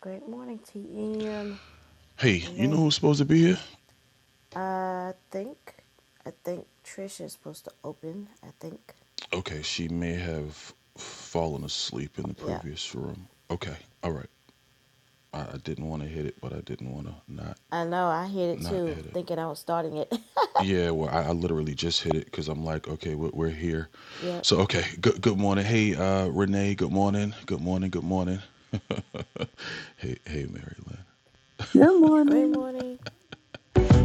Great morning, TM. Hey, you know Renee, who's supposed to be here? I think, I think Trish is supposed to open. I think, Okay, she may have fallen asleep in the yeah. previous room. Okay, all right. I, I didn't want to hit it, but I didn't want to not I know, I hit it not too, hit it. thinking I was starting it. Yeah, well, I, I literally just hit it because I'm like, okay, we're, we're here. yep. So, okay, good good morning. Hey, uh, Renee, good morning. Good morning. Good morning. Hey, hey, Mary Good Great morning. morning.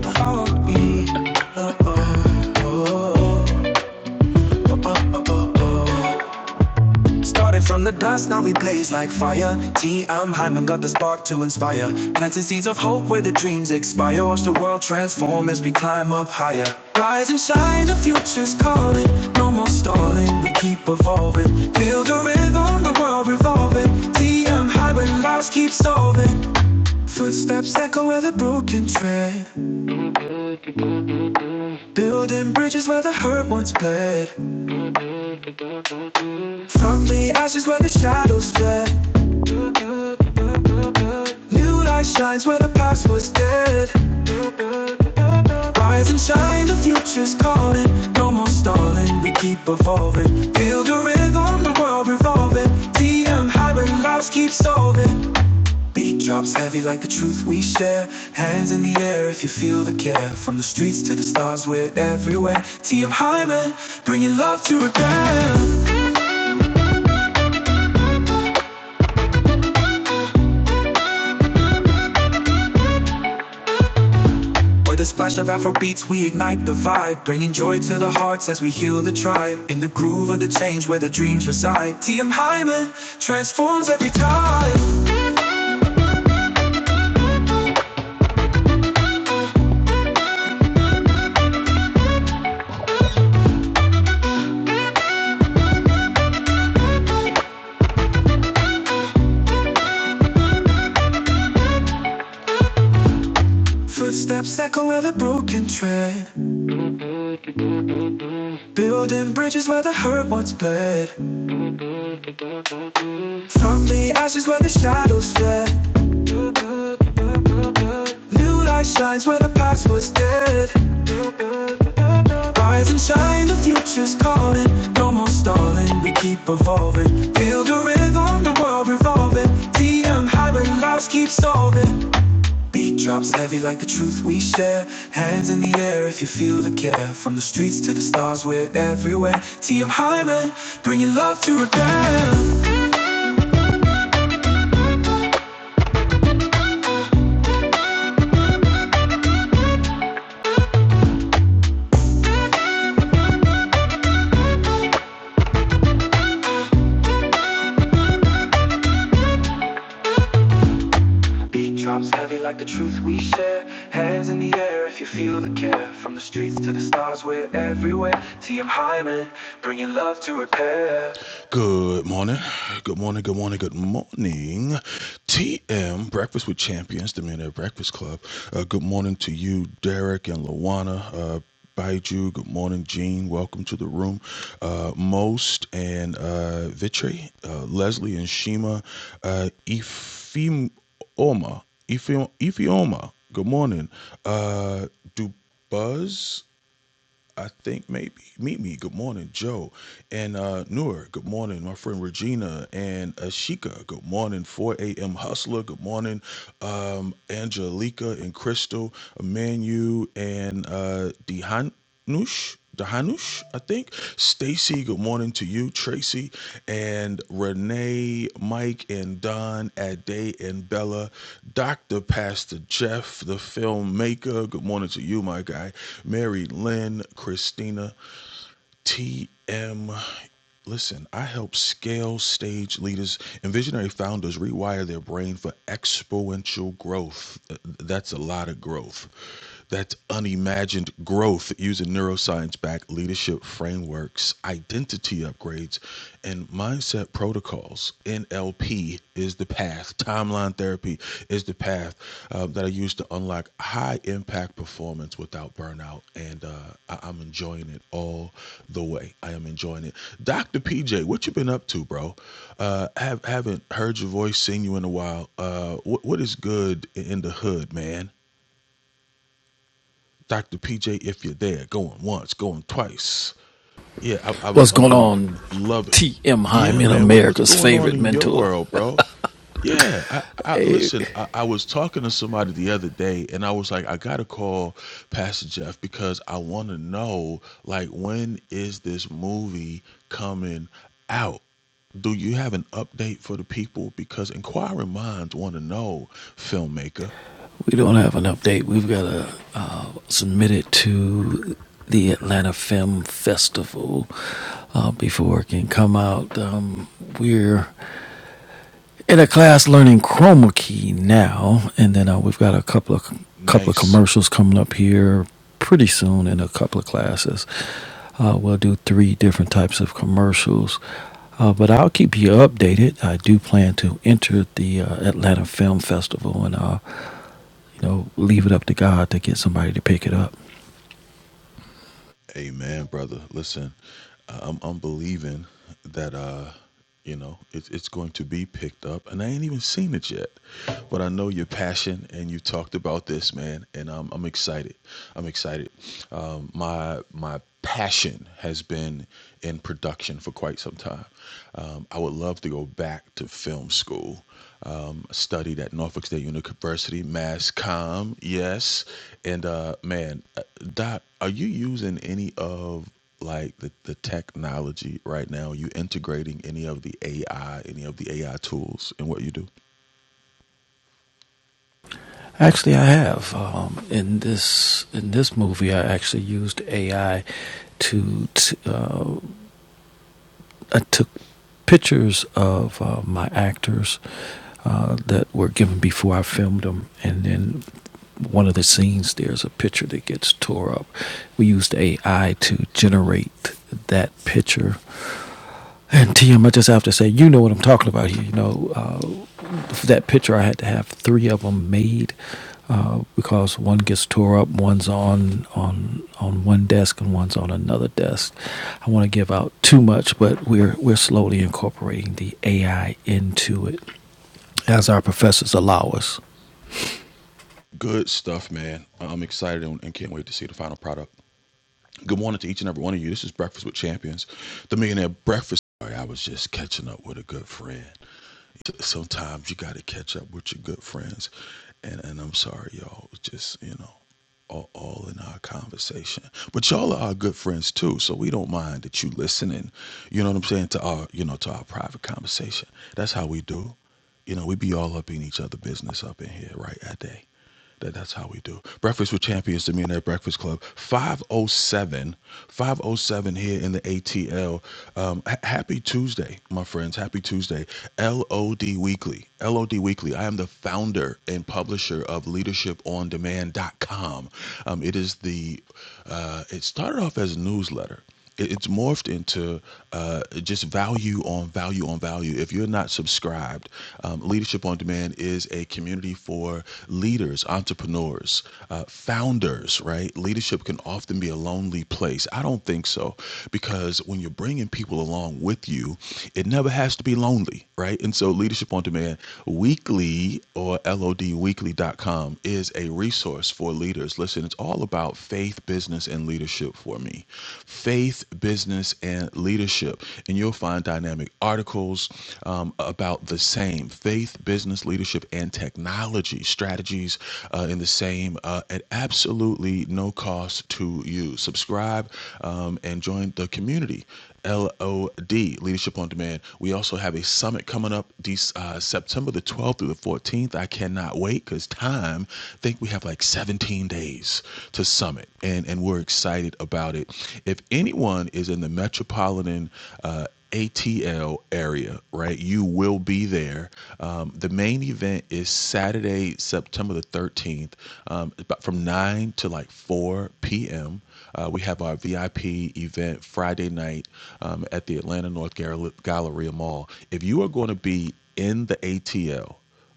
Lynn. Oh, Started from the dust, now we blaze like fire. T. M. Hyman got the spark to inspire. Planting seeds of hope where the dreams expire. Watch the world transform as we climb up higher. Rise and shine, the future's calling. No more stalling, we keep evolving. Build a rhythm, the world revolving. T. M. Hyman, lives keep solving. Footsteps echo where the broken tread. Building bridges where the hurt once bled. From the ashes where the shadows fled. New light shines where the past was dead. Rise and shine, the future's calling. No more stalling, we keep evolving. Build a rhythm, the world revolving. DM high when lives keep solving. Beat drops heavy like the truth we share. Hands in the air if you feel the care. From the streets to the stars, we're everywhere. TM Hyman, bringing love to repair. With a splash of Afro beats, we ignite the vibe, bringing joy to the hearts as we heal the tribe. In the groove of the change where the dreams reside, TM Hyman transforms every time. Footsteps echo of a broken tread, building bridges where the hurt once bled. From the ashes where the shadows fled, new light shines where the past was dead. Rise and shine, the future's calling. No more stalling, we keep evolving. Build a rhythm, the world revolving. DM hybrid, lives keep solving. Beat drops heavy like the truth we share. Hands in the air if you feel the care. From the streets to the stars, we're everywhere. TM Hyman, bringing love to repair. Beat drops heavy like the truth we share. Hands in the air if you feel the care. From the streets to the stars, we're everywhere. TM Hyman, bringing love to repair. Good morning. Good morning. Good morning. Good morning. TM Breakfast with Champions, the Millionaire Breakfast Club. Uh, good morning to you, Derek and Lawana. Uh, Baiju, good morning, Gene. Welcome to the room. Uh, Most and uh, Vitri, uh, Leslie and Shima, uh, Ifeoma, Ife- Ifeoma, good morning. Uh, Dubuzz, I think maybe meet me. Good morning, Joe and uh, Noor. Good morning, my friend Regina and Ashika. Good morning, 4 a.m. Hustler. Good morning, um, Angelica and Crystal, Emmanuel and uh, Dehanush. Dahanush, I think. Stacy, good morning to you. Tracy and Renee, Mike and Don, Ade and Bella, Dr. Pastor Jeff, the filmmaker. Good morning to you, my guy. Mary Lynn, Christina, TM. Listen, I help scale stage leaders and visionary founders rewire their brain for exponential growth. Uh, That's a lot of growth. That's unimagined growth using neuroscience backed leadership frameworks, identity upgrades, and mindset protocols. NLP is the path. Timeline therapy is the path uh, that I use to unlock high impact performance without burnout. And uh, I- I'm enjoying it all the way. I am enjoying it. Dr. PJ, what you been up to, bro? Uh, have, haven't heard your voice, seen you in a while. Uh, what, what is good in the hood, man? Dr. PJ, if you're there, going once, going twice. Yeah, I, I, What's am going going on? to love it. TM Yeah, Hyman, man, what, what's America's going on favorite in your mentor. world, bro? Yeah, I, I listen. I, I was talking to somebody the other day, and I was like, I gotta call Pastor Jeff because I want to know, like, when is this movie coming out? Do you have an update for the people? Because inquiring minds want to know, filmmaker. We don't have an update. We've got to uh, submit it to the Atlanta Film Festival uh, before it can come out. Um, we're in a class learning chroma key now, and then uh, we've got a couple of couple of Nice. commercials coming up here pretty soon in a couple of classes. Uh, we'll do three different types of commercials, uh, but I'll keep you updated. I do plan to enter the uh, Atlanta Film Festival, and uh, you know, leave it up to God to get somebody to pick it up. Amen, brother. Listen, uh, I'm I'm believing that uh, you know, it's it's going to be picked up, and I ain't even seen it yet, but I know your passion, and you talked about this, man, and I'm I'm excited. I'm excited. Um, my my passion has been in production for quite some time. Um, I would love to go back to film school um, studied at Norfolk State University, Mass Comm. Yes, and uh, man, uh, Doc, are you using any of like the, the technology right now? Are you integrating any of the AI, any of the AI tools in what you do? Actually, I have um, in this in this movie. I actually used AI to to, uh, to pictures of uh, my actors uh, that were given before I filmed them, and then one of the scenes there's a picture that gets tore up. We used AI to generate that picture. And TM, I just have to say, you know what I'm talking about here. You know, uh, for that picture, I had to have three of them made uh, because one gets tore up, one's on on on one desk, and one's on another desk. I want to give out too much, but we're we're slowly incorporating the AI into it as our professors allow us. Good stuff, man. I'm excited and can't wait to see the final product. Good morning to each and every one of you. This is Breakfast with Champions, the Millionaire Breakfast. I was just catching up with a good friend. Sometimes you got to catch up with your good friends, and and I'm sorry, y'all. Just you know, all, all in our conversation. But y'all are our good friends too, so we don't mind that you listening. You know what I'm saying to our you know to our private conversation. That's how we do. You know, we be all up in each other business up in here, right? At day. That, that's how we do. Breakfast with Champions, the Millionaire Breakfast Club, 507, here in the ATL. Um, ha- happy Tuesday, my friends. Happy Tuesday. LOD Weekly. LOD Weekly. I am the founder and publisher of leadership on demand dot com. Um, it is the, uh, it started off as a newsletter it- it's morphed into uh, just value on value on value. If you're not subscribed, um, Leadership on Demand is a community for leaders, entrepreneurs, uh, founders, right? Leadership can often be a lonely place. I don't think so because when you're bringing people along with you, it never has to be lonely, right? And so, Leadership on Demand Weekly or LODweekly.com is a resource for leaders. Listen, it's all about faith, business, and leadership leadership for me faith, business, and leadership. And you'll find dynamic articles um, about the same faith, business, leadership, and technology strategies uh, in the same uh, at absolutely no cost to you. Subscribe um, and join the community. LOD, Leadership on Demand. We also have a summit coming up these, uh, September the 12th through the 14th. I cannot wait because time, I think we have like 17 days to summit, and, and we're excited about it. If anyone is in the metropolitan uh, ATL area, right? You will be there. Um, the main event is Saturday, September the 13th, um, about from 9 to like 4 p.m. Uh, we have our VIP event Friday night um, at the Atlanta North Gal- Galleria Mall. If you are going to be in the ATL,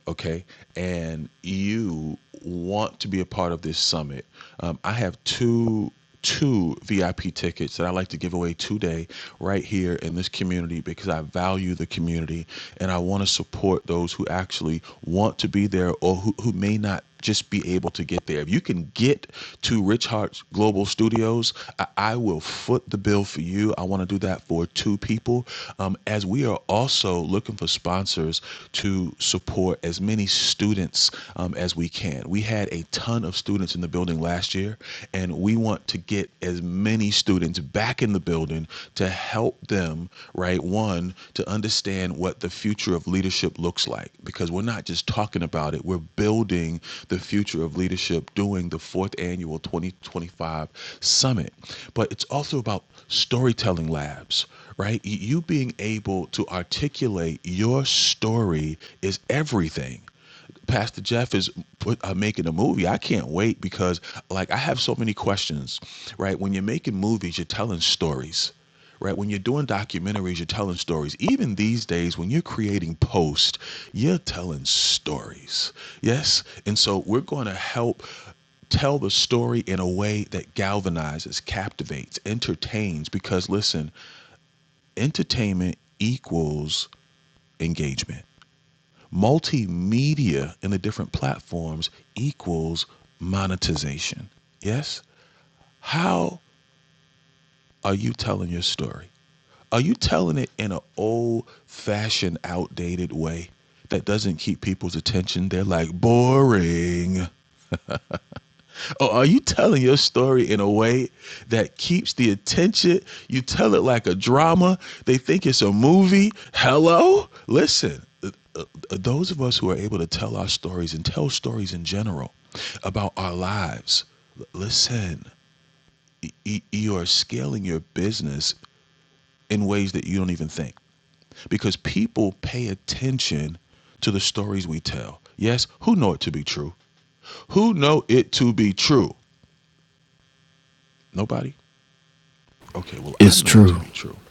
okay, and you want to be a part of this summit, um, I have two two VIP tickets that I like to give away today right here in this community because I value the community and I want to support those who actually want to be there or who, who may not just be able to get there. If you can get to Rich Hart's Global Studios, I, I will foot the bill for you. I want to do that for two people. Um, as we are also looking for sponsors to support as many students um, as we can. We had a ton of students in the building last year, and we want to get as many students back in the building to help them, right? One, to understand what the future of leadership looks like because we're not just talking about it, we're building the future of leadership doing the fourth annual 2025 summit. But it's also about storytelling labs, right? You being able to articulate your story is everything Pastor Jeff is put, uh, making a movie. I can't wait because, like, I have so many questions, right? When you're making movies, you're telling stories, right? When you're doing documentaries, you're telling stories. Even these days, when you're creating posts, you're telling stories, yes? And so we're going to help tell the story in a way that galvanizes, captivates, entertains, because listen, entertainment equals engagement multimedia in the different platforms equals monetization. Yes? How are you telling your story? Are you telling it in an old fashioned, outdated way that doesn't keep people's attention? They're like, boring. Or are you telling your story in a way that keeps the attention? You tell it like a drama. They think it's a movie. Hello? Listen, uh, uh, those of us who are able to tell our stories and tell stories in general about our lives, listen, you are scaling your business in ways that you don't even think because people pay attention to the stories we tell. Yes, who know it to be true? Who know it to be true? Nobody. Okay, well, I It's know it to true. be true.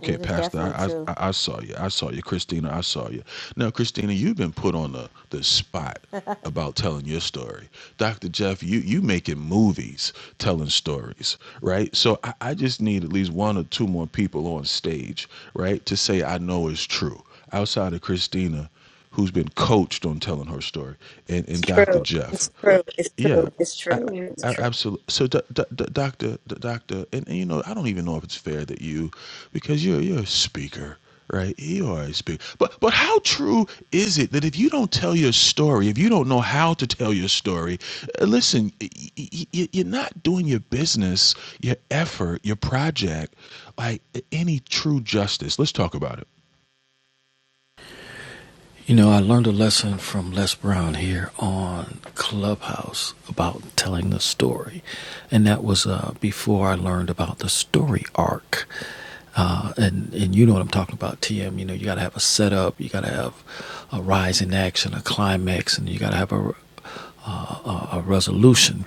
Yeah, It is Pastor, definitely I, I true. I saw you. I saw you, Christina. I saw you. Now, Christina, you've been put on the the spot about telling your story. Dr. Jeff, you you making movies telling stories, right? So I, I just need at least one or two more people on stage, right, to say I know it's true. Outside of Christina, who's been coached on telling her story, and, It's and Dr. true. Jeff. It's true. It's Yeah, true. It's It's I, true. true. It's I, true. absolutely. So, do, do, do- doctor, do- doctor, and, and you know, I don't even know if it's fair that you, because you're you're a speaker, right? You are a speaker. But but how true is it that if you don't tell your story, if you don't know how to tell your story, uh, listen, y- y- y- you're not doing your business, your effort, your project, like uh, any true justice. Let's talk about it. You know, I learned a lesson from Les Brown here on Clubhouse about telling the story. And that was uh, before I learned about the story arc. Uh, and, and you know what I'm talking about, TM. You know, you got to have a setup, you got to have a rise in action, a climax, and you got to have a, uh, a, a resolution.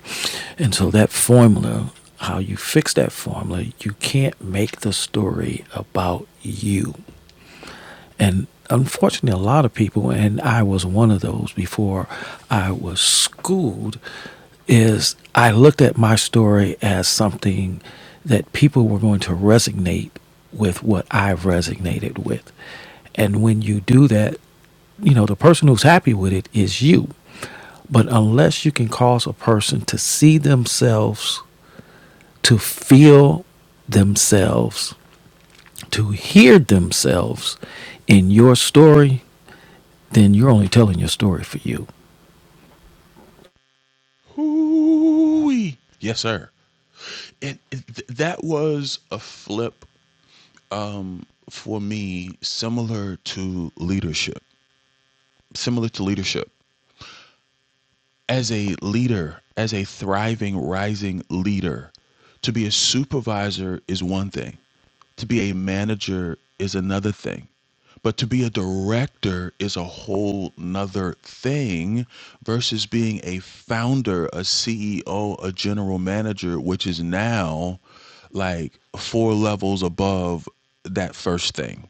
And so that formula, how you fix that formula, you can't make the story about you. And unfortunately, a lot of people, and I was one of those before I was schooled, is I looked at my story as something that people were going to resonate with what I have resonated with. And when you do that, you know, the person who's happy with it is you. But unless you can cause a person to see themselves, to feel themselves, to hear themselves in your story, then you're only telling your story for you. Hoo-wee. Yes, sir. And it- th- that was a flip um, for me similar to leadership similar to leadership as a leader as a thriving rising leader to be a supervisor is one thing to be a manager is another thing but to be a director is a whole nother thing versus being a founder a ceo a general manager which is now like four levels above that first thing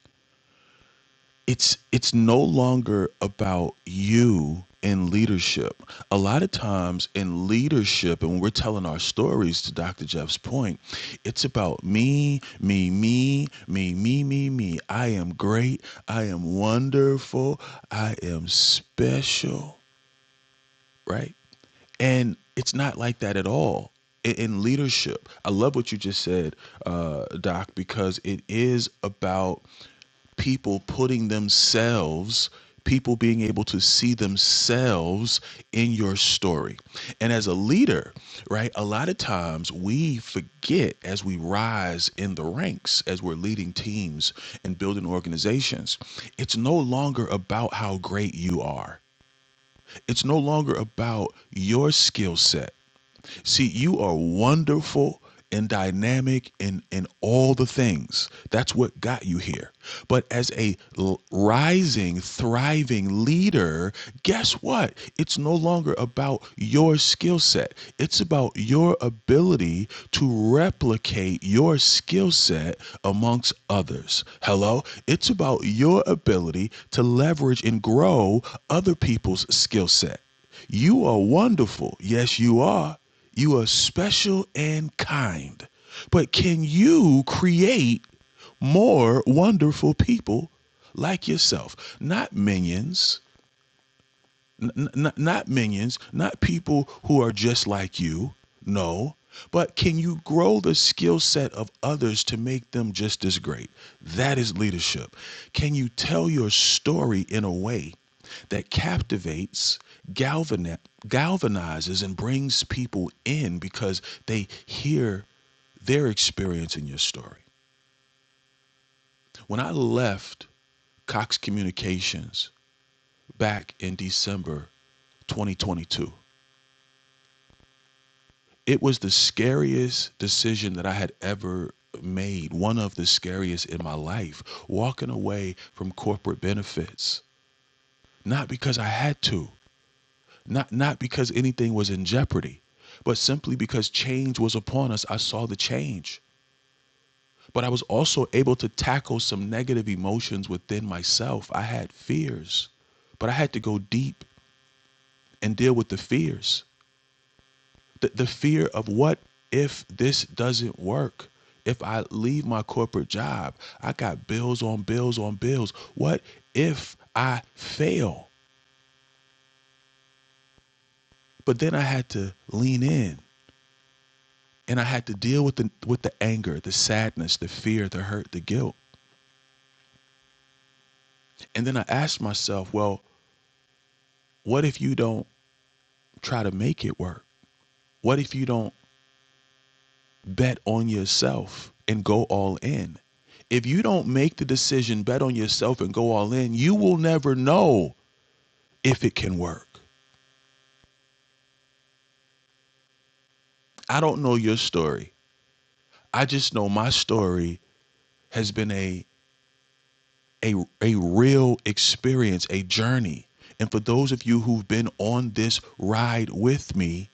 it's it's no longer about you in leadership a lot of times in leadership and when we're telling our stories to dr jeff's point it's about me me me me me me me i am great i am wonderful i am special right and it's not like that at all in, in leadership i love what you just said uh, doc because it is about people putting themselves, people being able to see themselves in your story. And as a leader, right, a lot of times we forget as we rise in the ranks, as we're leading teams and building organizations, it's no longer about how great you are. It's no longer about your skill set. See, you are wonderful and dynamic in in all the things. That's what got you here. But as a l- rising, thriving leader, guess what? It's no longer about your skill set. It's about your ability to replicate your skill set amongst others. Hello? It's about your ability to leverage and grow other people's skill set. You are wonderful. Yes, you are. You are special and kind. But can you create more wonderful people like yourself? Not minions, N- n- not minions, not people who are just like you. No. But can you grow the skill set of others to make them just as great? That is leadership. Can you tell your story in a way that captivates, galvani- galvanizes, and brings people in because they hear their experience in your story? When I left Cox Communications back in December 2022. It was the scariest decision that I had ever made, one of the scariest in my life, walking away from corporate benefits. Not because I had to, not not because anything was in jeopardy, but simply because change was upon us. I saw the change. But I was also able to tackle some negative emotions within myself. I had fears, but I had to go deep and deal with the fears. the, the fear of what if this doesn't work? If I leave my corporate job, I got bills on bills on bills. What if I fail? But then I had to lean in and I had to deal with the with the anger, the sadness, the fear, the hurt, the guilt. And then I asked myself, well, what if you don't try to make it work? What if you don't bet on yourself and go all in. If you don't make the decision, bet on yourself and go all in, you will never know if it can work. I don't know your story. I just know my story has been a a a real experience, a journey. And for those of you who've been on this ride with me,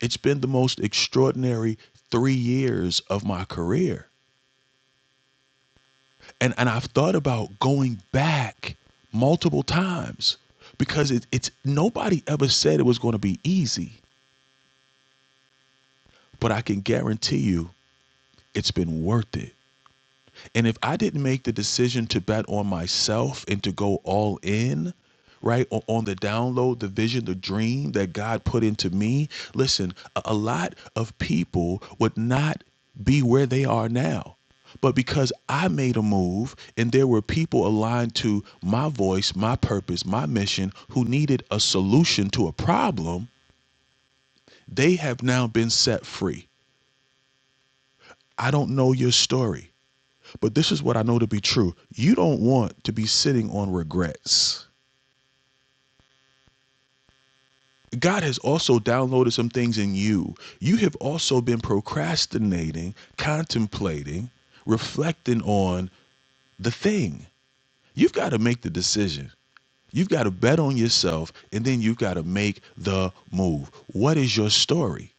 it's been the most extraordinary 3 years of my career. and and I've thought about going back multiple times because it, it's nobody ever said it was going to be easy, but I can guarantee you it's been worth it. And if I didn't make the decision to bet on myself and to go all in, right, on the download, the vision, the dream that God put into me, listen, a lot of people would not be where they are now. But because I made a move and there were people aligned to my voice, my purpose, my mission who needed a solution to a problem, they have now been set free. I don't know your story. But this is what I know to be true. You don't want to be sitting on regrets. God has also downloaded some things in you. You have also been procrastinating, contemplating, reflecting on the thing. You've got to make the decision. You've got to bet on yourself and then you've got to make the move. What is your story?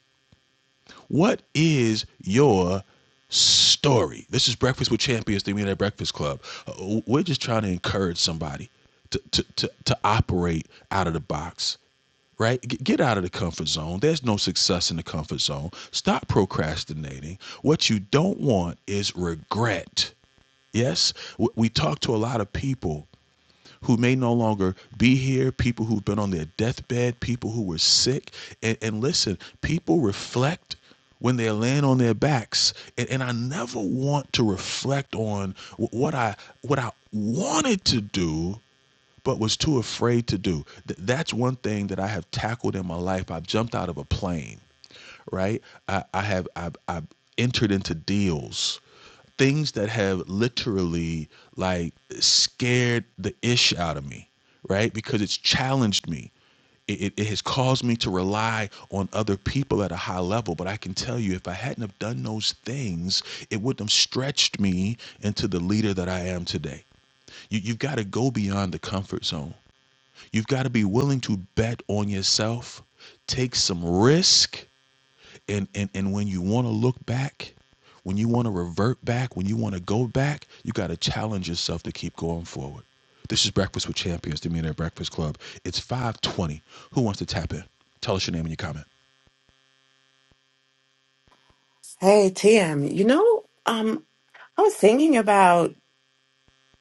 What is your story? This is Breakfast with Champions, the Millionaire Breakfast Club. Uh, We're just trying to encourage somebody to, to, to, to operate out of the box, right? Get out of the comfort zone. There's no success in the comfort zone. Stop procrastinating. What you don't want is regret. Yes, we talk to a lot of people who may no longer be here, people who've been on their deathbed, people who were sick. And, and listen, people reflect when they're laying on their backs. And, and I never want to reflect on what I what I wanted to do but was too afraid to do. Th- that's one thing that I have tackled in my life. I've jumped out of a plane, right? I, I have I've, I've entered into deals things that have literally like scared the ish out of me, right? Because it's challenged me. It, it, it has caused me to rely on other people at a high level. But I can tell you, if I hadn't have done those things, it wouldn't have stretched me into the leader that I am today. You, you've got to go beyond the comfort zone. You've got to be willing to bet on yourself, take some risk, and and and when you want to look back when you want to revert back when you want to go back you got to challenge yourself to keep going forward this is breakfast with champions the millionaire breakfast club it's 520 who wants to tap in tell us your name and your comment Hey, TM, you know, um, I was thinking about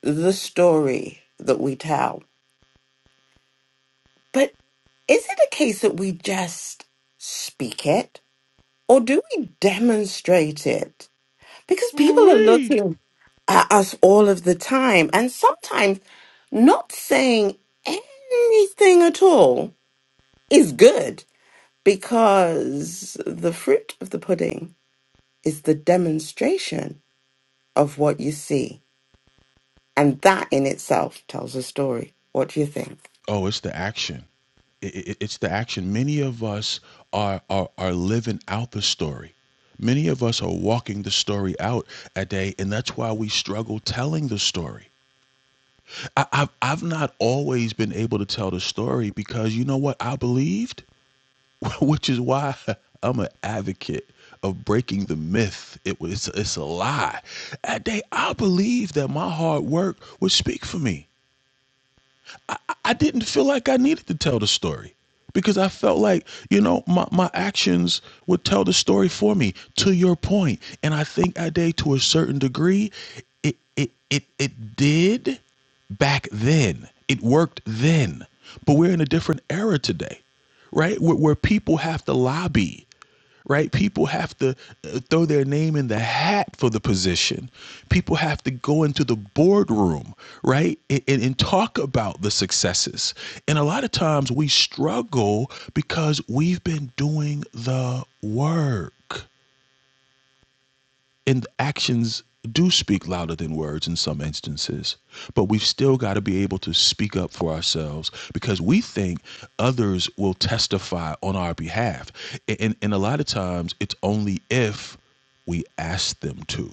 the story that we tell, but is it a case that we just speak it or do we demonstrate it? Because people are Ooh-wee. looking at us all of the time and sometimes not saying anything at all is good because the fruit of the pudding is the demonstration of what you see. And that in itself tells a story. What do you think? oh it's the action it, it, it's the action many of us are, are are living out the story many of us are walking the story out a day and that's why we struggle telling the story I, I've I've not always been able to tell the story because you know what I believed, which is why I'm an advocate of breaking the myth. It was it's a lie. That day I believed that my hard work would speak for me. I didn't feel like I needed to tell the story because I felt like, you know, my, my actions would tell the story for me to your point. And I think I to a certain degree. It, it, it, it did back then. It worked then. But we're in a different era today, right? Where, where people have to lobby right? People have to uh, throw their name in the hat for the position. People have to go into the boardroom, right? And, and, and talk about the successes. And a lot of times we struggle because we've been doing the work and actions do speak louder than words in some instances but we've still got to be able to speak up for ourselves because we think others will testify on our behalf and and a lot of times it's only if we ask them to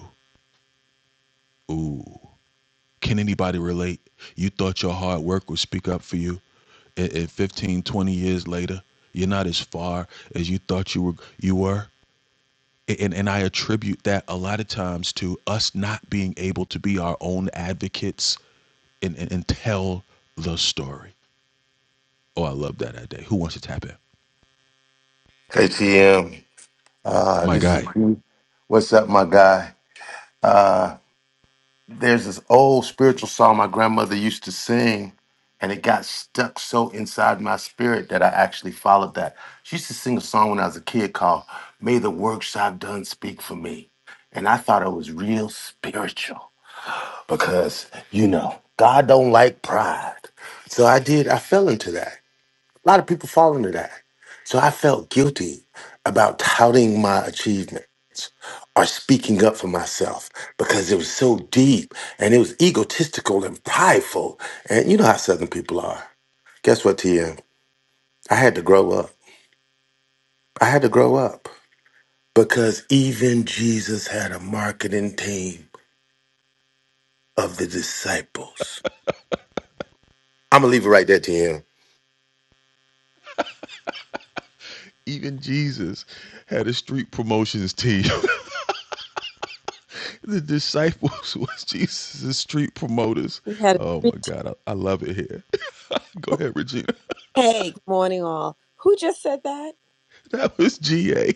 ooh can anybody relate you thought your hard work would speak up for you and and 15 twenty years later you're not as far as you thought you were you were and and I attribute that a lot of times to us not being able to be our own advocates and and, and tell the story. Oh, I love that idea. Who wants to tap in? KTM. Uh, My this is guy. what's up, my guy. Uh, there's this old spiritual song my grandmother used to sing, and it got stuck so inside my spirit that I actually followed that. She used to sing a song when I was a kid called "May the Works I've Done Speak for Me," and I thought it was real spiritual because you know God don't like pride. So I did. I fell into that. A lot of people fall into that. So I felt guilty about touting my achievements or speaking up for myself because it was so deep and it was egotistical and prideful. And you know how Southern people are. Guess what, TM? I had to grow up. I had to grow up because even Jesus had a marketing team of the disciples. I'm going to leave it right there, TM. Even Jesus had a street promotions team. the disciples was Jesus' street promoters. You had a Oh sweet my tea. God, I, I love it here. Go ahead, Regina. Hey, good morning, all. Who just said that? That was GA.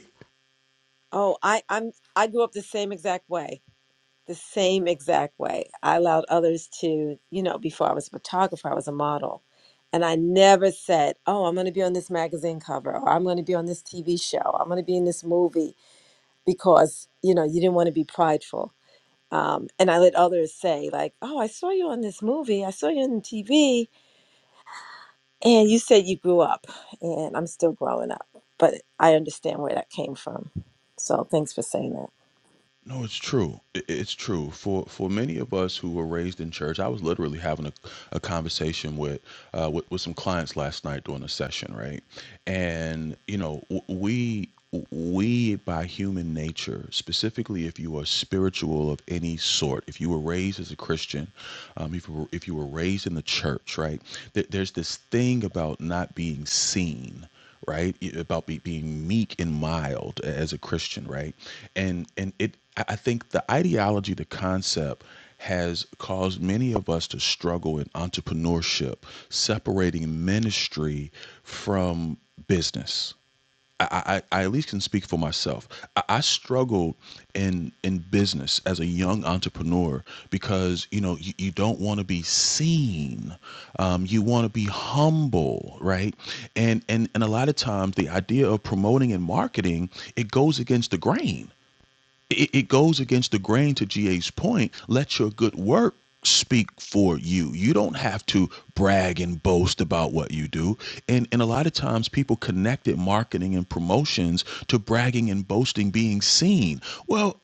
Oh, I, I'm. I grew up the same exact way. The same exact way. I allowed others to, you know, before I was a photographer, I was a model, and I never said, "Oh, I'm going to be on this magazine cover, or I'm going to be on this TV show, I'm going to be in this movie," because you know, you didn't want to be prideful. Um, and I let others say, like, "Oh, I saw you on this movie. I saw you on TV." And you said you grew up, and I'm still growing up, but I understand where that came from. So thanks for saying that. No, it's true. I- It's true. For for many of us who were raised in church, I was literally having a, a conversation with, uh, with with some clients last night during a session, right? And you know, w- we we by human nature, specifically if you are spiritual of any sort, if you were raised as a Christian, um, if you were, if you were raised in the church, right? There, there's this thing about not being seen right Y- about be, being meek and mild a- as a christian right and and it i I think the ideology the concept has caused many of us to struggle in entrepreneurship separating ministry from business I, I, I at least can speak for myself. I, I struggled in in business as a young entrepreneur because you know you, you don't want to be seen, um, you want to be humble, right? And and and a lot of times the idea of promoting and marketing it goes against the grain it, it goes against the grain to GA's point. Let your good work speak for you. You don't have to brag and boast about what you do. And and a lot of times people connected marketing and promotions to bragging and boasting being seen. Well,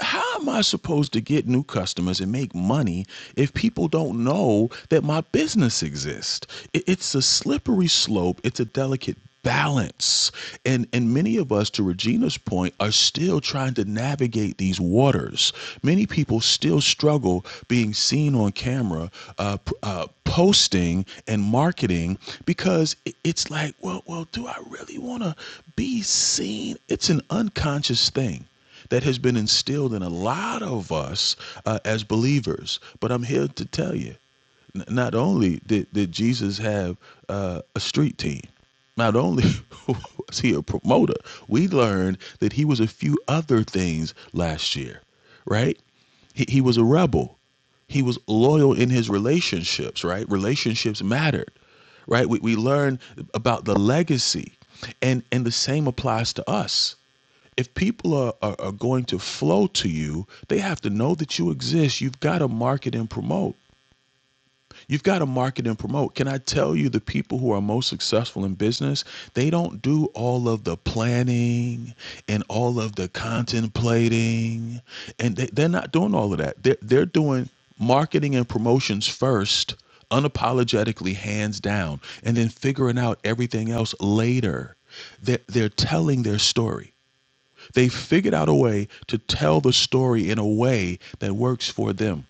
how am I supposed to get new customers and make money if people don't know that my business exists? It's a slippery slope. It's a delicate balance. And and many of us to Regina's point are still trying to navigate these waters. Many people still struggle being seen on camera uh, uh, posting and marketing because it's like well well do I really want to be seen? It's an unconscious thing that has been instilled in a lot of us uh, as believers. But I'm here to tell you, n- not only did, did Jesus have uh, a street team, not only was he a promoter, we learned that he was a few other things last year, right? He, he was a rebel. He was loyal in his relationships, right? Relationships mattered, right? We, we learned about the legacy, and, and the same applies to us if people are, are, are going to flow to you, they have to know that you exist. You've got to market and promote. You've got to market and promote. Can I tell you the people who are most successful in business, they don't do all of the planning and all of the contemplating. And they, they're not doing all of that. They're, they're doing marketing and promotions first, unapologetically, hands down, and then figuring out everything else later. They're, they're telling their story they figured out a way to tell the story in a way that works for them.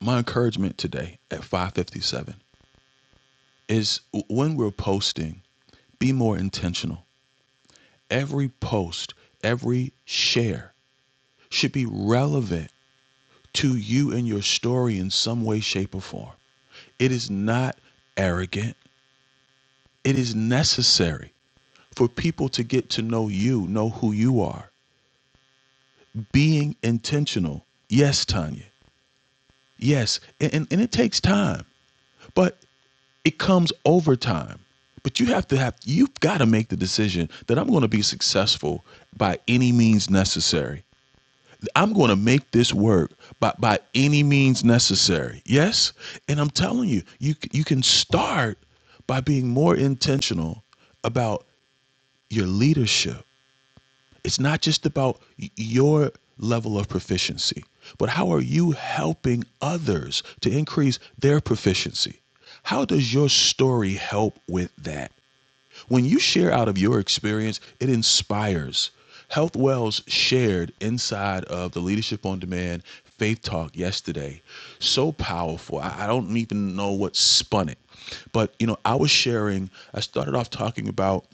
My encouragement today at 5:57 is when we're posting, be more intentional. Every post, every share should be relevant to you and your story in some way shape or form. It is not arrogant. It is necessary for people to get to know you, know who you are. Being intentional. Yes, Tanya. Yes, and, and, and it takes time, but it comes over time. But you have to have you've got to make the decision that I'm going to be successful by any means necessary. I'm going to make this work by, by any means necessary. Yes? And I'm telling you, you you can start by being more intentional about your leadership it's not just about your level of proficiency, but how are you helping others to increase their proficiency? How does your story help with that? When you share out of your experience, it inspires. Health Wells shared inside of the Leadership on Demand Faith Talk yesterday. So powerful. I don't even know what spun it. But, you know, I was sharing, I started off talking about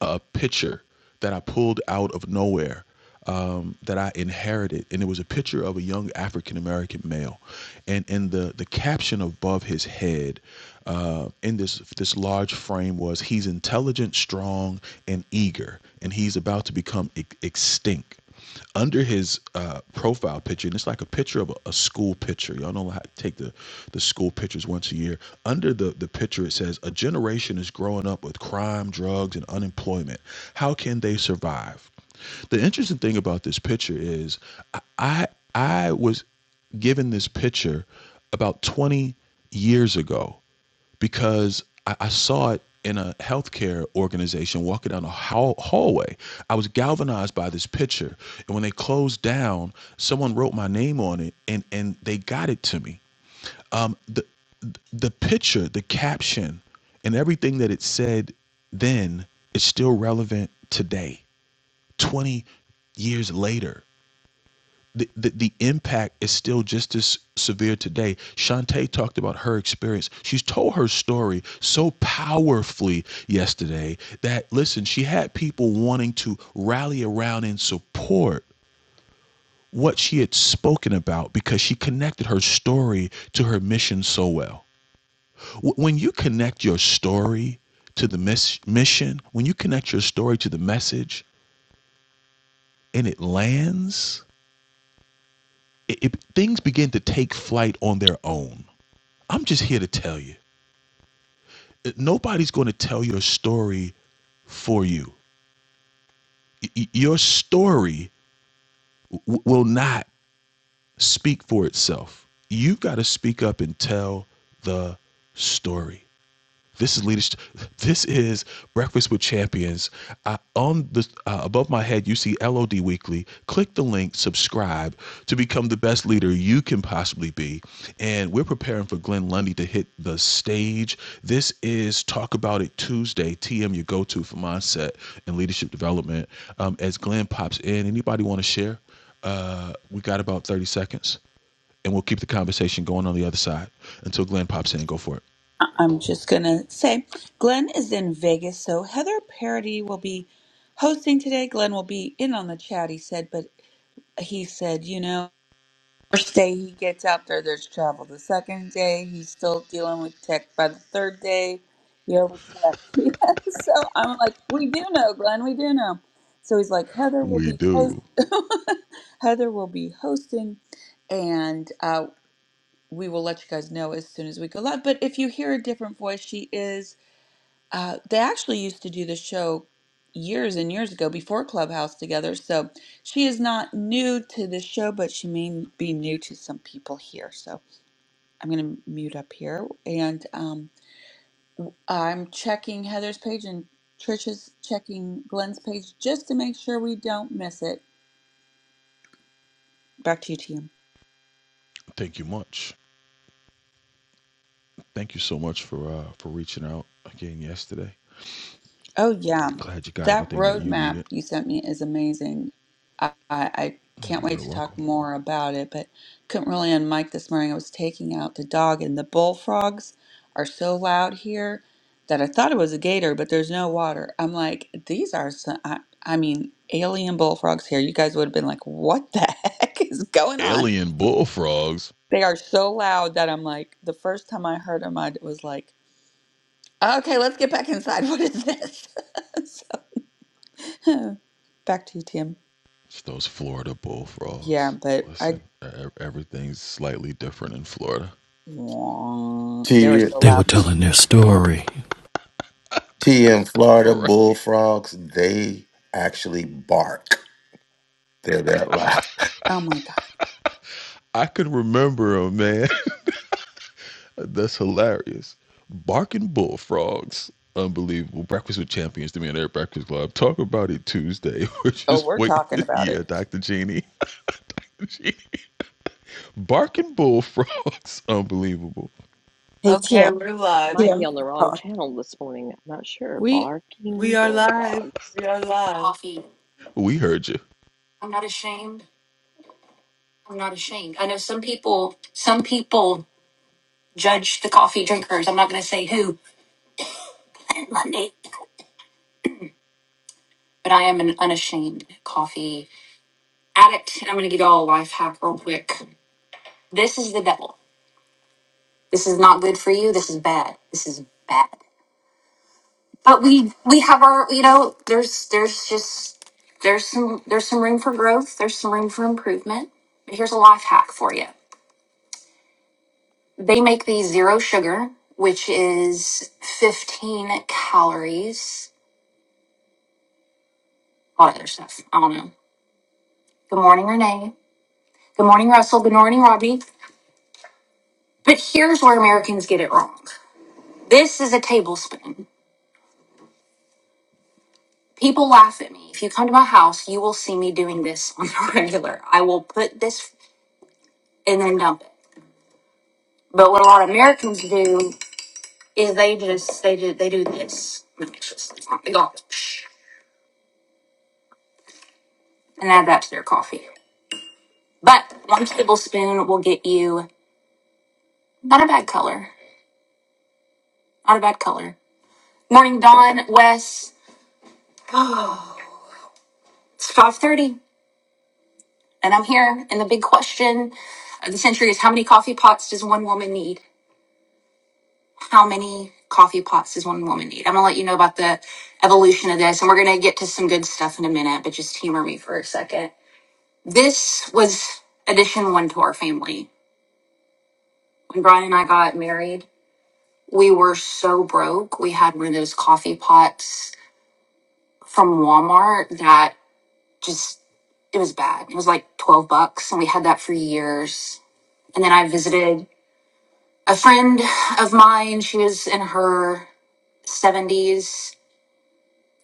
a picture that I pulled out of nowhere um, that I inherited, and it was a picture of a young African American male, and in the the caption above his head uh, in this this large frame was he's intelligent, strong, and eager, and he's about to become e- extinct under his uh, profile picture, and it's like a picture of a, a school picture. Y'all know how to take the, the school pictures once a year. Under the, the picture, it says, A generation is growing up with crime, drugs, and unemployment. How can they survive? The interesting thing about this picture is I, I I was given this picture about 20 years ago because I, I saw it in a healthcare organization walking down a hall- hallway. I was galvanized by this picture. And when they closed down, someone wrote my name on it and, and they got it to me. Um, the, the picture, the caption, and everything that it said then is still relevant today, 20 years later the, the, the impact is still just as severe today. Shantae talked about her experience. She's told her story so powerfully yesterday that, listen, she had people wanting to rally around and support what she had spoken about because she connected her story to her mission so well. When you connect your story to the mis mission, when you connect your story to the message and it lands, it, it, things begin to take flight on their own I'm just here to tell you uh, nobody's going to tell your story for you. Your story w- will not speak for itself. You've got to speak up and tell the story. This is leadership. This is Breakfast with Champions. I, on the uh, above my head, you see LOD Weekly. Click the link, subscribe to become the best leader you can possibly be. And we're preparing for Glenn Lundy to hit the stage. This is Talk About It Tuesday. TM, your go-to for mindset and leadership development. Um, as Glenn pops in, anybody want to share? Uh, we got about 30 seconds, and we'll keep the conversation going on the other side until Glenn pops in. Go for it. I- I'm just going to say Glenn is in Vegas, so Heather Parody will be hosting today. Glenn will be in on the chat, he said, but he said, you know, first day he gets out there, there's trouble. The second day, he's still dealing with tech. By the third day, he overslept. Yeah, so I'm like, we do know, Glenn, we do know. So he's like, Heather will We be host- do. Heather will be hosting, and uh, we will let you guys know as soon as we go live. But if you hear a different voice, she is. Uh, they actually used to do the show years and years ago before Clubhouse together. So she is not new to this show, but she may be new to some people here. So I'm going to mute up here. And um, I'm checking Heather's page and Trisha's checking Glenn's page just to make sure we don't miss it. Back to you, TM. Thank you much. Thank you so much for uh, for reaching out again yesterday. Oh yeah, Glad you got that everything that you roadmap needed. you sent me is amazing. I, I, I can't You're wait very to welcome. talk more about it, but couldn't really unmic this morning. I was taking out the dog, and the bullfrogs are so loud here that I thought it was a gator, but there's no water. I'm like, these are some, I, I mean, alien bullfrogs here. You guys would have been like, what the heck is going on? Alien bullfrogs. They are so loud that I'm like, the first time I heard them, I was like, okay, let's get back inside. What is this? Huh. Back to you, Tim. It's those Florida Yeah, bullfrogs. but Listen, I. e- e-, everything's slightly different in Florida. They were so They were loud. telling their story. TM, Florida Right. bullfrogs, they actually bark. They're that loud. Oh my God. I can remember them, man. That's hilarious. Barking bullfrogs. Unbelievable. Breakfast with Champions to me and Air Breakfast Club. Talk about it Tuesday. We're Oh, just we're waiting. talking about yeah, it. Dr. Genie. Dr. Genie. Barking bullfrogs, unbelievable. Hey, Okay, Tim. we're I live. might be Tim. on the wrong channel this morning. I'm not sure. We We Barking are live. bullfrogs. We are live. coffee. We heard you. I'm not ashamed. I'm not ashamed. I know some people, some people judge the coffee drinkers. I'm not going to say who, Monday, but I am an unashamed coffee addict. And I'm going to give you all a life hack real quick. This is the devil. This is not good for you. This is bad. This is bad. But we, we have our, you know, there's, there's just, there's some, there's some room for growth. There's some room for improvement. But here's a life hack for you. They make the zero sugar, which is 15 calories. A lot of other stuff. I don't know. Good morning, Renee. Good morning, Russell. Good morning, Robbie. But here's where Americans get it wrong. This is a tablespoon. People laugh at me. If you come to my house, you will see me doing this on the regular. I will put this and then dump it. But what a lot of Americans do is they just they do they do this. It's just- they go, and add that to their coffee. But one tablespoon will get you not a bad color. Not a bad color. Morning dawn, Wes. It's five thirty, and I'm here. And the big question of the century is: How many coffee pots does one woman need? How many coffee pots does one woman need? I'm gonna let you know about the evolution of this, and we're gonna get to some good stuff in a minute. But just humor me for a second. This was addition one to our family. When Brian and I got married, we were so broke. We had one of those coffee pots from Walmart that just it was bad. It was like 12 bucks and we had that for years. And then I visited a friend of mine, she was in her 70s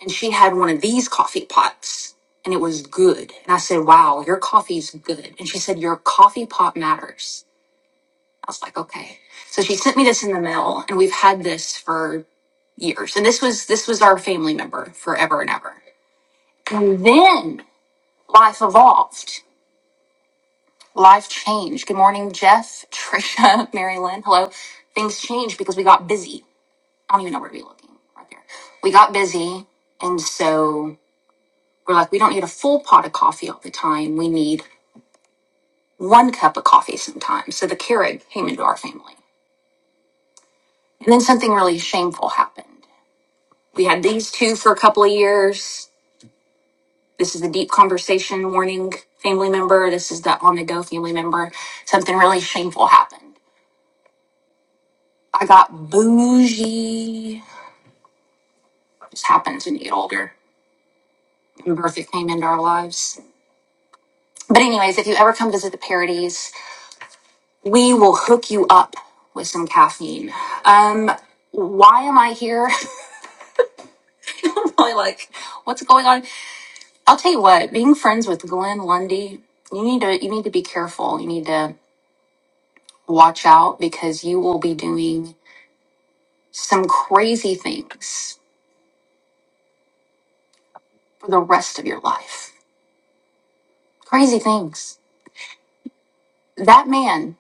and she had one of these coffee pots and it was good. And I said, "Wow, your coffee's good." And she said, "Your coffee pot matters." I was like, "Okay." So she sent me this in the mail and we've had this for years. And this was this was our family member forever and ever. And then life evolved Life changed. Good morning, Jeff, Trisha, Mary Lynn. Hello. Things changed because we got busy. I don't even know where to be looking right there. We got busy. And so we're like, we don't need a full pot of coffee all the time. We need one cup of coffee sometimes. So the Keurig came into our family. And then something really shameful happened. We had these two for a couple of years. This is the deep conversation warning family member. This is the on the go family member. Something really shameful happened. I got bougie just happened to get older. And Bertha came into our lives. But anyways, if you ever come visit the Parodies, we will hook you up with some caffeine. Um, why am I here? I'm really like, what's going on? I'll tell you what. Being friends with Glenn Lundy, you need to you need to be careful. You need to watch out because you will be doing some crazy things for the rest of your life. Crazy things. That man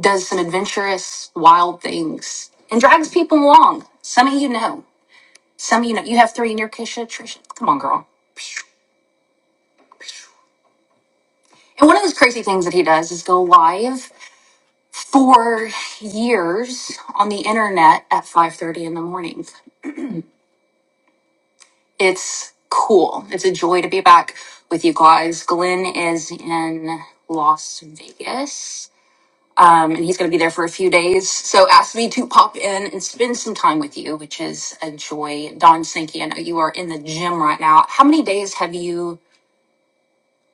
does some adventurous, wild things, and drags people along. Some of you know. Some of you know. You have three in your Kisha, Trisha. Come on, girl. And one of those crazy things that he does is go live for years on the internet at 5.30 in the morning. It's cool. It's a joy to be back with you guys. Glenn is in Las Vegas um, and he's going to be there for a few days. So asked me to pop in and spend some time with you, which is a joy. Don Sankey, I know you are in the gym right now. How many days have you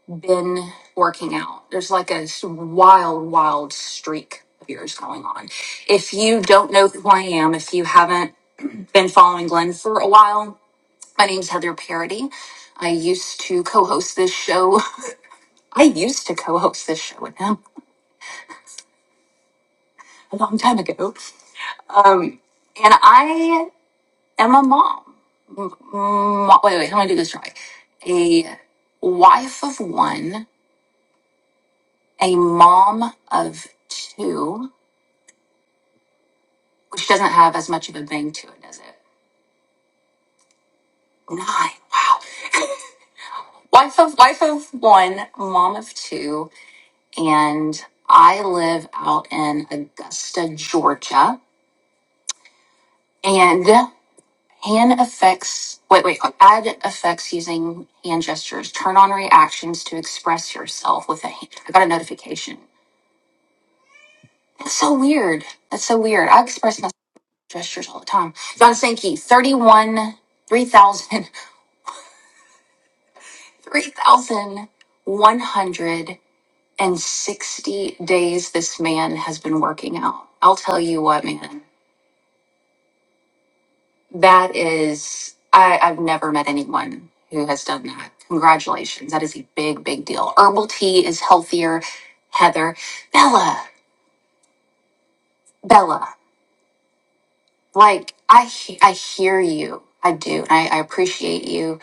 been working out? There's like a s- wild, wild streak of yours going on. If you don't know who I am, if you haven't been following Glenn for a while, my name's Heather Parody. I used to co-host this show. I used to co-host this show with him a long time ago. Um, and I am a mom. Mo- wait, wait, let me do this right. A wife of one, a mom of two, which doesn't have as much of a bang to it, does it? Nine. Wow. Wife of wife of one, mom of two, and I live out in Augusta, Georgia, and hand effects. Wait, wait. Add effects using hand gestures. Turn on reactions to express yourself with a hand. I got a notification That's so weird. That's so weird. I express my gestures all the time. John Sankey, 31, 3,000 three thousand one hundred and sixty days this man has been working out. I'll tell you what, man, that is, I, I've never met anyone who has done that. Congratulations. That is a big, big deal. Herbal tea is healthier. Heather, Bella, Bella, like I, he- I hear you. I do. And I, I appreciate you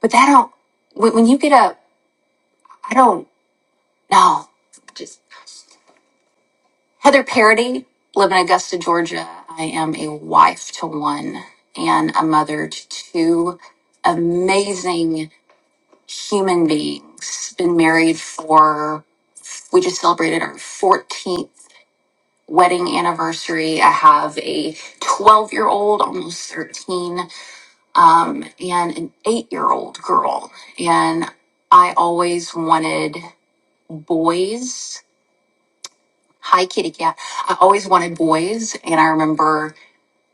But that don't, when, when you get up, I don't know. Just Heather Parody, live in Augusta, Georgia. I am a wife to one and a mother to two amazing human beings. Been married for, we just celebrated our 14th wedding anniversary. I have a 12 year old, almost 13, um, and an eight year old girl. And I always wanted boys. Hi, kitty cat. I always wanted boys. And I remember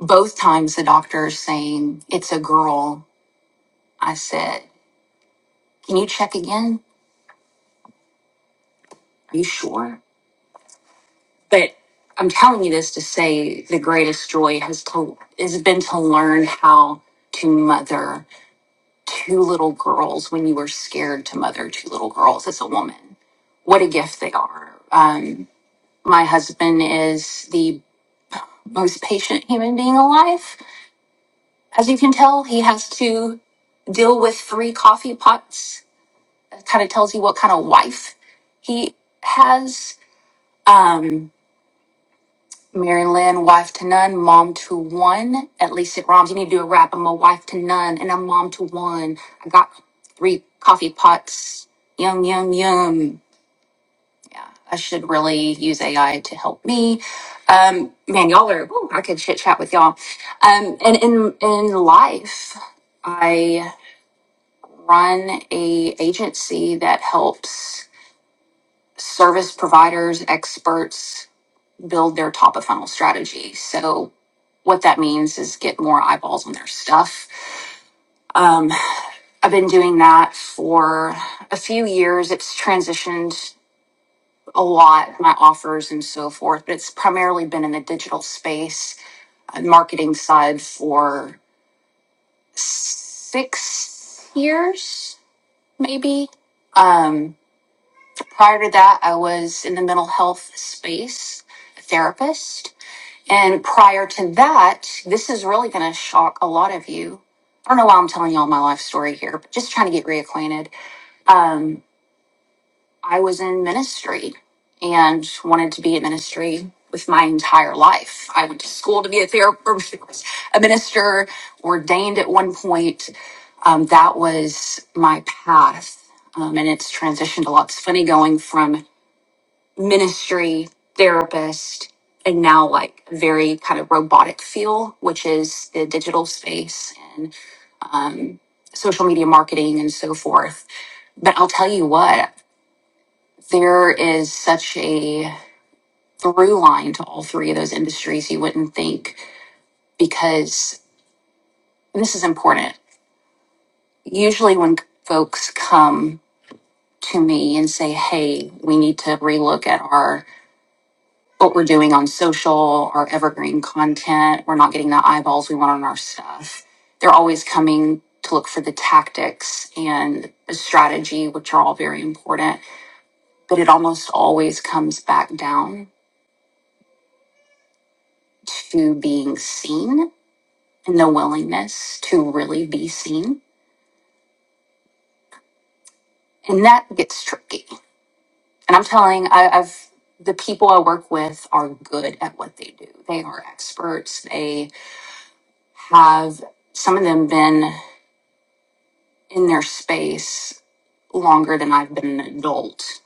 both times the doctor saying, It's a girl. I said, Can you check again? Are you sure? But I'm telling you this to say the greatest joy has to has been to learn how to mother two little girls when you were scared to mother two little girls as a woman. What a gift they are. Um, my husband is the most patient human being alive As you can tell, he has to deal with three coffee pots. That kind of tells you what kind of wife he has. Um, Mary Lynn, wife to none, mom to one. At least it rhymes. You need to do a rap. I'm a wife to none and I'm mom to one. I got three coffee pots. Yum, yum, yum. I should really use AI to help me. Um, man, y'all are, ooh, I could chit chat with y'all. Um, and in, in life, run a agency that helps service providers, experts build their top of funnel strategy. So what that means is get more eyeballs on their stuff. Um, I've been doing that for a few years. It's transitioned a lot, my offers and so forth, but it's primarily been in the digital space, uh, marketing side for six years, maybe. Um, Prior to that, I was in the mental health space, a therapist. And prior to that, this is really going to shock a lot of you. I don't know why I'm telling y'all my life story here, but just trying to get reacquainted. I was in ministry and wanted to be in ministry with my entire life. I went to school to be a therapist, a minister, ordained at one point. Um, that was my path. Um, and it's transitioned a lot. It's funny going from ministry therapist and now like very kind of robotic feel which is the digital space and social media marketing and so forth but i'll tell you what there is such a through line to all three of those industries you wouldn't think because and this is important usually when folks come to me and say hey we need to relook at our what we're doing on social, our evergreen content. We're not getting the eyeballs we want on our stuff. They're always coming to look for the tactics and the strategy, which are all very important. But it almost always comes back down to being seen and the willingness to really be seen. And that gets tricky. And I'm telling, I, I've the people I work with are good at what they do. They are experts. They have some of them been in their space longer than I've been an adult,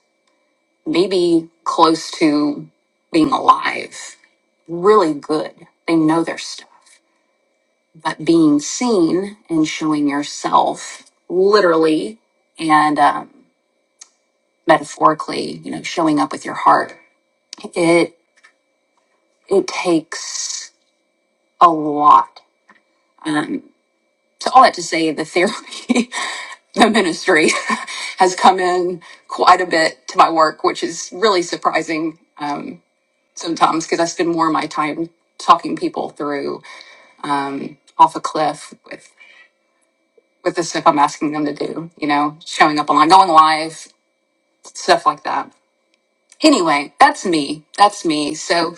maybe close to being alive. Really good. They know their stuff. But being seen and showing yourself literally and um, metaphorically, you know, showing up with your heart, it it takes a lot. Um, So all that to say, the therapy, the ministry has come in quite a bit to my work, which is really surprising um, sometimes because I spend more of my time talking people through um, off a cliff with with the stuff I'm asking them to do. You know, showing up online, going live, stuff like that. Anyway, that's me. That's me. So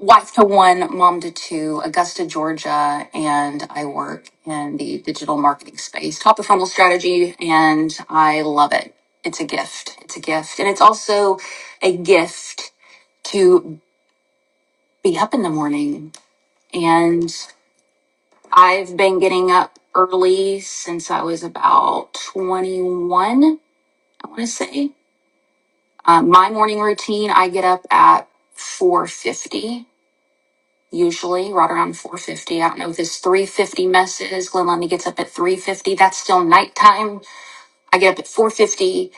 wife to one, mom to two, Augusta, Georgia, and I work in the digital marketing space, top of funnel strategy, and I love it. It's a gift. It's a gift. And it's also a gift to be up in the morning. And I've been getting up early since I was about 21, I want to say. Um, my morning routine, I get up at 450 usually right around 4.50 i don't know if this 3.50 mess is glenlundy gets up at 3.50 that's still nighttime i get up at 4.50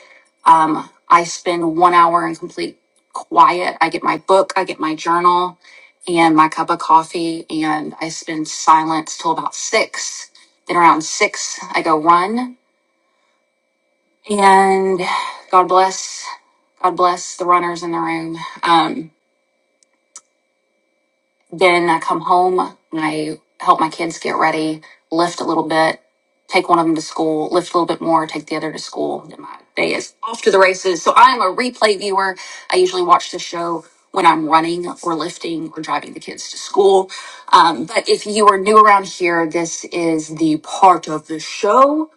um, i spend one hour in complete quiet i get my book i get my journal and my cup of coffee and i spend silence till about six then around six i go run and god bless god bless the runners in the room Um, Then I come home and I help my kids get ready, lift a little bit, take one of them to school, lift a little bit more, take the other to school. Then my day is off to the races. So I'm a replay viewer. I usually watch the show when I'm running or lifting or driving the kids to school. Um, but if you are new around here, this is the part of the show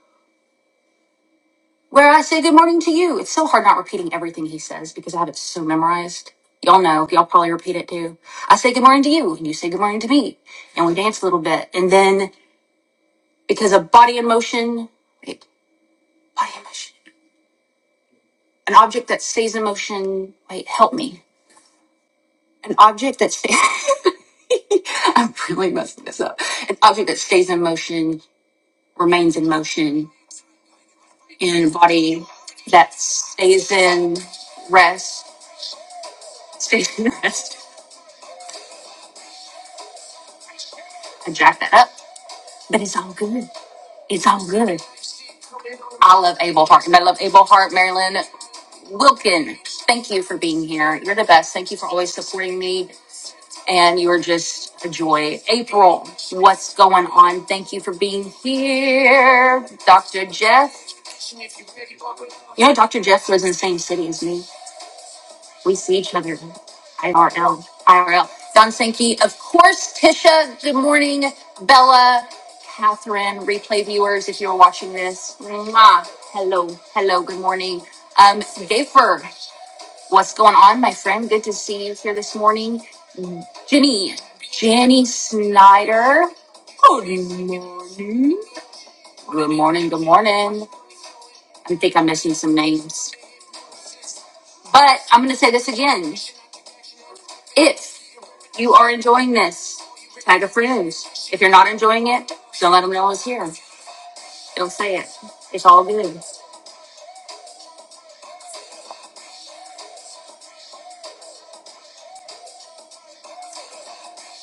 where I say good morning to you. It's so hard not repeating everything he says because I have it so memorized. Y'all know, y'all probably repeat it too. I say good morning to you, and you say good morning to me, and we dance a little bit. And then because of body in motion, wait, body in motion, an object that stays in motion, wait, help me. An object that stays, I'm really messing this up. An object that stays in motion remains in motion, and a body that stays in rest, stays in rest. I jacked that up But it's all good. It's all good. I love Abel Hart. And I love Abel Hart, Marilyn Wilkin. Thank you for being here. You're the best. Thank you for always supporting me. And you are just a joy. April, what's going on? Thank you for being here. Dr. Jeff. You know, Dr. Jeff lives in the same city as me. We see each other in IRL. IRL. Don Sankey, of course, Tisha, good morning. Bella, Catherine, replay viewers, if you're watching this, mwah. hello, hello, good morning. Um, Gayfer, what's going on, my friend? Good to see you here this morning. Jenny, Jenny Snyder, good morning. Good morning, good morning. I think I'm missing some names. But I'm going to say this again. If you are enjoying this, tag a friend. If you're not enjoying it, don't let them know it's here. Don't say it. It's all good.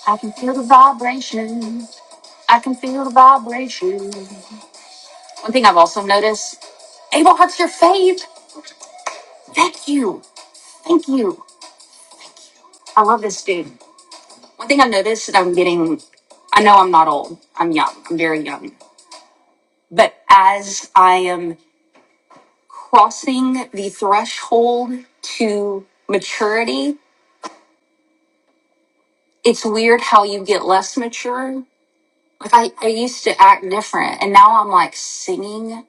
I can feel the vibration. I can feel the vibration. One thing I've also noticed, Abel Hart's your fave. Thank you. Thank you. I love this dude. One thing I've noticed that I'm getting, I know I'm not old. I'm young. I'm very young. But as I am crossing the threshold to maturity, it's weird how you get less mature. Like I, I used to act different and now I'm like singing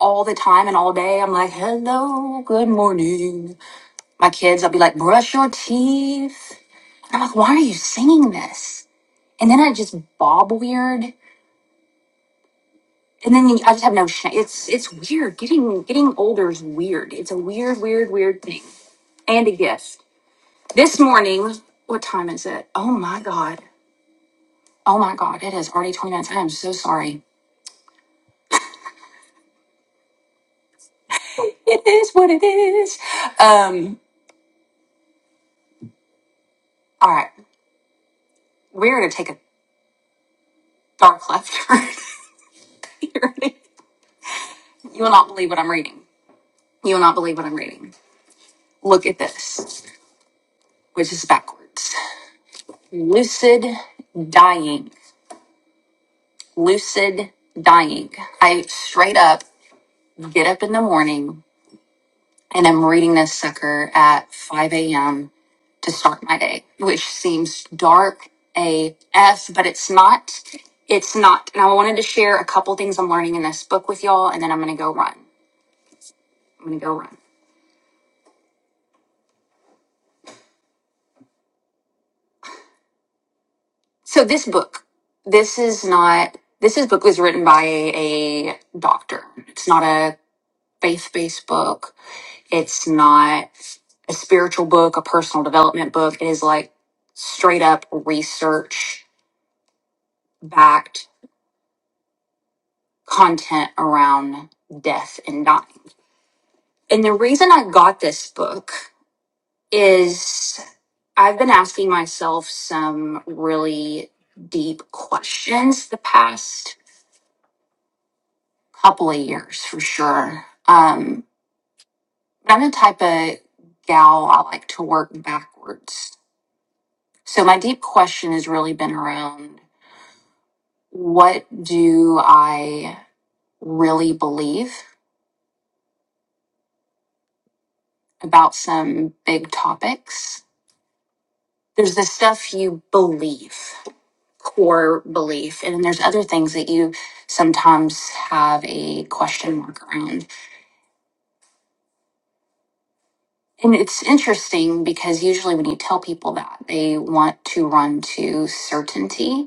all the time and all day. I'm like, hello, good morning. My kids, I'll be like, brush your teeth. And I'm like, why are you singing this? And then I just bob weird. And then you- I just have no shame. It's it's weird. Getting getting older is weird. It's a weird, weird, weird thing. And a gift. This morning, what time is it? Oh my god. Oh my god, it is already 20 minutes. I am so sorry. It is what it is. Um, all right, we're gonna take a dark left turn here. You will not believe what I'm reading. You will not believe what I'm reading. Look at this, which is backwards. Lucid dying. Lucid dying. I straight up get up in the morning and I'm reading this sucker at 5 a.m. to start my day, which seems dark AF, but it's not. It's not. And I wanted to share a couple things I'm learning in this book with y'all, and then I'm going to go run. I'm going to go run. So, this book, this is not, this is book was written by a, a doctor. It's not a faith based book. It's not a spiritual book, a personal development book. It is like straight up research backed content around death and dying And the reason I got this book is I've been asking myself some really deep questions the past couple of years for sure. Um, but I'm the type of gal I like to work backwards. So my deep question has really been around what do I really believe about some big topics? There's the stuff you believe core belief. And then there's other things that you sometimes have a question mark around. And it's interesting because usually when you tell people that, they want to run to certainty.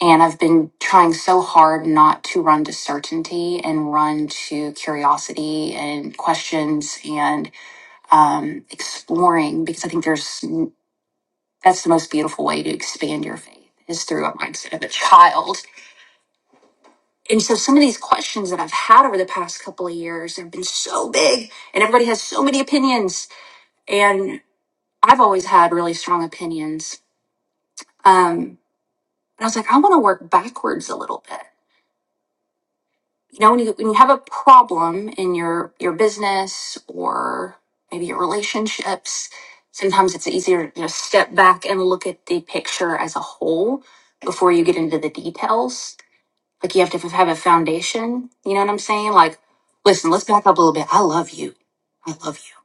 And I've been trying so hard not to run to certainty and run to curiosity and questions and um, exploring because I think there's that's the most beautiful way to expand your faith is through a mindset of a child and so some of these questions that I've had over the past couple of years have been so big and everybody has so many opinions. And I've always had really strong opinions. Um, and I was like, I want to work backwards a little bit. You know, when you, when you have a problem in your, your business or maybe your relationships, sometimes it's easier to just step back and look at the picture as a whole before you get into the details Like you have to have a foundation. You know what I'm saying? Like, listen, let's back up a little bit. I love you. I love you.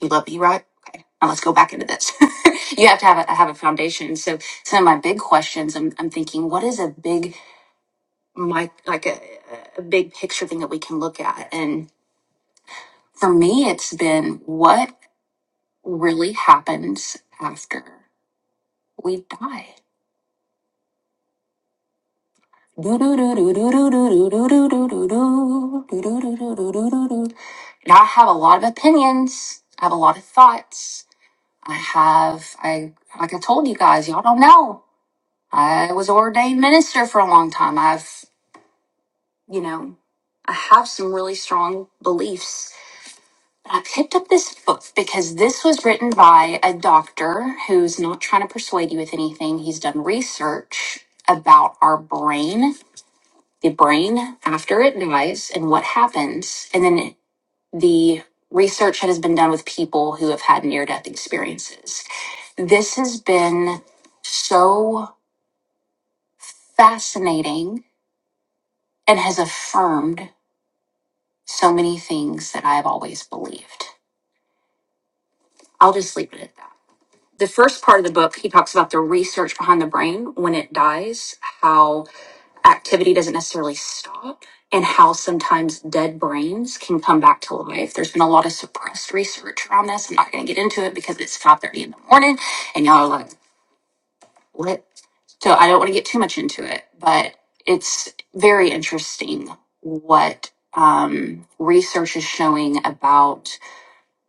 You love me, right? Okay. Now let's go back into this. you have to have a have a foundation. So some of my big questions, I'm I'm thinking, what is a big my like a, a big picture thing that we can look at? And for me, it's been what really happens after we die Now I have a lot of opinions. I have a lot of thoughts. I have I like I told you guys, y'all don't know. I was ordained minister for a long time. I've you know, I have some really strong beliefs. But I picked up this book because this was written by a doctor who's not trying to persuade you with anything. He's done research about our brain the brain after it dies and what happens, and then the research that has been done with people who have had near death experiences. This has been so fascinating and has affirmed so many things that I have always believed. I'll just leave it at that. The first part of the book, he talks about the research behind the brain when it dies, how activity doesn't necessarily stop and how sometimes dead brains can come back to life. There's been a lot of suppressed research around this. I'm not going to get into it because it's 5:30 in the morning and y'all are like, "What?" So I don't want to get too much into it, but it's very interesting what um, research is showing about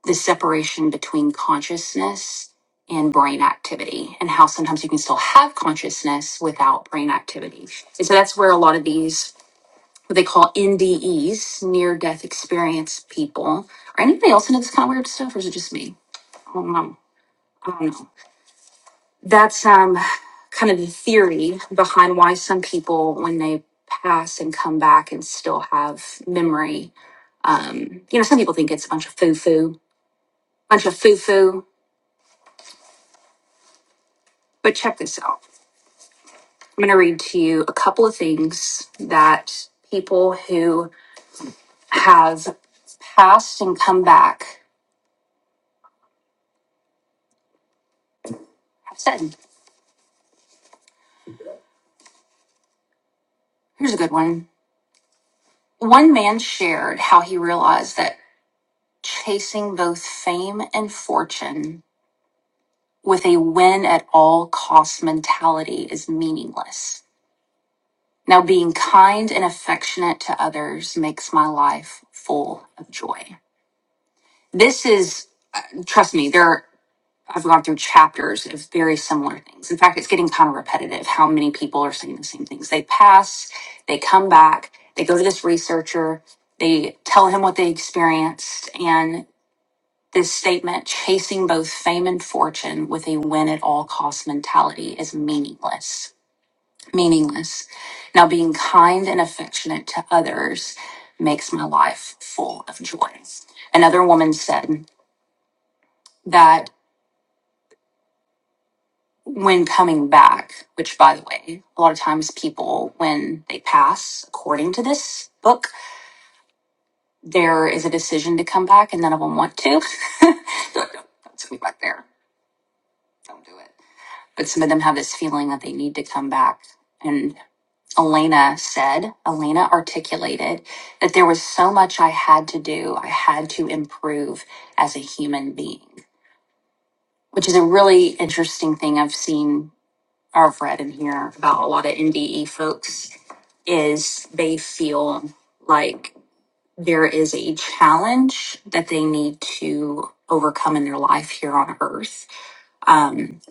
the separation between consciousness and brain activity and how sometimes you can still have consciousness without brain activity. And so that's where a lot of these what they call NDEs, near death experience people. are anybody else into this kind of weird stuff, or is it just me? I don't know. I don't know. That's um kind of the theory behind why some people, when they pass and come back and still have memory, um, you know, some people think it's a bunch of foo foo, bunch of foo foo. But check this out. I'm going to read to you a couple of things that people who have passed and come back have said. Here's a good one One man shared how he realized that chasing both fame and fortune with a win at all cost mentality is meaningless. Now, being kind and affectionate to others makes my life full of joy. This is, uh, trust me, there are, I've gone through chapters of very similar things. In fact, it's getting kind of repetitive how many people are saying the same things. They pass, they come back, they go to this researcher, they tell him what they experienced, and This statement, chasing both fame and fortune with a win at all cost mentality, is meaningless. Meaningless. Now, being kind and affectionate to others makes my life full of joy. Another woman said that when coming back, which by the way, a lot of times people, when they pass, according to this book, there is a decision to come back and none of them want to. They're like, don't, don't send me back there. Don't do it. but some of them have this feeling that they need to come back. And Elena said, Elena articulated that there was so much I had to do, I had to improve as a human being, which is a really interesting thing I've seen or I've read and hear about a lot of NDE folks is they feel like there is a challenge that they need to overcome in their life here on earth, um,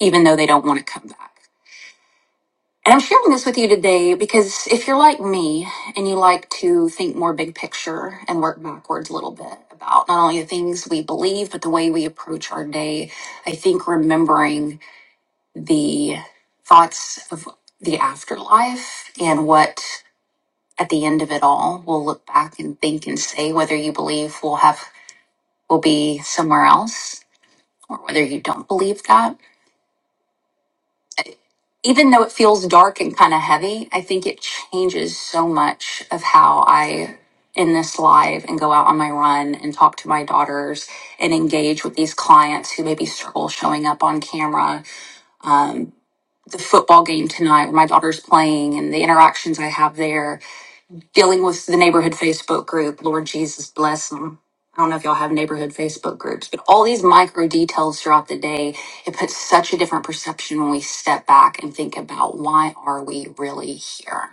even though they don't want to come back. And I'm sharing this with you today because if you're like me and you like to think more big picture and work backwards a little bit about not only the things we believe, but the way we approach our day, I think remembering the thoughts of the afterlife and what at the end of it all we'll look back and think and say whether you believe we'll have, we'll be somewhere else or whether you don't believe that even though it feels dark and kind of heavy, I think it changes so much of how I in this live and go out on my run and talk to my daughters and engage with these clients who maybe struggle showing up on camera. Um, the football game tonight, where my daughter's playing, and the interactions I have there dealing with the neighborhood Facebook group. Lord Jesus bless them. I don't know if y'all have neighborhood Facebook groups, but all these micro details throughout the day, it puts such a different perception when we step back and think about why are we really here?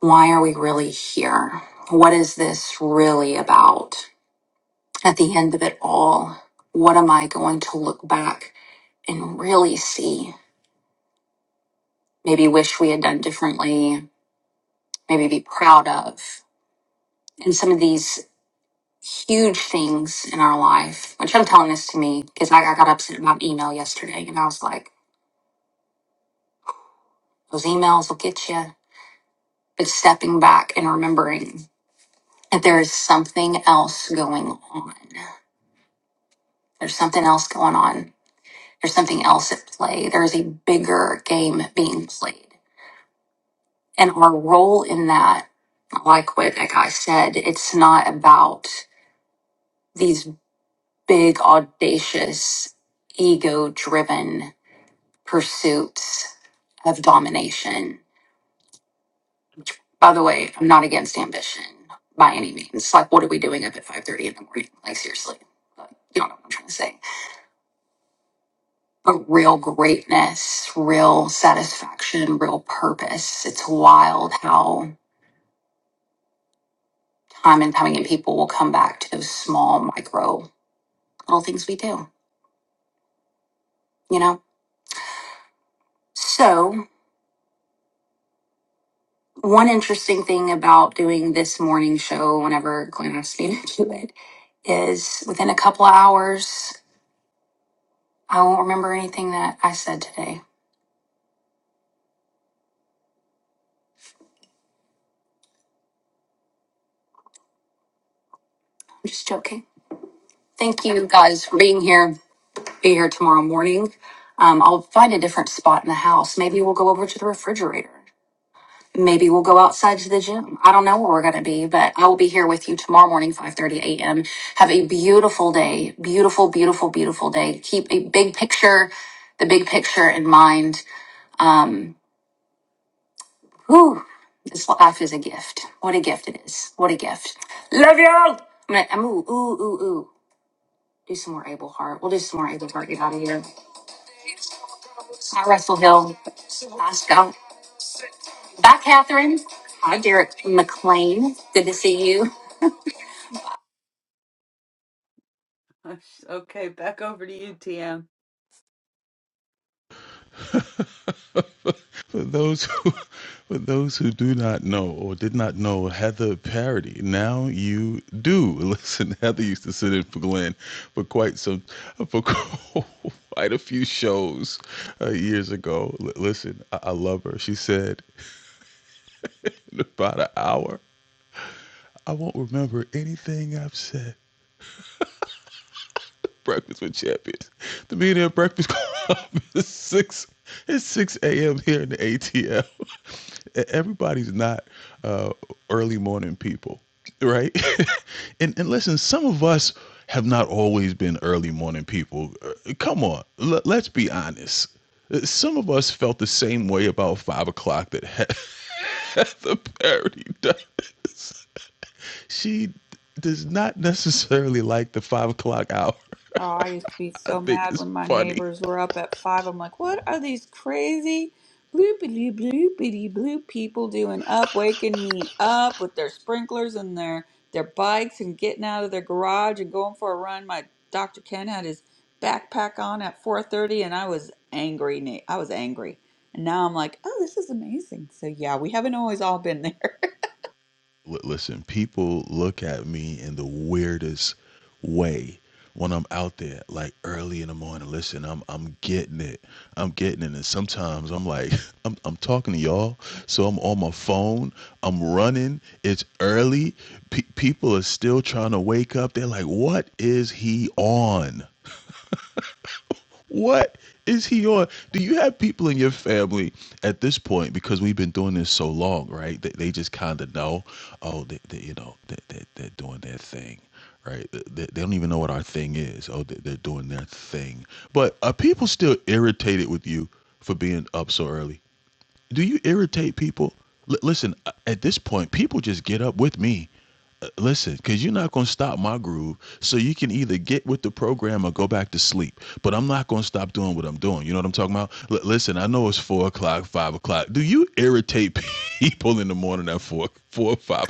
Why are we really here? What is this really about? At the end of it all, what am I going to look back and really see? Maybe wish we had done differently, maybe be proud of. And some of these huge things in our life. Which I'm telling this to me because I, I got upset about email yesterday, and I was like, "Those emails will get you." But stepping back and remembering that there is something else going on. There's something else going on. There's something else at play. There is a bigger game being played, and our role in that, like what that guy said, it's not about these big audacious ego driven pursuits of domination. By the way, I'm not against ambition by any means. Like, what are we doing up at 5:30 in the morning? Like, seriously, like, you don't know what I'm trying to say. But real greatness, real satisfaction, real purpose. It's wild how time and time again people will come back to those small, micro little things we do. You know. So one interesting thing about doing this morning show, whenever Glenn asked me to do it, is within a couple hours. I won't remember anything that I said today. I'm just joking. Thank you guys for being here. Be here tomorrow morning. Um, I'll find a different spot in the house. Maybe we'll go over to the refrigerator. Maybe we'll go outside to the gym. I don't know where we're going to be, but I will be here with you tomorrow morning, 5.30 a.m. Have a beautiful day. Beautiful, beautiful, beautiful day. Keep a big picture, the big picture in mind. Um, Whew, this life is a gift. What a gift it is. What a gift. Love y'all. I'm gonna, I'm ooh, ooh, ooh, ooh. Do some more Abel Hart. We'll do some more Abel Hart. Get out of here. Hi, Russell Hill. Hi, Scott. Bye, Catherine. Hi, Derek McLean. Good to see you. Gosh, Okay, back over to you, TM. For those who, for those who do not know or did not know Heather Parody, now you do. Listen, Heather used to sit in for Glenn for quite some, for quite a few shows uh, years ago. L- listen, I-, I love her. She said in about an hour, I won't remember anything I've said. Breakfast with Champions. The Millionaire Breakfast Club is six. It's six a.m. here in the ATL. E- Everybody's not uh, early morning people, right? and and listen, some of us have not always been early morning people. Uh, Come on, l- let's be honest. Uh, Some of us felt the same way about five o'clock that he- Heather Parody does. She does not necessarily like the five o'clock hour. Oh, I used to be I so think mad it's when my funny. neighbors were up at five. I'm like, what are these crazy bloopity bloopity bloop people doing up, waking me up with their sprinklers and their their bikes and getting out of their garage and going for a run. My Dr. Ken had his backpack on at 4:30, and I was angry. na- I was angry, and now I'm like, oh, this is amazing. So yeah, we haven't always all been there. L- listen, people look at me in the weirdest way when I'm out there, like early in the morning. Listen, I'm I'm getting it. I'm getting it. And sometimes I'm like, I'm I'm talking to y'all, so I'm on my phone. I'm running. It's early. Pe people are still trying to wake up. They're like, what is he on? What is he on? Do you have people in your family at this point because we've been doing this so long, right? They, they just kind of know, oh, they, they, you know, they, they, they're doing their thing, right? They, they they don't even know what our thing is. Oh, they, they're doing their thing. But are people still irritated with you for being up so early? Do you irritate people? L- listen, uh, at this point, people just get up with me. Uh, Listen, because you're not going to stop my groove. So you can either get with the program or go back to sleep. But I'm not going to stop doing what I'm doing. You know what I'm talking about? L- listen, I know it's four o'clock, five o'clock. Do you irritate people in the morning at four, four or five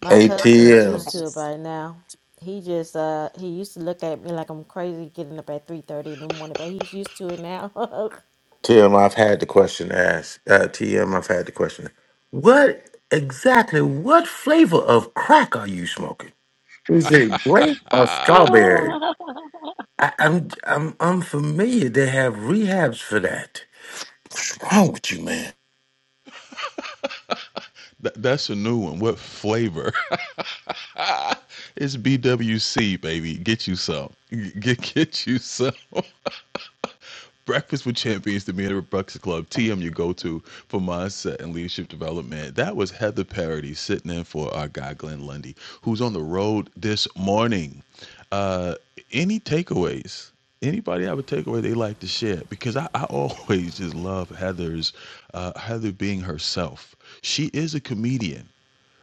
My Hey husband is used TM, to it Yes. by now. He just, uh, he used to look at me like I'm crazy getting up at 3.30 in the morning, but he's used to it now. I've had the question asked. Uh, TM, I've had the question. What exactly? What flavor of crack are you smoking? Is it grape or Ah, strawberry? Ah, I, I'm I'm unfamiliar. They have rehabs for that. What's wrong with you, man? th- that's a new one. What flavor? it's BWC, baby. Get you some. G- Get, get you some. Breakfast with Champions, the Meander Breakfast Club, TM, your go to for mindset and leadership development. That was Heather Parody sitting in for our guy, Glenn Lundy, who's on the road this morning. Uh, any takeaways? Anybody have a takeaway they like to share? Because I, I always just love Heather's, uh, Heather being herself. She is a comedian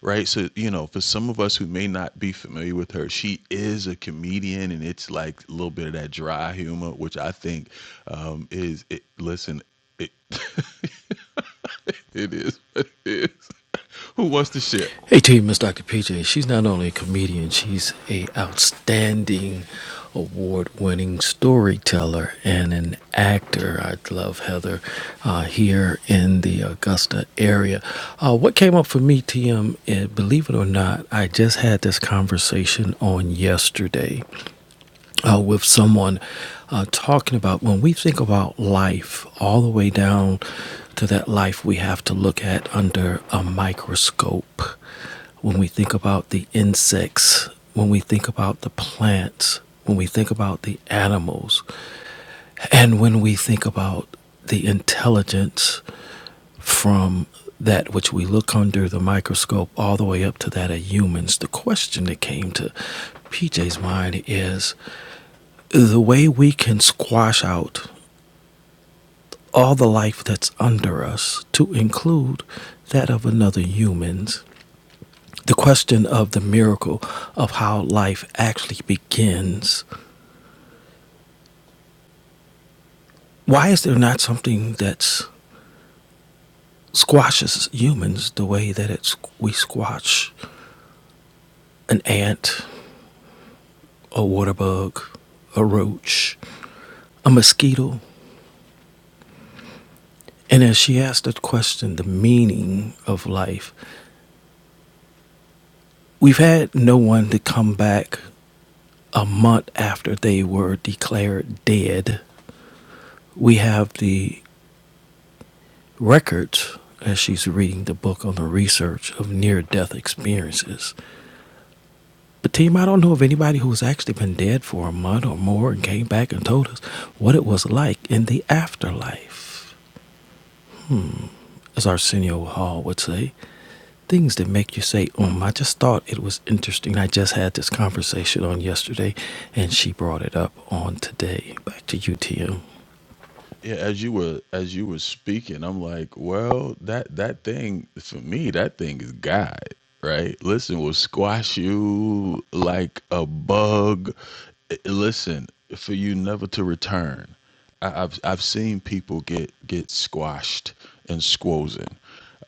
right? So, you know, for some of us who may not be familiar with her, she is a comedian and it's like a little bit of that dry humor, which I think um, is, it, listen, it, it is what it is. Who wants to share? Hey team, Miss Dr. PJ. She's not only a comedian, she's a outstanding award-winning storyteller and an actor. I love Heather uh, here in the Augusta area. Uh, what came up for me, TM, and believe it or not, I just had this conversation on yesterday uh, with someone uh, talking about when we think about life, all the way down to that life we have to look at under a microscope. When we think about the insects, when we think about the plants, when we think about the animals, and when we think about the intelligence from that which we look under the microscope all the way up to that of humans. The question that came to PJ's mind is the way we can squash out all the life that's under us to include that of another humans the question of the miracle of how life actually begins why is there not something that squashes humans the way that it's we squash an ant a water bug a roach a mosquito and as she asked the question the meaning of life we've had no one to come back a month after they were declared dead. We have the records as she's reading the book on the research of near death experiences. But, team, I don't know of anybody who's actually been dead for a month or more and came back and told us what it was like in the afterlife. As Arsenio Hall would say, things that make you say, um, I just thought it was interesting. I just had this conversation on yesterday, and she brought it up on today. Back to you, TM. Yeah, as you were as you were speaking, I'm like, well, that that thing for me, that thing is God, right? Listen, will squash you like a bug. I- Listen, for you never to return. I, I've I've seen people get get squashed and squozen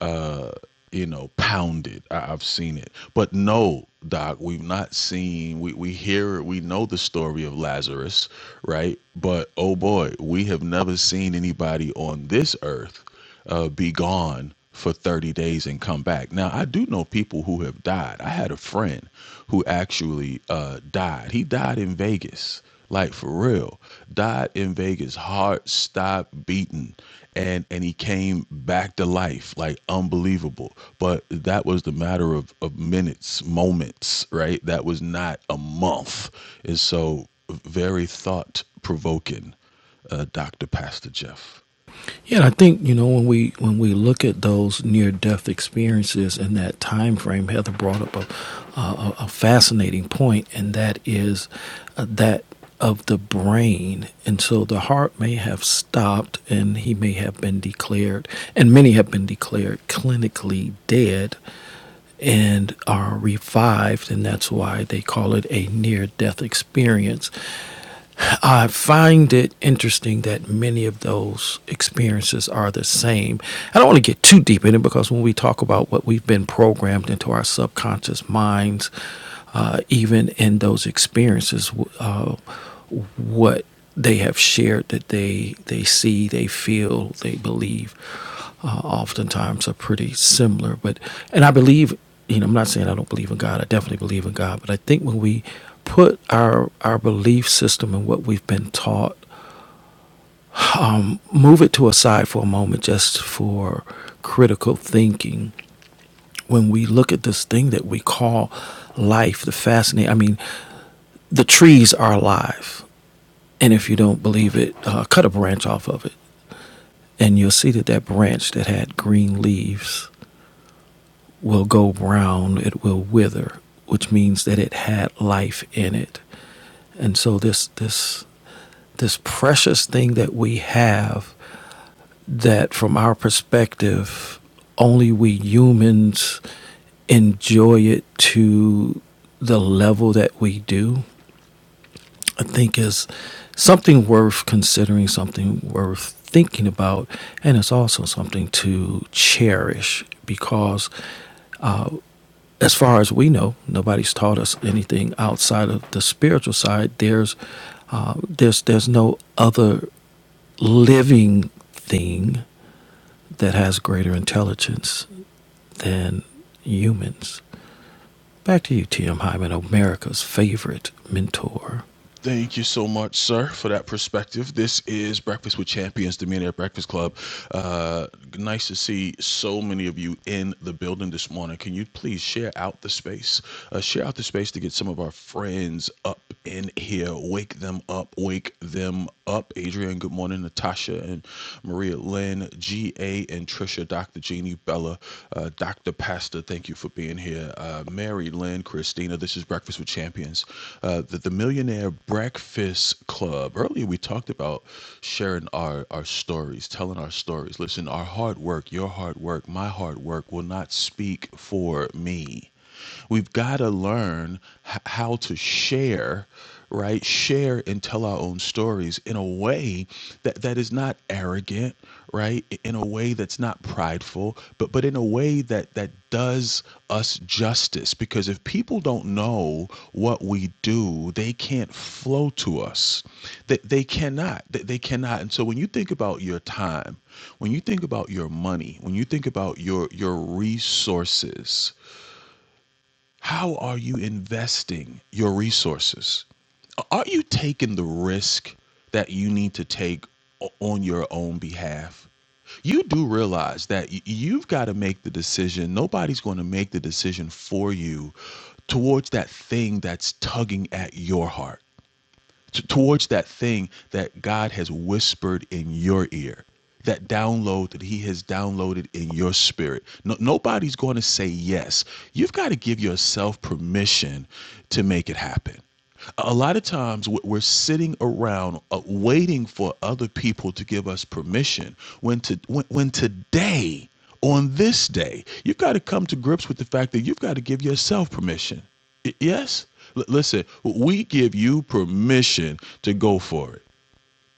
uh, you know, pounded. I, I've seen it. But no, Doc, we've not seen, we, we hear, we know the story of Lazarus, right? But oh boy, we have never seen anybody on this earth uh, be gone for 30 days and come back. Now, I do know people who have died. I had a friend who actually uh, died. He died in Vegas, like for real died in Vegas. Heart stopped beating, and and he came back to life, like unbelievable. But that was the matter of of minutes, moments, right? That was not a month. And so, very thought provoking, uh, Doctor Pastor Jeff. Yeah, and I think you know when we when we look at those near death experiences in that time frame, Heather brought up a, a, a fascinating point, and that is uh, that of the brain. And so the heart may have stopped, and he may have been declared, and many have been declared clinically dead and are revived, and that's why they call it a near death experience. I find it interesting that many of those experiences are the same. I don't want to get too deep in it because when we talk about what we've been programmed into our subconscious minds, uh, even in those experiences, uh, what they have shared that they they see, they feel, they believe uh, oftentimes are pretty similar. But and I believe, you know, I'm not saying I don't believe in God. I definitely believe in God. But I think when we put our our belief system and what we've been taught, move it to a side for a moment, just for critical thinking. When we look at this thing that we call life, the fascinating. I mean, the trees are alive, and if you don't believe it, uh, cut a branch off of it, and you'll see that that branch that had green leaves will go brown, it will wither, which means that it had life in it. And so this this this precious thing that we have that from our perspective only we humans enjoy it to the level that we do, I think is something worth considering, something worth thinking about, and it's also something to cherish because uh, as far as we know, nobody's taught us anything outside of the spiritual side. There's uh, there's there's no other living thing that has greater intelligence than humans. Back to you, T.M. Hyman, America's favorite mentor. Thank you so much, sir, for that perspective. This is Breakfast with Champions, the Millionaire Breakfast Club. Uh, nice to see so many of you in the building this morning. Can you please share out the space? Uh, share out the space to get some of our friends up in here. Wake them up. Wake them up. Adrian, good morning. Natasha and Maria Lynn, GA and Trisha, Dr. Jeannie, Bella. Uh, Dr. Pastor, thank you for being here. Uh, Mary Lynn, Christina, this is Breakfast with Champions. Uh, the, the Millionaire Breakfast Club. Earlier, we talked about sharing our, our stories, telling our stories. Listen, our hard work, your hard work, my hard work will not speak for me. We've got to learn h- how to share, right? Share and tell our own stories in a way that, that is not arrogant, right? In a way that's not prideful, but but in a way that that does us justice. Because if people don't know what we do, they can't flow to us. They, they cannot. They, they cannot. And so when you think about your time, when you think about your money, when you think about your your resources, how are you investing your resources? Are you taking the risk that you need to take on your own behalf? You do realize that you've got to make the decision. Nobody's going to make the decision for you towards that thing that's tugging at your heart t- towards that thing that God has whispered in your ear, that download that He has downloaded in your spirit. No, nobody's going to say yes. You've got to give yourself permission to make it happen. A lot of times we- we're sitting around uh, waiting for other people to give us permission when to when, when today on this day you've got to come to grips with the fact that you've got to give yourself permission Yes. L- listen, we give you permission to go for it.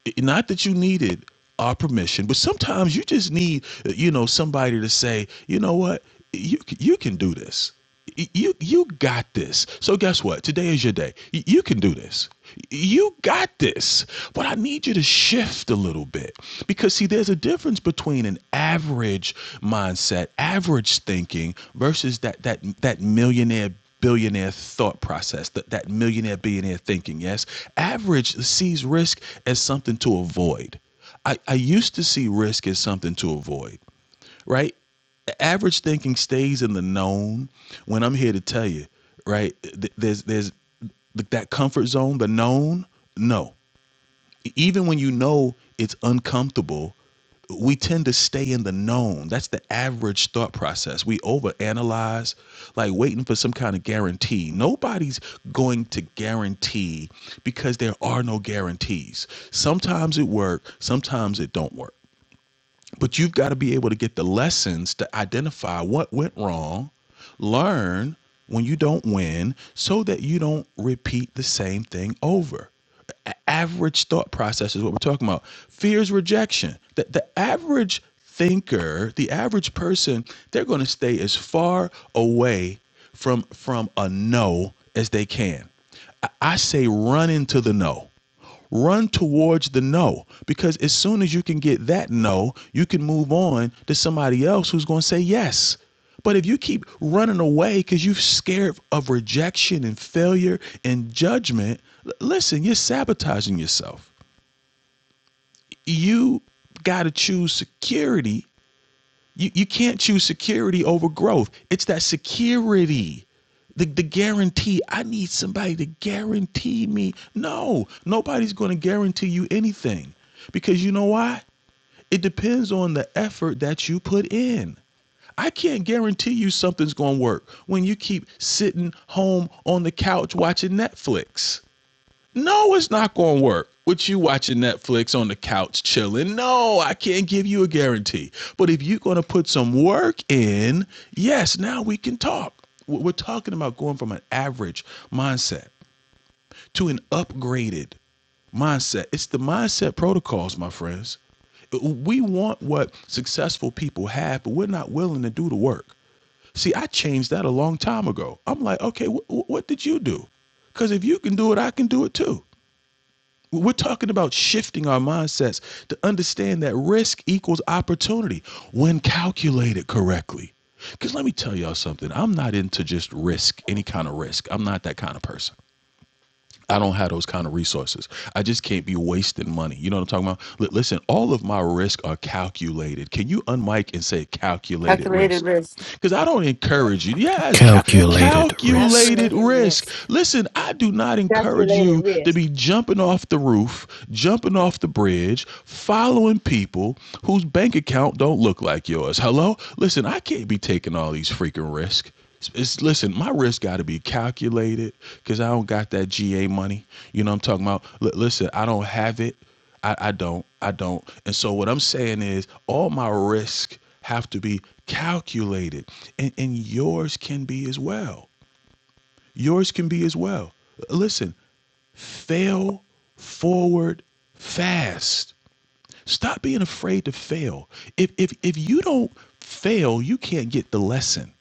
I- Not that you needed our permission, but sometimes you just need, uh, you know, somebody to say, you know what, you c- you can do this. Y- You you got this. So guess what? Today is your day. Y- You can do this. Y- You got this. But I need you to shift a little bit because see, there's a difference between an average mindset, average thinking, versus that that that millionaire billionaire thought process, that, that millionaire billionaire thinking, yes? Average sees risk as something to avoid. I, I used to see risk as something to avoid, right? Average thinking stays in the known when I'm here to tell you, right? There's, there's that comfort zone, the known, no even when you know it's uncomfortable, we tend to stay in the known. That's the average thought process. We overanalyze, like waiting for some kind of guarantee. Nobody's going to guarantee because there are no guarantees. Sometimes it works, sometimes it don't work. But you've got to be able to get the lessons to identify what went wrong, learn when you don't win, so that you don't repeat the same thing over. average thought process is what we're talking about. Fears rejection. The, the average thinker, the average person, they're going to stay as far away from from a no as they can. I, I say run into the no run towards the no because as soon as you can get that no, you can move on to somebody else who's going to say yes. But if you keep running away because you're scared of rejection and failure and judgment, listen, you're sabotaging yourself. You got to choose security you you can't choose security over growth. It's that security. The, the guarantee i need somebody to guarantee me no nobody's going to guarantee you anything because you know why it depends on the effort that you put in I can't guarantee you something's going to work when you keep sitting home on the couch watching Netflix. No, it's not going to work. With you watching Netflix on the couch chilling, no, I can't give you a guarantee. But if you're going to put some work in, yes, now we can talk. We're talking about going from an average mindset to an upgraded mindset. It's the mindset protocols, my friends. We want what successful people have, but we're not willing to do the work. See, I changed that a long time ago. I'm like, okay, wh- what did you do? Because if you can do it, I can do it too. We're talking about shifting our mindsets to understand that risk equals opportunity when calculated correctly. Because let me tell y'all something. I'm not into just risk, any kind of risk. I'm not that kind of person. I don't have those kind of resources. I just can't be wasting money. You know what I'm talking about? Li- listen, all of my risks are calculated. Can you unmic and say calculated Calculated risk? risk. Because I don't encourage you. Yes, cal- Calculated risk. calculated Calculated risk. risk, Listen, I do not encourage Calculated you to risk. be jumping off the roof, jumping off the bridge, following people whose bank account don't look like yours. Hello? Listen, I can't be taking all these freaking risks. It's, listen, my risk got to be calculated because I don't got that GA money. You know what I'm talking about? L- listen, I don't have it. I, I don't. I don't. And so what I'm saying is all my risk have to be calculated and, and yours can be as well. Yours can be as well. Listen, fail forward fast. Stop being afraid to fail. If, if, if you don't fail, you can't get the lesson.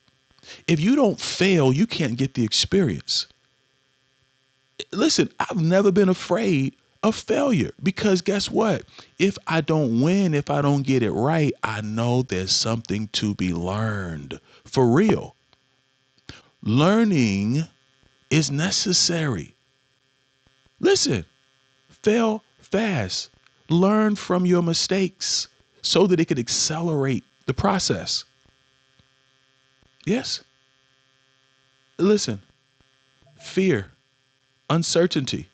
If you don't fail, you can't get the experience. Listen, I've never been afraid of failure because guess what? If I don't win, if I don't get it right, I know there's something to be learned. For real, learning is necessary. Listen, fail fast, learn from your mistakes so that it could accelerate the process. Yes, listen, fear, uncertainty.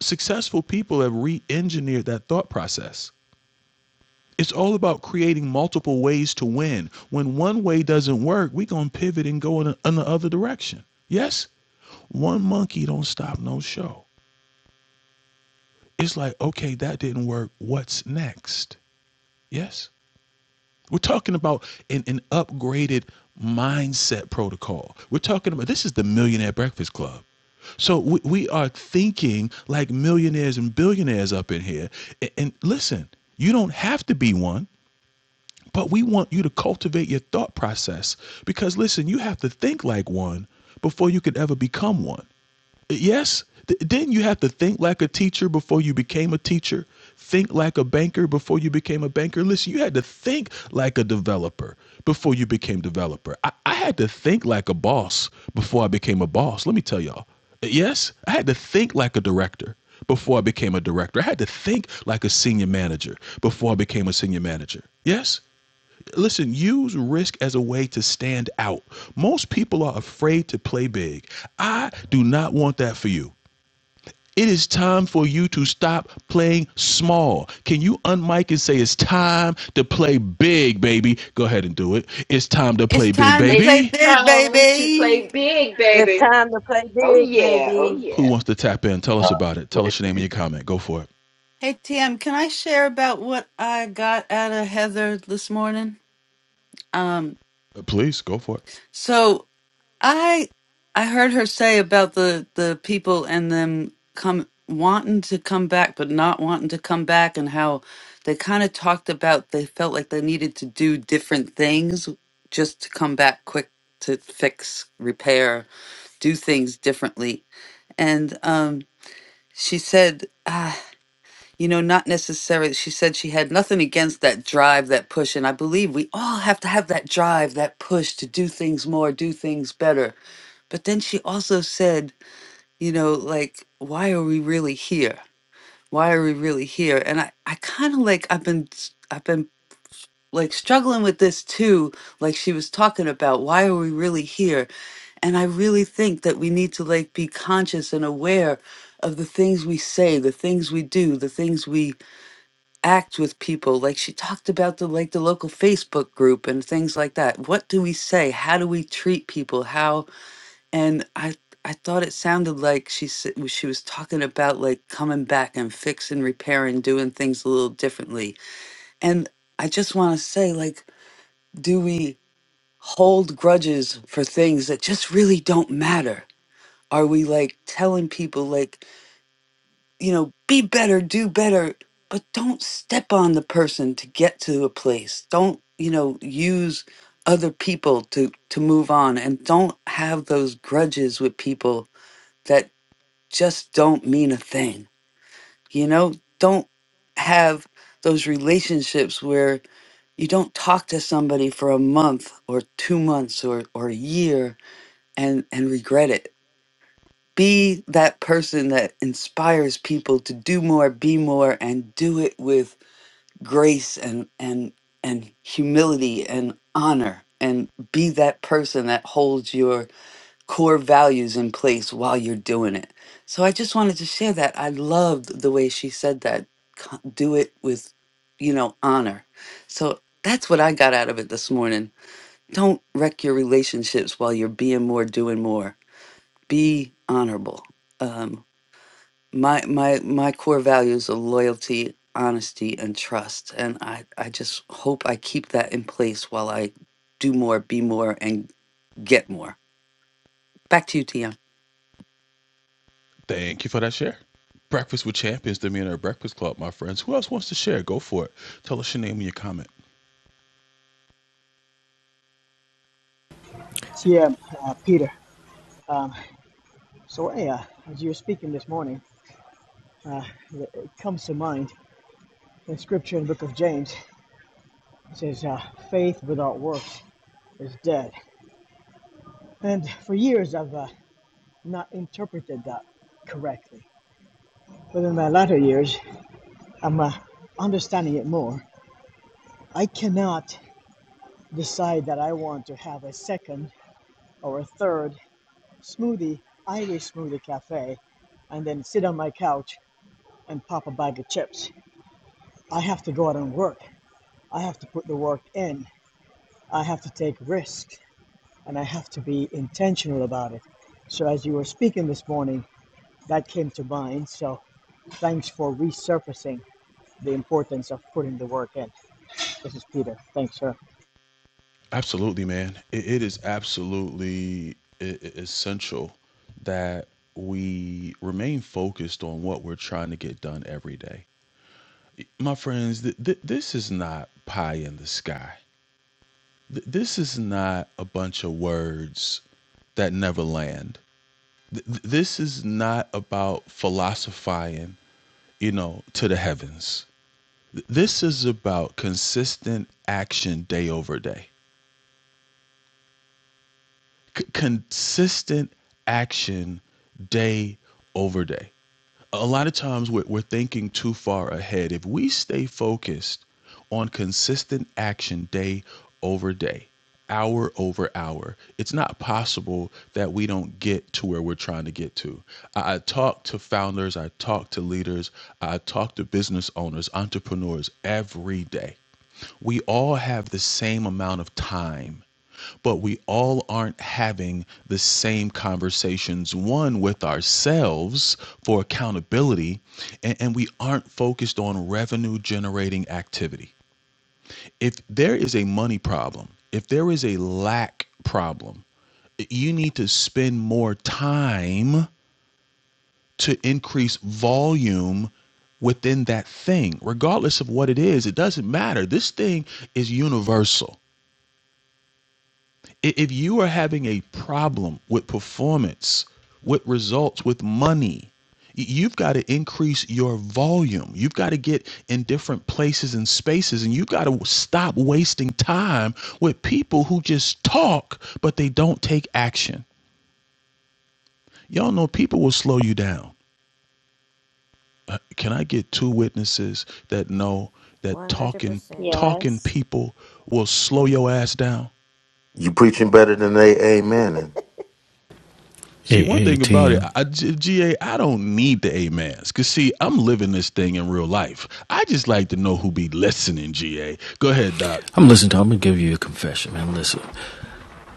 successful people have re-engineered that thought process. It's all about creating multiple ways to win. When one way doesn't work, we gonna pivot and go in, a, in the other direction. Yes, one monkey don't stop no show. It's like okay, that didn't work. What's next? Yes, we're talking about an, an upgraded mindset protocol. We're talking about this is the Millionaire Breakfast Club. So we, we are thinking like millionaires and billionaires up in here. And, and listen, you don't have to be one, but we want you to cultivate your thought process because listen, you have to think like one before you could ever become one. Yes. Th- didn't you have to think like a teacher before you became a teacher? Think like a banker before you became a banker? Listen, you had to think like a developer before you became developer. I, I had to think like a boss before I became a boss. Let me tell y'all. Yes, I had to think like a director before I became a director. I had to think like a senior manager before I became a senior manager. Yes? Listen, use risk as a way to stand out. Most people are afraid to play big. I do not want that for you. It is time for you to stop playing small. Can you unmic and say it's time to play big, baby? Go ahead and do it. It's time to It's play big, time to It's play baby. big, time to play baby. big, It's baby. time to play Oh big, yeah, oh baby. Who yeah. wants to tap in? Tell us time about it. Tell us your lately. name and your comment. Go for it. Hey, TM, can I share about what I got out of Heather this morning? Um, Uh, Please go for it. so I I heard her say about the the people and them come wanting to come back but not wanting to come back and how they kind of talked about they felt like they needed to do different things just to come back quick to fix, repair, do things differently. And um she said ah you know, not necessarily. She said she had nothing against that drive, that push. And I believe we all have to have that drive, that push to do things more, do things better but then she also said, you know, like, why are we really here? Why are we really here? And I, I kind of like, I've been, s- I've been like struggling with this too. Like she was talking about, why are we really here? And I really think that we need to like be conscious and aware of the things we say, the things we do, the things we act with people. Like she talked about the, like the local Facebook group and things like that. What do we say? How do we treat people? How and I I thought it sounded like she said she was talking about like coming back and fixing, repairing, doing things a little differently. And I just want to say, like, do we hold grudges for things that just really don't matter? Are we like telling people like, you know, be better, do better, but don't step on the person to get to a place. Don't, you know, use other people to to move on and don't have those grudges with people that. just don't mean a thing. You know, don't have those relationships where you don't talk to somebody for a month or two months or, or a year and, and regret it. Be that person that inspires people to do more, be more, and do it with grace and, and, and humility and honor. And be that person that holds your core values in place while you're doing it. So I just wanted to share that. I loved the way she said that. co- Do it with, you know, honor. So that's what I got out of it this morning. Don't wreck your relationships while you're being more, doing more. Be honorable. Um, my my my core values are loyalty, honesty, and trust, and I I just hope I keep that in place while I do more, be more, and get more. Back to you, Tia. Thank you for that share. Breakfast with Champions, the Millionaire Breakfast Club, my friends. Who else wants to share? Go for it. Tell us your name and your comment. Yeah, uh, Peter. Um, so, yeah, as you were speaking this morning, uh, it comes to mind in Scripture in the book of James. It says, uh, "Faith without works is dead." And for years, I've uh, not interpreted that correctly. But in my latter years, I'm uh, understanding it more. I cannot decide that I want to have a second or a third smoothie, Irish smoothie cafe, and then sit on my couch and pop a bag of chips. I have to go out and work. I have to put the work in. I have to take risks and I have to be intentional about it. So, as you were speaking this morning, that came to mind. So, thanks for resurfacing the importance of putting the work in. This is Peter. Thanks, sir. Absolutely, man. It, it is absolutely e- e- essential that we remain focused on what we're trying to get done every day. My friends, th- th- this is not pie in the sky. Th- this is not a bunch of words that never land. Th- th- this is not about philosophizing, you know, to the heavens. Th- this is about consistent action day over day. C- consistent action day over day. A lot of times we're, we're thinking too far ahead. If we stay focused on consistent action day over day, hour over hour, it's not possible that we don't get to where we're trying to get to. I, I talk to founders, I talk to leaders, I talk to business owners, entrepreneurs every day. We all have the same amount of time, but we all aren't having the same conversations, one with ourselves for accountability, and, and we aren't focused on revenue generating activity. If there is a money problem, if there is a lack problem, you need to spend more time to increase volume within that thing regardless of what it is it doesn't matter this thing is universal If you are having a problem with performance, with results, with money, you've got to increase your volume. You've got to get in different places and spaces, and you've got to stop wasting time with people who just talk, but they don't take action. Y'all know people will slow you down. Uh, Can I get two witnesses that know that talking 100%. talking yes. people will slow your ass down? You preaching better than they amen. And See, Hey, one thing about it, AATM. I, G- GA, I don't need the A mans. Because, see, I'm living this thing in real life. I just like to know who be listening, GA. Go ahead, Doc. I'm listening to I'm gonna give you a confession, man. Listen.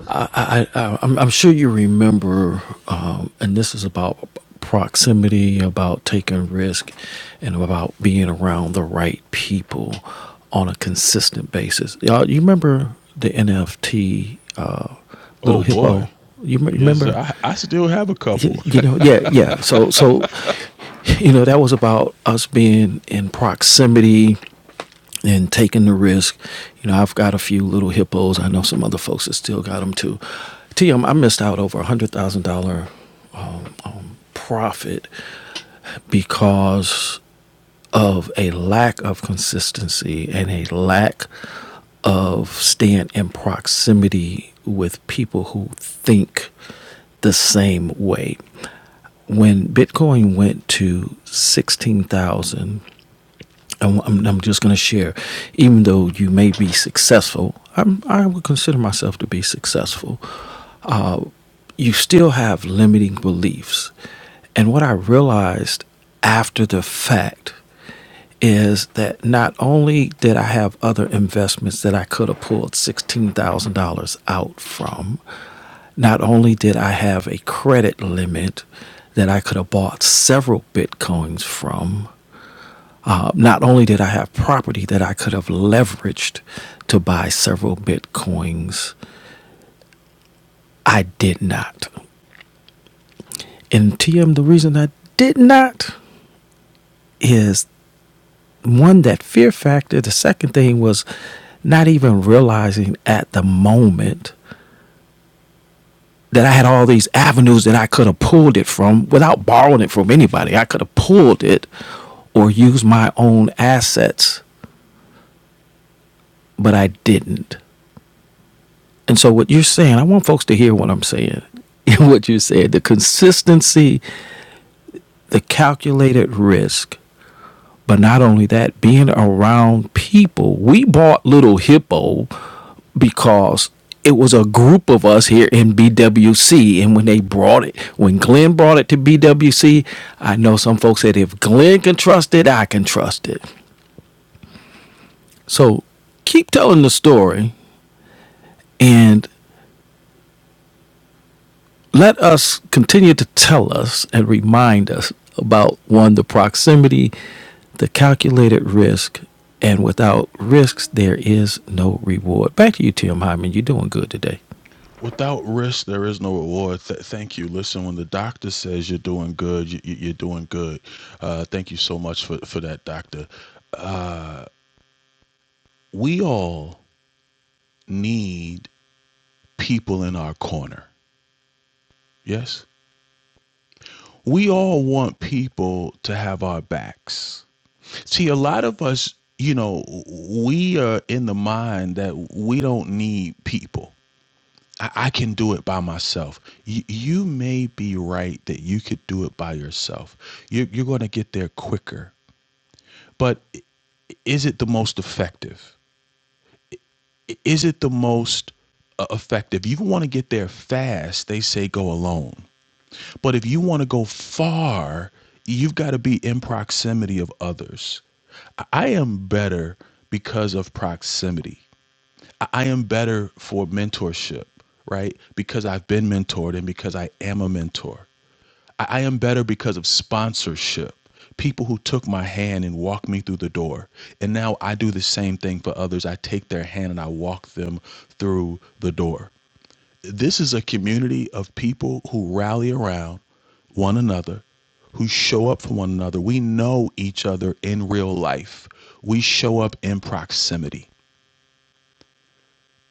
I, I, I, I'm, I'm sure you remember, um, and this is about proximity, about taking risk, and about being around the right people on a consistent basis. Y'all, you remember the NFT uh, little Oh, boy. hippo? You m- Yes, sir. remember? I, I still have a You, couple. you know, yeah, yeah. So, so you know, that was about us being in proximity and taking the risk. You know, I've got a few little hippos. I know some other folks that still got them too. TM, I missed out over a hundred thousand dollar um, um, profit because of a lack of consistency and a lack of staying in proximity with people who think the same way. When Bitcoin went to 16,000 I'm, I'm just going to share. Even though you may be successful, I'm, I would consider myself to be successful. Uh, you still have limiting beliefs. And what I realized after the fact is that not only did I have other investments that I could have pulled $16,000 out from, not only did I have a credit limit that I could have bought several Bitcoins from, uh, not only did I have property that I could have leveraged to buy several bitcoins, I did not. And TM, the reason I did not is one, that fear factor. The second thing was not even realizing at the moment that I had all these avenues that I could have pulled it from without borrowing it from anybody. I could have pulled it or used my own assets, but I didn't. And so what you're saying, I want folks to hear what I'm saying. what you said, the consistency, the calculated risk, but not only that, being around people. We bought Little Hippo because it was a group of us here in BWC. And when they brought it, when Glenn brought it to BWC, I know some folks said, if Glenn can trust it, I can trust it. So keep telling the story. And let us continue to tell us and remind us about one, the proximity, the calculated risk, and without risks, there is no reward. Back to you, Tim Hyman. You're doing good today. Without risk, there is no reward. Th- thank you. Listen, when the doctor says you're doing good, you, you- you're doing good. Uh, thank you so much for, for that, doctor. We all need people in our corner. Yes? We all want people to have our backs. See, a lot of us, you know, we are in the mind that we don't need people. I, I can do it by myself. You, you may be right that you could do it by yourself. You, you're going to get there quicker. But is it the most effective? Is it the most uh, effective? You want to get there fast, they say go alone. But if you want to go far, you've got to be in proximity of others. I am better because of proximity. I am better for mentorship, right? Because I've been mentored and because I am a mentor. I am better because of sponsorship. People who took my hand and walked me through the door. And now I do the same thing for others. I take their hand and I walk them through the door. This is a community of people who rally around one another, who show up for one another. We know each other in real life. We show up in proximity.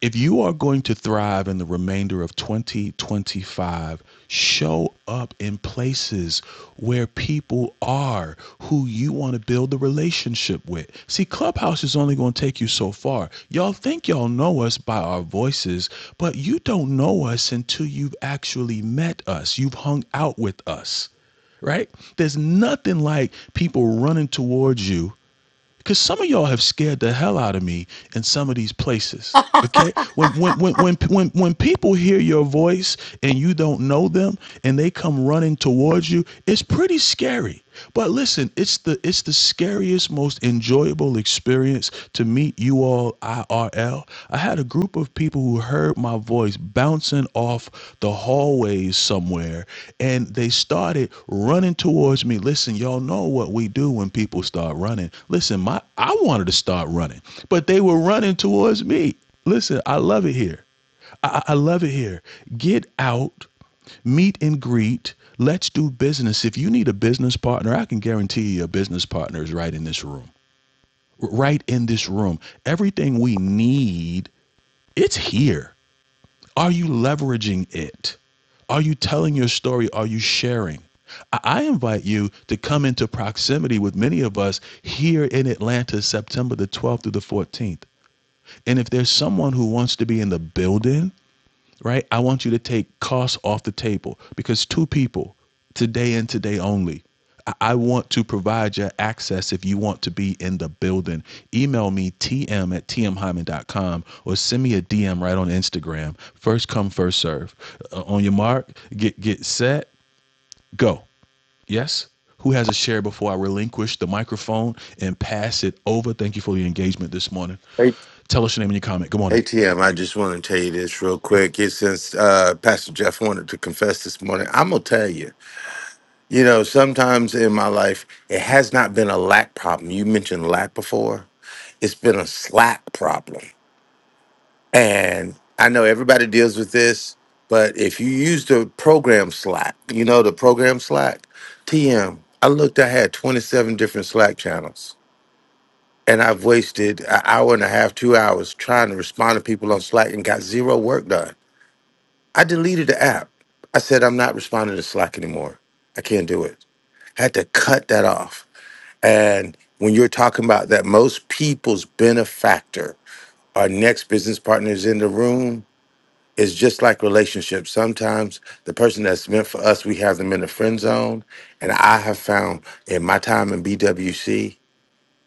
If you are going to thrive in the remainder of 2025, show up in places where people are who you want to build the relationship with. See, Clubhouse is only going to take you so far. Y'all think y'all know us by our voices, but you don't know us until you've actually met us, you've hung out with us right? There's nothing like people running towards you because some of y'all have scared the hell out of me in some of these places. Okay, when when when when when when people hear your voice and you don't know them and they come running towards you, it's pretty scary. But listen, it's the it's the scariest, most enjoyable experience to meet you all IRL, I had a group of people who heard my voice bouncing off the hallways somewhere and they started running towards me. Listen, y'all know what we do when people start running. Listen, my I wanted to start running, but they were running towards me. Listen, I love it here. I, I I love it here. Get out, meet and greet. Let's do business. If you need a business partner, I can guarantee you a business partner is right in this room right in this room. Everything we need, it's here. Are you leveraging it? Are you telling your story? Are you sharing? I invite you to come into proximity with many of us here in Atlanta, September the 12th through the 14th. And if there's someone who wants to be in the building, right? I want you to take costs off the table because two people, today and today only, I want to provide you access if you want to be in the building. Email me tm at T M hyman dot com or send me a DM right on Instagram. First come, first serve. Uh, on your mark, get get set, go. Yes? Who has a share before I relinquish the microphone and pass it over? Thank you for the engagement this morning. hey, Tell us your name and your comment. Good morning. hey, TM, I just want to tell you this real quick. It's Since uh, Pastor Jeff wanted to confess this morning, I'm gonna tell you. You know, sometimes in my life, it has not been a lack problem. You mentioned lack before, it's been a slack problem. And I know everybody deals with this, but if you use the program Slack, you know, the program Slack, TM, I looked, I had 27 different Slack channels. And I've wasted an hour and a half, two hours trying to respond to people on Slack and got zero work done. I deleted the app. I said, I'm not responding to Slack anymore. I can't do it. had to cut that off. And when you're talking about that, most people's benefactor, our next business partners in the room, is just like relationships. Sometimes the person that's meant for us, we have them in the friend zone. And I have found in my time in BWC,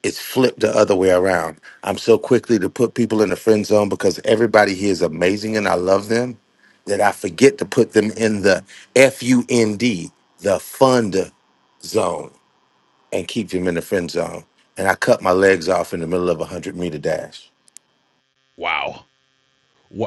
it's flipped the other way around. I'm so quickly to put people in the friend zone because everybody here is amazing and I love them that I forget to put them in the F U N D, the fund zone and keep him in the friend zone. And I cut my legs off in the middle of a 100 meter dash. Wow.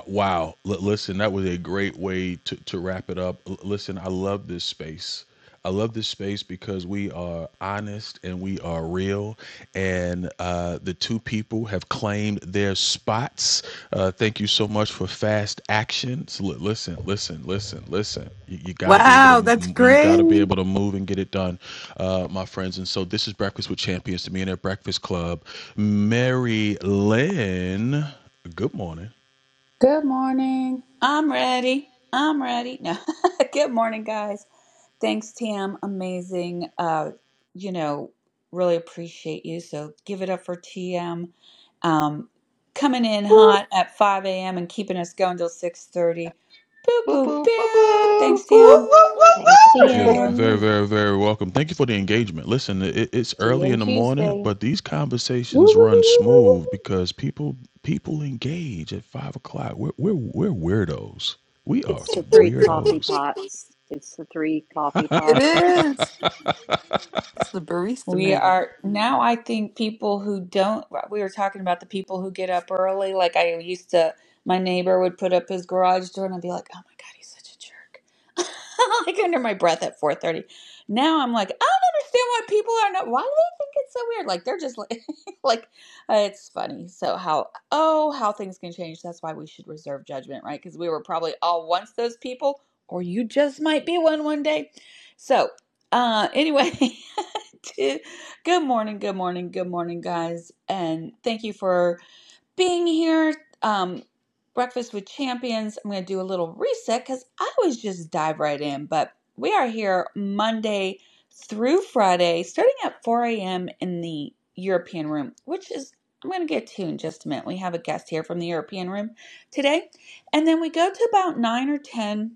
Wow. L- listen, that was a great way to, to wrap it up. L- listen, I love this space. I love this space because we are honest and we are real. And uh, the two people have claimed their spots. Uh, thank you so much for fast actions. L- listen, listen, listen, listen. You, you got to be able to. m- You got to be able to move and get it done, uh, my friends. And so this is Breakfast with Champions, the Millionaire Breakfast Club. Mary Lynn, good morning. Good morning. I'm ready. I'm ready. No. Good morning, guys. Thanks, Tam. Amazing. Uh, you know, really appreciate you. So give it up for TM. Um, coming in hot at 5 a.m. and keeping us going till 6.30. Boo, Boo boo, boo boo boo. boo. Thanks, Woo Tam. woo Thanks, woo You're Appreciate woo. you. very, TM. very, very welcome. Thank you for the engagement. Listen, it, it's early in TM the morning, Tuesday. but these Woo, conversations woo, run woo, smooth because people people engage at five o'clock. We're we're, we're weirdos. We are It's some the three coffee weirdos. pots. It's the three coffee it pots. is. It's the barista We man. are now, I think people who don't, we were talking about the people who get up early. Like I used to, my neighbor would put up his garage door and I'd be like, oh my God, he's such a jerk. like under my breath at 4:30. Now I'm like, I don't understand why people are not, why do they think it's so weird? Like they're just like, like uh, it's funny. So how, oh, how things can change. That's why we should reserve judgment, right? Because we were probably all once those people, or you just might be one one day. So, uh, anyway, Good morning, good morning, good morning, guys, and thank you for being here. Um, Breakfast with Champions. I'm going to do a little reset because I always just dive right in, but we are here Monday through Friday, starting at 4 a.m. in the European room, which is I'm going to get to in just a minute. We have a guest here from the European room today, and then we go to about nine or ten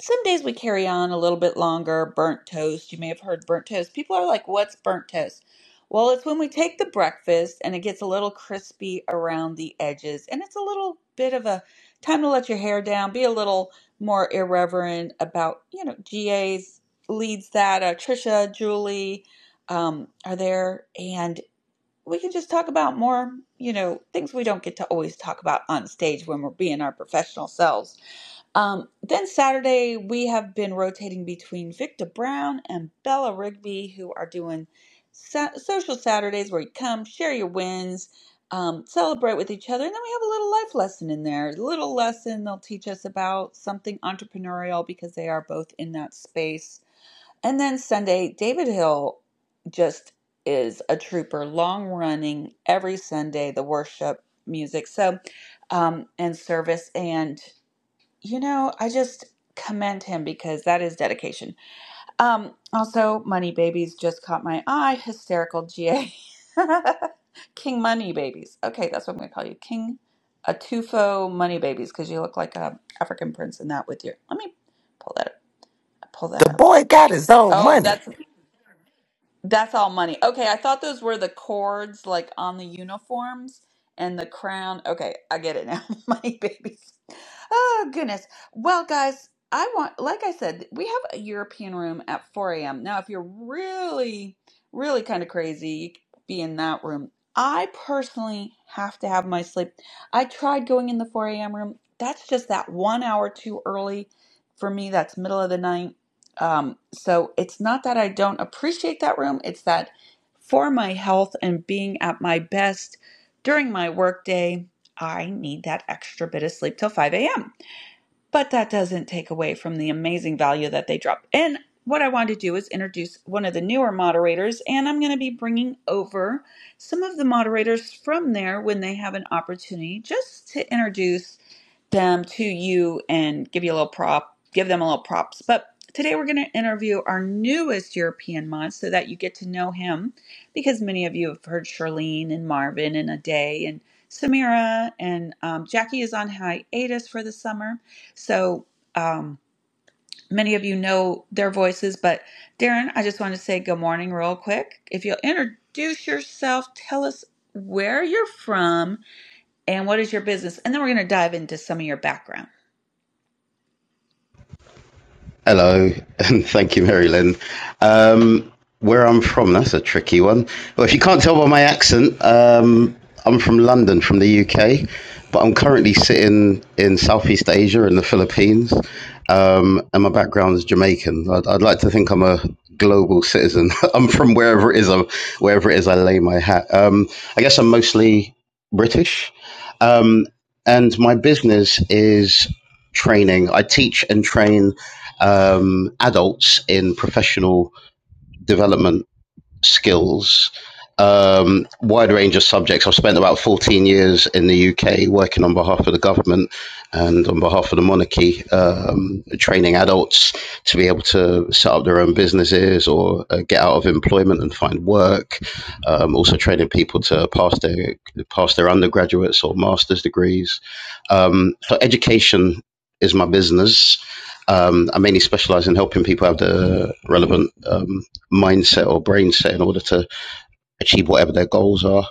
some days we carry on a little bit longer. Burnt toast. You may have heard burnt toast. People are like, what's burnt toast? Well, it's when we take the breakfast and it gets a little crispy around the edges. And it's a little bit of a time to let your hair down, be a little more irreverent about, you know, GA's leads that. Uh, Trisha, Julie um, are there. And we can just talk about more, you know, things we don't get to always talk about on stage when we're being our professional selves um, then Saturday, we have been rotating between Victor Brown and Bella Rigby, who are doing sa- social Saturdays where you come, share your wins, um, celebrate with each other. And then we have a little life lesson in there. A little lesson they'll teach us about something entrepreneurial because they are both in that space. And then Sunday, David Hill just is a trooper, long running every Sunday, the worship music. So, um, and service. And you know, I just commend him because that is dedication. Um, also, Money Babies just caught my eye. Hysterical GA. King Money Babies. Okay, that's what I'm going to call you. King Atufo Money Babies because you look like a African prince in that with your. Let me pull that up. pull that The up. boy got his own Oh, money. that's that's all money. Okay, I thought those were the cords like on the uniforms and the crown. Okay, I get it now. Money babies. Oh, goodness. Well, guys, I want, like I said, we have a European room at 4 a.m. Now, if you're really, really kind of crazy, you could be in that room. I personally have to have my sleep. I tried going in the 4 a.m. room. That's just that one hour too early for me. That's middle of the night. Um, so it's not that I don't appreciate that room, it's that for my health and being at my best during my workday, I need that extra bit of sleep till 5 a.m. But that doesn't take away from the amazing value that they drop. And what I want to do is introduce one of the newer moderators, and I'm going to be bringing over some of the moderators from there when they have an opportunity just to introduce them to you and give you a little prop, give them a little props. But today we're going to interview our newest European mod so that you get to know him because many of you have heard Charlene and Marvin and Aday and Samira and um, Jackie is on hiatus for the summer. So um, many of you know their voices, but Darren, I just want to say good morning real quick. If you'll introduce yourself, tell us where you're from and what is your business, and then we're going to dive into some of your background. Hello, and thank you, Mary Lynn. Um, where I'm from, that's a tricky one. Well, if you can't tell by my accent, um, I'm from London, from the UK, but I'm currently sitting in Southeast Asia in the Philippines, um, and my background is Jamaican. I'd, I'd like to think I'm a global citizen. I'm from wherever it is, I'm, wherever it is I lay my hat. Um, I guess I'm mostly British. Um, and my business is training. I teach and train um, adults in professional development skills, um, wide range of subjects. I've spent about 14 years in the UK working on behalf of the government and on behalf of the monarchy, um, training adults to be able to set up their own businesses or uh, get out of employment and find work. Um, also training people to pass their pass their undergraduates or master's degrees. Um, so education is my business. Um, I mainly specialize in helping people have the relevant um, mindset or brain set in order to achieve whatever their goals are.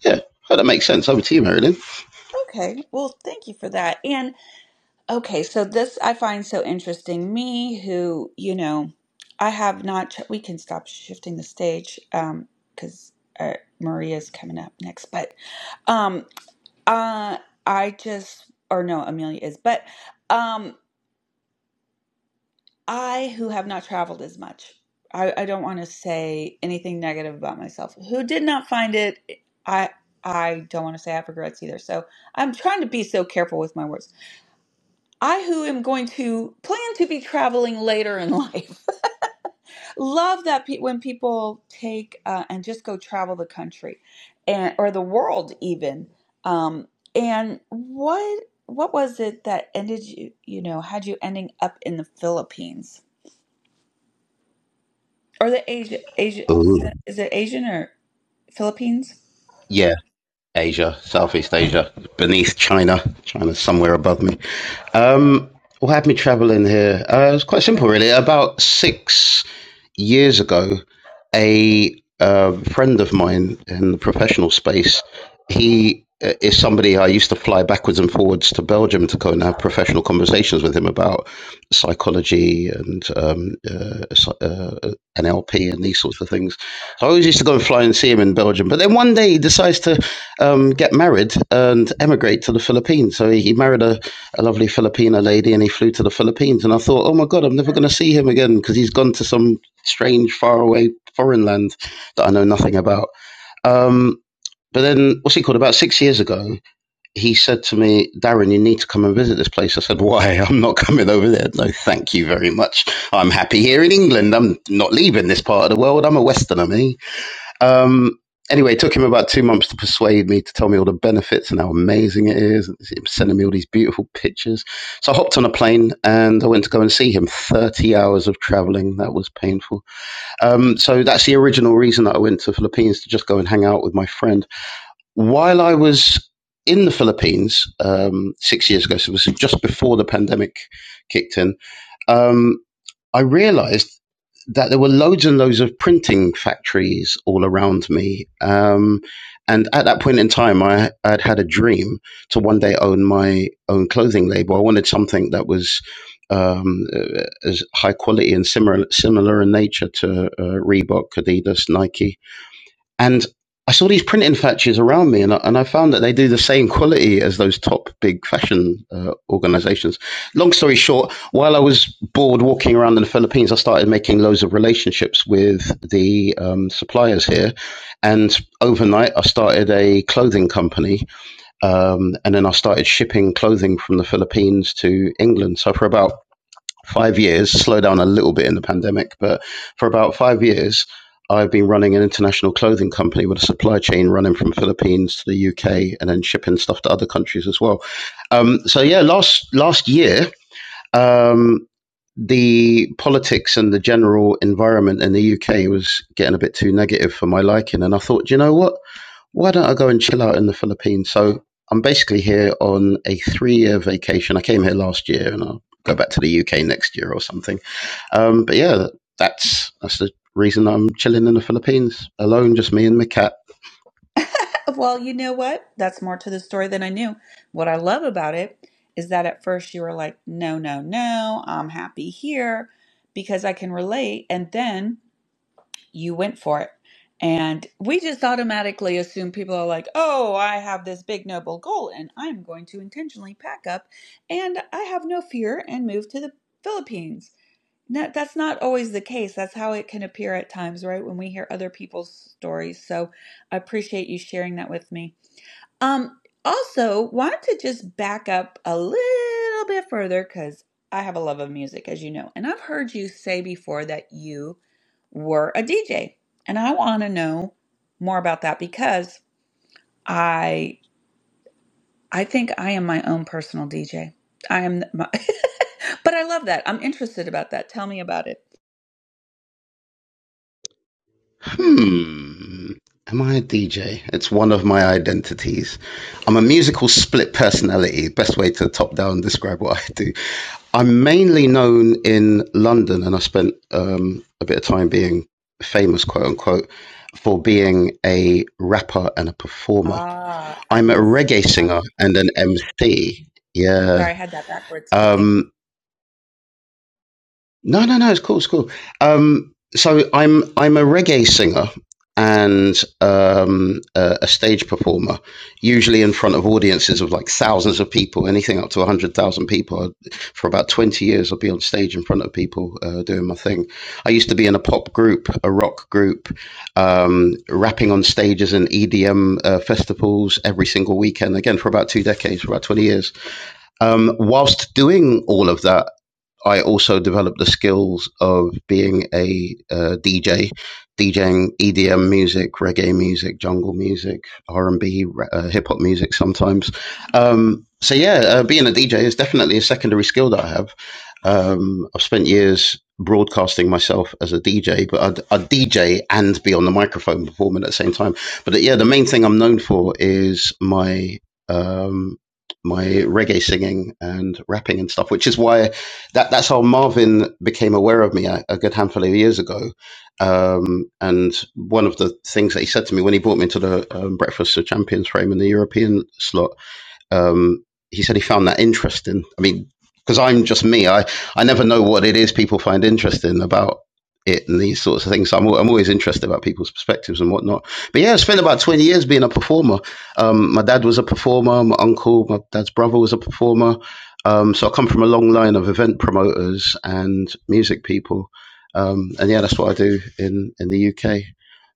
Yeah, that makes sense. Over to you, Marilyn. Okay, well, thank you for that. And okay, so this I find so interesting. Me, who, you know, I have not, ch- we can stop shifting the stage um, because uh, Maria's coming up next, but um, uh, I just, or no, Amelia is, but. um, I, who have not traveled as much, I, I don't want to say anything negative about myself. Who did not find it, I I don't want to say I have regrets either. So I'm trying to be so careful with my words. I, who am going to plan to be traveling later in life, love that pe- when people take uh, and just go travel the country, and or the world even. Um, and what what was it that ended you? You know, had you ending up in the Philippines? Or the Asia, Asia, Ooh. is it Asian or Philippines? Yeah, Asia, Southeast Asia, beneath China. China's somewhere above me. Um, what had me traveling here? Uh, it's quite simple, really. About six years ago, a uh, friend of mine in the professional space, he uh, is somebody I used to fly backwards and forwards to Belgium to go and have professional conversations with him about psychology and um, uh, so, uh, NLP and these sorts of things. So I always used to go and fly and see him in Belgium. But then one day he decides to um, get married and emigrate to the Philippines. So he, he married a, a lovely Filipina lady and he flew to the Philippines. And I thought, oh my God, I'm never going to see him again because he's gone to some strange, faraway foreign land that I know nothing about. Um, but then, what's he called? About six years ago, he said to me, Darren, you need to come and visit this place. I said, Why? I'm not coming over there. No, thank you very much. I'm happy here in England. I'm not leaving this part of the world. I'm a Westerner, me. Um, anyway, it took him about two months to persuade me to tell me all the benefits and how amazing it is. And he was sending me all these beautiful pictures. So I hopped on a plane and I went to go and see him. 30 hours of traveling. That was painful. Um, so that's the original reason that I went to the Philippines to just go and hang out with my friend. While I was in the Philippines um, six years ago, so it was just before the pandemic kicked in, um, I realized that there were loads and loads of printing factories all around me. Um, and at that point in time, I had had a dream to one day own my own clothing label. I wanted something that was um, uh, as high quality and similar similar in nature to uh, Reebok, Adidas, Nike. And I saw these printing factories around me, and I, and I found that they do the same quality as those top big fashion uh, organizations. Long story short, while I was bored walking around in the Philippines, I started making loads of relationships with the um, suppliers here. And overnight, I started a clothing company, um, and then I started shipping clothing from the Philippines to England. So for about five years, slow down a little bit in the pandemic, but for about five years, I've been running an international clothing company with a supply chain running from Philippines to the UK and then shipping stuff to other countries as well. Um, so yeah, last last year um, the politics and the general environment in the UK was getting a bit too negative for my liking. And I thought, you know what? Why don't I go and chill out in the Philippines? So I'm basically here on a three year vacation. I came here last year and I'll go back to the UK next year or something. Um, but yeah, that's, that's the reason I'm chilling in the Philippines alone, just me and my cat. Well, you know what? That's more to the story than I knew. What I love about it is that at first you were like, no, no, no, I'm happy here because I can relate. And then you went for it. And we just automatically assume people are like, oh, I have this big noble goal and I'm going to intentionally pack up and I have no fear and move to the Philippines. That, that's not always the case. That's how it can appear at times, right? When we hear other people's stories. So I appreciate you sharing that with me. Um, also, wanted to just back up a little bit further because I have a love of music, as you know. And I've heard you say before that you were a DJ. And I want to know more about that because I I think I am my own personal DJ. I am my, but I love that. I'm interested about that. Tell me about it. Hmm. Am I a DJ? It's one of my identities. I'm a musical split personality. Best way to top down describe what I do. I'm mainly known in London, and I spent um, a bit of time being famous, quote unquote, for being a rapper and a performer. Ah, I I'm a miss. reggae Uh, singer and an MC. Yeah. sorry, I had that backwards, but thank Um, you. no, no, no. It's cool. It's cool. Um, so I'm I'm a reggae singer and um, a, a stage performer, usually in front of audiences of like thousands of people, anything up to a hundred thousand people. For about twenty years, I'll be on stage in front of people uh, doing my thing. I used to be in a pop group, a rock group, um, rapping on stages and EDM uh, festivals every single weekend. Again, for about two decades, for about twenty years. Um, whilst doing all of that, I also developed the skills of being a uh, DJ, DJing EDM music, reggae music, jungle music, R and B, uh, hip hop music sometimes. Um, so yeah, uh, being a DJ is definitely a secondary skill that I have. Um, I've spent years broadcasting myself as a DJ, but I'd, I'd DJ and be on the microphone performing at the same time. But uh, yeah, the main thing I'm known for is my um, my reggae singing and rapping and stuff, which is why that that's how Marvin became aware of me a, a good handful of years ago. Um, and one of the things that he said to me when he brought me into the um, Breakfast of Champions frame in the European slot um, he said he found that interesting. I mean, because I'm just me. I, I never know what it is people find interesting about it and these sorts of things. So I'm, I'm always interested about people's perspectives and whatnot. But yeah, I spent about 20 years being a performer. Um, my dad was a performer. My uncle, my dad's brother was a performer. Um, so I come from a long line of event promoters and music people. Um, and yeah, that's what I do in, in the UK.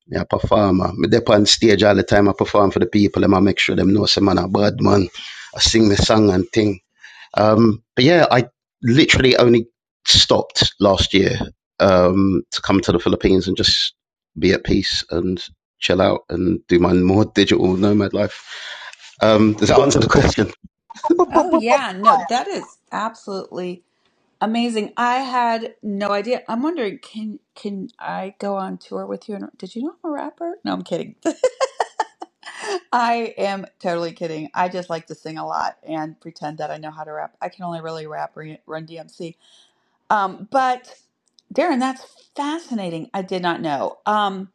Me a performer. Me dep on stage all the time. I perform for the people. Them I make sure them know some man a bad man. I sing the song and thing. Um, but yeah, I literally only stopped last year um, to come to the Philippines and just be at peace and chill out and do my more digital nomad life. Um, does that answer the question? Boop, boop, Oh, boop, boop. yeah, no, that is absolutely amazing. I had no idea. I'm wondering, can can I go on tour with you? And did you know I'm a rapper? No, I'm kidding. I am totally kidding. I just like to sing a lot and pretend that I know how to rap. I can only really rap Re- Run DMC. Um, but Darren, that's fascinating. I did not know. Um,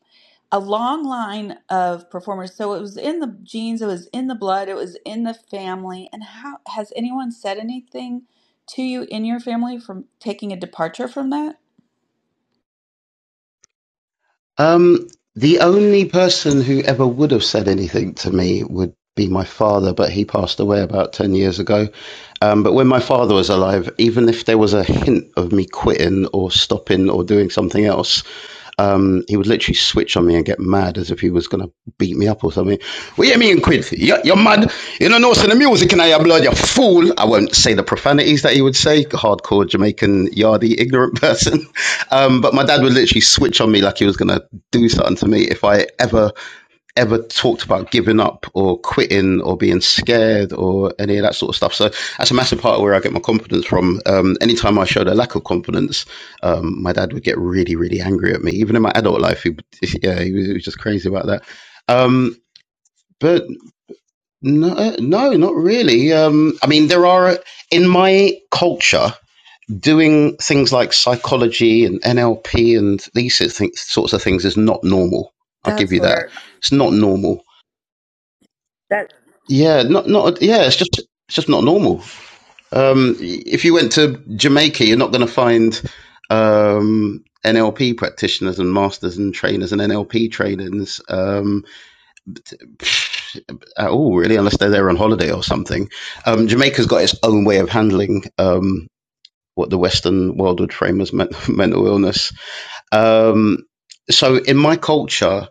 a long line of performers. So it was in the genes, it was in the blood, it was in the family. And how has anyone said anything to you in your family from taking a departure from that? Um, the only person who ever would have said anything to me would be my father, but he passed away about 10 years ago. Um, but when my father was alive, even if there was a hint of me quitting or stopping or doing something else, um, he would literally switch on me and get mad as if he was going to beat me up or something. What you mean, quit? You're, you're mad. You don't know what's in the music and I your blood, you fool. I won't say the profanities that he would say, hardcore Jamaican, yardy, ignorant person. Um, but my dad would literally switch on me like he was going to do something to me if I ever ever talked about giving up or quitting or being scared or any of that sort of stuff. So that's a massive part of where I get my confidence from. Um, anytime I showed a lack of confidence, um, my dad would get really really angry at me. Even in my adult life, he yeah he was, he was just crazy about that. Um, but no, no, not really. Um, I mean, there are in my culture doing things like psychology and NLP and these sorts of things, is not normal. I'll give That's you that. where It's not normal. that Yeah, not not yeah. It's just it's just not normal. Um, if you went to Jamaica, you're not going to find um, NLP practitioners and masters and trainers and NLP trainers um, at all, really, unless they're there on holiday or something. Um, Jamaica's got its own way of handling um, what the Western world would frame as men- mental illness Um, so in my culture,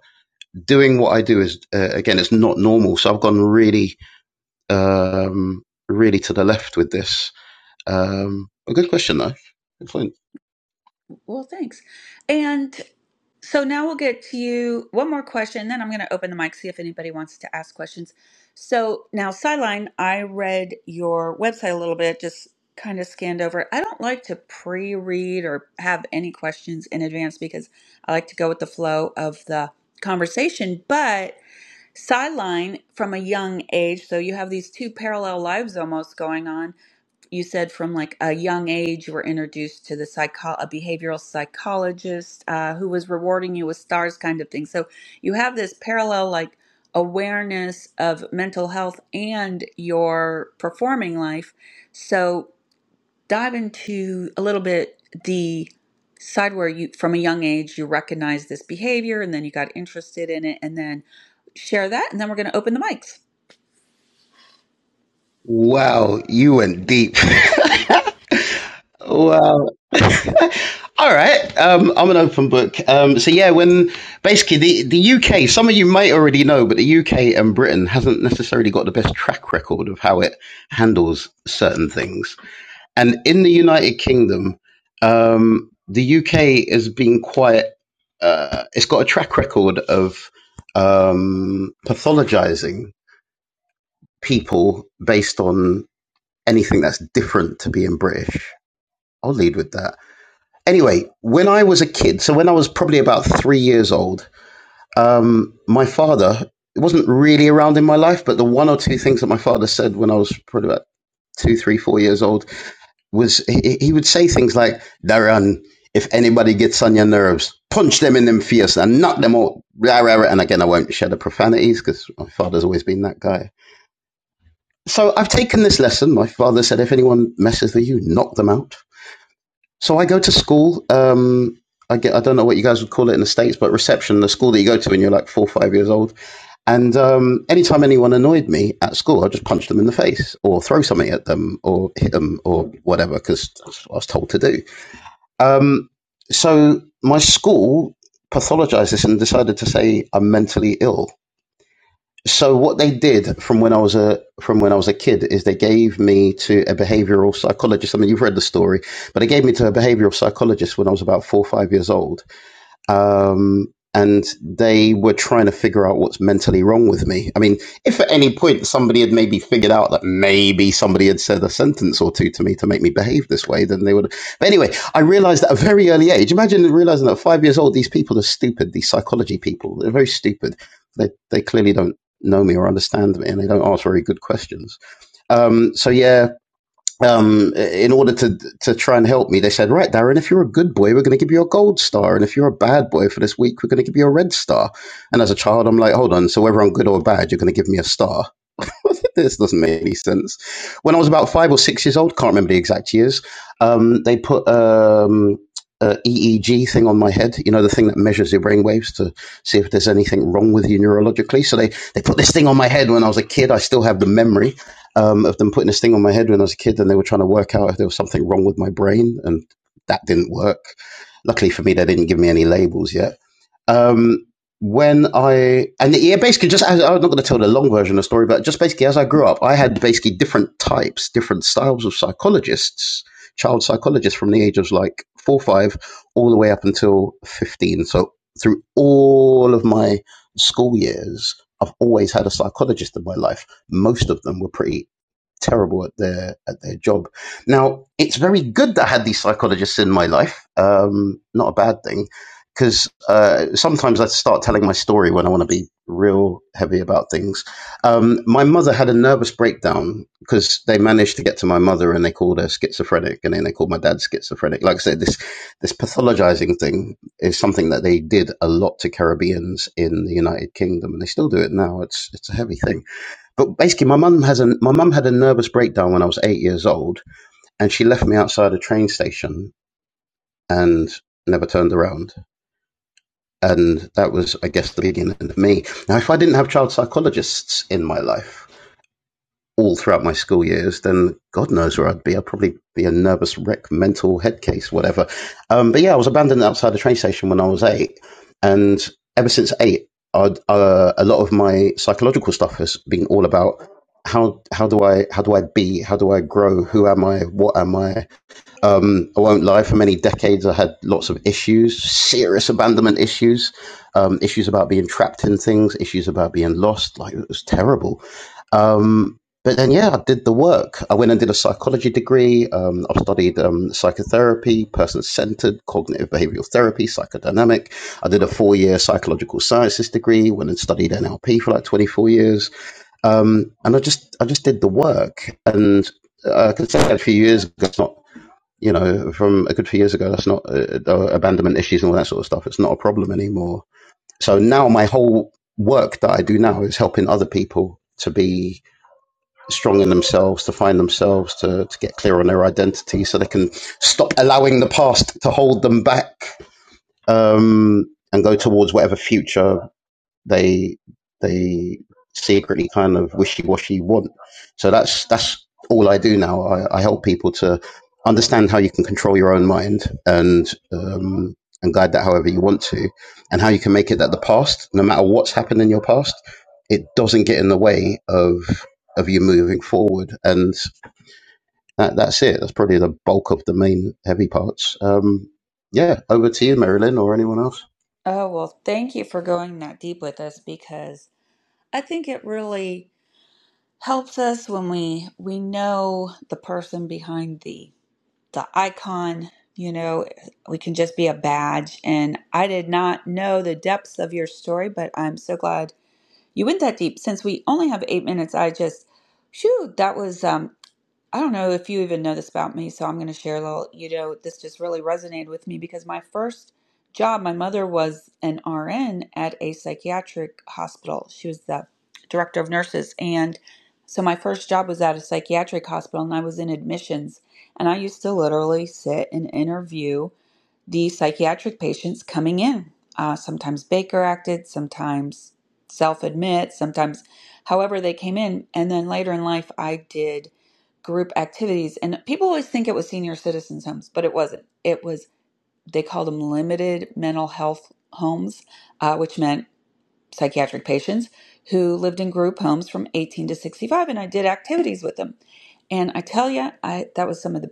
doing what I do is uh, again, it's not normal. So I've gone really, um, really to the left with this. Um, a good question though. Good point. Well, thanks. And so now we'll get to you one more question, then I'm going to open the mic, see if anybody wants to ask questions. So now, Sideline, I read your website a little bit, just kind of scanned over. it. I don't like to pre read or have any questions in advance because I like to go with the flow of the conversation. But Sideline, from a young age, so you have these two parallel lives almost going on you said from like a young age you were introduced to the psycho a behavioral psychologist uh, who was rewarding you with stars kind of thing so you have this parallel like awareness of mental health and your performing life so dive into a little bit the side where you from a young age you recognize this behavior and then you got interested in it and then share that and then we're going to open the mics Wow, you went deep. wow. All right. Um, I'm an open book. Um, so yeah, when basically the, the UK, some of you might already know, but the UK and Britain hasn't necessarily got the best track record of how it handles certain things. And in the United Kingdom, um, the UK has been quite, uh, it's got a track record of um, pathologizing people based on anything that's different to being British. I'll lead with that. Anyway, when I was a kid, so when I was probably about three years old, um, my father, it wasn't really around in my life, but the one or two things that my father said when I was probably about two, three, four years old was he, he would say things like, Darren, if anybody gets on your nerves, punch them in them face and knock them out. Rah, And again, I won't share the profanities because my father's always been that guy. So I've taken this lesson. My father said, if anyone messes with you, knock them out. So I go to school. Um, I get, I don't know what you guys would call it in the States, but reception, the school that you go to when you're like four, or five years old. And um, anytime anyone annoyed me at school, i just punch them in the face or throw something at them or hit them or whatever because that's what I was told to do. Um, so my school pathologized this and decided to say I'm mentally ill. So what they did from when I was a from when I was a kid is they gave me to a behavioral psychologist. I mean, you've read the story, but they gave me to a behavioral psychologist when I was about four or five years old um, and they were trying to figure out what's mentally wrong with me. I mean, if at any point somebody had maybe figured out that maybe somebody had said a sentence or two to me to make me behave this way, then they would. But anyway, I realized at a very early age. Imagine realizing that at five years old, these people are stupid. These psychology people, they're very stupid. They they clearly don't know me or understand me, and they don't ask very good questions. Um, so yeah, um, in order to to try and help me, they said, "Right, Darren, if you're a good boy, we're going to give you a gold star, and if you're a bad boy for this week, we're going to give you a red star." And as a child, I'm like, "Hold on, so whether I'm good or bad, you're going to give me a star." this doesn't make any sense. When I was about five or six years old, can't remember the exact years, um, they put um, a EEG thing on my head. You know, the thing that measures your brain waves to see if there's anything wrong with you neurologically. So they they put this thing on my head when I was a kid. I still have the memory um, of them putting this thing on my head when I was a kid, and they were trying to work out if there was something wrong with my brain, and that didn't work. Luckily for me, they didn't give me any labels yet um, when I and yeah, basically just as I'm not going to tell the long version of the story, but just basically as I grew up, I had basically different types, different styles of psychologists, child psychologists from the age of like four, five, all the way up until fifteen. So through all of my school years, I've always had a psychologist in my life. Most of them were pretty terrible at their at their job. Now, it's very good that I had these psychologists in my life. Um, not a bad thing, because uh, sometimes I start telling my story when I want to be real heavy about things. Um, my mother had a nervous breakdown because they managed to get to my mother and they called her schizophrenic, and then they called my dad schizophrenic. Like I said, this this pathologizing thing is something that they did a lot to Caribbeans in the United Kingdom, and they still do it now. It's it's a heavy thing but basically my mum has a my mum had a nervous breakdown when I was eight years old, and she left me outside a train station and never turned around. And that was, I guess, the beginning of me. Now, if I didn't have child psychologists in my life, all throughout my school years, then God knows where I'd be. I'd probably be a nervous wreck, mental head case, whatever. Um, but yeah, I was abandoned outside a train station when I was eight, and ever since eight, I'd, uh, a lot of my psychological stuff has been all about how how do I how do I be? How do I grow? Who am I? What am I? Um, I won't lie. For many decades, I had lots of issues, serious abandonment issues, um, issues about being trapped in things, issues about being lost. Like it was terrible um, but then, yeah, I did the work. I went and did a psychology degree. Um, I've studied um, psychotherapy, person centered, cognitive behavioral therapy, psychodynamic. I did a four year psychological sciences degree, went and studied NLP for like 24 years. Um, and I just, I just did the work. And uh, I could say that a few years ago, it's not, you know, from a good few years ago, that's not uh, uh, abandonment issues and all that sort of stuff. It's not a problem anymore. So now my whole work that I do now is helping other people to be strong in themselves, to find themselves, to, to get clear on their identity so they can stop allowing the past to hold them back um, and go towards whatever future they they secretly kind of wishy-washy want. So that's that's all I do now. I, I help people to understand how you can control your own mind and um, and guide that however you want to, and how you can make it that the past, no matter what's happened in your past, it doesn't get in the way of of you moving forward. And that, that's it. That's probably the bulk of the main heavy parts. Um, yeah, over to you, Marilyn, or anyone else. oh well thank you for going that deep with us because I think it really helps us when we we know the person behind the the icon. You know, we can just be a badge. And I did not know the depths of your story, but I'm so glad you went that deep. Since we only have eight minutes, I just, shoot, that was. Um, I don't know if you even know this about me, so I'm going to share a little. You know, this just really resonated with me because my first job, my mother was an RN at a psychiatric hospital. She was the director of nurses. And so my first job was at a psychiatric hospital, and I was in admissions. And I used to literally sit and interview the psychiatric patients coming in. Uh, sometimes Baker acted, sometimes self admit, sometimes however they came in. And then later in life, I did group activities. And people always think it was senior citizens' homes, but it wasn't. It was, they called them limited mental health homes, uh, which meant psychiatric patients who lived in group homes from 18 to 65. And I did activities with them. And I tell you, I that was some of the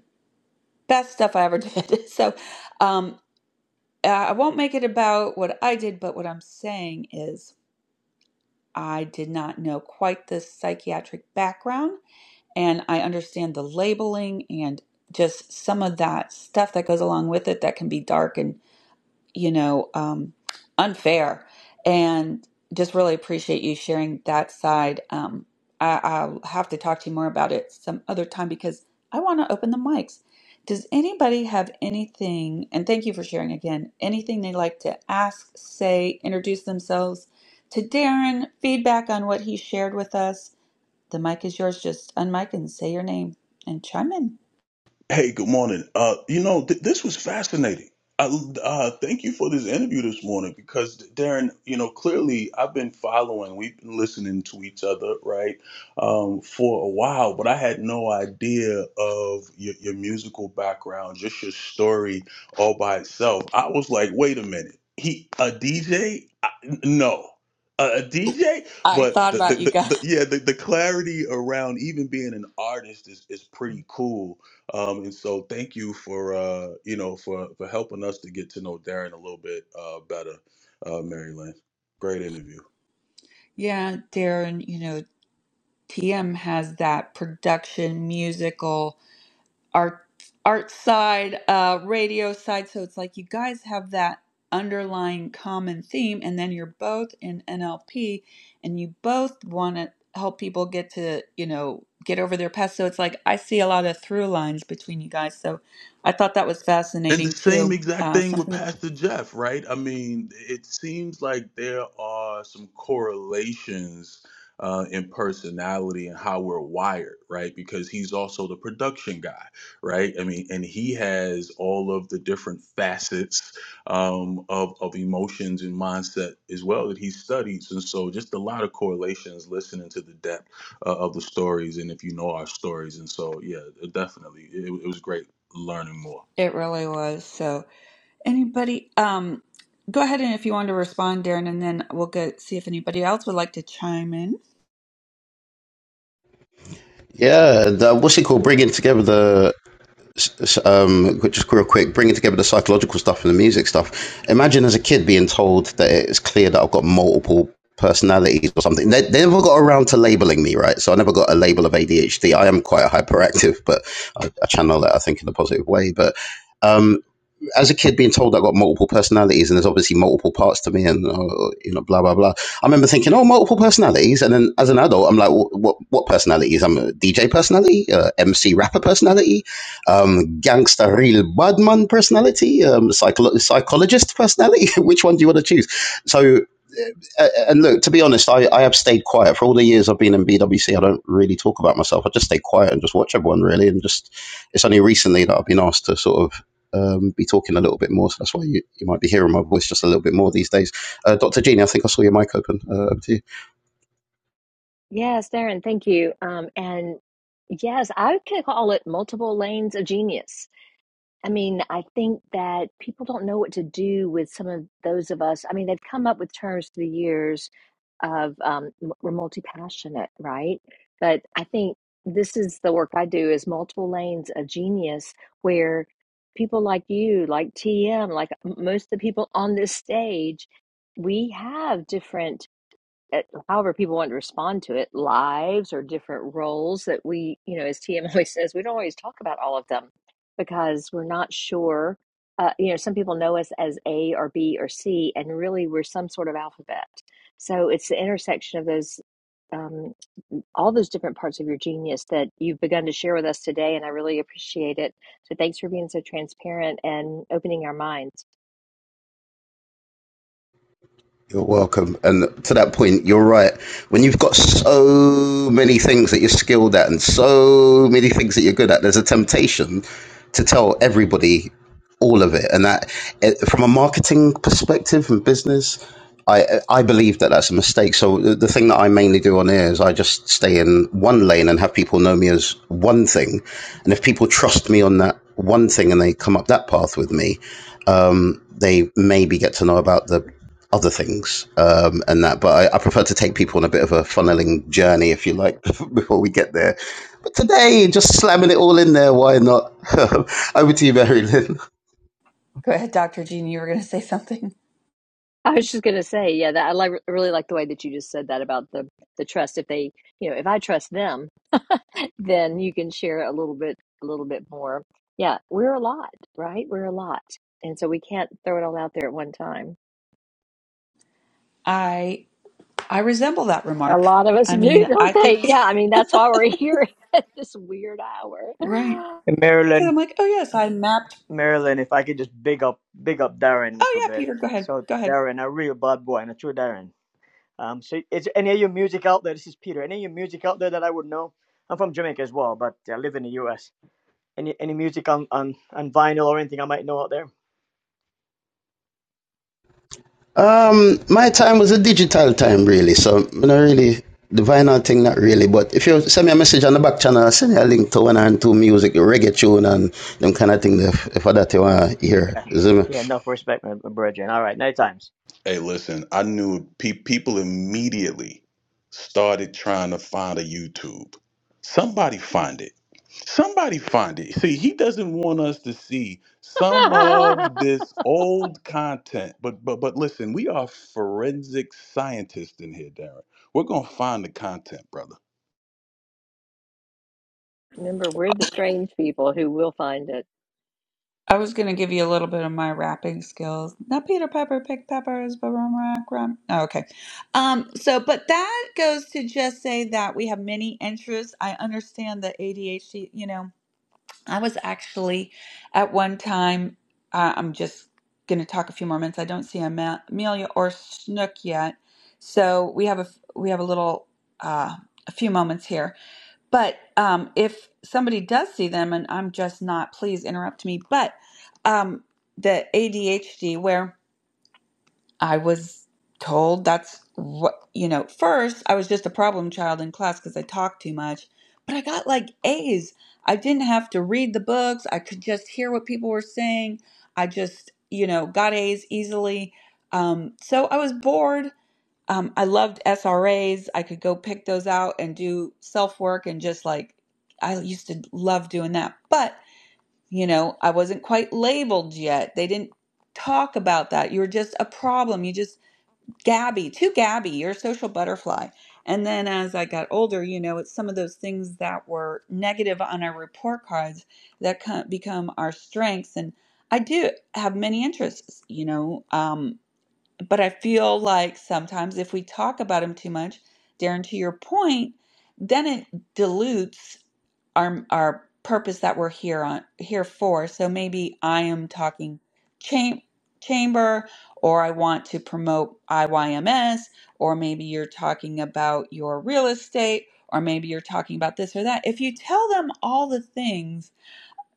best stuff I ever did. So, um, uh, I won't make it about what I did, but what I'm saying is I did not know quite the psychiatric background, and I understand the labeling and just some of that stuff that goes along with it that can be dark and you know, um, unfair. And just really appreciate you sharing that side. Um, I, I'll have to talk to you more about it some other time because I want to open the mics. Does anybody have anything, and thank you for sharing again, anything they'd like to ask, say, introduce themselves to Darren, feedback on what he shared with us? The mic is yours. Just unmic and say your name and chime in. Hey, good morning. Uh, you know, th- this was fascinating. I, uh, thank you for this interview this morning because Darren, you know, clearly I've been following, we've been listening to each other, right, um, for a while, but I had no idea of your, your musical background, just your story all by. itself. I was like, wait a minute, a DJ? N- No, a DJ, I but thought the, the, about you the, the guys. yeah the, the clarity around even being an artist is, is pretty cool. Um, and so thank you for uh, you know for for helping us to get to know Darren a little bit uh, better, uh, Mary Lynn. Great interview. Yeah, Darren, you know, TM has that production, musical, art, art side, uh, radio side. So it's like you guys have that underlying common theme, and then you're both in NLP, and you both want to help people get to you know get over their past. So it's like I see a lot of through lines between you guys. So I thought that was And the fascinating same too. exact Uh, thing with something Pastor Jeff, right? I mean, it seems like there are some correlations uh, in personality and how we're wired, right? Because he's also the production guy, right? I mean, and he has all of the different facets um, of, of emotions and mindset as well that he studies. And so, just a lot of correlations listening to the depth uh, of the stories and if you know our stories. And so, yeah, definitely, it, it was great learning more. it really was. So. Anybody, um, go ahead and if you want to respond, Darren, and then we'll go see if anybody else would like to chime in. Yeah, the, what's it called? Bringing together the. um, just real quick, bringing together the psychological stuff and the music stuff. Imagine as a kid being told that it's clear that I've got multiple personalities or something. They, they never got around to labeling me, right? So I never got a label of ADHD. I am quite hyperactive, but I, I channel that, I think, in a positive way. But um, as a kid being told I got multiple personalities and there's obviously multiple parts to me and uh, you know blah blah blah. I remember thinking, oh, multiple personalities, and then as an adult, I'm like, what what personalities? I'm a DJ personality, uh, MC rapper personality, um, gangster real badman personality, um, psycholo- psychologist personality. Which one do you want to choose? So. uh, uh, And look, to be honest, I, I have stayed quiet for all the years I've been in BWC. I don't really talk about myself. I just stay quiet and just watch everyone really, and just it's only recently that I've been asked to sort of um, be talking a little bit more. So that's why you, you might be hearing my voice just a little bit more these days. Uh, Dr. Jeannie, I think I saw your mic open. Uh, over to you. Yes, Darren, thank you. Um, and yes, I could call it multiple lanes of genius. I mean, I think that people don't know what to do with some of those of us. I mean, they've come up with terms through the years of um, m- we're multi passionate, right? But I think this is the work I do is multiple lanes of genius, where people like you, like TM, like m- most of the people on this stage, we have different at however people want to respond to it lives or different roles that we you know as tm always says we don't always talk about all of them because we're not sure uh, you know some people know us as a or b or c and really we're some sort of alphabet so it's the intersection of those um, all those different parts of your genius that you've begun to share with us today and i really appreciate it so thanks for being so transparent and opening our minds You're welcome. And to that point, you're right. When you've got so many things that you're skilled at and so many things that you're good at, there's a temptation to tell everybody all of it. And that, eh, from a marketing perspective and business, I I believe that that's a mistake. So the the thing that I mainly do on here is I just stay in one lane and have people know me as one thing, and if people trust me on that one thing and they come up that path with me, um, they maybe get to know about the other things um, and that. But I, I prefer to take people on a bit of a funneling journey, if you like, before we get there. But today, just slamming it all in there, why not? Over to you, Mary Lynn. Go ahead, Dr. Jean, you were going to say something. I was just gonna say, yeah, that I like really like the way that you just said that about the the trust. If they, you know, if I trust them, then you can share a little bit, a little bit more. Yeah, we're a lot, right? We're a lot, and so we can't throw it all out there at one time. I I resemble that A remark. lot of us I do, mean, I don't think they? Yeah, I mean that's why we're here at this weird hour. right And because Marilyn, I'm like, oh yes, I mapped. Marilyn, if I could just big up, big up Darren a Oh little yeah, bit. Peter, go ahead, So go ahead. Darren, a real bad boy and a true Darren. Um, so is any of your music out there? This is Peter. Any of your music out there that I would know? I'm from Jamaica as well, but I live in the U.S. Any any music on, on, on vinyl or anything I might know out there? Um, my time was a digital time, really. So, you know, really, the vinyl thing, not really. But if you send me a message on the back channel, send you a link to one and two music, reggae tune, and them kind of thing, if, if I that you want to hear. Yeah, enough respect, my brethren. All right, night times. Hey, listen, I knew pe- people immediately started trying to find a YouTube. Somebody find it. Somebody find it. See, he doesn't want us to see some of this old content. But but but listen, we are forensic scientists in here, Darren. We're gonna find the content, brother. Remember, we're the strange people who will find it. I was going to give you a little bit of my rapping skills. Not Peter Pepper, pick peppers, but rum, rock, rum. Oh, okay. Um, so, but that goes to just say that we have many interests. I understand the ADHD, you know, I was actually at one time, uh, I'm just going to talk a few more minutes. I don't see Ama- Amelia or Snook yet. So we have a, f- we have a little, uh, a few moments here. But um, if somebody does see them and I'm just not, please interrupt me. But um, the ADHD, where I was told that's what, you know, first I was just a problem child in class because I talked too much, but I got like A's. I didn't have to read the books, I could just hear what people were saying. I just, you know, got A's easily. Um, so I was bored. Um, I loved SRAs. I could go pick those out and do self work and just like, I used to love doing that. But, you know, I wasn't quite labeled yet. They didn't talk about that. You were just a problem. You just Gabby, to Gabby, your social butterfly. And then as I got older, you know, it's some of those things that were negative on our report cards that become our strengths. And I do have many interests, you know. um, but I feel like sometimes if we talk about them too much, Darren, to your point, then it dilutes our our purpose that we're here on here for. So maybe I am talking cham- chamber, or I want to promote IYMS, or maybe you're talking about your real estate, or maybe you're talking about this or that. If you tell them all the things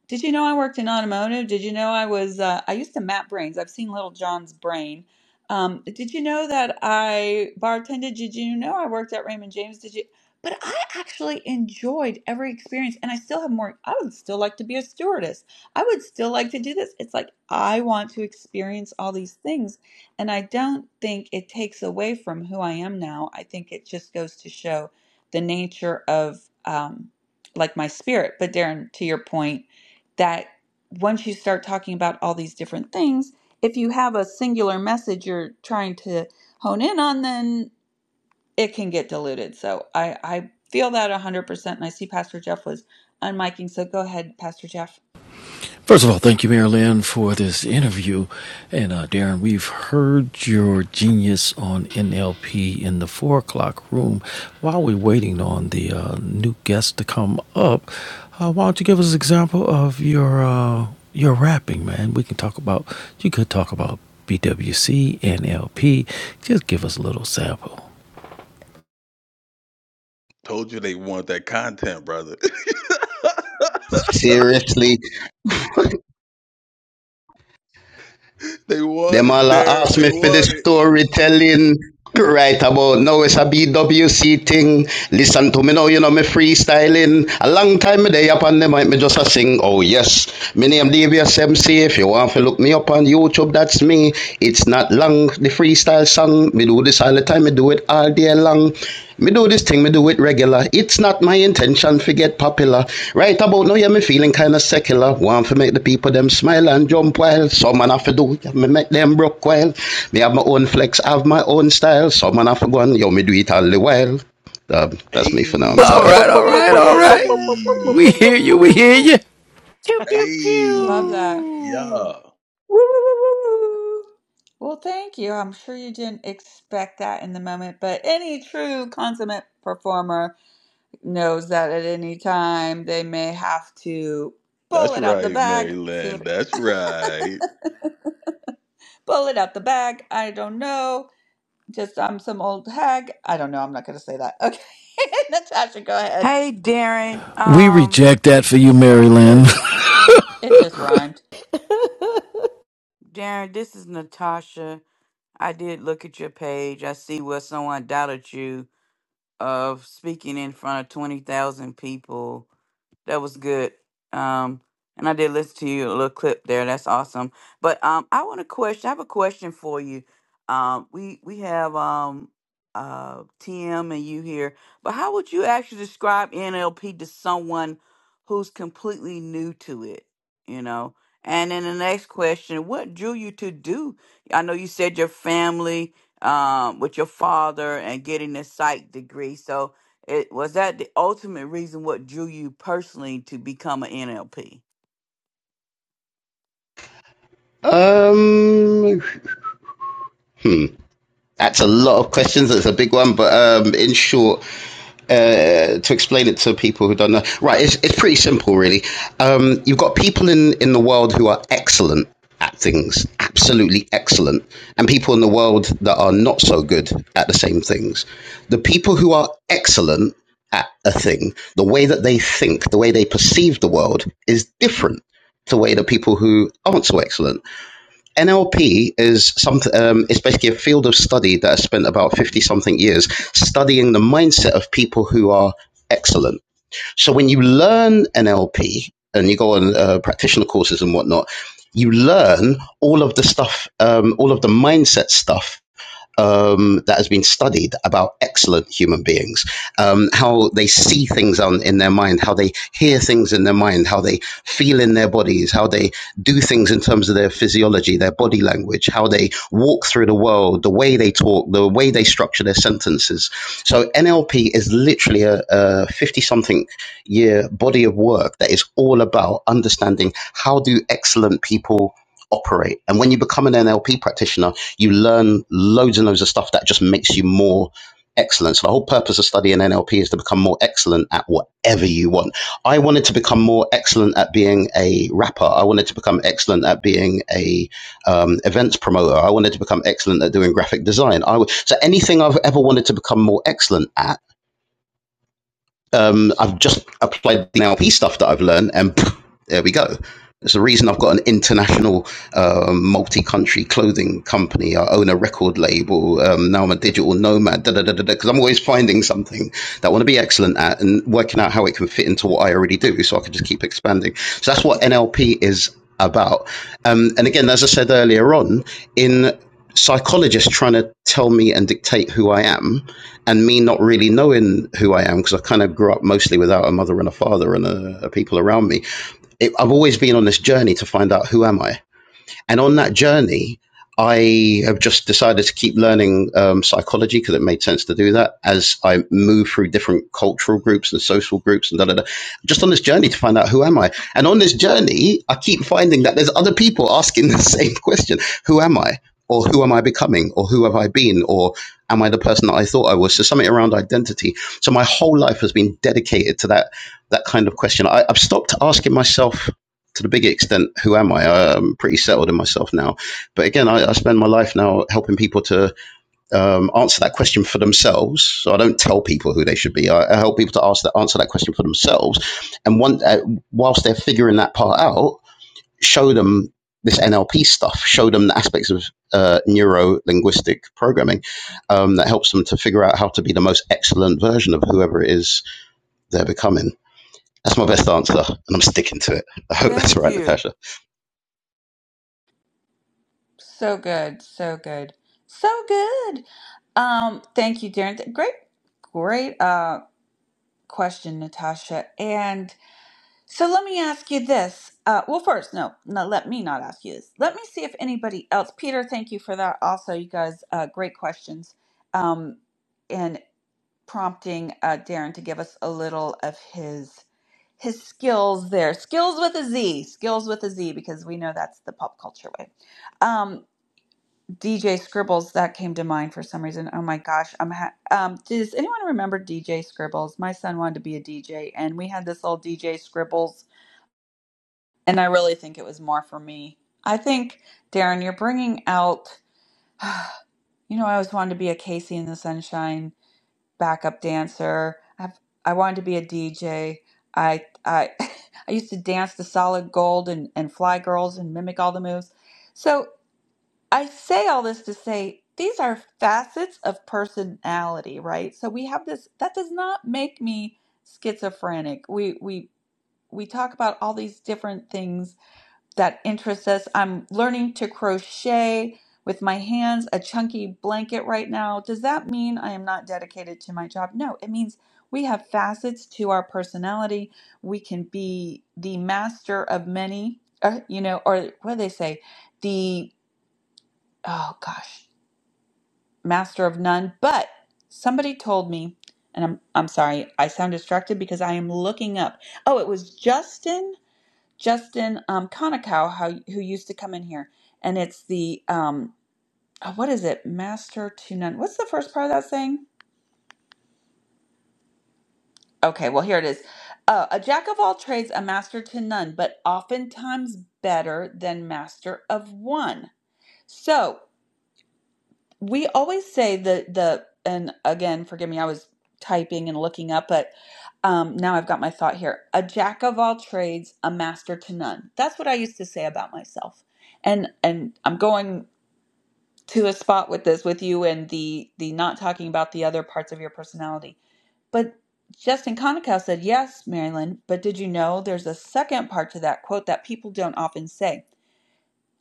did you know I worked in automotive? Did you know I was, uh, I used to map brains. I've seen Little John's brain. Um, did you know that I bartended? Did you know I worked at Raymond James? Did you? But I actually enjoyed every experience and I still have more. I would still like to be a stewardess. I would still like to do this. It's like I want to experience all these things. And I don't think it takes away from who I am now. I think it just goes to show the nature of um, like my spirit. But Darren, to your point, that once you start talking about all these different things, if you have a singular message you're trying to hone in on, then it can get diluted. So I, I feel that 100%. And I see Pastor Jeff was unmiking. So go ahead, Pastor Jeff. First of all, thank you, Mary Lynn, for this interview. And uh, Darren, we've heard your genius on NLP in the four o'clock room. While we're waiting on the uh, new guest to come up, uh, why don't you give us an example of your uh, your rapping, man? We can talk about. You could talk about BWC, NLP. Just give us a little sample. Told you they want that content, brother. Seriously. they want Them it, all a Darren. ask They me for the want it. storytelling. Right about now, it's a BWC thing. Listen to me now, you know me freestyling. A long time me day up on the mic, me just a sing. Oh yes, my name Davies MC. If you want to look me up on YouTube, that's me. It's not long. The freestyle song, me do this all the time. Me do it all day long. Me do this thing, me do it regular. It's not my intention to get popular. Right about now, yeah, me feeling kinda secular. Want to make the people them smile and jump while. Some man have to do, yeah, me make them broke while. Me have my own flex, have my own style. Some man have to go on, yo, me do it all the while. Um, that's me for now, I'm Boop. All tired. right, Pew, all Hey, pew, right, all pew, right. pew, hey. We hear you. We pew. hear you. Pew pew Love Hey, that. pew. yeah, woo, woo, woo, woo, woo, woo. Well, thank you. I'm sure you didn't expect that in the moment, but any true consummate performer knows that at any time they may have to pull that's it out the right, bag. See what Maryland. That's right. pull it out the bag. I don't know. Just I'm some old hag. I don't know. I'm not gonna say that. Okay, Natasha, go ahead. Hey, Darren. We Um, reject that for you, Mary so good. Lynn. Uh oh, It just rhymed. Darren. This is Natasha. I did look at your page. I see where someone doubted you of speaking in front of twenty thousand people. That was good. Um, and I did listen to you a little clip there. That's awesome. But um, I want to question. I have a question for you. Um, we we have um, uh, TM and you here, but how would you actually describe NLP to someone who's completely new to it? You know. And then the next question: What drew you to do? I know you said your family um, with your father and getting this psych degree. So, it, was that the ultimate reason what drew you personally to become an NLP? Um, that's a lot of questions. It's a big one, but um, in short, uh, to explain it to people who don't know. Right, it's, it's pretty simple, really. Um, you've got people in, in the world who are excellent at things, absolutely excellent, and people in the world that are not so good at the same things. The people who are excellent at a thing, the way that they think, the way they perceive the world is different to the way that people who aren't so excellent NLP is something. Um, it's basically a field of study that has spent about fifty something years studying the mindset of people who are excellent. So when you learn NLP and you go on uh, practitioner courses and whatnot, you learn all of the stuff, um, all of the mindset stuff um, that has been studied about excellent human beings, um, how they see things on, in their mind, how they hear things in their mind, how they feel in their bodies, how they do things in terms of their physiology, their body language, how they walk through the world, the way they talk, the way they structure their sentences. So NLP is literally a 50 something year body of work that is all about understanding how do excellent people operate. And when you become an NLP practitioner, you learn loads and loads of stuff that just makes you more excellent. So the whole purpose of studying NLP is to become more excellent at whatever you want. I wanted to become more excellent at being a rapper. I wanted to become excellent at being a um, events promoter. I wanted to become excellent at doing graphic design. I w- so anything I've ever wanted to become more excellent at um, I've just applied the NLP stuff that I've learned, and pff, there we go. It's the reason I've got an international, um multi-country clothing company. I own a record label. Um, now I'm a digital nomad. Because I'm always finding something that I want to be excellent at and working out how it can fit into what I already do, so I can just keep expanding. So that's what NLP is about. Um, and again, as I said earlier on, in psychologists trying to tell me and dictate who I am, and me not really knowing who I am because I kind of grew up mostly without a mother and a father and uh people around me. It, I've always been on this journey to find out who am I and on that journey, I have just decided to keep learning um, psychology because it made sense to do that as I move through different cultural groups and social groups and da da da. Just on this journey to find out who am I. And on this journey, I keep finding that there's other people asking the same question: Who am I? Or who am I becoming? Or who have I been? Or am I the person that I thought I was? So something around identity. So my whole life has been dedicated to that that kind of question. I, I've stopped asking myself to the big extent, who am I? I- am pretty settled in myself now. But again, I, I spend my life now helping people to um, answer that question for themselves. So I don't tell people who they should be. I, I help people to ask that, answer that question for themselves. And one, uh, whilst they're figuring that part out, show them this NLP stuff, show them the aspects of uh, neuro linguistic programming um, that helps them to figure out how to be the most excellent version of whoever it is they're becoming. That's my best answer, and I'm sticking to it. I hope that's Thank right, you. Natasha. So good, so good, so good. Um, thank you, Darren. Great, great uh question, Natasha. and. So let me ask you this. Uh, well, first, no, no, let me not ask you this. Let me see if anybody else. Peter, thank you for that. Also, you guys, uh, great questions, um, and prompting uh, Darren to give us a little of his his skills there. Skills with a Z. Skills with a Z, because we know that's the pop culture way. Um, DJ Scribbles that came to mind for some reason. Oh my gosh, I'm. Ha- um, does anyone remember DJ Scribbles? My son wanted to be a DJ, and we had this old DJ Scribbles and I really think it was more for me. I think, Darren, you're bringing out, you know, I always wanted to be a Casey in the Sunshine backup dancer. I've, I wanted to be a DJ. I, I, I used to dance to Solid Gold and, and Fly Girls and mimic all the moves. So I say all this to say these are facets of personality, right? So we have this, that does not make me schizophrenic. We, we, we talk about all these different things that interests us. I'm learning to crochet with my hands, a chunky blanket right now. Does that mean I am not dedicated to my job? No, it means we have facets to our personality. We can be the master of many, uh, you know, or what do they say? The, oh gosh, master of none. But somebody told me, and I'm, I'm sorry, I sound distracted because I am looking up. Oh, it was Justin Justin um, Konikow, how who used to come in here, and it's the um, oh, what is it, master to none? What's the first part of that saying? Okay, well here it is: uh, a jack of all trades, a master to none, but oftentimes better than master of one. So we always say the the and again, forgive me, I was typing and looking up, but um, now I've got my thought here: a jack of all trades, a master to none. That's what I used to say about myself and and I'm going to a spot with this with you and the the not talking about the other parts of your personality. But Justin Konikow said, "Yes, Marilyn, but did you know there's a second part to that quote that people don't often say?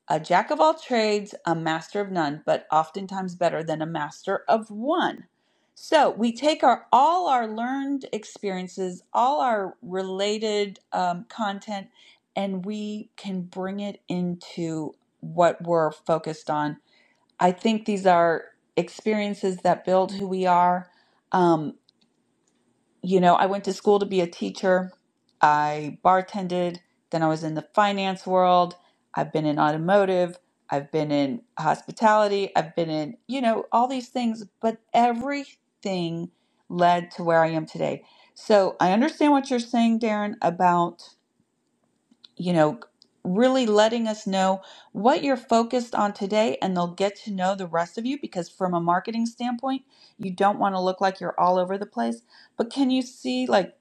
A jack of all trades, a master of none, but oftentimes better than a master of one." So we take our all our learned experiences, all our related um, content, and we can bring it into what we're focused on I think these are experiences that build who we are. Um, you know, I went to school to be a teacher. I bartended. Then I was in the finance world. I've been in automotive. I've been in hospitality. I've been in, you know, all these things, but everything led to where I am today. So I understand what you're saying, Darren, about you know, really letting us know what you're focused on today, and they'll get to know the rest of you because, from a marketing standpoint, you don't want to look like you're all over the place. But can you see, like,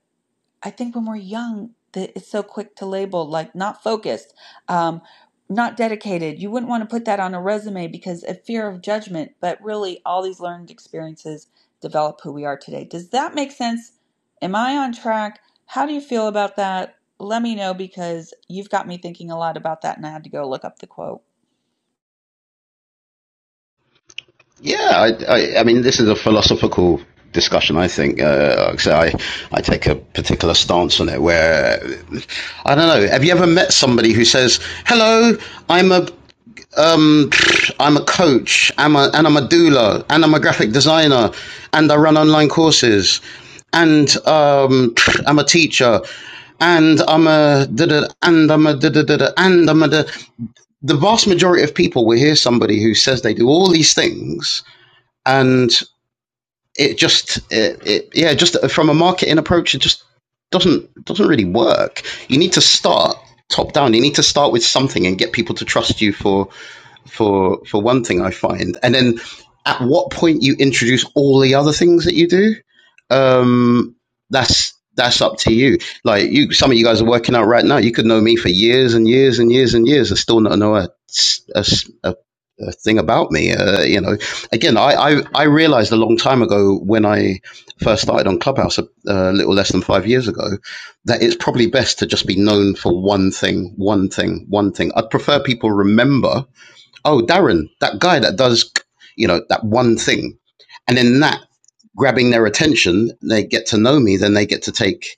I think when we're young, that it's so quick to label like not focused, um, not dedicated. You wouldn't want to put that on a resume because of fear of judgment. But really, all these learned experiences develop who we are today. Does that make sense? Am I on track? How do you feel about that? Let me know because you've got me thinking a lot about that, and I had to go look up the quote. Yeah, I, I, I mean, this is a philosophical discussion. I think, uh, so I, I take a particular stance on it. Where I don't know. Have you ever met somebody who says, "Hello, I'm a um, I'm a coach, I'm a, and I'm a doula, and I'm a graphic designer, and I run online courses, and um, I'm a teacher, and I'm a da-da, and I'm a da-da-da-da, and I'm a da. The vast majority of people will hear somebody who says they do all these things, and it just it, it yeah just from a marketing approach it just doesn't doesn't really work you need to start top down you need to start with something and get people to trust you for for for one thing i find and then at what point you introduce all the other things that you do um, that's that's up to you. Like you, some of you guys are working out right now. You could know me for years and years and years and years and still not know a, a, a, a thing about me. Uh, you know, again, I, I I realized a long time ago when I first started on Clubhouse a, a little less than five years ago that it's probably best to just be known for one thing, one thing, one thing. I'd prefer people remember, oh, Darren, that guy that does, you know, that one thing and then that grabbing their attention they get to know me then they get to take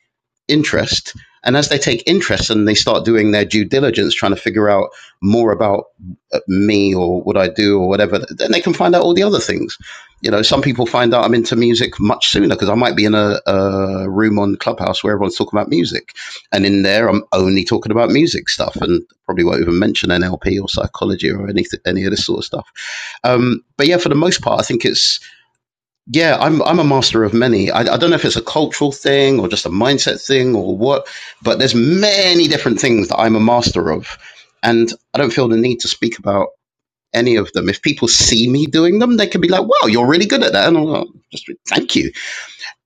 interest and as they take interest and they start doing their due diligence trying to figure out more about uh, me or what i do or whatever then they can find out all the other things you know some people find out i'm into music much sooner because i might be in a, a room on clubhouse where everyone's talking about music and in there i'm only talking about music stuff and probably won't even mention nlp or psychology or anything any of this sort of stuff um, but yeah, for the most part, I think it's yeah, I'm I'm a master of many. I, I don't know if it's a cultural thing or just a mindset thing or what, but there's many different things that I'm a master of, and I don't feel the need to speak about any of them. If people see me doing them, they can be like, "Wow, you're really good at that," and I'm like, "Thank you,"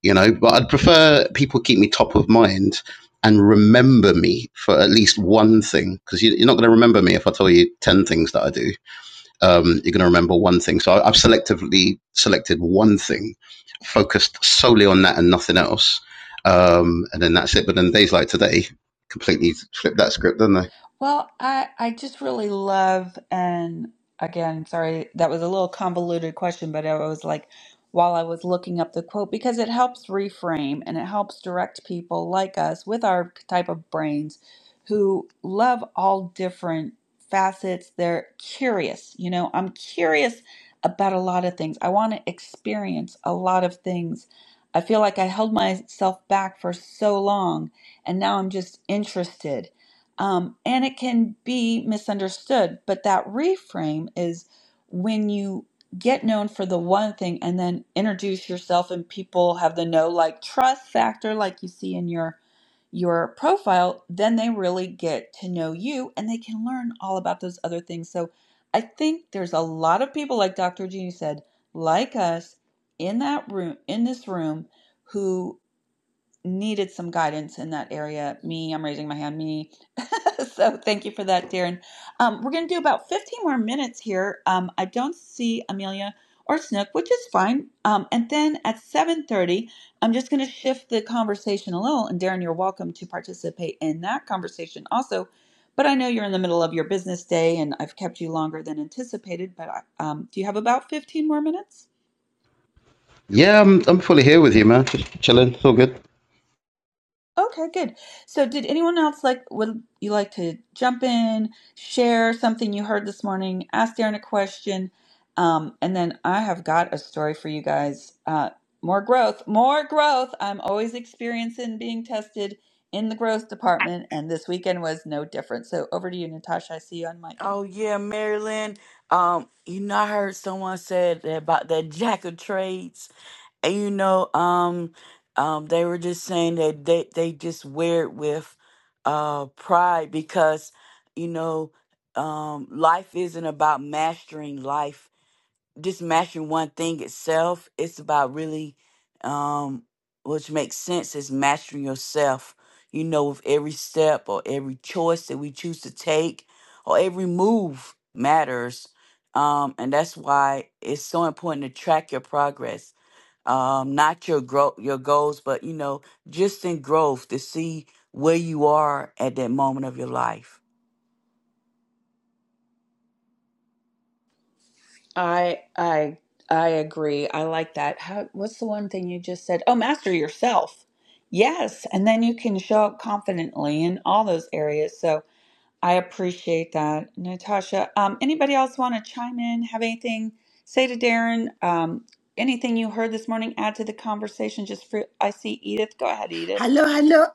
you know. But I'd prefer people keep me top of mind and remember me for at least one thing because you, you're not going to remember me if I tell you ten things that I do um, you're going to remember one thing. So I- have selectively selected one thing, focused solely on that and nothing else, um, and then that's it. But then days like today, completely flipped that script, didn't they? Well, I I just really love and again, sorry, that was a little convoluted question, but I was like while I was looking up the quote because it helps reframe and it helps direct people like us with our type of brains who love all different facets. They're curious, you know, I'm curious about a lot of things. I want to experience a lot of things. I feel like I held myself back for so long and now I'm just interested um, and it can be misunderstood, but that reframe is when you get known for the one thing and then introduce yourself and people have the know like trust factor like you see in your your profile, then they really get to know you and they can learn all about those other things. So I think there's a lot of people like Dr. Jeannie said, like us in that room in this room who needed some guidance in that area. Me, I'm raising my hand, me. so thank you for that, Darren. Um, we're going to do about 15 more minutes here. Um, I don't see Amelia or Snook, which is fine. Um, and then at 7.30, I'm just going to shift the conversation a little. And Darren, you're welcome to participate in that conversation also. But I know you're in the middle of your business day and I've kept you longer than anticipated. But um, do you have about 15 more minutes? Yeah, I'm I'm fully here with you, man. Just chilling, it's all good. Okay, good. So, did anyone else like would you like to jump in, share something you heard this morning, ask Darren a question, um, and then I have got a story for you guys. Uh, more growth, more growth. I'm always experiencing being tested in the growth department, and this weekend was no different. So, over to you, Natasha. I see you on miking. Oh yeah, Marilyn. Um, you know, I heard someone said that about that jack of trades, and you know, um, um, they were just saying that they they just wear it with uh pride because you know, um, life isn't about mastering life just mastering one thing itself. It's about really, um, which makes sense is mastering yourself. You know, with every step or every choice that we choose to take or every move matters. Um, and that's why it's so important to track your progress. Um, not your growth, your goals, but you know, just in growth to see where you are at that moment of your life. I I I agree. I like that. How, what's the one thing you just said? Oh, master yourself. Yes, and then you can show up confidently in all those areas. So I appreciate that, Natasha. Um, anybody else want to chime in? Have anything say to Darren? Um, anything you heard this morning? Add to the conversation. Just for I see Edith. Go ahead, Edith. Hello, hello.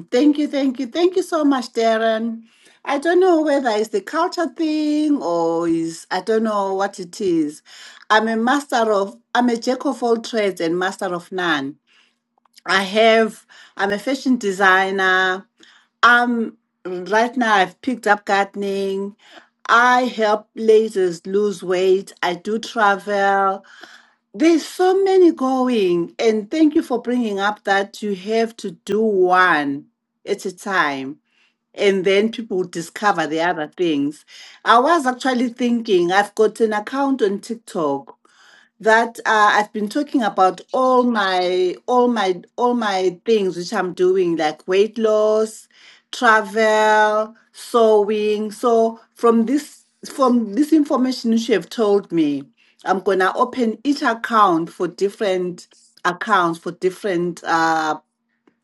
thank you, thank you, thank you so much, Darren. I don't know whether it's the culture thing or is I don't know what it is. I'm a master of I'm a jack of all trades and master of none. I have I'm a fashion designer. I'm right now I've picked up gardening. I help ladies lose weight. I do travel. There's so many going, and thank you for bringing up that you have to do one at a time, and then people discover the other things. I was actually thinking I've got an account on TikTok that uh, I've been talking about all my all my all my things which I'm doing like weight loss, travel, sewing. So from this from this information which you have told me, I'm gonna open each account for different accounts for different uh,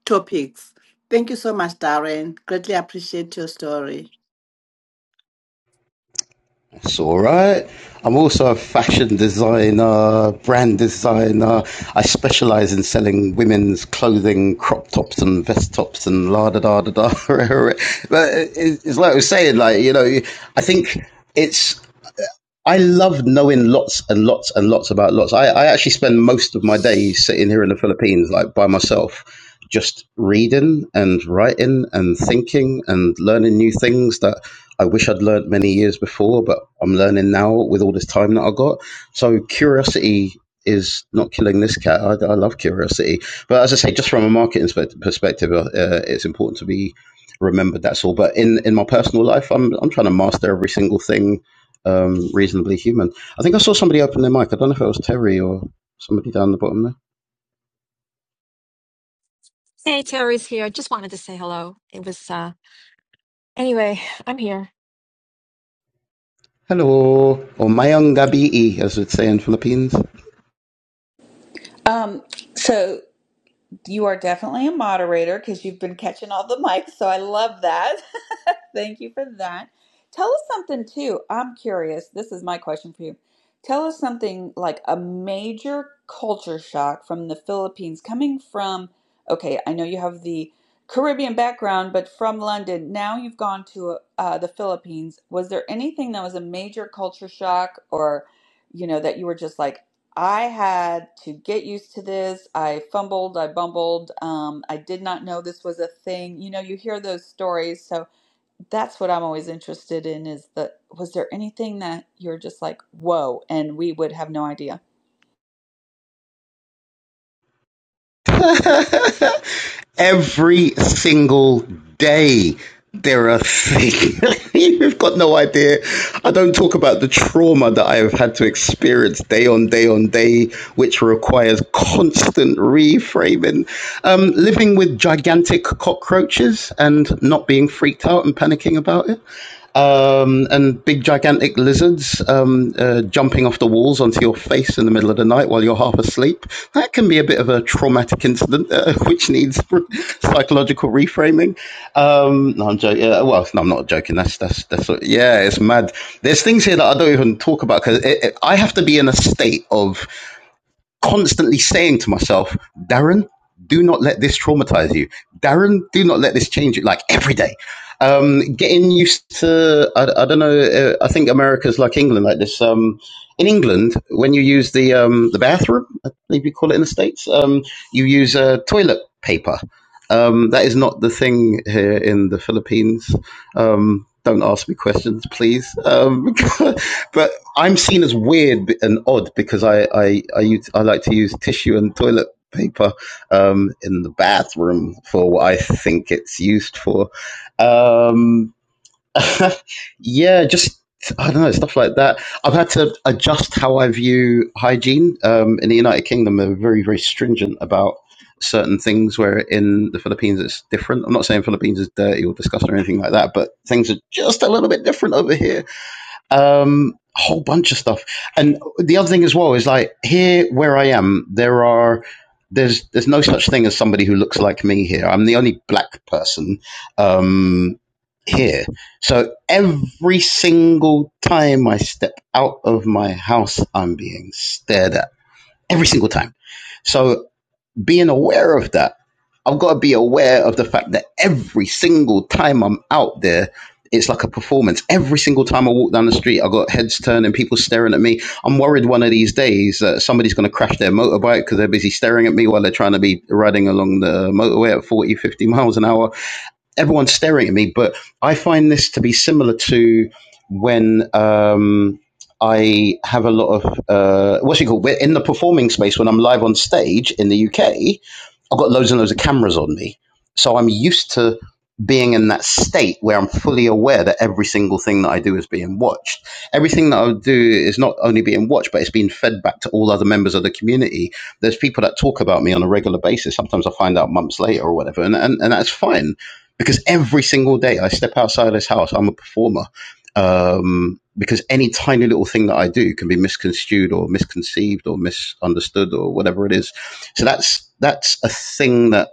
topics. Thank you so much, Darren. Greatly appreciate your story. It's all right. I'm also a fashion designer, brand designer. I specialize in selling women's clothing, crop tops and vest tops and la da da da da. but it's like I was saying, like you know, I think it's I love knowing lots and lots and lots about lots. I, I actually spend most of my days sitting here in the Philippines, like by myself, just reading and writing and thinking and learning new things that I wish I'd learned many years before, but I'm learning now with all this time that I got. So curiosity is not killing this cat. I, I love curiosity, but as I say, just from a marketing perspective, uh, it's important to be remembered. That's all. But in in my personal life, I'm I'm trying to master every single thing um, reasonably human. I think I saw somebody open their mic. I don't know if it was Terry or somebody down the bottom there. Hey, Terry's here. Just wanted to say hello. It was, uh, anyway, I'm here. Hello, or Mayong Gabii, as it's saying in Philippines. Um, so. You are definitely a moderator because you've been catching all the mics, so I love that. Thank you for that. Tell us something too. I'm curious. This is my question for you. Tell us something like a major culture shock from the Philippines coming from, okay, I know you have the Caribbean background, but from London. Now you've gone to uh, the Philippines. Was there anything that was a major culture shock or, you know, that you were just like, I had to get used to this. I fumbled, I bumbled. Um, I did not know this was a thing. You know, you hear those stories, so that's what I'm always interested in is the was there anything that you're just like, "Whoa," and we would have no idea. Every single day there are things you've got no idea. I don't talk about the trauma that I have had to experience day on day on day, which requires constant reframing. Um, living with gigantic cockroaches and not being freaked out and panicking about it um, and big gigantic lizards um, uh, jumping off the walls onto your face in the middle of the night while you're half asleep. That can be a bit of a traumatic incident, uh, which needs psychological reframing. Um, no, I'm joking. Uh, well, no, I'm not joking. That's that's that's what, yeah, it's mad. There's things here that I don't even talk about because I have to be in a state of constantly saying to myself, Darren, do not let this traumatize you. Darren, do not let this change you. Like every day, um, getting used to. I, I don't know. Uh, I think America's like England, like this. Um, in England, when you use the um, the bathroom, I believe you call it in the states, um, you use uh, toilet paper. Um, that is not the thing here in the Philippines. Um, don't ask me questions, please. Um, but I'm seen as weird and odd because I I I, use, I like to use tissue and toilet paper um, in the bathroom for what I think it's used for. Um, yeah, just I don't know stuff like that. I've had to adjust how I view hygiene um, in the United Kingdom. They're very very stringent about certain things where in the philippines it's different i'm not saying philippines is dirty or disgusting or anything like that but things are just a little bit different over here um a whole bunch of stuff and the other thing as well is like here where i am there are there's there's no such thing as somebody who looks like me here i'm the only black person um here so every single time i step out of my house i'm being stared at every single time so being aware of that. I've got to be aware of the fact that every single time I'm out there, it's like a performance. Every single time I walk down the street, I have got heads turning, people staring at me. I'm worried one of these days that uh, somebody's going to crash their motorbike because they're busy staring at me while they're trying to be riding along the motorway at 40, 50 miles an hour everyone's staring at me, but I find this to be similar to when um, I have a lot of uh, what's it called? We're in the performing space when I'm live on stage in the UK. I've got loads and loads of cameras on me, so I'm used to being in that state where I'm fully aware that every single thing that I do is being watched. Everything that I do is not only being watched, but it's being fed back to all other members of the community. There's people that talk about me on a regular basis. Sometimes I find out months later or whatever, and, and, and that's fine because every single day I step outside of this house, I'm a performer. Um, because any tiny little thing that I do can be misconstrued or misconceived or misunderstood or whatever it is. So that's that's a thing that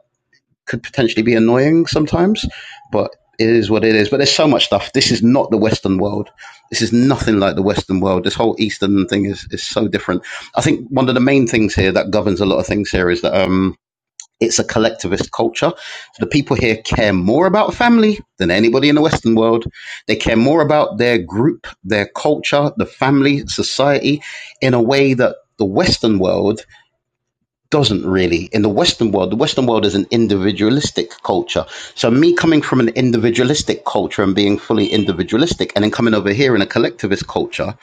could potentially be annoying sometimes, but it is what it is. But there's so much stuff. This is not the Western world. This is nothing like the Western world. This whole Eastern thing is, is so different. I think one of the main things here that governs a lot of things here is that um, it's a collectivist culture. So The people here care more about family than anybody in the Western world. They care more about their group, their culture, the family, society, in a way that the Western world doesn't really. In the Western world, the Western world is an individualistic culture. So, me coming from an individualistic culture and being fully individualistic, and then coming over here in a collectivist culture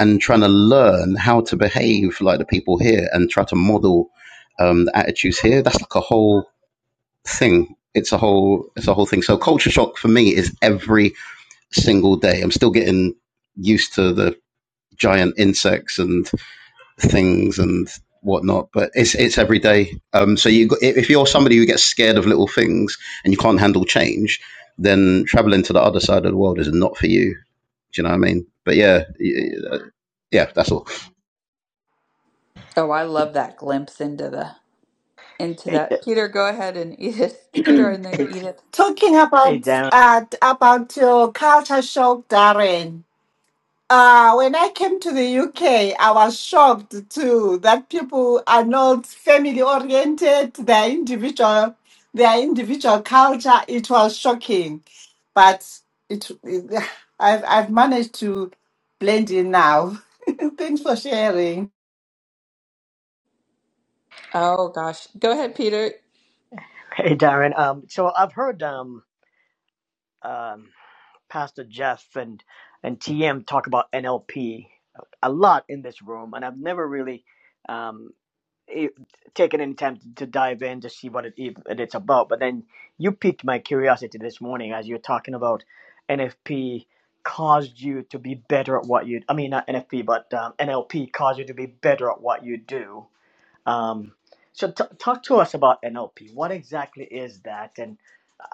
and trying to learn how to behave like the people here and try to model um, the attitudes here, that's like a whole thing. It's a whole it's a whole thing. So culture shock for me is every single day. I'm still getting used to the giant insects and things and whatnot, but it's it's every day. Um, so you if you're somebody who gets scared of little things and you can't handle change, then traveling to the other side of the world is not for you. Do you know what I mean? But yeah, yeah, that's all. Oh, I love that glimpse into the into Hey, that. Peter, go ahead and Edith. Peter and then hey, Edith. Talking hey, about Darren. uh, about your culture shock, Darren. Uh, when I came to the UK, I was shocked too that people are not family oriented, their individual, their individual culture. It was shocking, but it, it I've, I've managed to blend in now. Thanks for sharing. Oh gosh. Go ahead, Peter. Hey, Darren. Um, so I've heard um, um, Pastor Jeff and and TM talk about NLP a lot in this room, and I've never really. um. eh, taken any time to, to dive in to see what it, ev- it's about. But then you piqued my curiosity this morning as you're talking about NFP caused you to be better at what you. I mean, not NFP, but um, NLP caused you to be better at what you do. Um, so t- talk to us about NLP. What exactly is that? And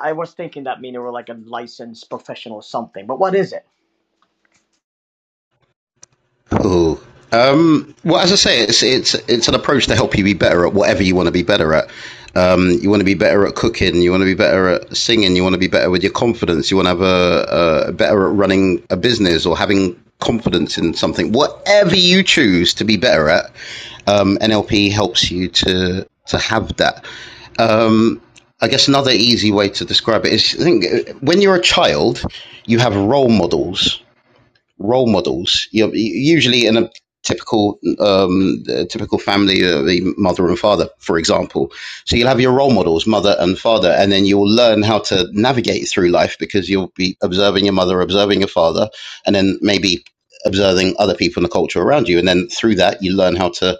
I was thinking that meaning we're like a licensed professional or something, but what is it? Ooh. Um, well, as I say, it's it's it's an approach to help you be better at whatever you want to be better at. Um, you want to be better at cooking. You want to be better at singing. You want to be better with your confidence. You want to have a, a better at running a business or having confidence in something. Whatever you choose to be better at, um, NLP helps you to to have that. I guess another easy way to describe it is I think uh, when you're a child, you have role models role models. You know, usually in a typical um, typical family, uh, the mother and father, for example. So you'll have your role models, mother and father, and then you'll learn how to navigate through life because you'll be observing your mother, observing your father, and then maybe observing other people in the culture around you. And then through that, you learn how to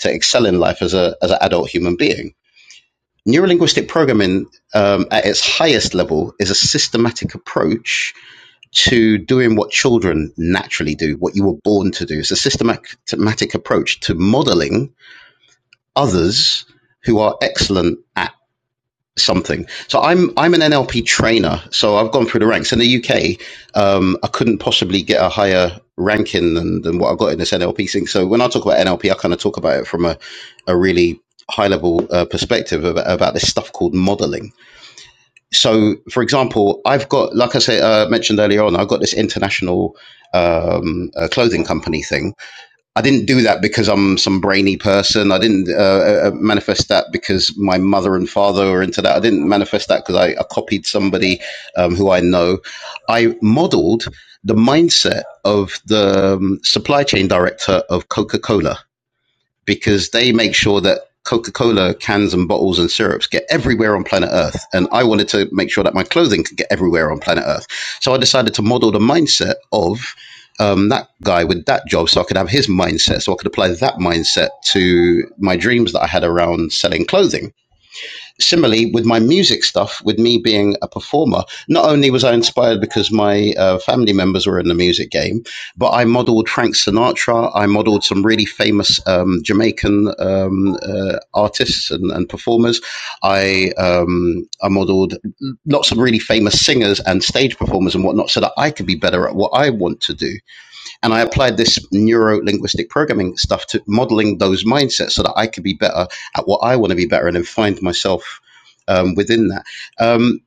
to excel in life as a as an adult human being. Neurolinguistic programming um, at its highest level is a systematic approach to doing what children naturally do, what you were born to do. It's a systematic approach to modeling others who are excellent at something. So I'm I'm an NLP trainer, so I've gone through the ranks in the UK. Um, I couldn't possibly get a higher ranking than, than what I got in this NLP thing. So when I talk about NLP, I kind of talk about it from a, a really high level uh, perspective about, about this stuff called modeling so for example i've got like i said uh, mentioned earlier on i've got this international um, uh, clothing company thing i didn't do that because i'm some brainy person i didn't uh, uh, uh, manifest that because my mother and father were into that i didn't manifest that because I, I copied somebody um, who i know i modeled the mindset of the um, supply chain director of coca-cola because they make sure that Coca-Cola cans and bottles and syrups get everywhere on planet Earth. And I wanted to make sure that my clothing could get everywhere on planet Earth. So I decided to model the mindset of um, that guy with that job so I could have his mindset. So I could apply that mindset to my dreams that I had around selling clothing similarly with my music stuff with me being a performer not only was i inspired because my uh, family members were in the music game but i modeled frank sinatra i modeled some really famous um, jamaican um, uh, artists and, and performers i um, i modeled lots of really famous singers and stage performers and whatnot so that i could be better at what i want to do and I applied this neuro linguistic programming stuff to modeling those mindsets so that I could be better at what I want to be better in and find myself um, within that. Um,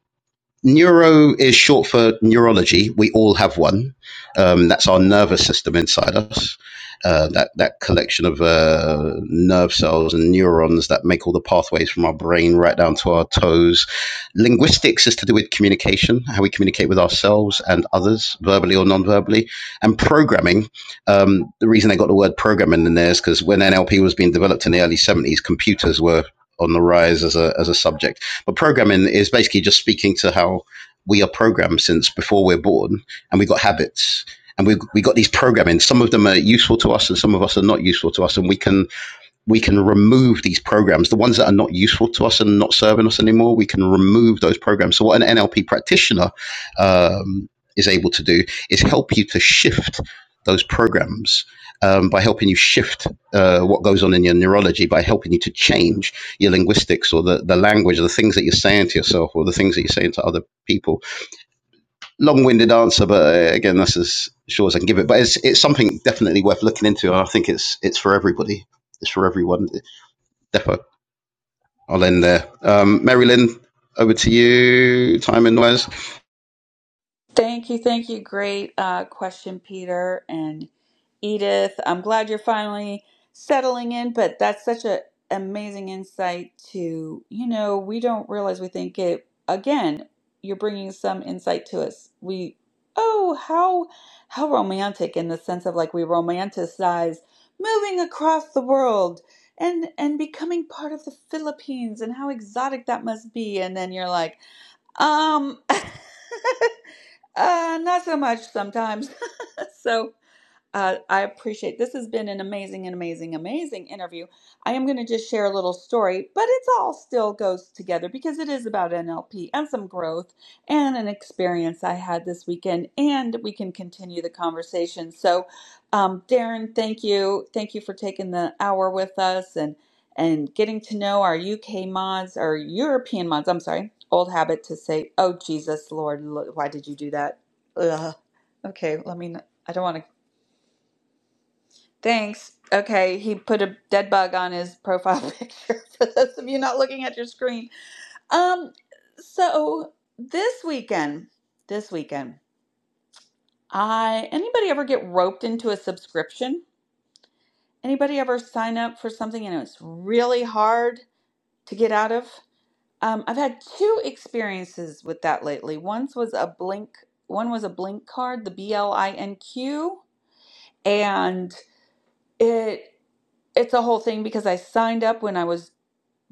Neuro is short for neurology. We all have one. Um, that's our nervous system inside us. Uh, that that collection of uh, nerve cells and neurons that make all the pathways from our brain right down to our toes. Linguistics is to do with communication, how we communicate with ourselves and others, verbally or non-verbally. And programming. Um, the reason they got the word programming in there is because when NLP was being developed in the early '70s, computers were on the rise as a as a subject but programming is basically just speaking to how we are programmed since before we're born, and we got habits, and we we got these programming. Some of them are useful to us, and some of us are not useful to us, and we can we can remove these programs, the ones that are not useful to us and not serving us anymore, we can remove those programs. So, what an NLP practitioner um, is able to do is help you to shift those programs um, by helping you shift uh, what goes on in your neurology, by helping you to change your linguistics or the, the language, or the things that you're saying to yourself or the things that you're saying to other people. Long winded answer, but uh, again, that's as sure as I can give it. But it's, it's something definitely worth looking into. And I think it's, it's for everybody. It's for everyone. Depot. I'll end there. Um, Mary Lynn, over to you, time and wise. Thank you. Thank you. Great uh, question, Peter and Edith. I'm glad you're finally settling in, but that's such an amazing insight to, you know, we don't realize we think it, again, you're bringing some insight to us. We, oh, how, how romantic in the sense of like we romanticize moving across the world and and becoming part of the Philippines and how exotic that must be. And then you're like, um, uh, not so much sometimes. so, uh, I appreciate this has been an amazing and amazing amazing interview. I am going to just share a little story, but it's all still goes together because it is about NLP and some growth and an experience I had this weekend, and we can continue the conversation. So, um, Darren, thank you, thank you for taking the hour with us and and getting to know our UK mods, our European mods. I'm sorry, old habit to say, oh Jesus Lord, lo- why did you do that? Ugh. Okay, let me. I don't want to Thanks. Okay, he put a dead bug on his profile picture for those of you not looking at your screen. Um so this weekend, this weekend, I anybody ever get roped into a subscription? Anybody ever sign up for something and it's really hard to get out of? Um, I've had two experiences with that lately. Once was a blink, one was a blink card, the B L I N Q, and it it's a whole thing because I signed up when I was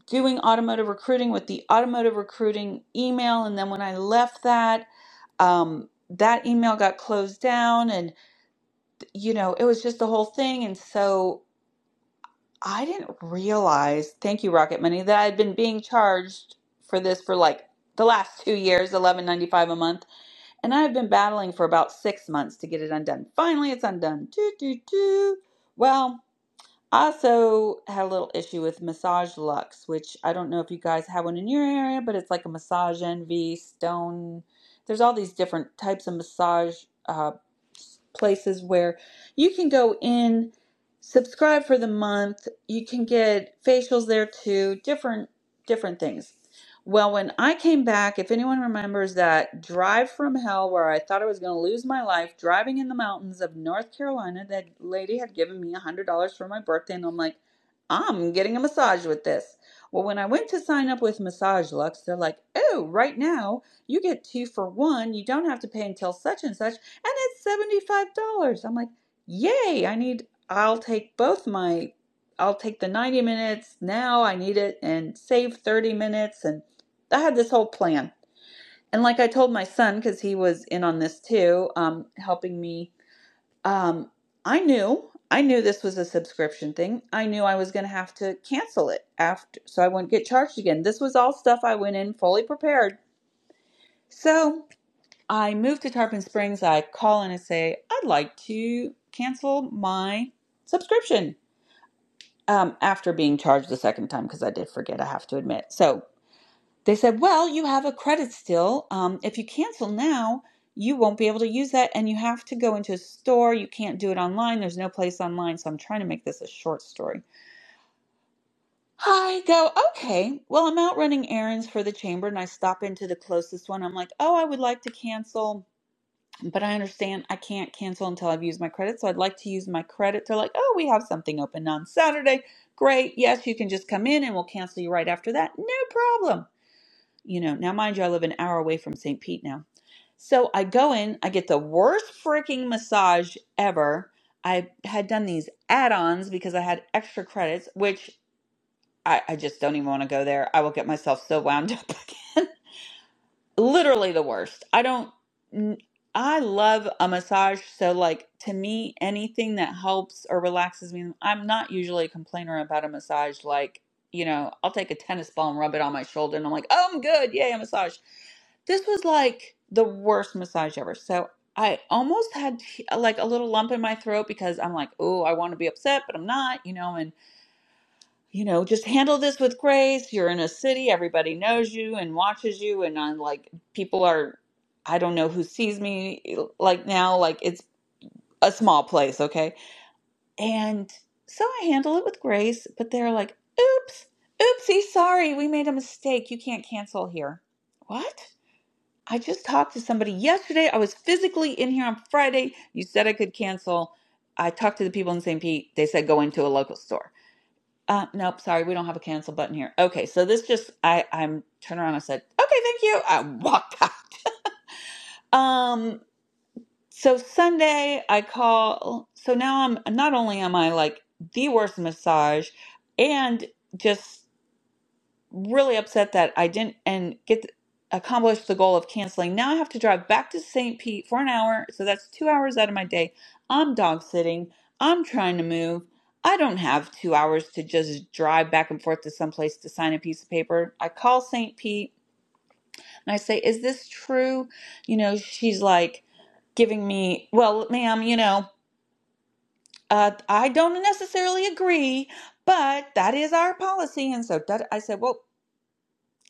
doing automotive recruiting with the automotive recruiting email and then when i left that um, that email got closed down and you know it was just the whole thing and so i didn't realize thank you rocket money that i had been being charged for this for like the last two years 11.95 a month and i've been battling for about six months to get it undone finally it's undone Doo, doo, doo. well I also had a little issue with Massage Lux, which I don't know if you guys have one in your area, but it's like a massage envy, stone. There's all these different types of massage uh, places where you can go in, subscribe for the month. You can get facials there too, different different things. Well, when I came back, if anyone remembers that drive from hell where I thought I was going to lose my life driving in the mountains of North Carolina, that lady had given me $100 for my birthday, and I'm like, I'm getting a massage with this. Well, when I went to sign up with Massage Lux, they're like, oh, right now you get two for one. You don't have to pay until such and such, and it's $75. I'm like, yay, I need, I'll take both my, I'll take the 90 minutes now. I need it and save 30 minutes. And I had this whole plan. And like I told my son, because he was in on this too, um, helping me, um, I knew, I knew this was a subscription thing. I knew I was going to have to cancel it after, so I wouldn't get charged again. This was all stuff I went in fully prepared. So I moved to Tarpon Springs. I call in and say, I'd like to cancel my subscription um, after being charged the second time because I did forget, I have to admit. So They said, Well, you have a credit still. Um, if you cancel now, you won't be able to use that, and you have to go into a store. You can't do it online. There's no place online. So I'm trying to make this a short story. I go, Okay, well, I'm out running errands for the chamber, and I stop into the closest one. I'm like, Oh, I would like to cancel, but I understand I can't cancel until I've used my credit. So I'd like to use my credit. They're like, Oh, we have something open on Saturday. Great. Yes, you can just come in and we'll cancel you right after that. No problem you know, now mind you, I live an hour away from St. Pete now. So I go in, I get the worst freaking massage ever. I had done these add ons because I had extra credits, which I, I just don't even want to go there. I will get myself so wound up again. literally the worst. I don't. n- I love a massage, so like to me, anything that helps or relaxes me. I'm not usually a complainer about a massage. Like you know, I'll take a tennis ball and rub it on my shoulder, and I'm like, oh, I'm good, yay, a massage. This was like the worst massage ever. So I almost had like a little lump in my throat because I'm like, oh, I want to be upset, but I'm not, you know, and you know, just handle this with grace. You're in a city, everybody knows you and watches you. And I'm like, people are, I don't know who sees me e, like now, like it's a small place, okay? And so I handle it with grace, but they're like, oops, oopsie, sorry, we made a mistake. You can't cancel here. What? I just talked to somebody yesterday. I was physically in here on Friday. You said I could cancel. I talked to the people in St. Pete. They said go into a local store. Uh, nope, sorry, we don't have a cancel button here. Okay, so this just I I'm turned around. and said, okay, thank you. I walked out. Um, so Sunday I call. So now I'm not only am I like the worst massage, and just really upset that I didn't and get th- accomplish the goal of canceling. Now I have to drive back to St. Pete for an hour, so that's two hours out of my day. I'm dog sitting. I'm trying to move. I don't have two hours to just drive back and forth to someplace to sign a piece of paper. I call St. Pete and I say, "Is this true?" You know, she's like giving me, "Well, ma'am, you know, uh, I don't necessarily agree, but that is our policy." And so that, I said, "Well."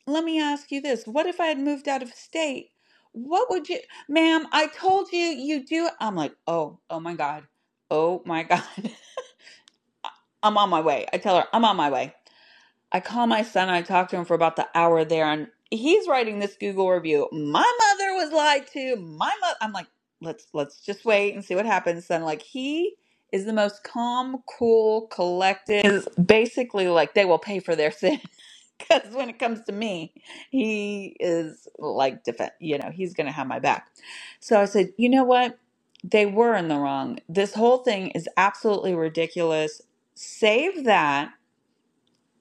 let me ask you this what if i had moved out of state what would you ma'am i told you you do i'm like oh oh my god oh my god i'm on my way i tell her i'm on my way i call my son i talk to him for about the hour there and he's writing this google review my mother was lied to my mother i'm like let's let's just wait and see what happens son like he is the most calm cool collected is basically like they will pay for their sin because when it comes to me, he is like defend, you know, he's going to have my back. So I said, you know what? They were in the wrong. This whole thing is absolutely ridiculous. Save that.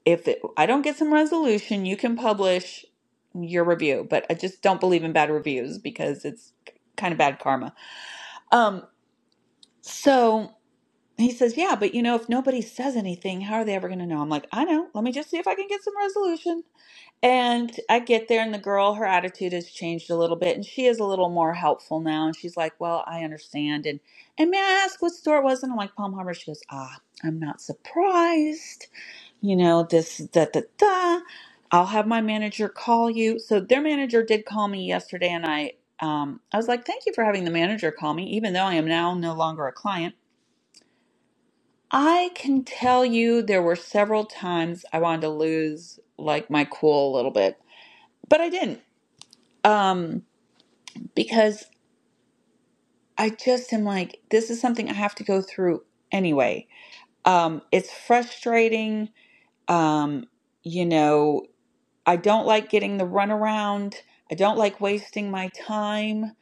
If it, I don't get some resolution, you can publish your review, but I just don't believe in bad reviews because it's kind of bad karma. Um, so he says, yeah, but you know, if nobody says anything, how are they ever going to know? I'm like, I know. Let me just see if I can get some resolution. And I get there, and the girl, her attitude has changed a little bit, and she is a little more helpful now. And she's like, "Well, I understand." And and may I ask what store it was? And I'm like, "Palm Harbor." She goes, "Ah, I'm not surprised. You know this da da da. I'll have my manager call you." So their manager did call me yesterday, and I um I was like, "Thank you for having the manager call me, even though I am now no longer a client." I can tell you there were several times I wanted to lose like my cool a little bit but I didn't um because i just am like this is something i have to go through anyway um it's frustrating um you know I don't like getting the runaround. I don't like wasting my time.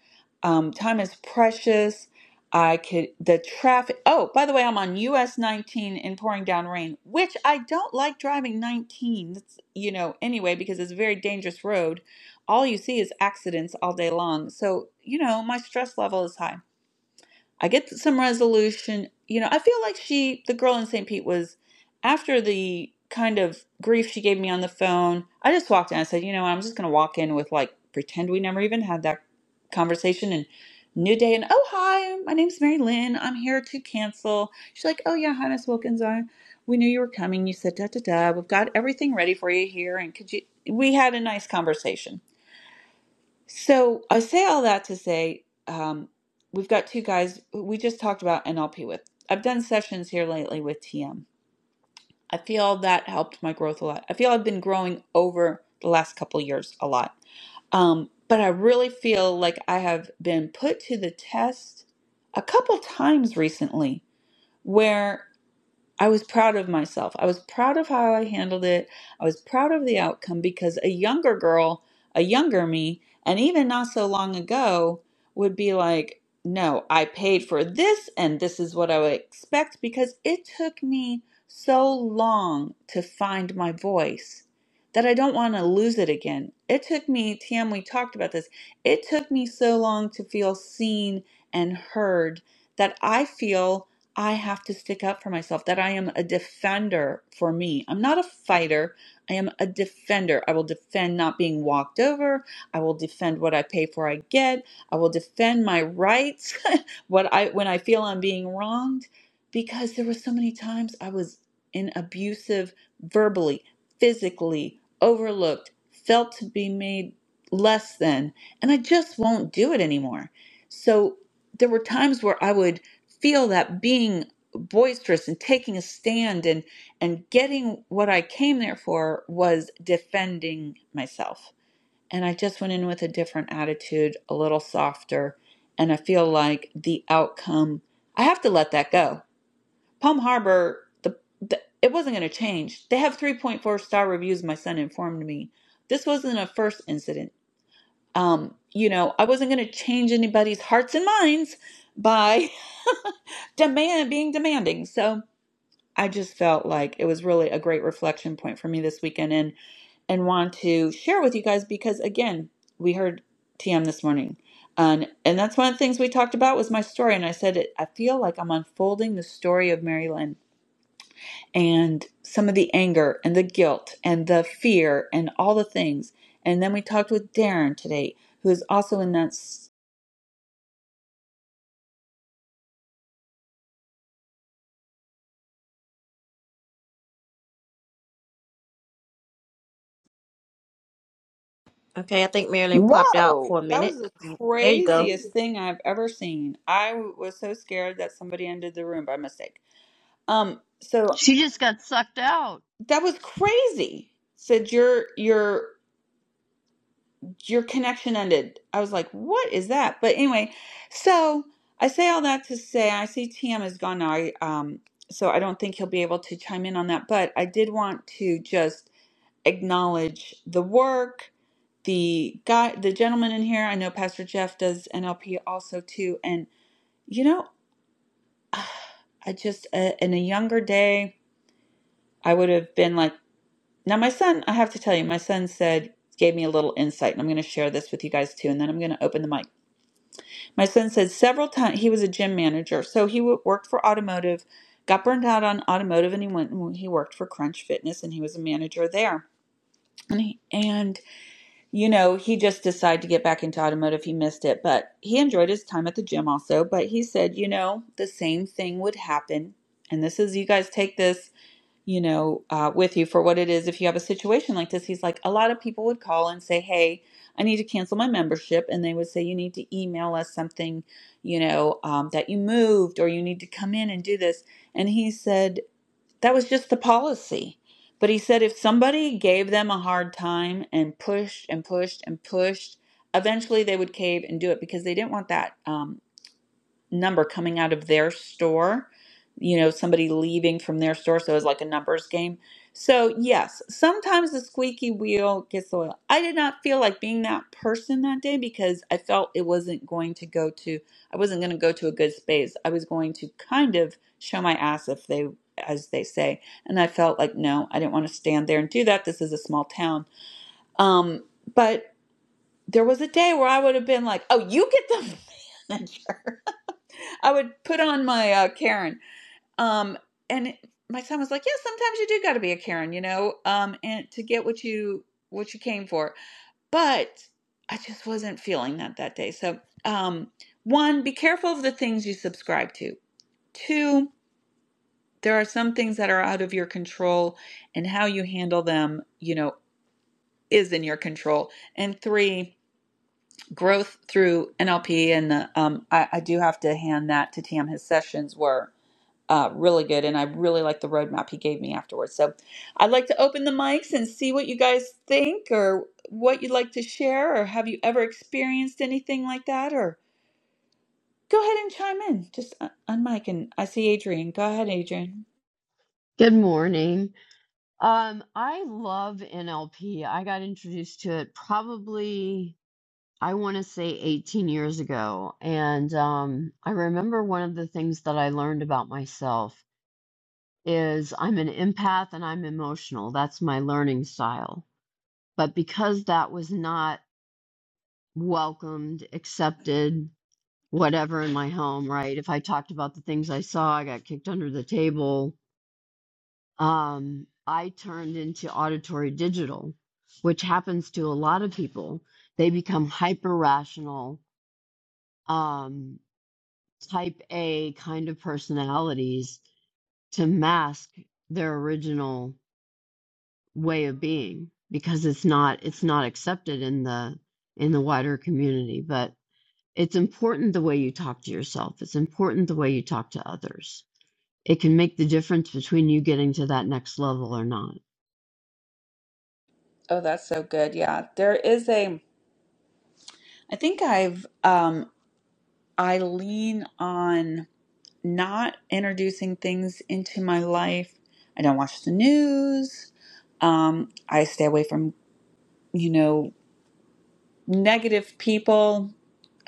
Um, time is precious. I could, the traffic. Oh, by the way, I'm on US 19 in pouring down rain, which I don't like driving 19. That's, you know, anyway, because it's a very dangerous road. All you see is accidents all day long. So, you know, my stress level is high. I get some resolution. You know, I feel like she, the girl in St. Pete, was after the kind of grief she gave me on the phone. I just walked in. I said, you know, I'm just going to walk in with like pretend we never even had that conversation and new day. And oh, hi, my name's Mary Lynn. I'm here to cancel. She's like, oh, yeah, hi, Miss Wilkins. I, we knew you were coming. You said, da, da, da. We've got everything ready for you here. And could you, we had a nice conversation so I say all that to say um, we've got two guys we just talked about NLP with. I've done sessions here lately with TM. I feel that helped my growth a lot. I feel I've been growing over the last couple years a lot. Um, but I really feel like I have been put to the test a couple times recently where. I was proud of myself. I was proud of how I handled it. I was proud of the outcome because a younger girl, a younger me, and even not so long ago would be like, no, I paid for this and this is what I would expect because it took me so long to find my voice that I don't want to lose it again. It took me, Tam, we talked about this. It took me so long to feel seen and heard that I feel. I have to stick up for myself, that I am a defender for me. I'm not a fighter. I am a defender. I will defend not being walked over. I will defend what I pay for I get. I will defend my rights what I when I feel I'm being wronged because there were so many times I was in abusive verbally, physically, overlooked, felt to be made less than, and I just won't do it anymore. So there were times where I would feel that being boisterous and taking a stand and and getting what I came there for was defending myself. And I just went in with a different attitude, a little softer, and I feel like the outcome I have to let that go. Palm Harbor the, the it wasn't going to change. They have 3.4 star reviews my son informed me. This wasn't a first incident. Um, you know, I wasn't going to change anybody's hearts and minds, by demand being demanding so i just felt like it was really a great reflection point for me this weekend and and want to share with you guys because again we heard tm this morning and and that's one of the things we talked about was my story and i said it, i feel like i'm unfolding the story of mary lynn and some of the anger and the guilt and the fear and all the things and then we talked with darren today who is also in that Okay, I think Marilyn popped out Whoa, for a that minute. was the There you go. craziest thing I've ever seen. I w- was so scared that somebody entered the room by mistake. Um, so She just got sucked out. that was crazy. Said your your your connection ended. I was like, what is that? But anyway, so I say all that to say I see Tam is gone now. I um so I don't think he'll be able to chime in on that, but I did want to just acknowledge the work the guy the gentleman in here i know pastor jeff does nlp also too and you know i just uh, in a younger day i would have been like now my son i have to tell you my son said gave me a little insight and i'm going to share this with you guys too and then i'm going to open the mic my son said several times he was a gym manager so he wo- worked for automotive got burned out on automotive and he went and he worked for crunch fitness and he was a manager there and he, and you know, he just decided to get back into automotive. He missed it, but he enjoyed his time at the gym also. But he said, you know, the same thing would happen. And this is, you guys take this, you know, uh, with you for what it is. If you have a situation like this, he's like, a lot of people would call and say, hey, I need to cancel my membership. And they would say, you need to email us something, you know, um, that you moved or you need to come in and do this. And he said, that was just the policy. But he said if somebody gave them a hard time and pushed and pushed and pushed, eventually they would cave and do it because they didn't want that. um, number coming out of their store, you know, somebody leaving from their store. So it was like a numbers game. So, yes, sometimes the squeaky wheel gets the oil. I did not feel like being that person that day because I felt it wasn't going to go to, I wasn't going to go to a good space. I was going to kind of show my ass if they, as they say. And I felt like, no, I didn't want to stand there and do that. This is a small town. Um, but there was a day where I would have been like, oh, you get the manager. I would put on my uh, Karen. Um, and it, my son was like, "Yeah, sometimes you do got to be a Karen, you know, um, and to get what you what you came for." But I just wasn't feeling that that day. So, um, one, be careful of the things you subscribe to. Two, there are some things that are out of your control, and how you handle them, you know, is in your control. And three, growth through NLP, and the, um, I, I do have to hand that to Tam. His sessions were uh, really good. And I really like the roadmap he gave me afterwards. So I'd like to open the mics and see what you guys think or what you'd like to share, or have you ever experienced anything like that? Or go ahead and chime in. Just un- unmic. And I see Adrian. Go ahead, Adrian. Good morning. Um, I love NLP. I got introduced to it probably, I want to say 18 years ago. And um, I remember one of the things that I learned about myself is I'm an empath and I'm emotional. That's my learning style. But because that was not welcomed, accepted, whatever in my home, right? If I talked about the things I saw, I got kicked under the table um, I turned into auditory digital, which happens to a lot of people. They become hyper rational, um, type A kind of personalities to mask their original way of being because it's not it's not accepted in the in the wider community but it's important the way you talk to yourself it's important the way you talk to others it can make the difference between you getting to that next level or not Oh, that's so good. Yeah. There is a, I think I've, um, I lean on not introducing things into my life. I don't watch the news. Um, I stay away from, you know, negative people.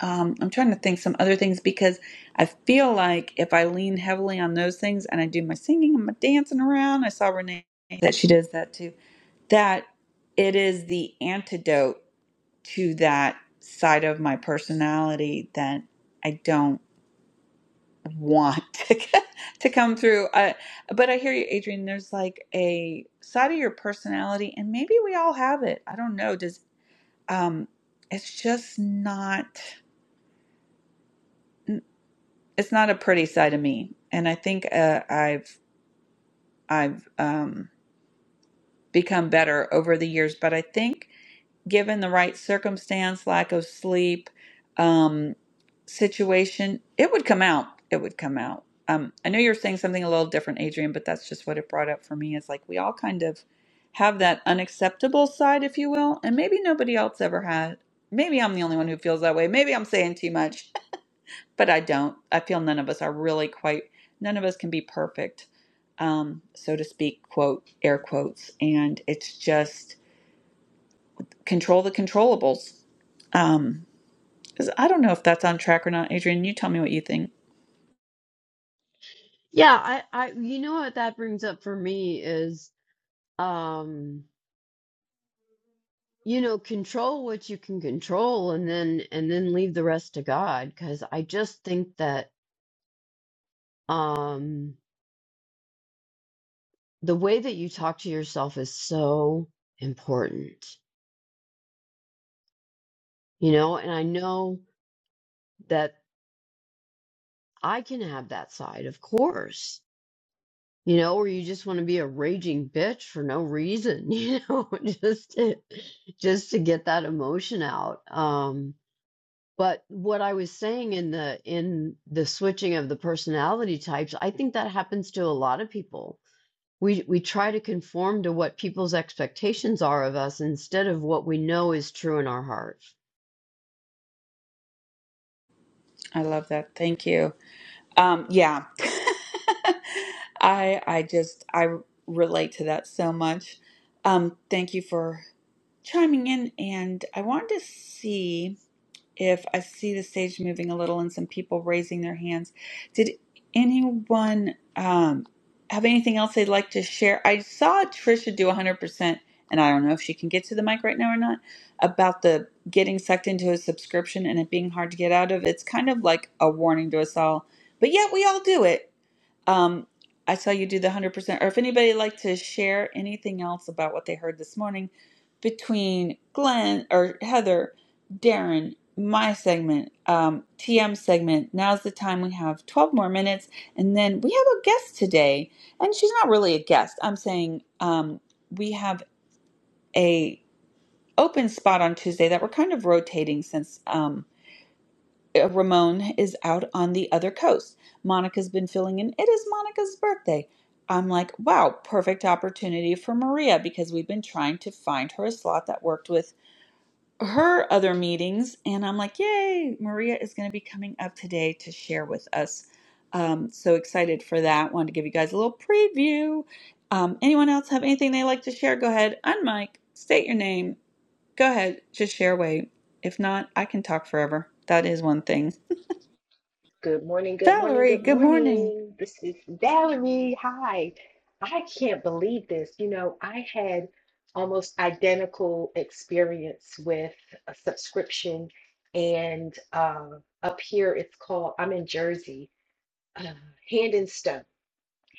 Um, I'm trying to think some other things because I feel like if I lean heavily on those things and I do my singing and my dancing around, I saw Renee that she does that too, that it is the antidote to that side of my personality that I don't want to, to come through. I, but I hear you, Adrienne. There's like a side of your personality, and maybe we all have it. I don't know. Does um, it's just not. it's not a pretty side of me and i think uh, i've i've um, become better over the years but i think given the right circumstance lack of sleep um, situation it would come out it would come out um, i know you're saying something a little different adrian but that's just what it brought up for me is like we all kind of have that unacceptable side if you will and maybe nobody else ever had maybe i'm the only one who feels that way maybe i'm saying too much but I don't. I feel none of us are really quite, none of us can be perfect, um, so to speak, quote, air quotes. And it's just control the controllables. Um, 'cause I don't know if that's on track or not. Adrian, you tell me what you think. Yeah, I, I, you know what that brings up for me is, um, you know, control what you can control and then, and then leave the rest to God. Cause I just think that, um, the way that you talk to yourself is so important, you know, and I know that I can have that side, of course, you know, where you just want to be a raging bitch for no reason, you know, just to, just to get that emotion out. Um, But what I was saying in the in the switching of the personality types, I think that happens to a lot of people. We we try to conform to what people's expectations are of us instead of what we know is true in our heart. I love that. Thank you. Um, yeah. I I just I relate to that so much. Um, thank you for chiming in and I wanted to see if I see the stage moving a little and some people raising their hands. Did anyone um, have anything else they'd like to share? I saw Trisha do 100%, and I don't know if she can get to the mic right now or not, about the getting sucked into a subscription and it being hard to get out of. It's kind of like a warning to us all, but yet we all do it um, I saw you do the 100%. Or if anybody would like to share anything else about what they heard this morning between Glenn or Heather, Darren, my segment, um, TM segment, now's the time. We have 12 more minutes. And then we have a guest today. And she's not really a guest. I'm saying um, we have a open spot on Tuesday that we're kind of rotating since. Um, uh, Ramon is out on the other coast. Monica's been filling in. It is Monica's birthday. I'm like, wow, perfect opportunity for Maria because we've been trying to find her a slot that worked with her other meetings. And I'm like, yay, Maria is going to be coming up today to share with us. Um, so excited for that. Wanted to give you guys a little preview. Um, anyone else have anything they like to share? Go ahead, unmic, state your name. Go ahead, just share away. If not, I can talk forever. That is one thing. Good morning, good morning, Valerie, good good morning. morning. This is Valerie. Hi. I can't believe this. You know, I had almost identical experience with a subscription and uh, up here it's called, I'm in Jersey, uh, Hand and Stone.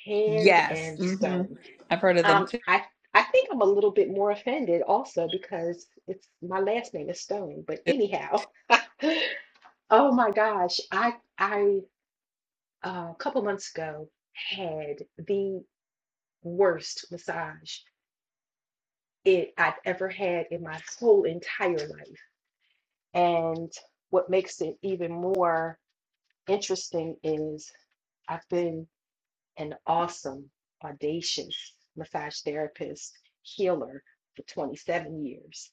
Hand Yes. and hmm Stone. I've heard of them Um, too. I I think I'm a little bit more offended also because it's my last name is Stone. But anyhow, oh my gosh, I I uh, a couple months ago had the worst massage it I've ever had in my whole entire life. And what makes it even more interesting is I've been an awesome, audacious massage therapist, healer for 27 years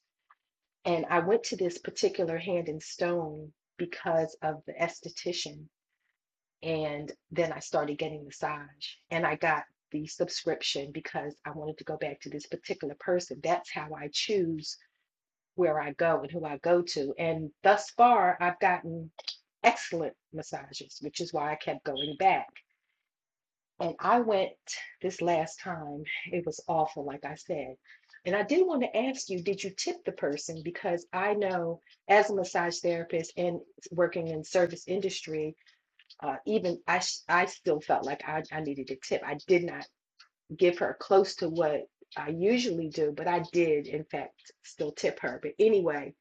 And I went to this particular hand in stone because of the esthetician. And then I started getting massage. And I got the subscription because I wanted to go back to this particular person. That's how I choose where I go and who I go to. And thus far, I've gotten excellent massages, which is why I kept going back. And I went this last time. It was awful, like I said. And I did want to ask you, did you tip the person? Because I know as a massage therapist and working in service industry, uh, even I, sh- I still felt like I, I needed to tip. I did not give her close to what I usually do, but I did, in fact, still tip her. But anyway,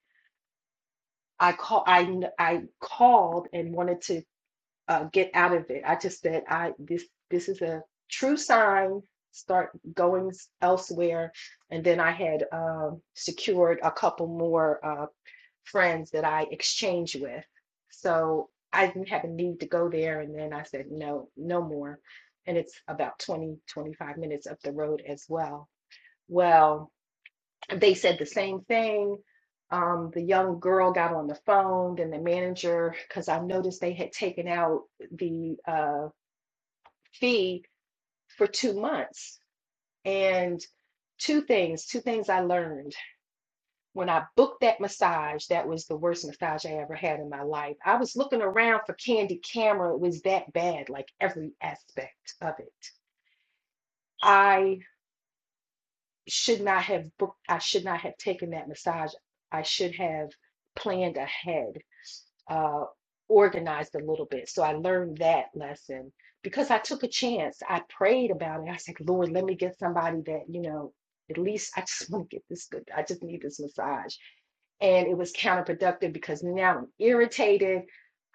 I call I, kn- I called and wanted to uh, get out of it. I just said, I this this is a true sign. Start going elsewhere, and then I had um, secured a couple more uh, friends that I exchanged with. So I didn't have a need to go there, and then I said, no, no more. And it's about 20 25 minutes up the road as well. Well, they said the same thing. Um, the young girl got on the phone, and the manager, because I noticed they had taken out the uh, fee for two months. And two things, two things I learned. When I booked that massage, that was the worst massage I ever had in my life. I was looking around for Candy Camera. It was that bad, like every aspect of it. I should not have booked, I should not have taken that massage. I should have planned ahead uh, organized a little bit. So I learned that lesson because I took a chance. I prayed about it. I said, Lord, let me get somebody that, you know, at least I just want to get this good. I just need this massage. And it was counterproductive because now I'm irritated.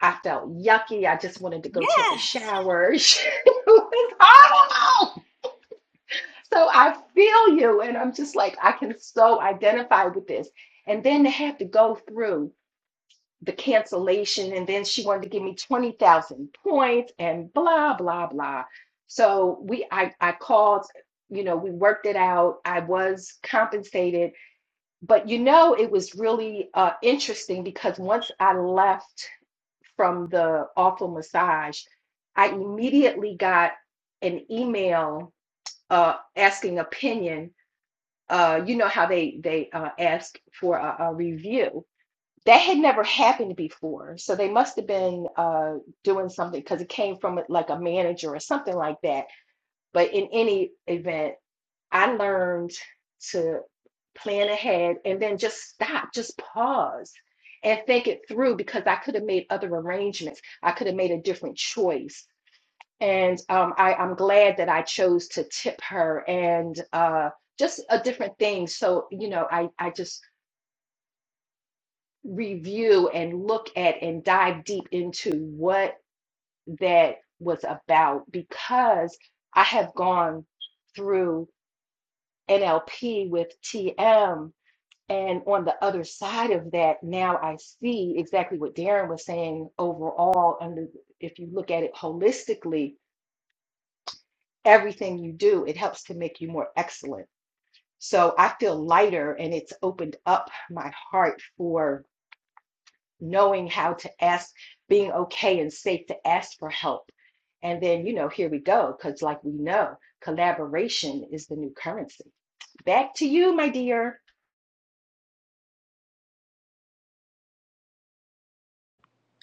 I felt yucky. I just wanted to go take a Yes. shower. it was horrible. So I feel you. And I'm just like, I can so identify with this. And then to have to go through the cancellation and then she wanted to give me 20,000 points and blah blah blah. So we I I called, you know, we worked it out. I was compensated, but you know it was really uh interesting because once I left from the awful massage, I immediately got an email uh asking opinion. Uh you know how they they uh ask for a, a review that had never happened before. So they must have been uh, doing something because it came from like a manager or something like that. But in any event, I learned to plan ahead and then just stop, just pause and think it through because I could have made other arrangements. I could have made a different choice. And um, I, I'm glad that I chose to tip her and uh, just a different thing. So, you know, I, I just review and look at and dive deep into what that was about because I have gone through NLP with TM. And on the other side of that, now I see exactly what Darren was saying overall. And if you look at it holistically, everything you do, it helps to make you more excellent. So I feel lighter and it's opened up my heart for knowing how to ask, being okay and safe to ask for help. And then, you know, here we go, because like we know, collaboration is the new currency. Back to you, my dear.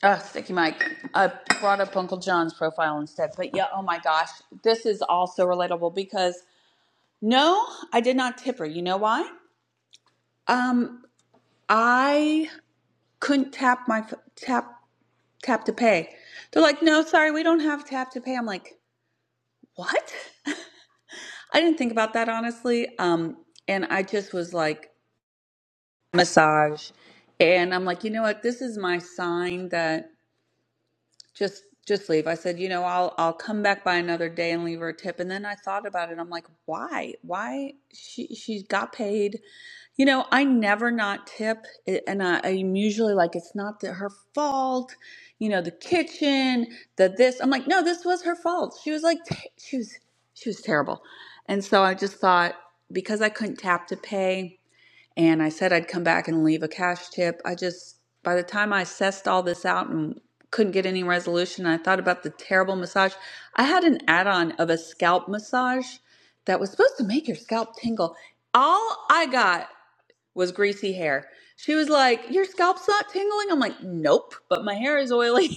Oh, Sticky Mike. I brought up Uncle John's profile instead. But yeah, oh my gosh. This is also relatable because no, I did not tip her. You know why? Um, I couldn't tap my f- tap tap to pay. They're like, no, sorry, we don't have tap to pay. I'm like, what? I didn't think about that honestly. Um, and I just was like, massage and i'm like you know what this is my sign that just just leave i said you know i'll i'll come back by another day and leave her a tip and then i thought about it i'm like why why she she got paid you know i never not tip it- and I, i'm usually like it's not the, her fault you know the kitchen the this i'm like no this was her fault she was like t- she was she was terrible and so i just thought because i couldn't tap to pay and I said I'd come back and leave a cash tip. I just, by the time I sussed all this out and couldn't get any resolution, I thought about the terrible massage. I had an add on of a scalp massage that was supposed to make your scalp tingle. All I got was greasy hair. She was like, Your scalp's not tingling? I'm like, Nope, but my hair is oily.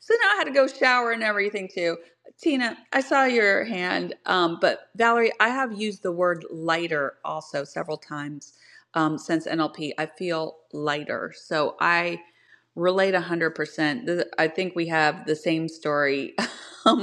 So now I had to go shower and everything too. Tina, I saw your hand, um, but Valerie, I have used the word lighter also several times um, since NLP. I feel lighter. So I relate 100%. I think we have the same story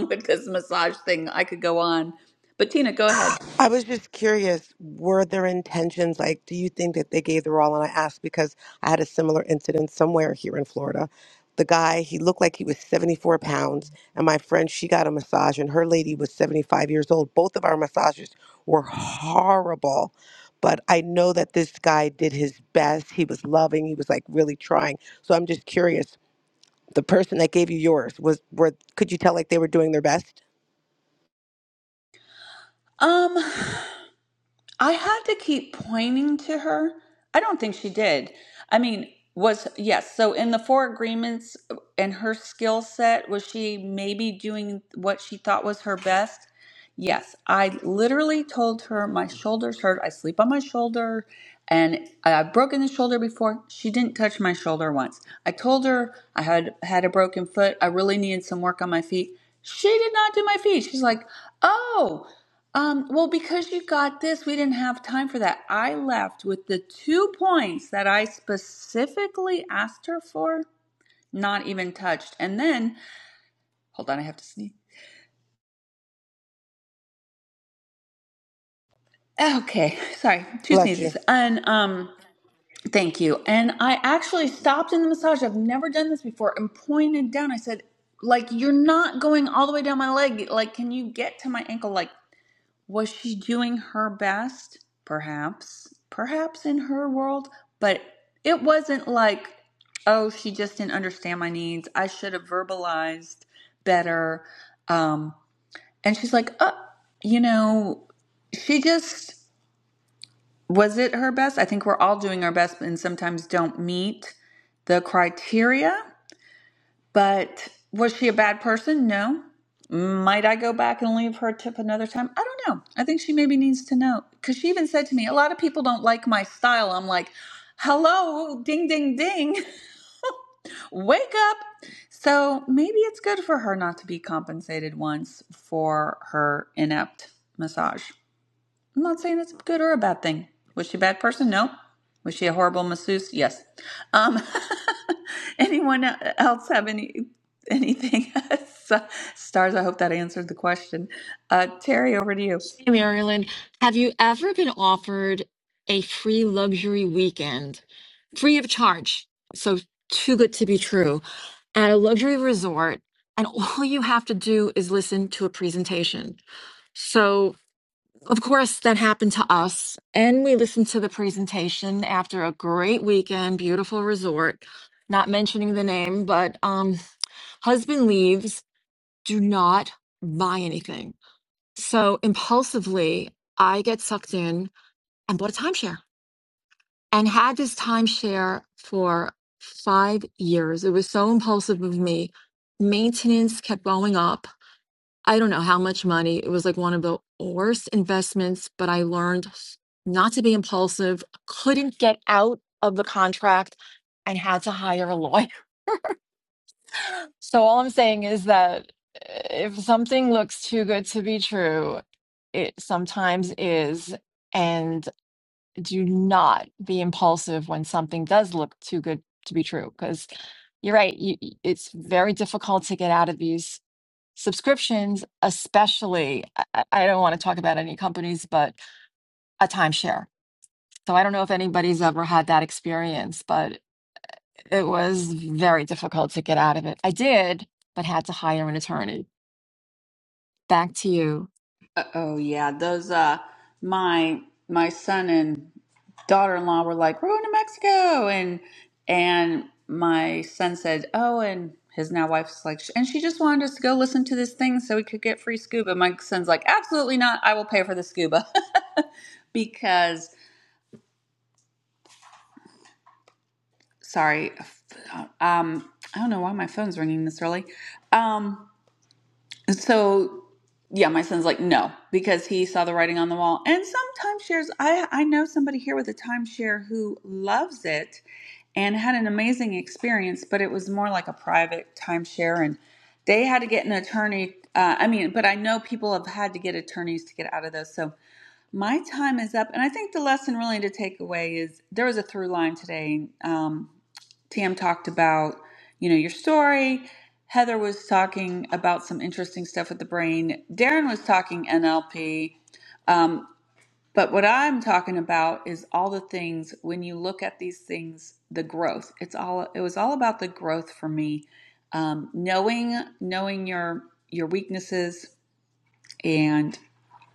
with this massage thing. I could go on, but Tina, go ahead. I was just curious, were their intentions like, do you think that they gave their all? And I asked because I had a similar incident somewhere here in Florida. The guy, he looked like he was 74 pounds, and my friend, she got a massage, and her lady was 75 years old. Both of our massages were horrible, but I know that this guy did his best. He was loving, he was like really trying. So I'm just curious, the person that gave you yours was, were, could you tell like they were doing their best? Um, I had to keep pointing to her. I don't think she did. I mean, was yes. So in the four agreements uh, and her skill set, was she maybe doing what she thought was her best? Yes, I literally told her my shoulders hurt. I sleep on my shoulder and I've broken the shoulder before. She didn't touch my shoulder once. I told her I had had a broken foot. I really needed some work on my feet. She did not do my feet. She's like, "Oh, um, well, because you got this, we didn't have time for that. I left with the two points that I specifically asked her for, not even touched. And then, hold on, I have to sneeze. Okay, sorry, two Bless you. sneezes. And um, Thank you. And I actually stopped in the massage. I've never done this before and pointed down. I said, like, you're not going all the way down my leg. Like, can you get to my ankle? Like, was she doing her best? Perhaps. Perhaps in her world. But it wasn't like, oh, she just didn't understand my needs. I should have verbalized better. Um, and she's like, uh, you know, she just was it her best? I think we're all doing our best and sometimes don't meet the criteria. But was she a bad person? No. Might I go back and leave her a tip another time? I don't know. I think she maybe needs to know because she even said to me, a lot of people don't like my style. I'm like, hello, ding, ding, ding, wake up. So maybe it's good for her not to be compensated once for her inept massage. I'm not saying it's a good or a bad thing. Was she a bad person? No. Was she a horrible masseuse? Yes. Um, anyone else have any anything? Stars, I hope that answered the question. Uh, Terry, over to you. Hey, Marilyn, have you ever been offered a free luxury weekend, free of charge? So, too good to be true, at a luxury resort, and all you have to do is listen to a presentation. So, of course, that happened to us, and we listened to the presentation after a great weekend, beautiful resort. Not mentioning the name, but um, husband leaves do not buy anything. So impulsively, I get sucked in and bought a timeshare and had this timeshare for five years. It was so impulsive of me. Maintenance kept going up. I don't know how much money. It was like one of the worst investments, but I learned not to be impulsive, couldn't get out of the contract, and had to hire a lawyer. So all I'm saying is that eh, if something looks too good to be true, it sometimes is. And do not be impulsive when something does look too good to be true, because you're right. You, y- it's very difficult to get out of these subscriptions, especially. I, I I don't want to talk about any companies, but a timeshare. So I don't know if anybody's ever had that experience, but it was very difficult to get out of it. I did, but had to hire an attorney back to you. Oh yeah, those uh my my son and daughter-in-law were like, "We're going to Mexico." And and my son said, "Oh," and his now wife's like, "And she just wanted us to go listen to this thing so we could get free scuba." My son's like, "Absolutely not. I will pay for the scuba." because sorry, um I don't know why my phone's ringing this early. Um so yeah, my son's like, no, because he saw the writing on the wall. And some timeshares, I, I know somebody here with a timeshare who loves it and had an amazing experience, but it was more like a private timeshare. And they had to get an attorney. Uh, I mean, but I know people have had to get attorneys to get out of those. So my time is up. And I think the lesson really to take away is there was a through line today. Um, Tam talked about, you know, your story. Heather was talking about some interesting stuff with the brain. Darren was talking NLP. Um, but what I'm talking about is all the things when you look at these things, the growth. It's all it was all about the growth for me. Um, knowing knowing your your weaknesses and.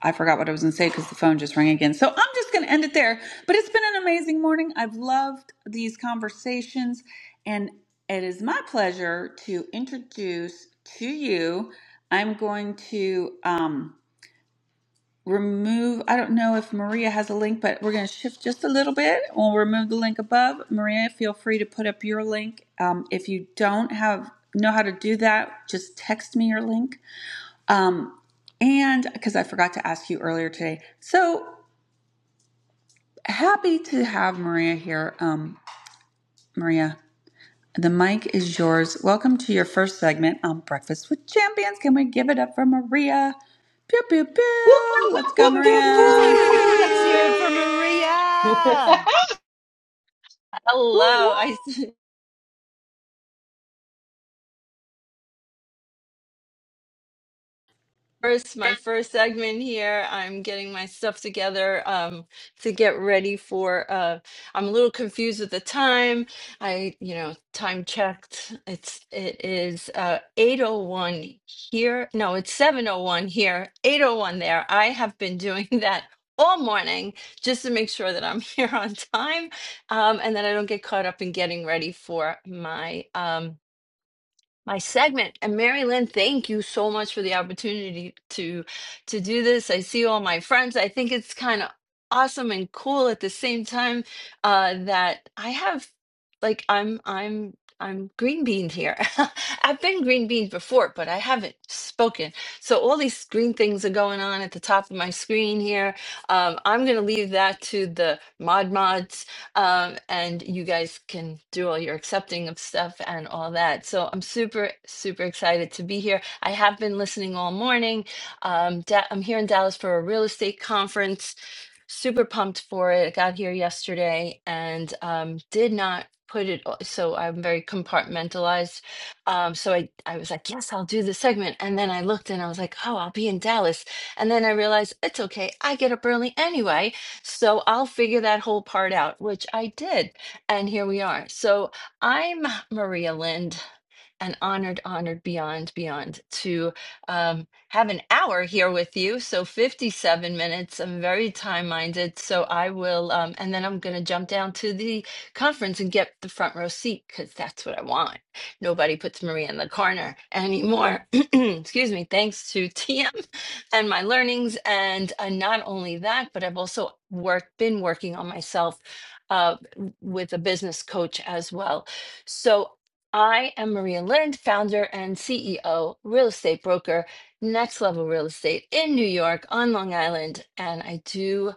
I forgot what I was going to say because the phone just rang again. So I'm just going to end it there. But it's been an amazing morning. I've loved these conversations. And it is my pleasure to introduce to you, I'm going to um, remove, I don't know if Maria has a link, but we're going to shift just a little bit. We'll remove the link above. Maria, feel free to put up your link. Um, if you don't have know how to do that, just text me your link um, and because I forgot to ask you earlier today, so happy to have Maria here. Um, Maria, the mic is yours. Welcome to your first segment on Breakfast with Champions. Can we give it up for Maria? Pew pew Whoop, pew. Let's go, Whoop. Maria. Yeah. whoop, whoop, whoop. Woo Hello. woo! I first my first segment here. I'm getting my stuff together um to get ready for uh I'm a little confused with the time. I, you know, time checked. It's it is uh 8:01 here. No, it's 7:01 here. 8:01 there. I have been doing that all morning just to make sure that I'm here on time um and that I don't get caught up in getting ready for my um my segment. And Mary Lynn, thank you so much for the opportunity to to do this. I see all my friends. I think it's kind of awesome and cool at the same time uh, that I have like I'm I'm I'm green beaned here. I've been green beaned before, but I haven't spoken. So all these green things are going on at the top of my screen here. Um, I'm going to leave that to the mod mods um, and you guys can do all your accepting of stuff and all that. So I'm super, super excited to be here. I have been listening all morning. Um, da- I'm here in Dallas for a real estate conference super pumped for it. I got here yesterday and um, did not put it, o- so I'm very compartmentalized. Um, so I, I was like, yes, I'll do the segment. And then I looked and I was like, oh, I'll be in Dallas. And then I realized it's okay. I get up early anyway. So I'll figure that whole part out, which I did. And here we are. So I'm Maria Lind and honored, honored beyond, beyond to um, have an hour here with you. So 57 minutes. I'm very time minded. So I will, um, and then I'm going to jump down to the conference and get the front row seat because that's what I want. Nobody puts Maria in the corner anymore. Excuse me. Thanks to TM and my learnings. And uh, not only that, but I've also worked, been working on myself uh, with a business coach as well. So I am Maria Lind, founder and CEO, real estate broker, Next Level Real Estate in New York on Long Island. And I do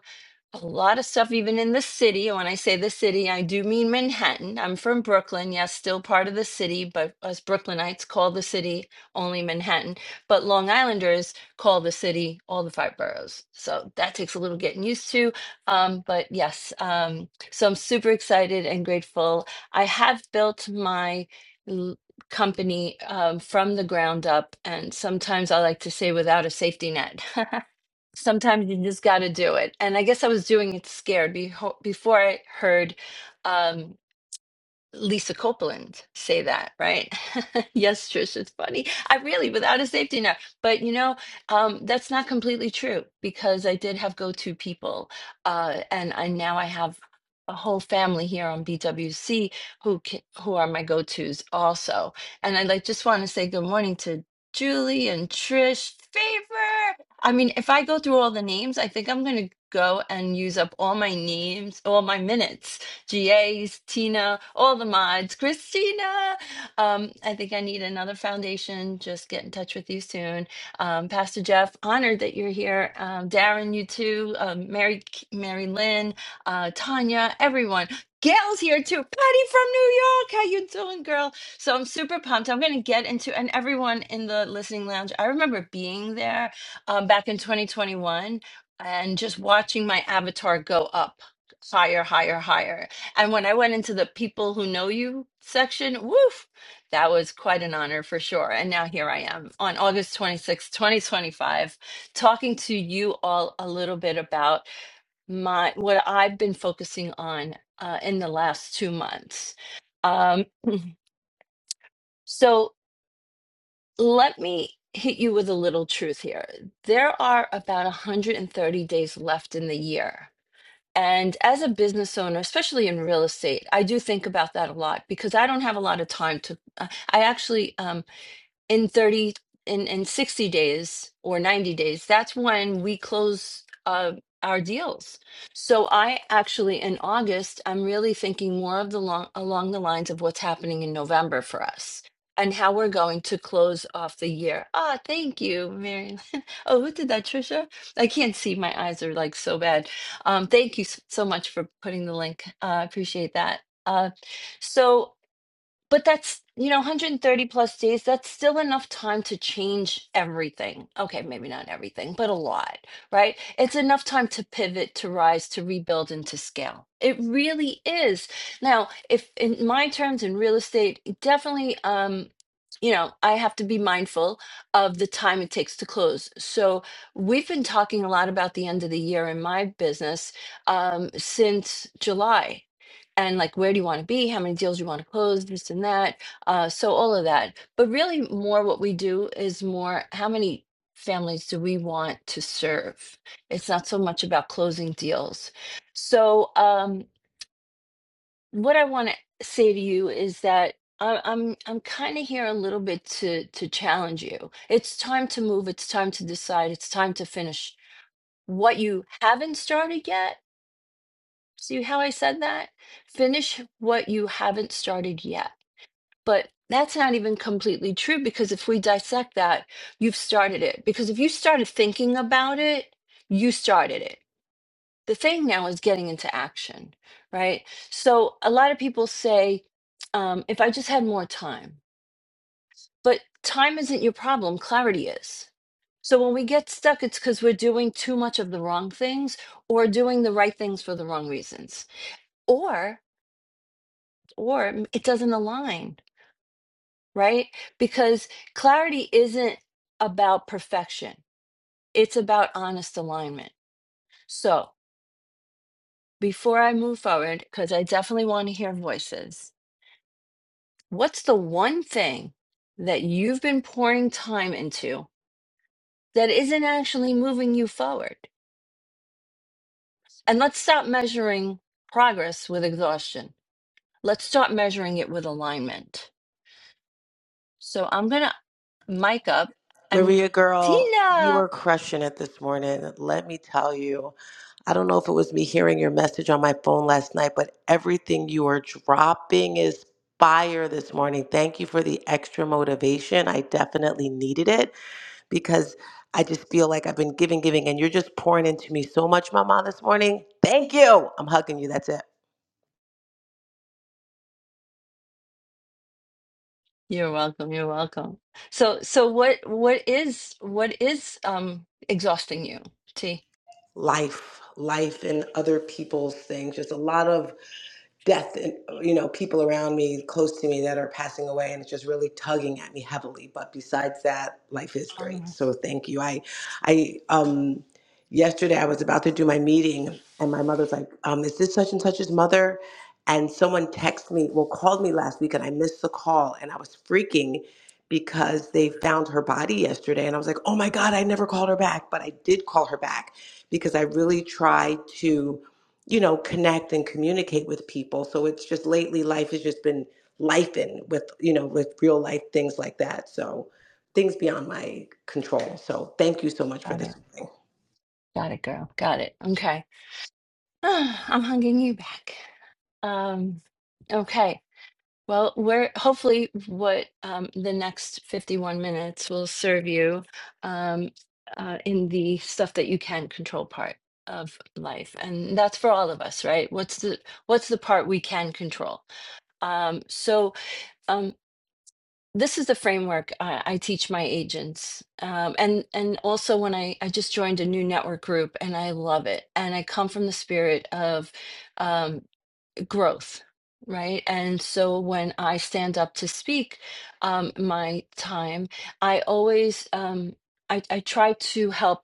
a lot of stuff even in the city when i say the city i do mean manhattan i'm from brooklyn yes still part of the city but us brooklynites call the city only manhattan but long islanders call the city all the five boroughs so that takes a little getting used to um, but yes um, so i'm super excited and grateful i have built my l- company um, from the ground up and sometimes i like to say without a safety net sometimes you just got to do it. And I guess I was doing it scared beho- before I heard, um, Lisa Copeland say that, right? yes, Trish, it's funny. I really, without a safety net. But you know, um, that's not completely true because I did have go-to people, uh, and I now I have a whole family here on BWC who ca- who are my go-tos also. And I like just want to say good morning to Julie and Trish Favor. I mean, if I go through all the names, I think I'm going to go and use up all my names, all my minutes GAs, Tina, all the mods, Christina. Um, I think I need another foundation. Just get in touch with you soon. Um, Pastor Jeff, honored that you're here. Um, Darren, you too. Um, Mary, Mary Lynn, uh, Tanya, everyone. Gail's here too. Patty from New York. How you doing, girl? So I'm super pumped. I'm going to get into and everyone in the listening lounge. I remember being there um, back in 2021 and just watching my avatar go up higher, higher, higher. And when I went into the people who know you section, woof, that was quite an honor for sure. And now here I am on August twenty-sixth, twenty sixth, 2025, talking to you all a little bit about my what I've been focusing on uh, in the last two months. Um, so let me hit you with a little truth here. There are about 130 days left in the year. And as a business owner, especially in real estate, I do think about that a lot because I don't have a lot of time to. uh, I actually um, in 30 in, in 60 days or 90 days that's when we close uh, our deals so i actually in august i'm really thinking more of the long along the lines of what's happening in november for us and how we're going to close off the year ah thank you mary Lynn. oh who did that trisha i can't see my eyes are like so bad um, thank you s- so much for putting the link uh, i uh, appreciate that uh, so but that's you know 130 plus days that's still enough time to change everything okay maybe not everything but a lot right it's enough time to pivot to rise to rebuild and to scale it really is now if in my terms in real estate definitely um you know i have to be mindful of the time it takes to close so we've been talking a lot about the end of the year in my business um, since july and like where do you want to be how many deals you want to close this and that uh, so all of that but really more what we do is more how many families do we want to serve it's not so much about closing deals so um, what i want to say to you is that I- I'm I'm kind of here a little bit to to challenge you. It's time to move. It's time to decide. It's time to finish what you haven't started yet. See how I said that? Finish what you haven't started yet But that's not even completely true because if we dissect that, you've started it. Because if you started thinking about it, you started it. The thing now is getting into action, right? So a lot of people say, um, if I just had more time, but time isn't your problem, clarity is. So when we get stuck, it's because we're doing too much of the wrong things or doing the right things for the wrong reasons. Or or it doesn't align right? Because clarity isn't about perfection, it's about honest alignment. So, before I move forward, because I definitely want to hear voices, what's the one thing that you've been pouring time into that isn't actually moving you forward? And let's stop measuring progress with exhaustion. Let's start measuring it with alignment. So, I'm going to mic up Maria and girl, you Tina. were crushing it this morning. Let me tell you. I don't know if it was me hearing your message on my phone last night, but everything you are dropping is fire this morning. Thank you for the extra motivation. I definitely needed it because I just feel like I've been giving, giving, and you're just pouring into me so much, Mama, this morning. Thank you. I'm hugging you. That's it. You're welcome. You're welcome. So, so what, what is, what is, um, exhausting you? T. Life, life, and other people's things. Just a lot of death and you know people around me close to me that are passing away and it's just really tugging at me heavily but besides that life is Oh, great so thank you i i um yesterday i was about to do my meeting and my mother's like um is this such and such's mother and someone texted me well called me last week and i missed the call and i was freaking because they found her body yesterday and i was like oh my god i never called her back but i did call her back because i really try to you know, connect and communicate with people. So it's just lately life has just been life in with, you know, with real life things like that. So things beyond my control. So thank you so much for got it. this. morning. Got it, girl. Got it. Okay. I'm hugging you back. Um, okay. Well, we're hopefully what um, the next 51 minutes will serve you um, uh, in the stuff that you can control part of life. And that's for all of us, right? What's the what's the part we can control? Um, so um, this is the framework I, I teach my agents um, and and also when I, I just joined a new network group and i love it and i come from the spirit of um, growth right and so when i stand up to speak um, my time i always um, I, I try to help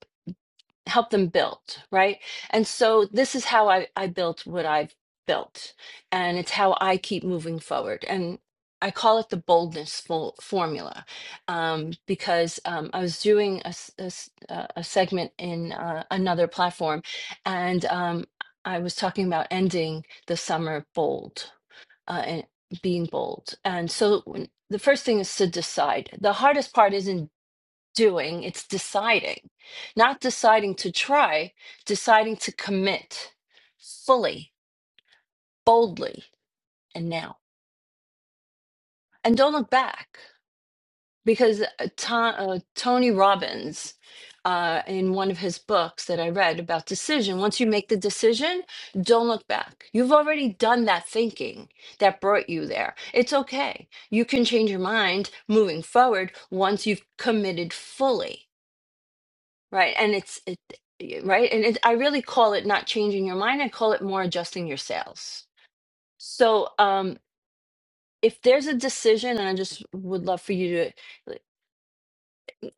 help them build right and so this is how i i built what i've built and it's how i keep moving forward and i call it the boldness fo- formula um, because um, i was doing a, s- a s- uh, a segment in uh, another platform and um, i was talking about ending the summer bold uh, and being bold and so when- the first thing is to decide the hardest part isn't doing, it's deciding, not deciding to try, deciding to commit fully, boldly, and now. And don't look back because uh, To- uh, Tony Robbins, uh, in one of his books that I read about decision, once you make the decision, don't look back. You've already done that thinking that brought you there. It's okay. You can change your mind moving forward once you've committed fully Right. And it's it right. And it, I really call it not changing your mind. I call it more adjusting your sales. So um if there's a decision, and I just would love for you to like,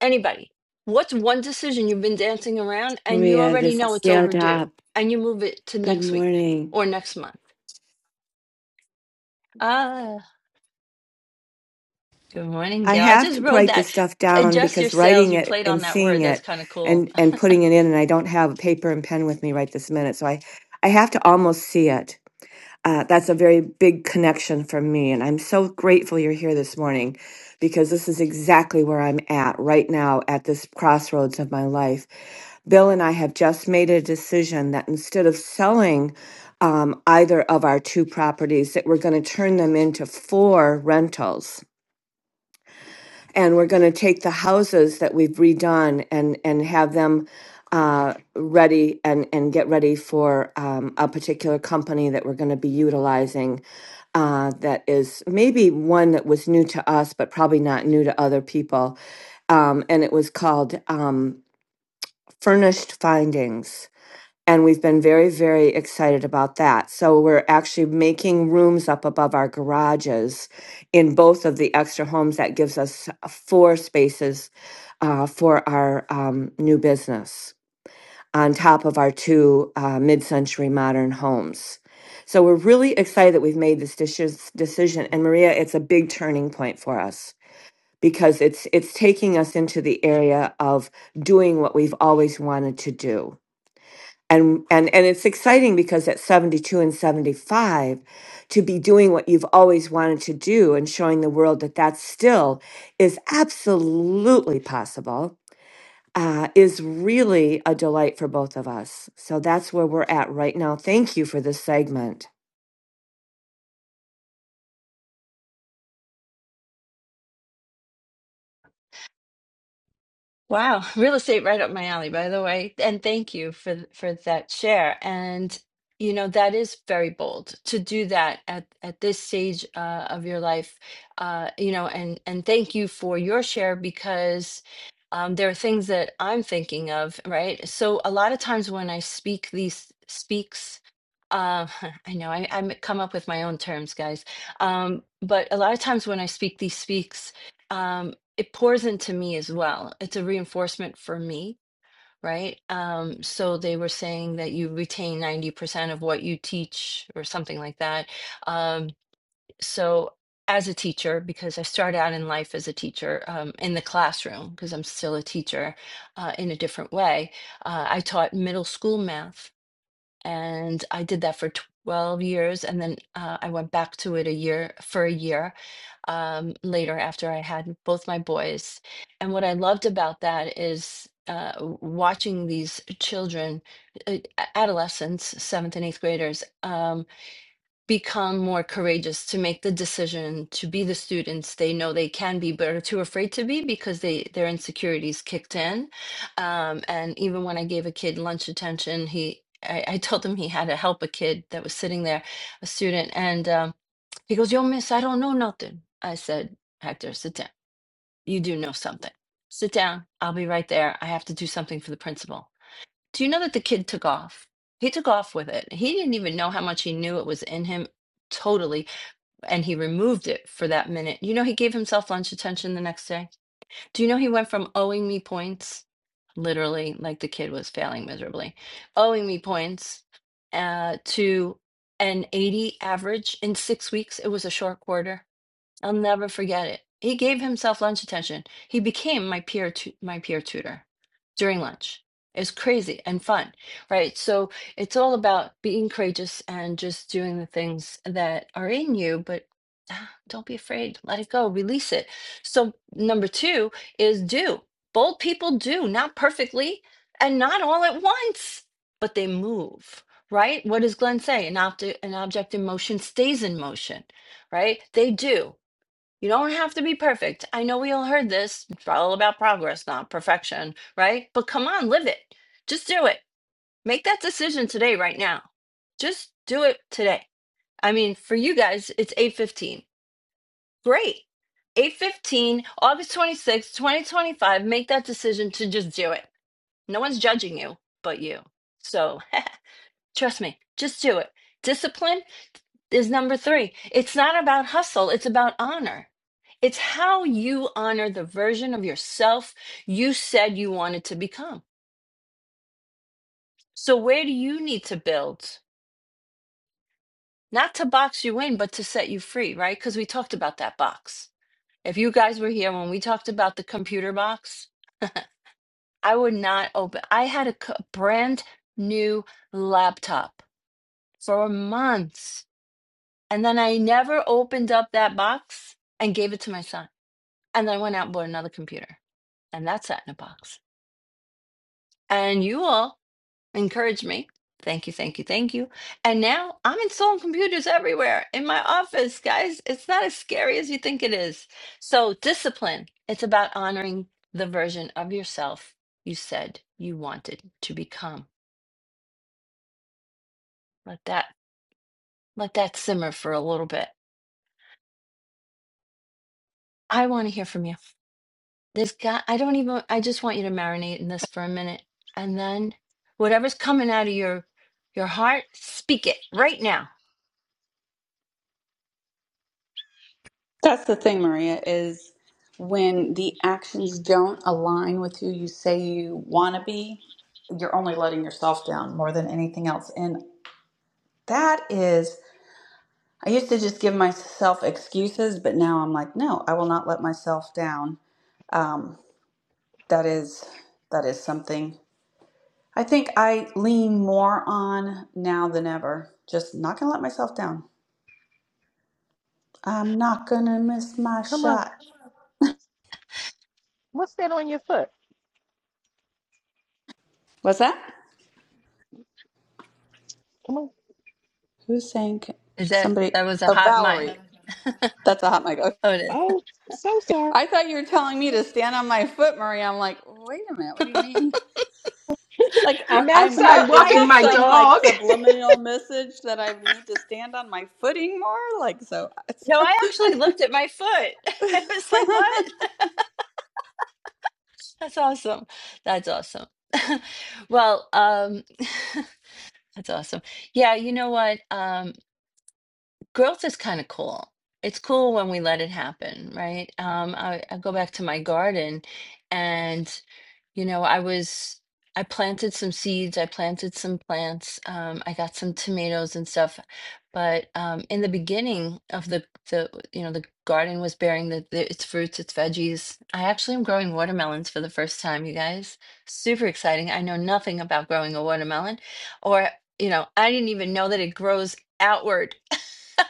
anybody, what's one decision you've been dancing around and you Maria, already this is know it's scaled up. overdue and you move it to Good next week morning. or next month? Ah, good morning, I Gail. I have just to wrote write this that. stuff down Adjust your because sales. writing You it played on and that word. seeing That's it kind of cool. and and putting it in and I don't have a paper and pen with me right this minute. So I I have to almost see it. Uh, that's a very big connection for me. And I'm so grateful you're here this morning because this is exactly where I'm at right now at this crossroads of my life. Bill and I have just made a decision that instead of selling um, either of our two properties, that we're going to turn them into four rentals and we're going to take the houses that we've redone and and have them uh, ready and and get ready for um, a particular company that we're going to be utilizing. Uh, that is maybe one that was new to us, but probably not new to other people. Um, and it was called um, Furnished Findings and we've been very very excited about that so we're actually making rooms up above our garages in both of the extra homes that gives us uh, four spaces uh, for our um, new business on top of our two uh, mid-century modern homes so we're really excited that we've made this deci- decision and maria it's a big turning point for us because it's it's taking us into the area of doing what we've always wanted to do and and and it's exciting because at 72 and 75 to be doing what you've always wanted to do and showing the world that that still is absolutely possible uh, is really a delight for both of us so that's where we're at right now thank you for this segment Wow, real estate right up my alley, by the way. And thank you for th- for that share. And you know, that is very bold to do that at at this stage uh, of your life. Uh, you know, and and thank you for your share because um, there are things that I'm thinking of, right? So a lot of times when I speak these speaks uh, I know I, I come up with my own terms, guys. Um, but a lot of times when I speak these speaks, um, it pours into me as well. It's a reinforcement for me, right? Um, so they were saying that you retain 90% of what you teach or something like that. Um, so as a teacher, because I started out in life as a teacher um, in the classroom, because I'm still a teacher uh, in a different way, uh, I taught middle school math and I did that for 12 years and then uh, I went back to it a year for a year um, later after I had both my boys. And what I loved about that is uh, w- watching these children, uh, adolescents, seventh and eighth graders. Um, become more courageous to make the decision to be the students they know they can be but are too afraid to be because they their insecurities kicked in um, and even when i gave a kid lunch attention he I, I told him he had to help a kid that was sitting there a student and um, he goes yo miss i don't know nothing i said hector sit down you do know something sit down i'll be right there i have to do something for the principal do you know that the kid took off? He took off with it. He didn't even know how much he knew it was in him totally. And he removed it for that minute. You know, he gave himself lunch attention the next day. Do you know he went from owing me points, literally, like the kid was failing miserably, owing me points uh, to an 80 average in six weeks? It was a short quarter. I'll never forget it. He gave himself lunch attention. He became my peer tu- my peer tutor during lunch. It's crazy and fun, right? So it's all about being courageous and just doing the things that are in you, but ah, don't be afraid. Let it go. Release it. So number two is do. Bold people do, not perfectly and not all at once, but they move, right? What does Glenn say? An, opt- an object in motion stays in motion, right? They do you don't have to be perfect. I know we all heard this. It's all about progress, not perfection, right? But come on, live it. Just do it. Make that decision today, right now. Just do it today. I mean, for you guys, it's 8:15. Great. 8:15, August 26, 2025. Make that decision to just do it. No one's judging you but you. So trust me, just do it. Discipline is number three. It's not about hustle, it's about honor. It's how you honor the version of yourself you said you wanted to become. So, where do you need to build? Not to box you in, but to set you free, right? Because we talked about that box. If you guys were here when we talked about the computer box, I would not open. I had a brand new laptop for months. And then I never opened up that box and gave it to my son. And then I went out and bought another computer and that's that in a box. And you all encouraged me. Thank you, thank you, thank you. And now I'm installing computers everywhere in my office, guys. It's not as scary as you think it is. So, discipline, it's about honoring the version of yourself you said you wanted to become. Let that let that simmer for a little bit. I want to hear from you. This guy, I don't even I just want you to marinate in this for a minute. And then whatever's coming out of your your heart, speak it right now That's the thing, Maria, is when the actions don't align with who you say you want to be, you're only letting yourself down more than anything else. And that is I used to just give myself excuses, but now I'm like, no, I will not let myself down. Um, that is that is something I think I lean more on now than ever. Just not gonna let myself down. I'm not gonna miss my Come on. shot. What's that on your foot? What's that? Come on. Who's saying Is that somebody? that was a Oh, hot Valerie. mic? That's a hot mic. Okay. Oh, it is. oh, so sorry. I thought you were telling me to stand on my foot, Maria. I'm like, wait a minute. What do you mean? Like, I'm I'm. No, I, outside is I walking this my actually some like dog. subliminal message that I need to stand on my footing more? Like, so. no, I actually looked at my foot. I was like, "What? That's awesome. That's awesome." well, um that's awesome. Yeah, you know what? Um growth is kind of cool. It's cool when we let it happen, right? Um I, I go back to my garden and you know, I was I planted some seeds, I planted some plants, um, I got some tomatoes and stuff. But um, in the beginning of the the you know the garden was bearing the, the its fruits, its veggies. I actually am growing watermelons for the first time, you guys. Super exciting. I know nothing about growing a watermelon, or you know, I didn't even know that it grows outward.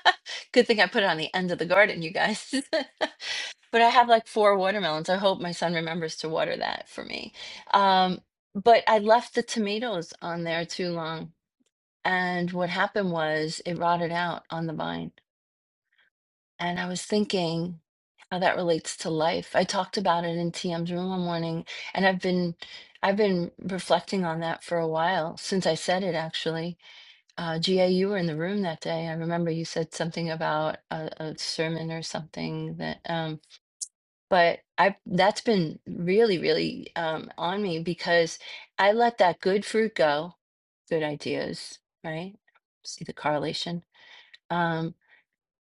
Good thing I put it on the end of the garden, you guys. But I have like four watermelons. I hope my son remembers to water that for me. Um, but I left the tomatoes on there too long. And what happened was it rotted out on the vine. And I was thinking how that relates to life. I talked about it in TM's room one morning, and I've been I've been reflecting on that for a while since I said it actually. Uh, GA, you were in the room that day. I remember you said something about a, a sermon or something that um, but I that's been really, really um, on me because I let that good fruit go, good ideas, right? See the correlation. Um,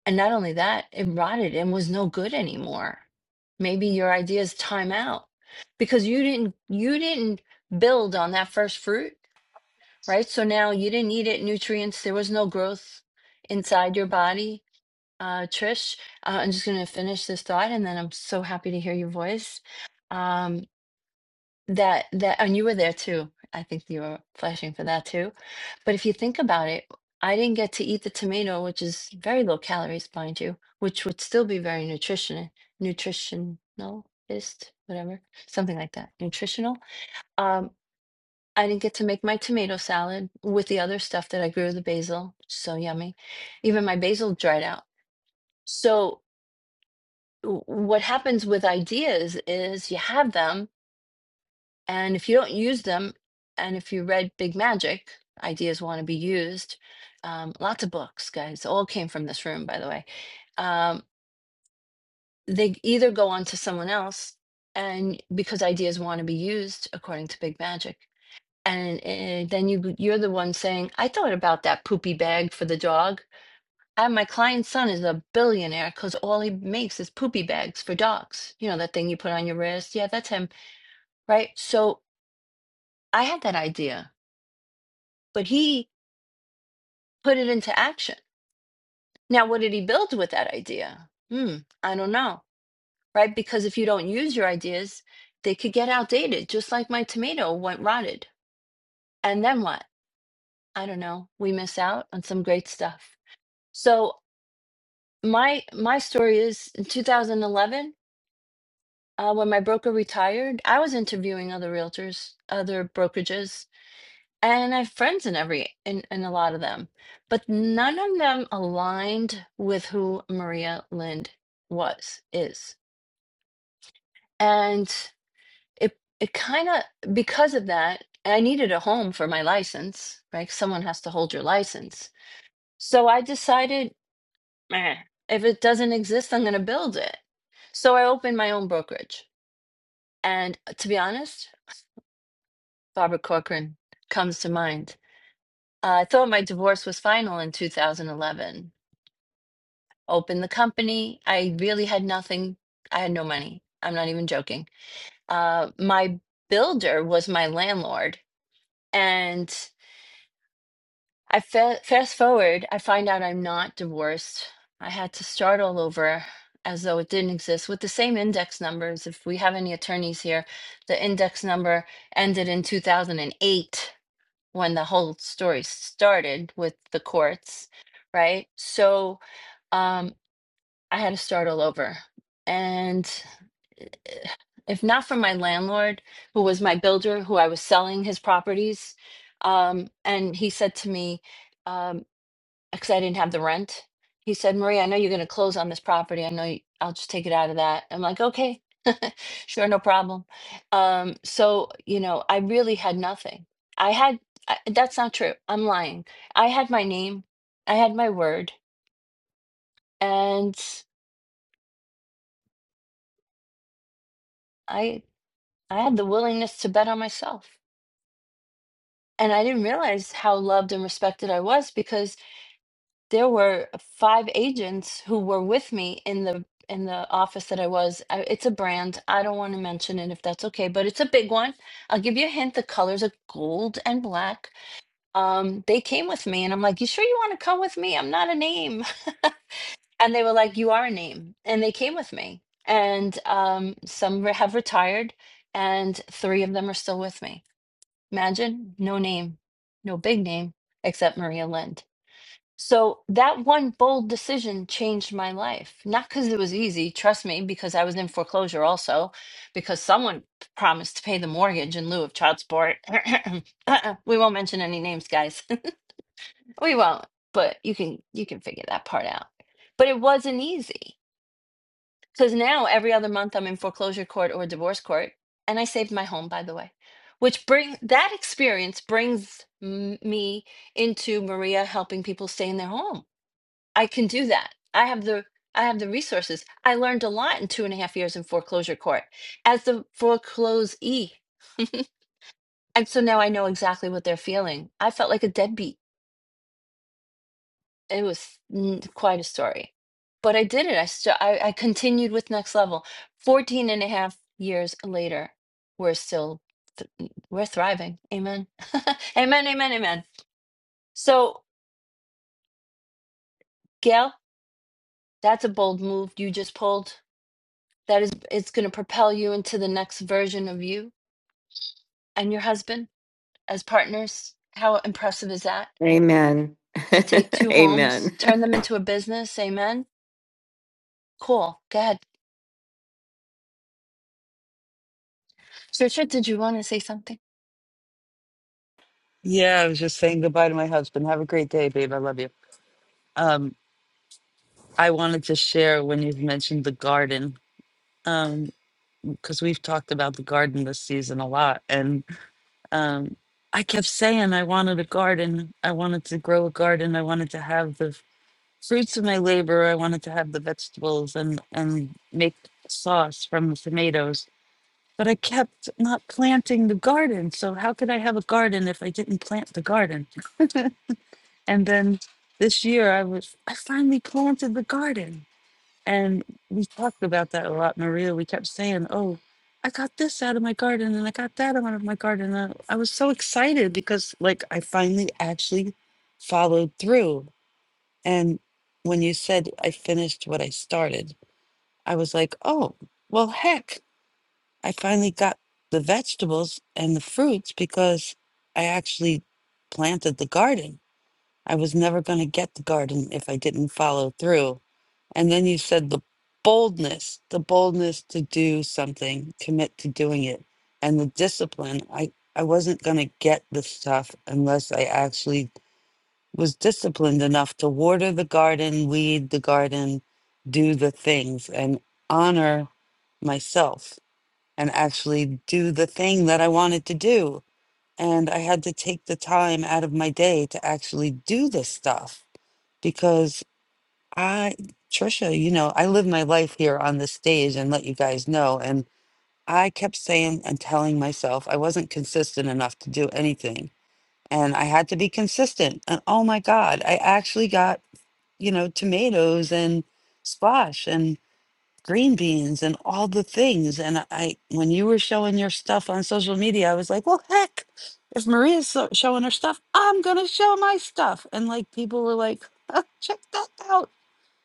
and not only that, it rotted and was no good anymore. Maybe your ideas time out because you didn't you didn't build on that first fruit, right? So now you didn't eat it nutrients. There was no growth inside your body uh, Trish, uh, I'm just going to finish this thought, and then I'm so happy to hear your voice. Um, that that, and you were there too. I think you were flashing for that too. But if you think about it, I didn't get to eat the tomato, which is very low calories, mind you, which would still be very nutrition nutritionalist, whatever, something like that, nutritional. Um, I didn't get to make my tomato salad with the other stuff that I grew, the basil, so yummy. Even my basil dried out. So w- what happens with ideas is you have them, and if you don't use them, and if you read Big Magic, ideas want to be used. Um, lots of books, guys, all came from this room, by the way. Um, they either go on to someone else, and because ideas want to be used according to Big Magic, and uh, then you you're the one saying, "I thought about that poopy bag for the dog," And my client's son is a billionaire because all he makes is poopy bags for dogs. You know, that thing you put on your wrist. Yeah, that's him. Right. So I had that idea, but he put it into action. Now, what did he build with that idea? Hmm. I don't know. Right. Because if you don't use your ideas, they could get outdated, just like my tomato went rotted. And then what? I don't know. We miss out on some great stuff. So my my story is in 2011 Uh, when my broker retired, I was interviewing other realtors, other brokerages, and I have friends in every in, in a lot of them, but none of them aligned with who Maria Lind was, is. And it it kind of because of that, I needed a home for my license, right? Someone has to hold your license. So I decided, "Meh, if it doesn't exist, I'm going to build it. So I opened my own brokerage. And uh, to be honest, Barbara Corcoran comes to mind. Uh, I thought my divorce was final in 2011. Opened the company. I really had nothing. I had no money. I'm not even joking. Uh, my builder was my landlord. And I fa- fast forward, I find out I'm not divorced. I had to start all over as though it didn't exist with the same index numbers. If we have any attorneys here, the index number ended in 2008 when the whole story started with the courts, right? So um, I had to start all over. And eh, if not for my landlord, who was my builder, who I was selling his properties, um, and he said to me, um, because I didn't have the rent. He said, Maria, I know you're going to close on this property. I know you, I'll just take it out of that. I'm like, okay, sure, no problem. Um, so, you know, I really had nothing. I had, I, that's not true. I'm lying. I had my name, I had my word, and I, I had the willingness to bet on myself. And I didn't realize how loved and respected I was because there were five agents who were with me in the in the office that I was. I, it's a brand. I don't want to mention it if that's okay, but it's a big one. I'll give you a hint. The colors are gold and black. Um, they came with me, and I'm like, "You sure you want to come with me? I'm not a name." and they were like, "You are a name," and they came with me. And um, some re- have retired, and three of them are still with me. Imagine no name, no big name, except Maria Lind. So that one bold decision changed my life. Not because it was easy, trust me, because I was in foreclosure also, because someone promised to pay the mortgage in lieu of child support. Uh-uh, we won't mention any names, guys. we won't, but you can you can figure that part out. But it wasn't easy because now every other month I'm in foreclosure court or divorce court, and I saved my home, by the way. Which bring that experience brings m- me into Maria helping people stay in their home I can do that. I have the I have the resources. I learned a lot in two and a half years in foreclosure court as the foreclosee. and so now I know exactly what they're feeling. I felt like a deadbeat. It was mm, quite a story. But I did it. I, st- I I continued with next level. 14 and a half years later, we're still th- we're thriving. Amen. amen, amen, amen. So, Gail, that's a bold move you just pulled that is it's going to propel you into the next version of you and your husband as partners how impressive is that amen to take two amen homes turn them into a business amen cool go ahead richard did you want to say something Yeah, I was just saying goodbye to my husband. Have a great day, babe. I love you. Um, I wanted to share when you have mentioned the garden, um, because we've talked about the garden this season a lot, and um, I kept saying I wanted a garden. I wanted to grow a garden. I wanted to have the fruits of my labor. I wanted to have the vegetables and and make sauce from the tomatoes, but I kept not planting the garden. So how could I have a garden if I didn't plant the garden? and then this year I was I finally planted the garden. And we talked about that a lot, Maria. We kept saying, "Oh, I got this out of my garden and I got that out of my garden." And I was so excited because like I finally actually followed through and when you said I finished what I started, I was like, oh, well, heck, I finally got the vegetables and the fruits because I actually planted the garden. I was never going to get the garden if I didn't follow through. And then you said the boldness, the boldness to do something, commit to doing it, and the discipline. I, I wasn't going to get the stuff unless I actually was disciplined enough to water the garden, weed the garden, do the things, and honor myself and actually do the thing that I wanted to do. And I had to take the time out of my day to actually do this stuff because I, Trisha, you know, I live my life here on the stage and let you guys know. And I kept saying and telling myself I wasn't consistent enough to do anything. And I had to be consistent. And oh my God, I actually got you know, tomatoes and squash and green beans and all the things. And I, when you were showing your stuff on social media, I was like, well, heck, if Maria's so- showing her stuff, I'm going to show my stuff. And like people were like, check that out.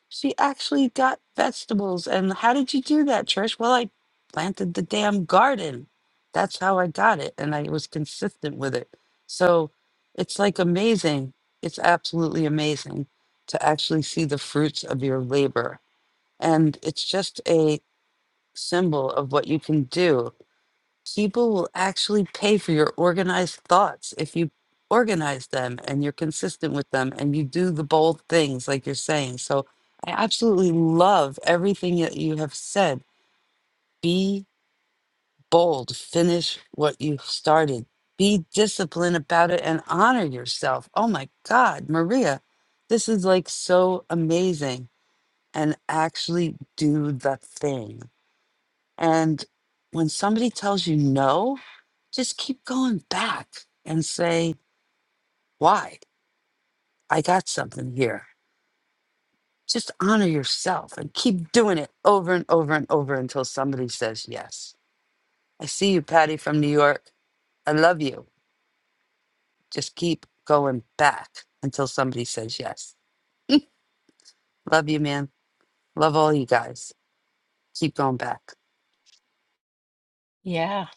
She actually got vegetables. And how did you do that, Trish? Well, I planted the damn garden. That's how I got it. And I was consistent with it. So it's like amazing. It's absolutely amazing to actually see the fruits of your labor. And it's just a symbol of what you can do people will actually pay for your organized thoughts if you organize them and you're consistent with them and you do the bold things like you're saying. So I absolutely love everything that you have said. Be bold, finish what you've started. Be disciplined about it and honor yourself. Oh my God, Maria, this is like so amazing. And actually do the thing. And when somebody tells you no, just keep going back and say, why? I got something here. Just honor yourself and keep doing it over and over and over until somebody says yes. I see you, Patty from New York. I love you. Just keep going back until somebody says yes. Love you, man. Love all you guys. Keep going back. yeah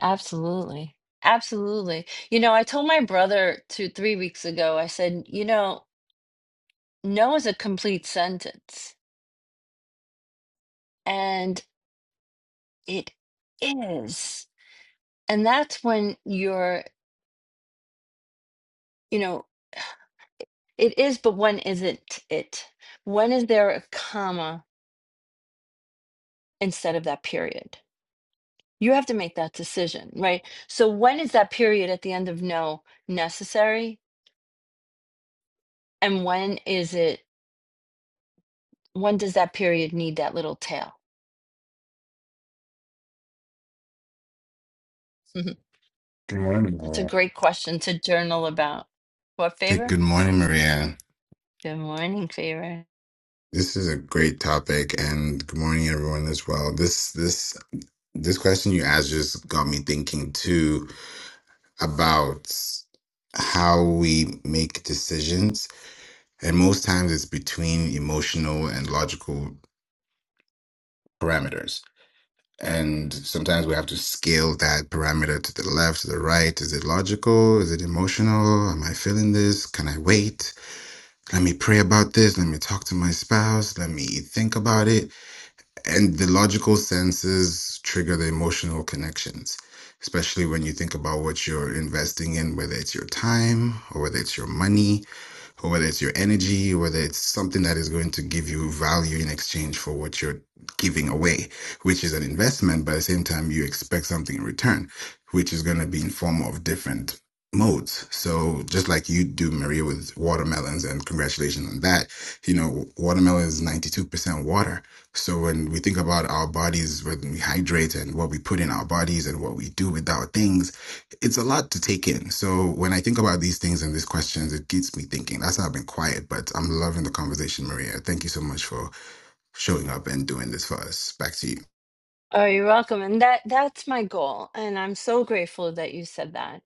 absolutely absolutely you know i told my brother two three weeks ago i said you know no is a complete sentence and it is and that's when you're you know It is, but when isn't it? When is there a comma instead of that period? You have to make that decision, right? So when is that period at the end of no necessary? And when is it, when does that period need that little tail? Mhm. Good morning, That's a Maria. great question to journal about. What Th- favor? Good morning, Maria. Good morning, favor. This is a great topic, and good morning, everyone, as well. This this this question you asked just got me thinking too about how we make decisions, and most times it's between emotional and logical parameters. And sometimes we have to scale that parameter to the left, to the right. Is it logical? Is it emotional? Am I feeling this? Can I wait? Let me pray about this. Let me talk to my spouse. Let me think about it. And the logical senses trigger the emotional connections, especially when you think about what you're investing in, whether it's your time or whether it's your money or whether it's your energy, or whether it's something that is going to give you value in exchange for what you're giving away, which is an investment, but at the same time, you expect something in return, which is going to be in form of different modes. So just like you do, Maria, with watermelons, and congratulations on that. You know, watermelon is 92% water. So when we think about our bodies, when we hydrate and what we put in our bodies and what we do with our things, it's a lot to take in. So when I think about these things and these questions, it gets me thinking. That's why I've been quiet, but I'm loving the conversation, Maria. Thank you so much for showing up and doing this for us. Back to you. Oh, you're welcome. And that that's my goal. And I'm so grateful that you said that.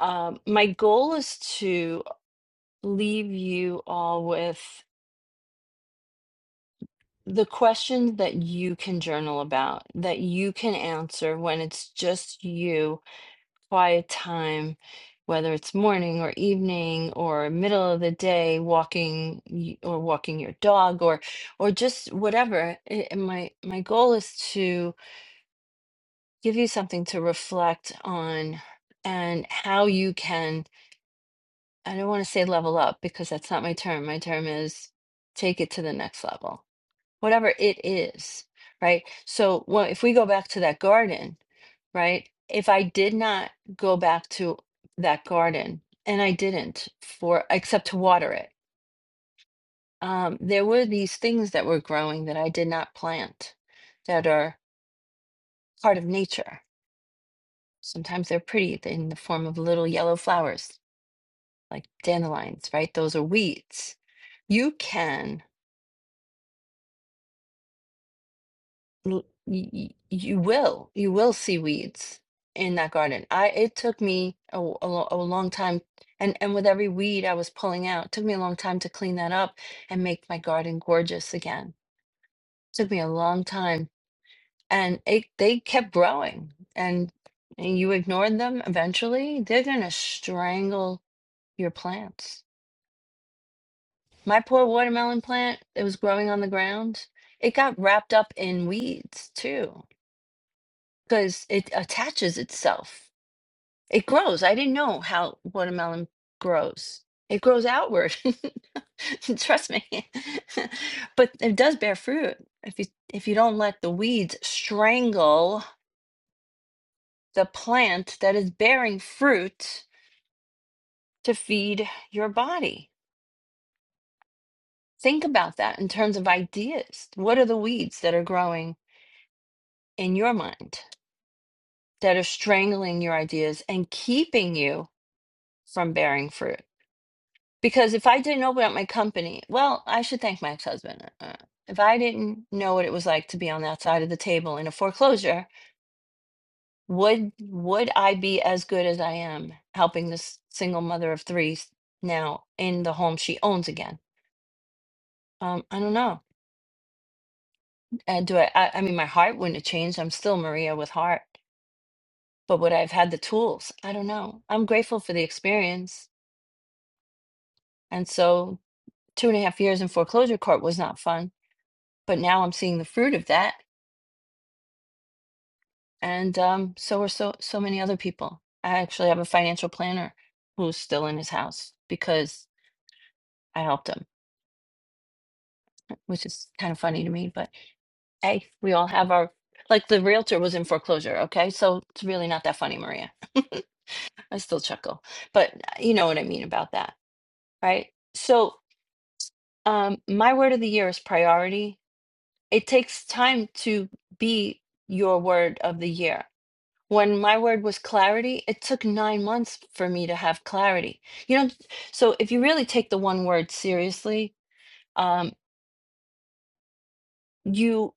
Um, my goal is to leave you all with the questions that you can journal about, that you can answer when it's just you, quiet time, whether it's morning or evening or middle of the day, walking y- or walking your dog or or just whatever. I- I- my my goal is to give you something to reflect on and how you can, I don't want to say level up because that's not my term. My term is take it to the next level whatever it is, right? So well, if we go back to that garden, right? If I did not go back to that garden and I didn't for except to water it, um, there were these things that were growing that I did not plant that are part of nature. Sometimes they're pretty in the form of little yellow flowers like dandelions, right? Those are weeds. You can l- y- y- you will you will see weeds in that garden i it took me a, w- a lo- a long time and and with every weed i was pulling out it took me a long time to clean that up and make my garden gorgeous again took me a long time and it they kept growing and, and you ignored them eventually they're gonna strangle your plants my poor watermelon plant it was growing on the ground it got wrapped up in weeds too because it attaches itself. It grows. I didn't know how watermelon grows. It grows outward. Trust me. but it does bear fruit if you if you don't let the weeds strangle the plant that is bearing fruit to feed your body. Think about that in terms of ideas. What are the weeds that are growing in your mind that are strangling your ideas and keeping you from bearing fruit? Because if I didn't open up my company, well, I should thank my ex-husband. Uh, uh, if I didn't know what it was like to be on that side of the table in a foreclosure, would would I be as good as I am helping this single mother of three s- now in the home she owns again? Um, I don't know. And do I, I? I mean, my heart wouldn't have changed. I'm still Maria with heart, but would I have had the tools? I don't know. I'm grateful for the experience, and so two and a half years in foreclosure court was not fun, but now I'm seeing the fruit of that and um, so are so so many other people. I actually have a financial planner who's still in his house because I helped him, which is kind of funny to me. But hey, we all have our like the realtor was in foreclosure. Okay, so it's really not that funny, Maria. I still chuckle, but uh, you know what I mean about that, right? So um, my word of the year is priority. It takes time to be your word of the year when my word was clarity, it took nine months for me to have clarity. You know, so if you really take the one word seriously, um, you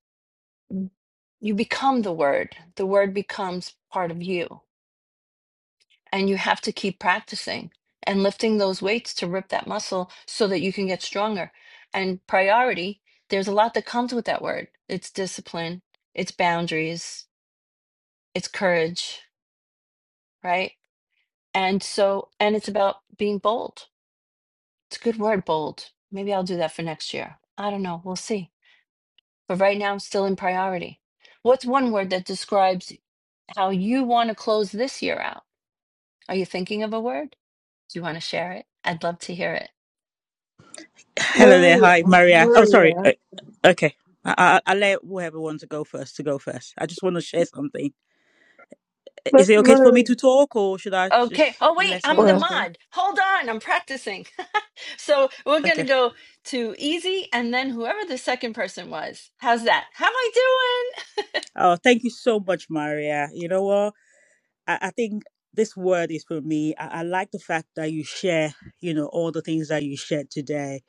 you become the word. The word becomes part of you, and you have to keep practicing and lifting those weights to rip that muscle so that you can get stronger. And priority, there's a lot that comes with that word. It's discipline, it's boundaries, it's courage, right? And so, and it's about being bold It's a good word, bold. Maybe I'll do that for next year. I don't know. We'll see. But right now, I'm still in priority. What's one word that describes how you want to close this year out? Are you thinking of a word? Do you want to share it? I'd love to hear it. Hello there. Maria, Hi, Maria. Oh, sorry. Maria, Uh, Okay. I, I, I'll let whoever wants to go first to go first. I just want to share something. I- Is Ma- it okay for me Maria. to talk or should I Okay. just Oh, wait, let I'm someone the else Well, go? mod. Hold on. I'm practicing. so we're going to Okay. go to easy and then whoever the second person was. How's that? How am I doing? Oh, thank you so much, Maria. You know what? I, I think this word is for me. I, I like the fact that you share, you know, all the things that you shared today.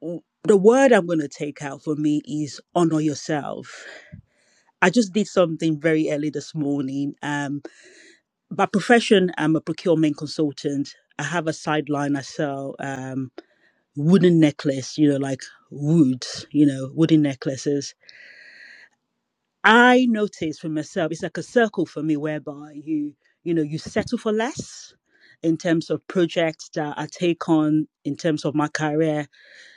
W- The word I'm going to take out for me is honor yourself. I just did something very early this morning. Um, by profession, I'm a procurement consultant. I have a sideline. I sell um, wooden necklace, you know, like woods, you know, wooden necklaces. I noticed for myself, it's like a circle for me whereby you, you know, you settle for less in terms of projects that I take on in terms of my career.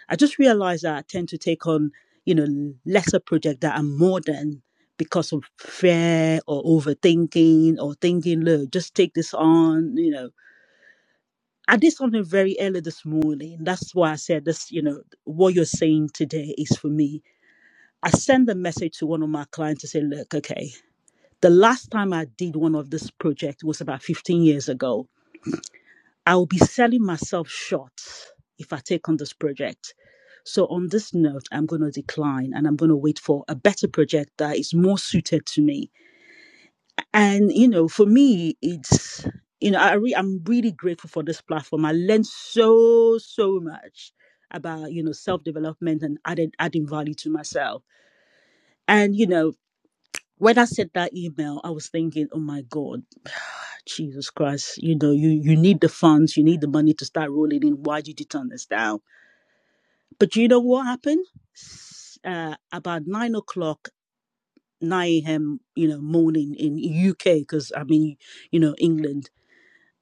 I just realized that I tend to take on, you know, lesser projects that are more than because of fear or overthinking or thinking, look, just take this on, you know I did something very early this morning. That's why I said this, you know, what you're saying today is for me. I sent a message to one of my clients to say, look, okay, the last time I did one of this project was about 15 years ago. I will be selling myself short if I take on this project. So on this note, I'm going to decline and I'm going to wait for a better project that is more suited to me and you know, for me, it's you know, I re- I'm really grateful for this platform. I learned so so much about you know self development and added adding value to myself. And you know, when I sent that email, I was thinking, oh my god, Jesus Christ, you know, you you need the funds, you need the money to start rolling in. Why did you turn this down? But you know what happened? S- Uh, about nine o'clock, nine a.m. you know morning in UK because I'm in you know England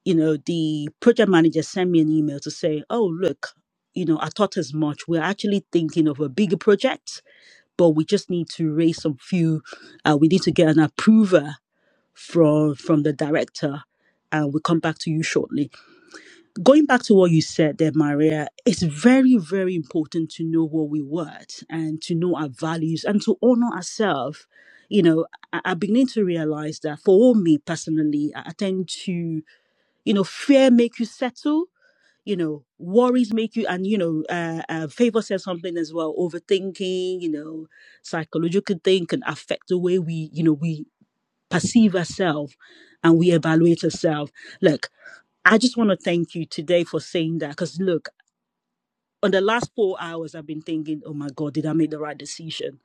you know, the project manager sent me an email to say, oh, look, you know, I thought as much. We're actually thinking of a bigger project, but we just need to raise some few, uh, we need to get an approver from from the director and we'll come back to you shortly. Going back to what you said there, Maria, it's very, very important to know what we want and to know our values and to honor ourselves. You know, I, I beginning to realize that for me personally, I I tend to you know fear make you settle you know worries make you and you know uh, uh favor says something as well overthinking you know psychological thing can affect the way we you know we perceive ourselves and we evaluate ourselves look i just want to thank you today for saying that because look on the last four hours i've been thinking oh my god did i make the right decision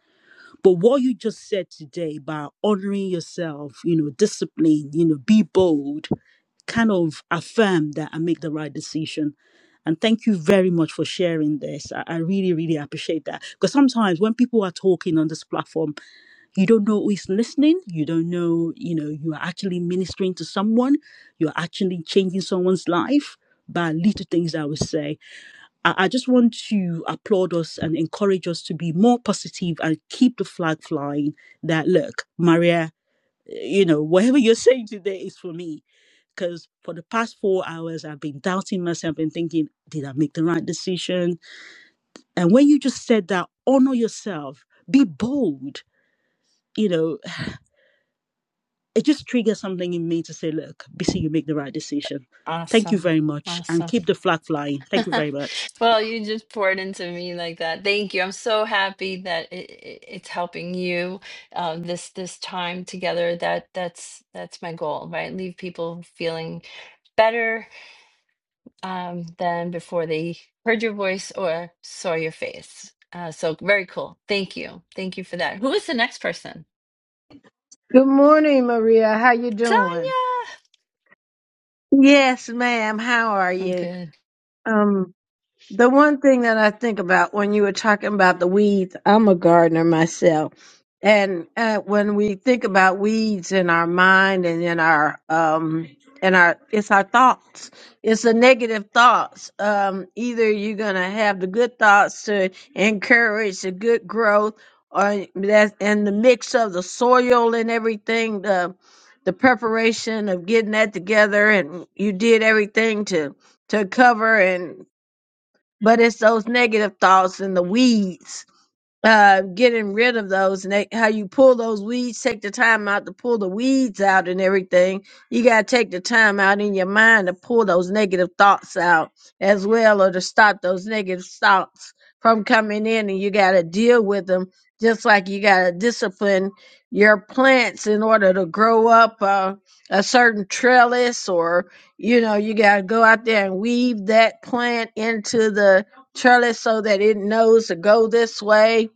but what you just said today about honoring yourself you know discipline you know be bold kind of affirm that I make the right decision. And thank you very much for sharing this. I, I really, really appreciate that. Because sometimes when people are talking on this platform, you don't know who is listening. You don't know, you know, you are actually ministering to someone. You're actually changing someone's life by little things I would say. I, I just want to applaud us and encourage us to be more positive and keep the flag flying that, look, Maria, you know, whatever you're saying today is for me because for the past four hours I've been doubting myself and thinking, did I make the right decision? And when you just said that, honor yourself, be bold, you know, it just triggers something in me to say, look, BC, you make the right decision. Thank you awesome. very much and Awesome. keep the flag flying. Thank you very much. Well, you just poured into me like that. Thank you. I'm so happy that it, it, it's helping you um, this this time together. That that's that's my goal, right? Leave people feeling better um, than before they heard your voice or saw your face. Uh, so very cool. Thank you. Thank you for that. Who is the next person? Good morning, Maria. How you doing? Tanya. yes, ma'am. How are I'm you? good. Um, The one thing that I think about when you were talking about the weeds, I'm a gardener myself. And uh, when we think about weeds in our mind and in our um in our it's our thoughts. It's the negative thoughts. Um either you're going to have the good thoughts to encourage the good growth or that and the mix of the soil and everything the the preparation of getting that together and you did everything to to cover and but it's those negative thoughts and the weeds uh, getting rid of those and they, how you pull those weeds, take the time out to pull the weeds out and everything. You got to take the time out in your mind to pull those negative thoughts out as well or to stop those negative thoughts from coming in and you got to deal with them just like you got to discipline your plants in order to grow up uh, a certain trellis or you know you got to go out there and weave that plant into the trellis so that it knows to go this way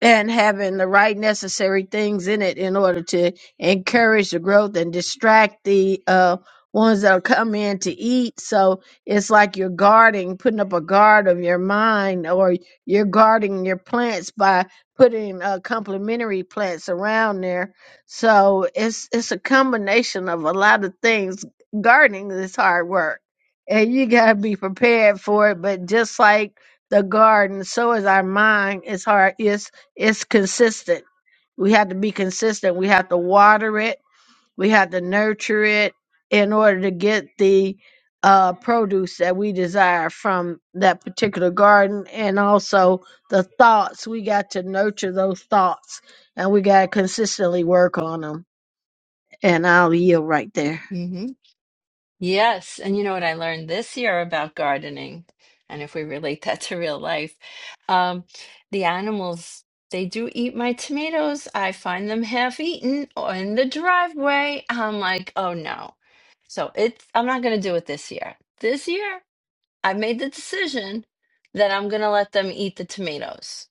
and having the right necessary things in it in order to encourage the growth and distract the uh, ones that'll come in to eat. So it's like you're guarding, putting up a guard of your mind, or you're guarding your plants by putting uh, complementary plants around there. So it's it's a combination of a lot of things. Gardening is hard work, and you gotta be prepared for it. But just like the garden, so is our mind. It's hard. It's it's consistent. We have to be consistent. We have to water it. We have to nurture it in order to get the uh, produce that we desire from that particular garden and also the thoughts. We got to nurture those thoughts and we got to consistently work on them. And I'll yield right there. hmm Yes. And you know what I learned this year about gardening, and if we relate that to real life, um, the animals, they do eat my tomatoes. I find them half eaten or in the driveway. I'm like, oh no. So it's, I'm not going to do it this year. This year, I've made the decision that I'm going to let them eat the tomatoes.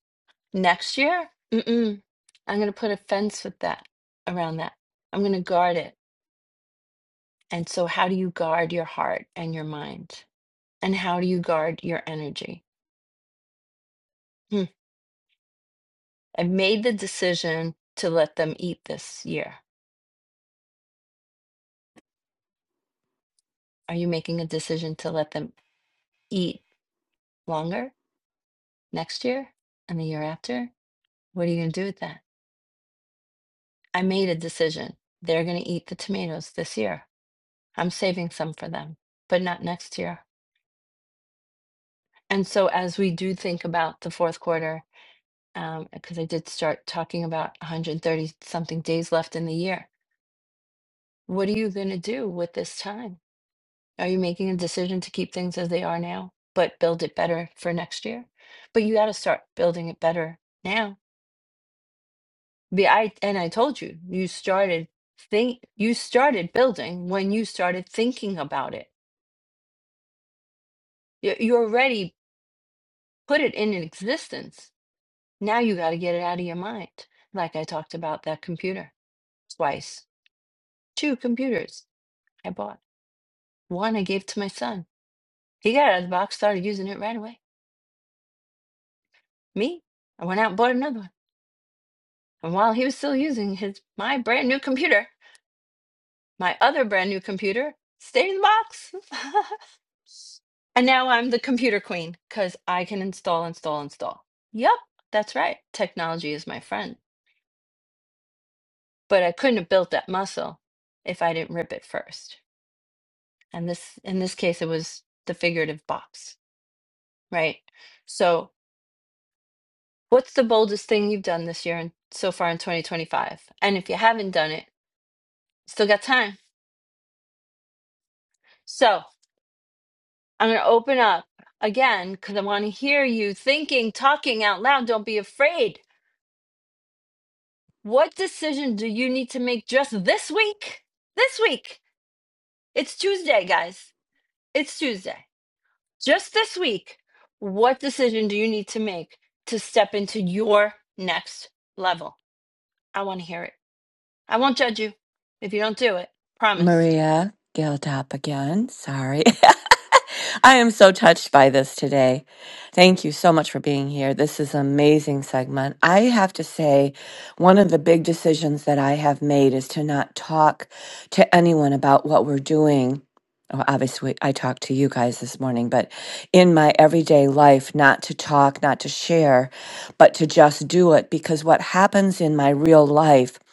Next year, mm-mm, I'm going to put a fence with that around that. I'm going to guard it. And so, how do you guard your heart and your mind? And how do you guard your energy? Hmm. I made the decision to let them eat this year. Are you making a decision to let them eat longer next year and the year after? What are you going to do with that? I made a decision. They're going to eat the tomatoes this year. I'm saving some for them, but not next year. And so as we do think about the fourth quarter, um, because I did start talking about 130 something days left in the year, what are you going to do with this time? Are you making a decision to keep things as they are now, but build it better for next year? But you got to start building it better now. Be- I and I told you, you started think you started building when you started thinking about it. You, you already put it in existence Now you got to get it out of your mind. Like I talked about that computer twice. Two computers I bought. One I gave to my son. He got out of the box, started using it right away. Me, I went out and bought another one. And while he was still using his my brand new computer, my other brand new computer stayed in the box. and now I'm the computer queen because I can install, install, install. Yup, that's right. Technology is my friend. But I couldn't have built that muscle if I didn't rip it first. and this in this case it was the figurative box right so what's the boldest thing you've done this year and so far in 2025 and if you haven't done it still got time so i'm going to open up again because i want to hear you thinking talking out loud don't be afraid what decision do you need to make just this week this week it's tuesday guys it's tuesday just this week what decision do you need to make to step into your next level I want to hear it. I won't judge you if you don't do it. Promise. Maria Guild up again. Sorry. I am so touched by this today. Thank you so much for being here. This is an amazing segment. I have to say, one of the big decisions that I have made is to not talk to anyone about what we're doing. Well, obviously, I talked to you guys this morning, but in my everyday life, not to talk, not to share, but to just do it. Because what happens in my real life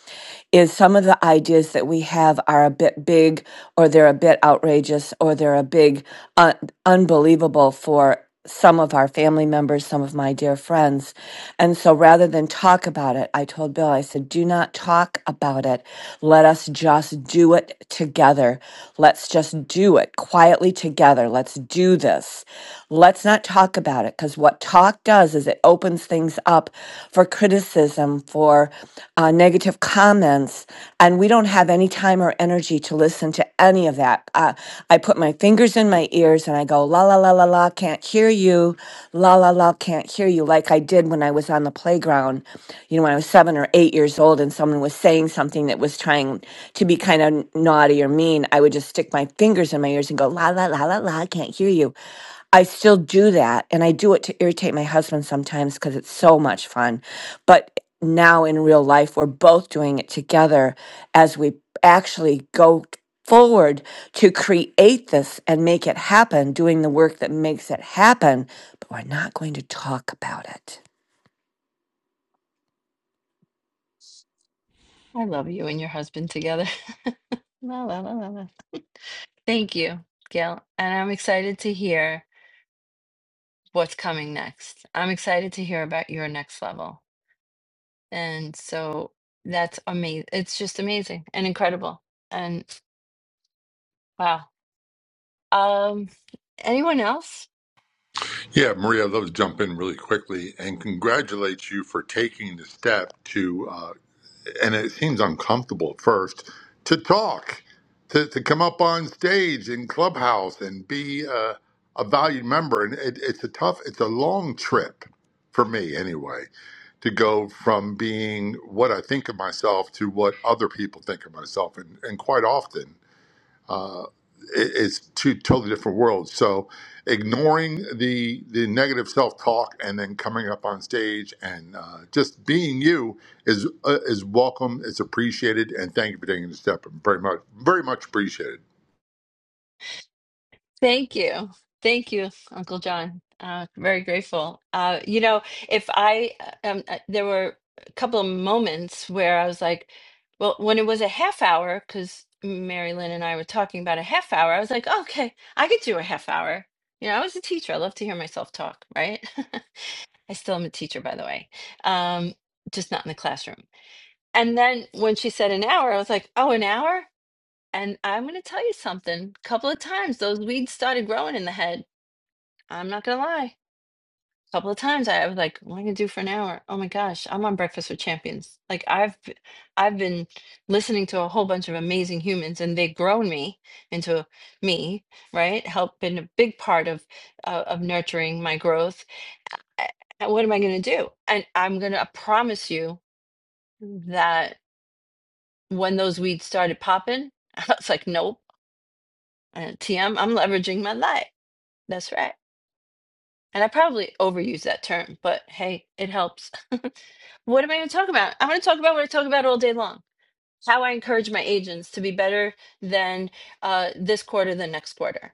is some of the ideas that we have are a bit big or they're a bit outrageous or they're a big uh, unbelievable for some of our family members, some of my dear friends. And so rather than talk about it, I told Bill, I said, do not talk about it. Let us just do it together. Let's just do it quietly together. Let's do this. Let's not talk about it because what talk does is it opens things up for criticism, for uh, negative comments, and we don't have any time or energy to listen to any of that. Uh, I put my fingers in my ears and I go, la la la la la, can't hear you, la la la, can't hear you, like I did when I was on the playground, you know, when I was seven or eight years old and someone was saying something that was trying to be kind of naughty or mean. I would just stick my fingers in my ears and go, la la la la la, I can't hear you. I still do that, and I do it to irritate my husband sometimes because it's so much fun. But now in real life, we're both doing it together as we actually go t- forward to create this and make it happen, doing the work that makes it happen. But we're not going to talk about it. I love you and your husband together. la, la, la, la, la. Thank you, Gail. And I'm excited to hear what's coming next. I'm excited to hear about your next level. And so that's amazing. It's just amazing and incredible. And wow. Um, anyone else? Yeah, Maria, I'd love to jump in really quickly and congratulate you for taking the step to, uh, and it seems uncomfortable at first, to talk, to, to come up on stage in Clubhouse and be uh, a valued member. And it, it's a tough, it's a long trip for me anyway, to go from being what I think of myself to what other people think of myself. And, and quite often, it- it's two totally different worlds. So ignoring the the negative self talk and then coming up on stage and uh, just being you is uh, is welcome. It's appreciated, and thank you for taking the step. Very much, very much appreciated. Thank you. Thank you, Uncle John. Uh, very grateful. Uh, you know, if I, uh, um, uh, there were a couple of moments where I was like, well, when it was a half hour, because Mary Lynn and I were talking about a half hour, I was like, okay, I could do a half hour. You know, I was a teacher. I love to hear myself talk, right? I still am a teacher, by the way, um, just not in the classroom. And then when she said an hour, I was like, oh, an hour? And I'm going to tell you something. A couple of times those weeds started growing in the head. I'm not going to lie. A couple of times I was like, what am I going to do for an hour? Oh my gosh, I'm on Breakfast with Champions. Like I've b- I've been listening to a whole bunch of amazing humans and they've grown me into me, right? Help been a big part of uh, of nurturing my growth. A- a- What am I going to do? And I'm going to promise you that when those weeds started popping, I was like, nope, uh, TM, I'm leveraging my life. That's right. And I probably overuse that term, but hey, it helps. what am I going to talk about? I'm going to talk about what I talk about all day long how I encourage my agents to be better than uh, this quarter than next quarter.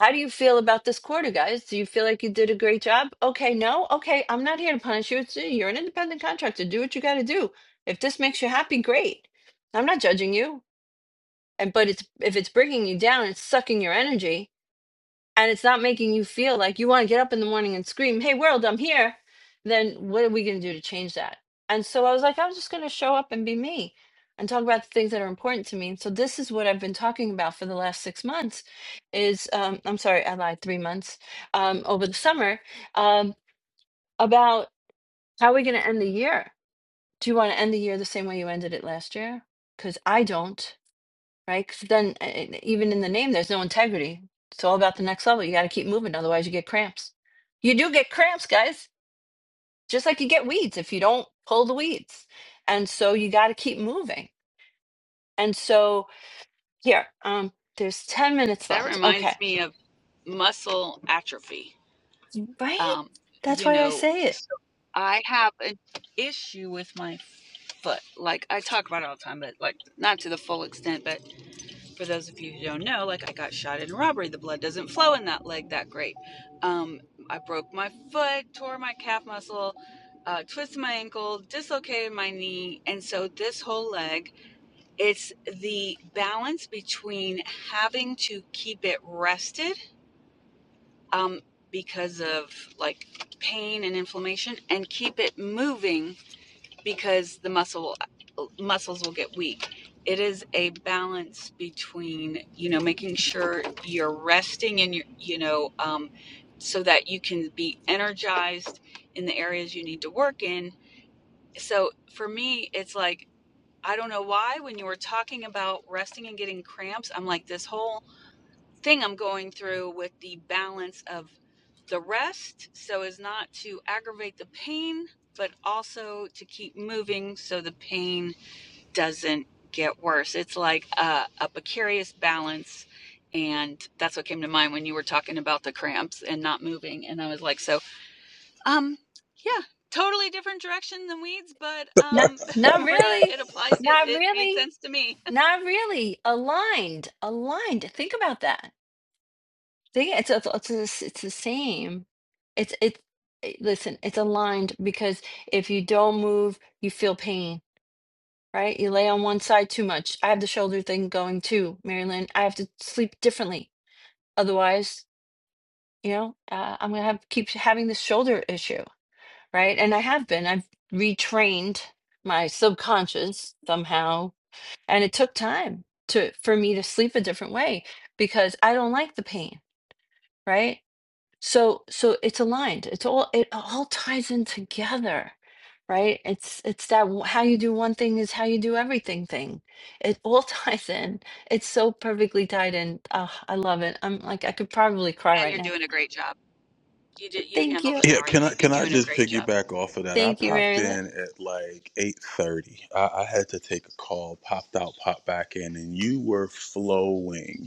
How do you feel about this quarter, guys? Do you feel like you did a great job? Okay, no? Okay, I'm not here to punish you. It's, you're an independent contractor. Do what you got to do. If this makes you happy, great. I'm not judging you. And but it's if it's bringing you down, it's sucking your energy and it's not making you feel like you want to get up in the morning and scream, Hey, world, I'm here, then what are we going to do to change that? And so I was like, I'm just going to show up and be me and talk about the things that are important to me. And so this is what I've been talking about for the last six months is, um, I'm sorry, I lied, three months um, over the summer um, about how are we going to end the year? Do you want to end the year the same way you ended it last year? Because I don't right? Because then, uh, uh, even in the name, there's no integrity. It's all about the next level. You got to keep moving, otherwise, you get cramps. You do get cramps, guys, just like you get weeds if you don't pull the weeds. And so, you got to keep moving. And so, here, um, there's 10 minutes That left. Okay. reminds me of muscle atrophy. Right? Um, That's you why I know, say it. so I have an issue with my foot. Like I talk about it all the time, but like not to the full extent. but. for those of you who don't know, like I got shot in robbery. The blood doesn't flow in that leg that great. Um, I broke my foot, tore my calf muscle, uh, twisted my ankle, dislocated my knee. And so this whole leg, it's the balance between having to keep it rested um, because of like pain and inflammation and keep it moving because the muscle muscles will get weak. It is a balance between you know making sure you're resting and you you know um, so that you can be energized in the areas you need to work in. So for me, it's like I don't know why when you were talking about resting and getting cramps, I'm like this whole thing I'm going through with the balance of the rest so as not to aggravate the pain, but also to keep moving so the pain doesn't get worse. It's like a, a precarious balance. And that's what came to mind when you were talking about the cramps and not moving. And I was like, so, um, yeah, totally different direction than weeds, but Not, um, not Maria, really. it applied. It, Not it made really. sense to me. Not really. Aligned. Aligned. Think about that See, it's it's it's the it's the same. It's it's eh, listen, it's aligned because if you don't move, you feel pain, right? You lay on one side too much. I have the shoulder thing going too, Marilyn. I have to sleep differently. Otherwise, you know, uh, I'm gonna have keep having this shoulder issue, right? And I have been. I've retrained my subconscious somehow, and it took time to for me to sleep a different way because I don't like the pain, right? So so it's aligned. It's all it all ties in together, right? It's it's that w- how you do one thing is how you do everything thing. It all ties in. It's so perfectly tied in. Oh, I love it. I'm like I could probably cry And right you're now. doing a great job. You did. You Thank handled you. an Yeah, hour. can You're, I you're can I doing a just great job. piggyback off of that? I Thank you, popped Marilyn. in at like eight thirty. I, I had to take a call. Popped out, popped back in, and you were flowing.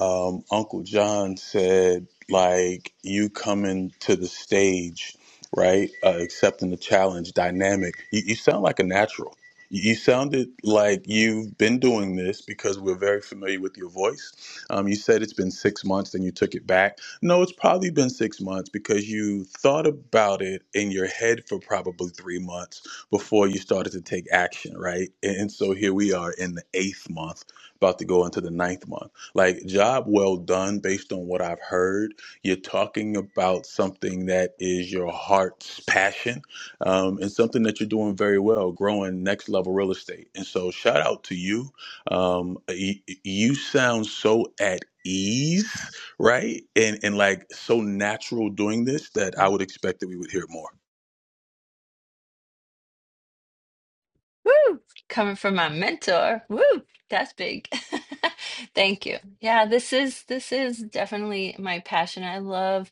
um, Uncle John said, like, you coming to the stage, right? Uh, accepting the challenge, dynamic. You, you sound like a natural. You sounded like you've been doing this because we're very familiar with your voice. Um, you said it's been six months, and you took it back. No, it's probably been six months because you thought about it in your head for probably three months before you started to take action, right? And, and so here we are in the eighth month, about to go into the ninth month like, job well done, based on what I've heard. You're talking about something that is your heart's passion um, and something that you're doing very well, growing next level real estate. And so, shout out to you. Um, you, you sound so at ease, right? And, and like so natural doing this that I would expect that we would hear more. Woo! Coming from my mentor. Woo! That's big. Thank you. Yeah, this is this is definitely my passion. I love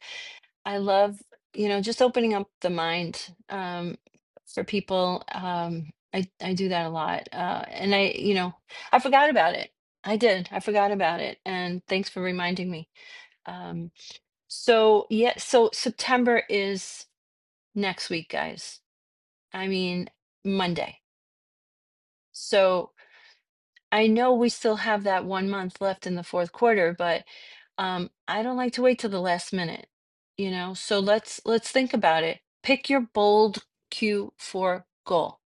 I love, you know, just opening up the mind um, for people. Um, I I do that a lot, uh, and I, you know, I forgot about it. I did. I forgot about it, and thanks for reminding me. Um, so yeah, so September is next week, guys. I mean Monday. So I know we still have that one month left in the fourth quarter, but um, I don't like to wait till the last minute, you know? So let's let's think about it. Pick your bold Q4 goal,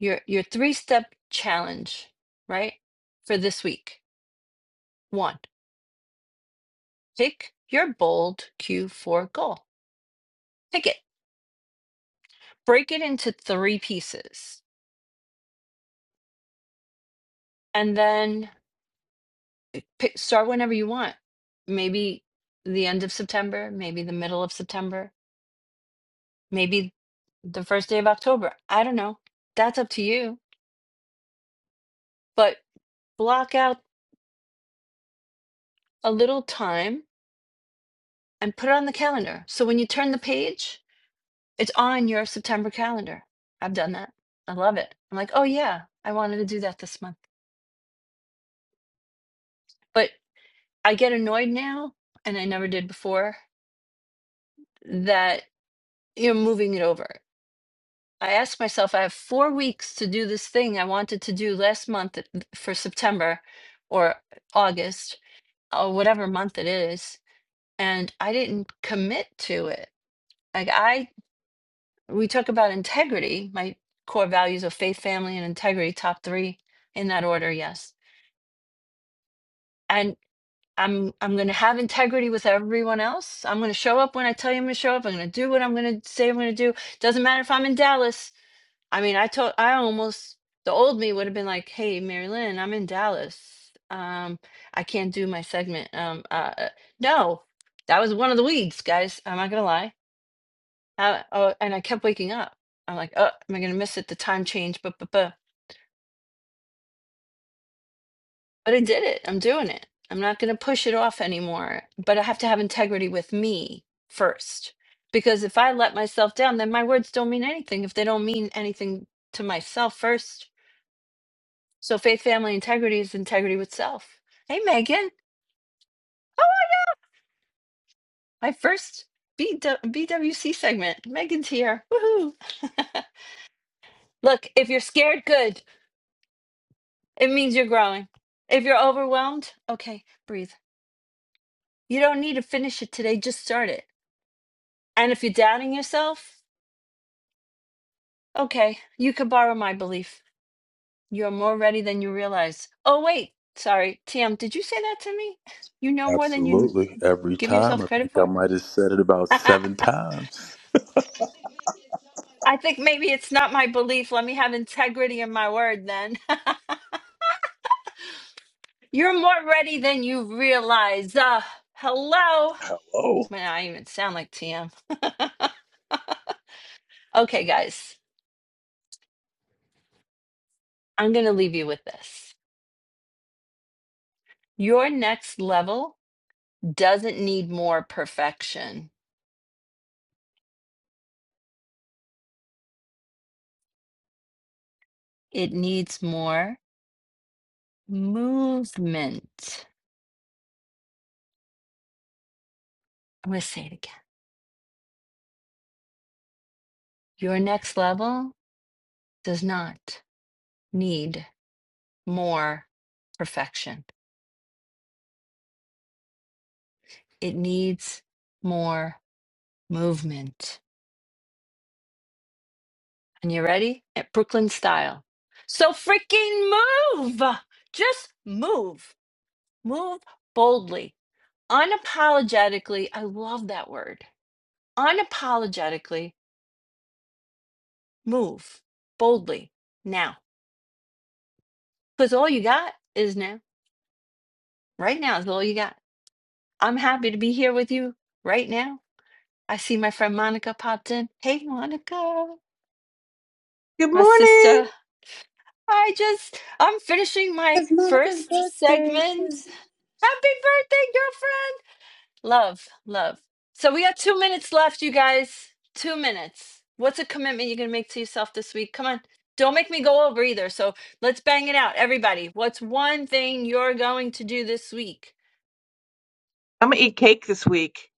your your three-step challenge, right? For this week. One, pick your bold Q4 goal. Pick it. Break it into three pieces and then pick, start whenever you want. Maybe the end of September, maybe the middle of September, maybe the first day of October. I don't know. That's up to you. But block out a little time and put it on the calendar. So when you turn the page, it's on your September calendar. I've done that. I love it. I'm like, oh yeah, I wanted to do that this month. But I get annoyed now, and I never did before, that you're moving it over. I ask myself, I have four weeks to do this thing I wanted to do last month uh, for September or August oh, whatever month it is. And I didn't commit to it. Like I, we talk about integrity, my core values of faith, family, and integrity, top three in that order, yes. And I'm I'm going to have integrity with everyone else. I'm going to show up when I tell you I'm going to show up. I'm going to do what I'm going to say I'm going to do. Doesn't matter if I'm in Dallas. I mean, I told I almost the old me would have been like, "Hey, Mary Lynn, I'm in Dallas. Um, I can't do my segment." Um, uh, uh, no, that was one of the weeds, guys. I'm not gonna lie. Uh, oh, and I kept waking up. I'm like, "Oh, am I gonna miss it? The time change." But but but but I did it. I'm doing it. I'm not gonna push it off anymore. But I have to have integrity with me first, because if I let myself down, then my words don't mean anything. If they don't mean anything to myself first So faith, family, integrity is integrity with self. Hey, Megan. Oh, my God. My first BW- BWC segment. Megan's here. Woohoo. Look, if you're scared, good. It means you're growing. If you're overwhelmed, okay, breathe. You don't need to finish it today, just start it. And if you're doubting yourself, okay, you can borrow my belief. You're more ready than you realize. Oh, wait, sorry. Tim, did you say that to me? You know more than you Absolutely. Every give time. yourself I think credit I for? might have said it about seven times. I think maybe it's not my belief. Let me have integrity in my word then. You're more ready than you realize. Uh, hello. Oh, Man, I even sound like TM. Okay, guys, I'm going to leave you with this. Your next level doesn't need more perfection, it needs more movement. I'm going to say it again. Your next level does not need more perfection, it needs more movement. And you ready? At Brooklyn style. So freaking move. Just move. Move boldly. Unapologetically. I love that word. Unapologetically move boldly now. Because all you got is now. Right now is all you got. I'm happy to be here with you right now. I see my friend Monica popped in. Hey, Monica, Good my morning. sister. I just, I'm finishing my It's Monica's first birthday. segment. Happy birthday, girlfriend. Love, love. So we got two minutes left, you guys. Two minutes. What's a commitment you're going to make to yourself this week? Come on. Don't make me go over either. So let's bang it out. Everybody, what's one thing you're going to do this week? I'm gonna eat cake this week.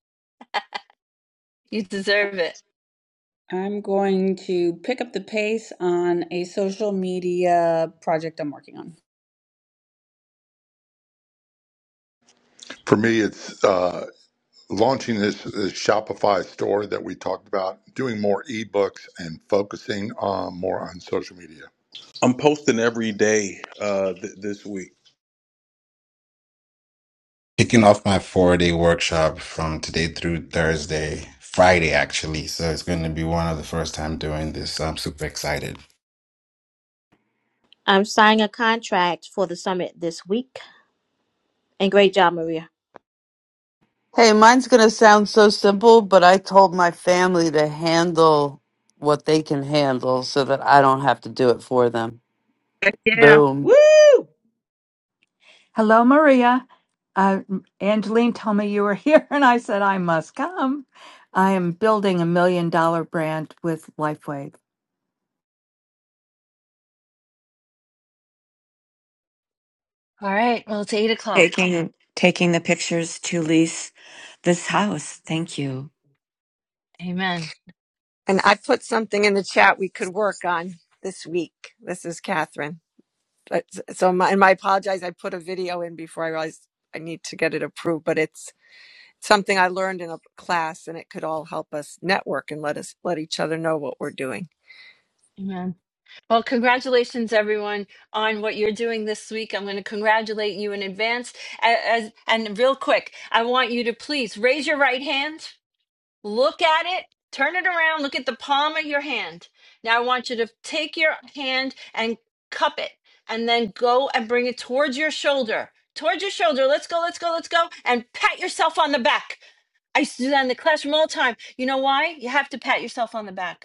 You deserve it. I'm going to pick up the pace on a social media project I'm working on. For me, it's. Uh, Launching this, this Shopify store that we talked about, doing more ebooks and focusing uh, more on social media. I'm posting every day uh, th- this week. Kicking off my four day workshop from today through Thursday, Friday actually. So it's going to be one of the first time doing this. I'm super excited. I'm signing a contract for the summit this week. And great job, Maria. Hey, mine's gonna sound so simple, but I told my family to handle what they can handle so that I don't have to do it for them. Yeah. Boom. Woo! Hello, Maria. Uh, Angeline told me you were here, and I said I must come. I am building a million dollar brand with Lifeway All right. Well, it's eight o'clock. taking taking the pictures to lease this house. Thank you. Amen. And I put something in the chat we could work on this week. This is Catherine. But, so, my, and I apologize. I put a video in before I realized I need to get it approved. But it's something I learned in a class, and it could all help us network and let us let each other know what we're doing. Amen. Well, congratulations, everyone, on what you're doing this week. I'm going to congratulate you in advance. A- As, and real quick, I want you to please raise your right hand, look at it, turn it around, look at the palm of your hand. Now, I want you to take your hand and cup it, and then go and bring it towards your shoulder. Towards your shoulder. Let's go, let's go, let's go. And pat yourself on the back. I used to do that in the classroom all the time. You know why? You have to pat yourself on the back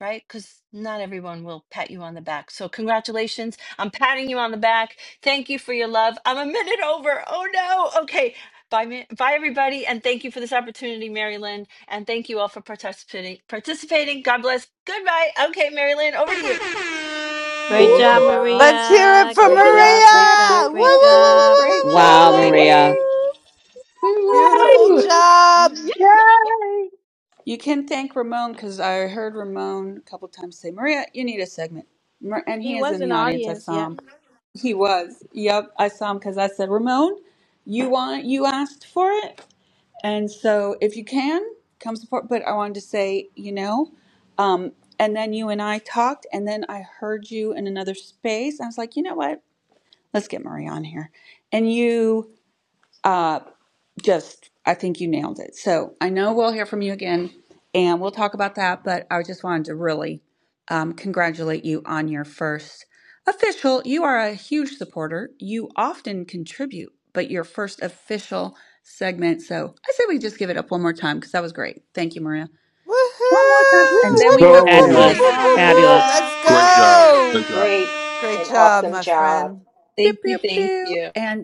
right? Because not everyone will pat you on the back. So, congratulations. I'm patting you on the back. Thank you for your love. I'm a minute over. Oh, no. Okay. Bye, mi- bye, everybody. And thank you for this opportunity, Mary Lynn. And thank you all for participating. participating. God bless. Goodbye. Okay, Mary Lynn, over to you. Great Great job, job. Let's hear it Maria. from Great job, Let's Maria. hear great it, job, beep, Woo, woo, great beep, woo, beep. woo, job. woo, woo, Great woo, job, Wow, woo. woo. Maria. lady. Woo! Woo, woo, Beautiful Woo! woo. job. Yeah. You can thank Ramon because I heard Ramon a couple times say, Maria, you need a segment. Mar- And He he is was in in the the audience. I audience, saw yep. him. He was. Yep, I saw him because I said, Ramon, you want you asked for it? And so, if you can, come support. But I wanted to say, you know, um, and then you and I talked, and then I heard you in another space. I was like, you know what? Let's get Marie on here. And you, uh, just I think you nailed it. So I know we'll hear from you again, and we'll talk about that. But I just wanted to really um, congratulate you on your first official. You are a huge supporter. You often contribute, but your first official segment. So I said we just give it up one more time because that was great. Thank you, Maria. One more time, Woohoo. and then Whoop, we have whoop, to Woo-hoo! Go. whoop, whoop, Great whoop, sing. job, whoop, whoop. Maria. Let's Great job. Great go. job. Great Great and job, awesome my job. friend. Pew Thank pew you, thank pew, you. and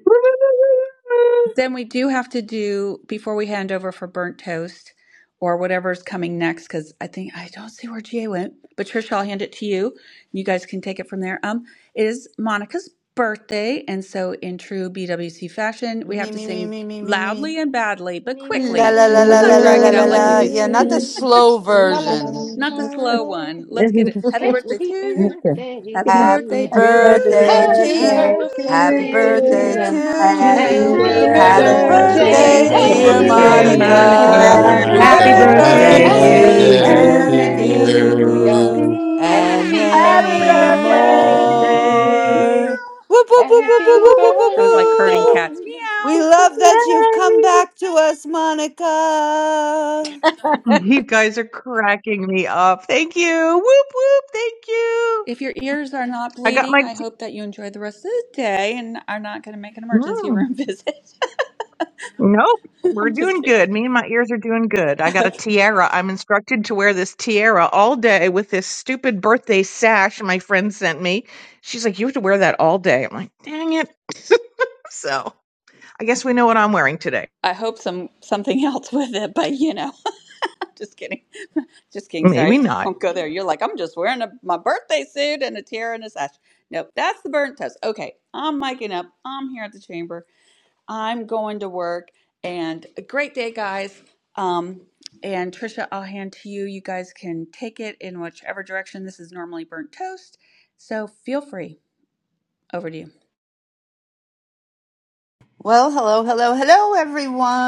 Then we do have to do before we hand over for burnt toast or whatever's coming next, because I think I don't see where GA went. But Trish, I'll hand it to you. You guys can take it from there. Um, it is Monica's birthday, and so in true BWC fashion, we Me, have to me, me, sing me, me, me, me. loudly and badly, but Me, me, me, La, quickly. la, me, me, la, me, Let's la, la, not la, drag la, it la, out like we la. do Yeah, not the me. slow La la la version. not la. the slow la. one. Let's This get it. Happy birthday to Happy you. Okay. birthday Happy to Yeah. you. Happy birthday to Happy you. birthday Birthday to Happy Happy to you. birthday to Happy birthday to birthday, you. birthday dear to ya. you. Monica. To Happy you. you, Happy Happy Happy Happy birthday birthday, Happy to birthday birthday. birthday, birthday dear Happy birthday to Happy to ya. dear you. to birthday, you. you. birthday Happy Monica. Dear Happy Monica. Happy to birthday Happy to you. Happy Monica, Monica. to happy birthday you Happy birthday, birthday, birthday to Happy birthday you. birthday you. and dear. to to birthday to many you. you. you to more. and Happy happy Bow, Happy bow, many birthday to birthday. you. bow. Meow, birthday you. more. Whoop, whoop, whoop, whoop, whoop, Happy meow. whoop, Woo! whoop, whoop, That was like herding whoop. birthday. cats. Meow. We Boop, love boop, boop, that you've come Yay! back to us, Monica. You guys are cracking me up. Thank you. Whoop whoop. Thank you. If your ears are not I got my. bleeding, I T- hope that you enjoy the rest of the day and are not going to make an emergency Mm. room visit. Nope, we're I'm just doing kidding. good. Me and my ears are doing good. I got a tiara. I'm instructed to wear this tiara all day with this stupid birthday sash my friend sent me. She's like, You have to wear that all day. I'm like, Dang it. so I guess we know what I'm wearing today. I hope some something else with it, but you know, I'm just kidding, just kidding. Sorry, Maybe do not. not go there. You're like, I'm just wearing a, my birthday suit and a tiara and a sash. Nope, that's the burnt toast. Okay, I'm miking up. I'm here at the chamber. I'm going to work, and a great day, guys. Um, and Trisha, I'll hand to you. You guys can take it in whichever direction. This is normally burnt toast, so feel free. Over to you. Well, hello, hello, hello, everyone.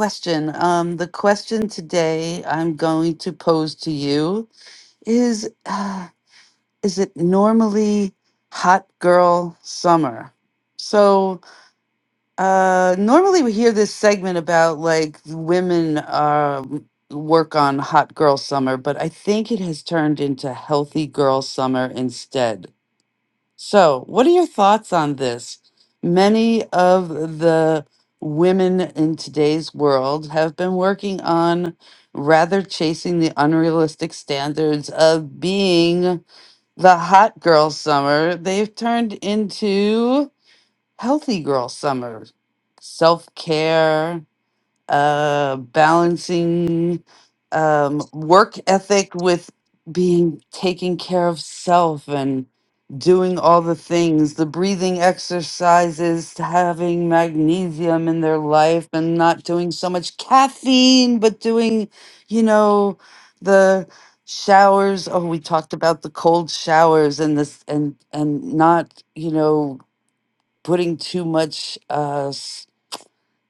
Question. Um, the question today I'm going to pose to you is uh, Is it normally hot girl summer? So, uh, normally we hear this segment about like women uh, m- work on hot girl summer, but I think it has turned into healthy girl summer instead. So, what are your thoughts on this? Many of the women in today's world have been working on rather chasing the unrealistic standards of being the hot girl summer. They've turned into healthy girl summer, self care, uh, balancing um, work ethic with being taking care of self and doing all the things, the breathing exercises, to having magnesium in their life and not doing so much caffeine, but doing, you know, the showers. Oh, we talked about the cold showers and this and and not, you know, putting too much uh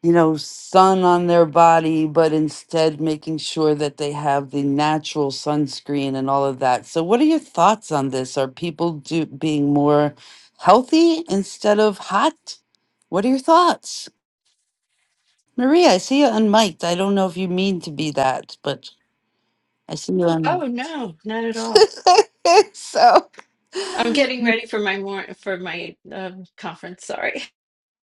you know, sun on their body, but instead making sure that they have the natural sunscreen and all of that. So, what are your thoughts on this? Are people do, being more healthy instead of hot? What are your thoughts? Maria, I see you unmiked. I don't know if you mean to be that, but I see you unmiked. Oh no, not at all. so. I'm getting ready for my more for my um, conference. Sorry.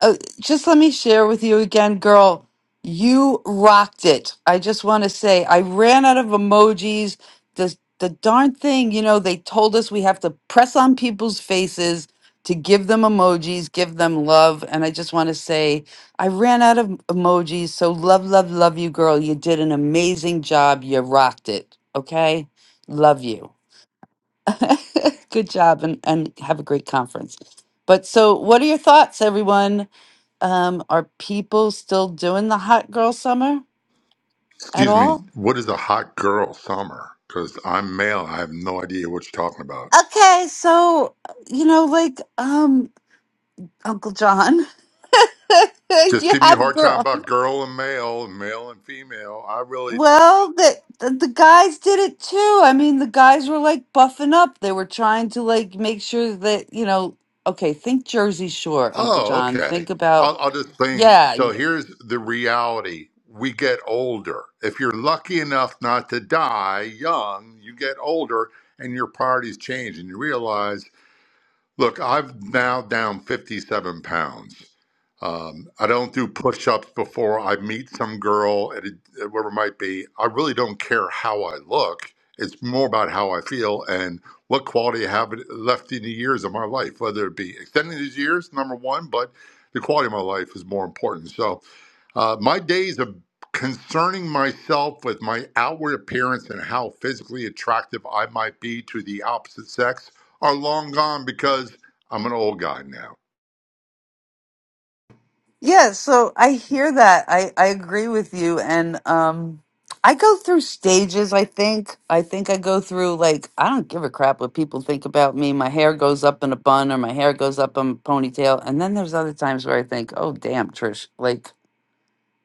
uh, just let me share with you again, girl. You rocked it. I just want to say I ran out of emojis. The the darn thing, you know, they told us we have to press on people's faces to give them emojis, give them love, and I just want to say I ran out of emojis. So love, love, love you, girl. You did an amazing job. You rocked it. Okay, love you. Good job, and and have a great conference. But so, what are your thoughts, everyone? Um, are people still doing the hot girl summer at Excuse me, all? what is a hot girl summer? Because I'm male, I have no idea what you're talking about. Okay, so you know, like um, Uncle John, Just you giving you a have hard time girl. about girl and male and male and female. I really. Well, the, the the guys did it too. I mean, the guys were like buffing up. They were trying to like make sure that you know. Okay, think Jersey Shore, Uncle Oh, John. okay. Think about I'll, I'll just think. yeah. So here's the reality. We get older. If you're lucky enough not to die young, you get older and your priorities change and you realize Look, I'm now down 57 pounds. Um, I don't do push ups before I meet some girl, at a, whoever it might be. I really don't care how I look. It's more about how I feel and what quality I have left in the years of my life, whether it be extending these years, number one, but the quality of my life is more important. So uh, my days of concerning myself with my outward appearance and how physically attractive I might be to the opposite sex are long gone because I'm an old guy now. Yeah, so I hear that. I I agree with you and um I go through stages, I think. I think I go through like I don't give a crap what people think about me. My hair goes up in a bun or my hair goes up in a ponytail. And then there's other times where I think, "Oh, damn, Trish, like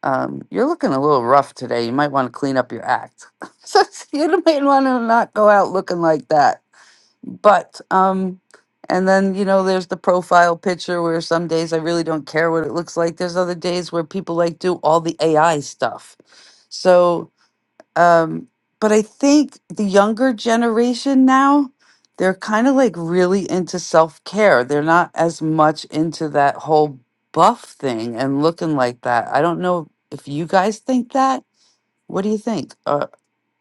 um you're looking a little rough today. You might want to clean up your act." so you might want to not go out looking like that but um and then you know there's the profile picture where some days i really don't care what it looks like there's other days where people like do all the ai stuff so um but i think the younger generation now they're kind of like really into self-care they're not as much into that whole buff thing and looking like that i don't know if you guys think that what do you think uh,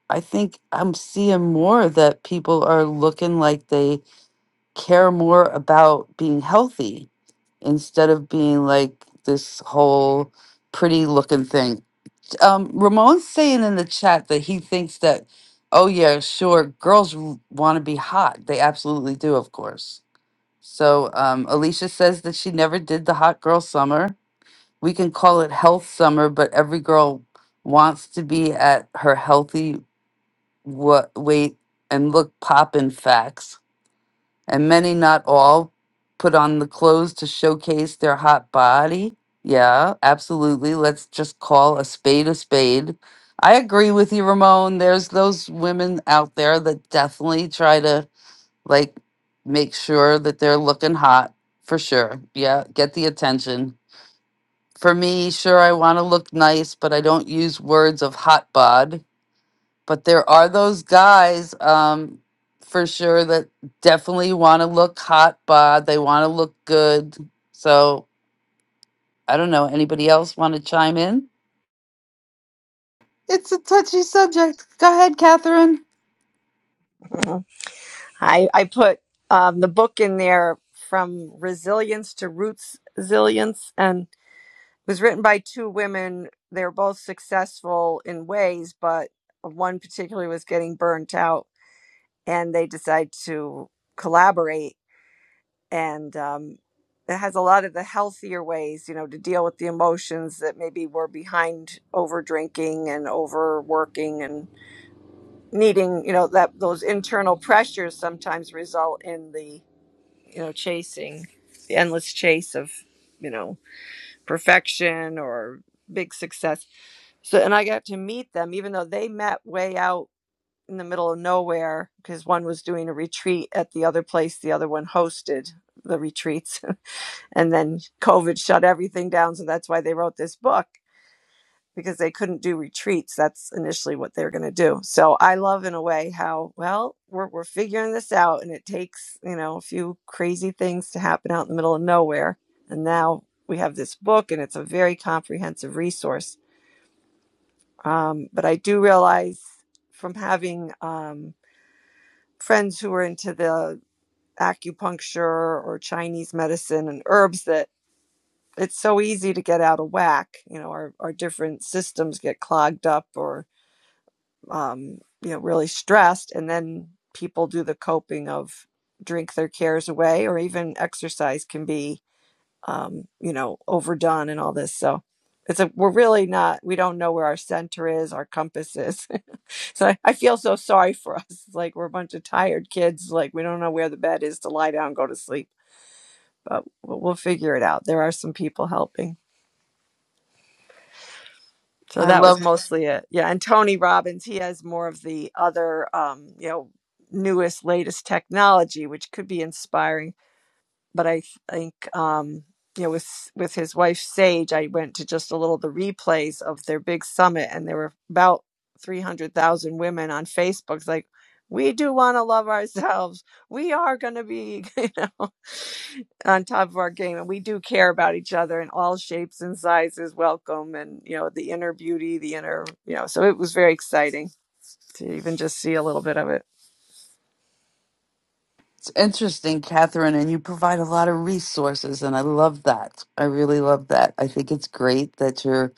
i think i'm seeing more that people are looking like they care more about being healthy instead of being like this whole pretty looking thing. Um, Ramon's saying in the chat that he thinks that, oh, yeah, sure, girls want to be hot. They absolutely do, of course. So um, Alicia says that she never did the hot girl summer. We can call it health summer, but every girl wants to be at her healthy wa- weight and look poppin' facts and many, not all, put on the clothes to showcase their hot body. Yeah, absolutely. Let's just call a spade a spade. I agree with you, Ramon. There's those women out there that definitely try to like make sure that they're looking hot for sure. Yeah, get the attention. For me, sure, I want to look nice, but I don't use words of hot bod but there are those guys um for sure that definitely want to look hot bod they want to look good so i don't know anybody else want to chime in it's a touchy subject go ahead catherine Mhm. I I put um, the book in there from resilience to roots resilience, and it was written by two women. They were both successful in ways, but one particularly was getting burnt out and they decide to collaborate and um, it has a lot of the healthier ways you know to deal with the emotions that maybe were behind over drinking and overworking and needing you know that those internal pressures sometimes result in the you know chasing the endless chase of you know perfection or big success so and i got to meet them even though they met way out in the middle of nowhere because one was doing a retreat at the other place, the other one hosted the retreats. and then COVID shut everything down. So that's why they wrote this book because they couldn't do retreats. That's initially what they were going to do. So I love, in a way, how well we're, we're figuring this out and it takes, you know, a few crazy things to happen out in the middle of nowhere. And now we have this book and it's a very comprehensive resource. Um, but I do realize from having, um, friends who are into the acupuncture or Chinese medicine and herbs that it's so easy to get out of whack. You know, our, our different systems get clogged up or, um, you know, really stressed. And then people do the coping of drink their cares away or even exercise can be, um, you know, overdone and all this. So it's a, we're really not, we don't know where our center is, our compass is. So I, I feel so sorry for us. It's like we're a bunch of tired kids. Like we don't know where the bed is to lie down and go to sleep, but we'll, we'll figure it out. There are some people helping. So i that was love mostly it. Yeah. And Tony Robbins, he has more of the other, um, you know, newest, latest technology, which could be inspiring but I think um, you know with with his wife Sage, I went to just a little of the replays of their big summit, and there were about three hundred thousand women on Facebook. It's like we do want to love ourselves. We are going to be you know on top of our game, and we do care about each other, and all shapes and sizes welcome, and you know the inner beauty, the inner you know. So it was very exciting to even just see a little bit of it. it's interesting catherine and you provide a lot of resources and i love that i really love that i think it's great that you're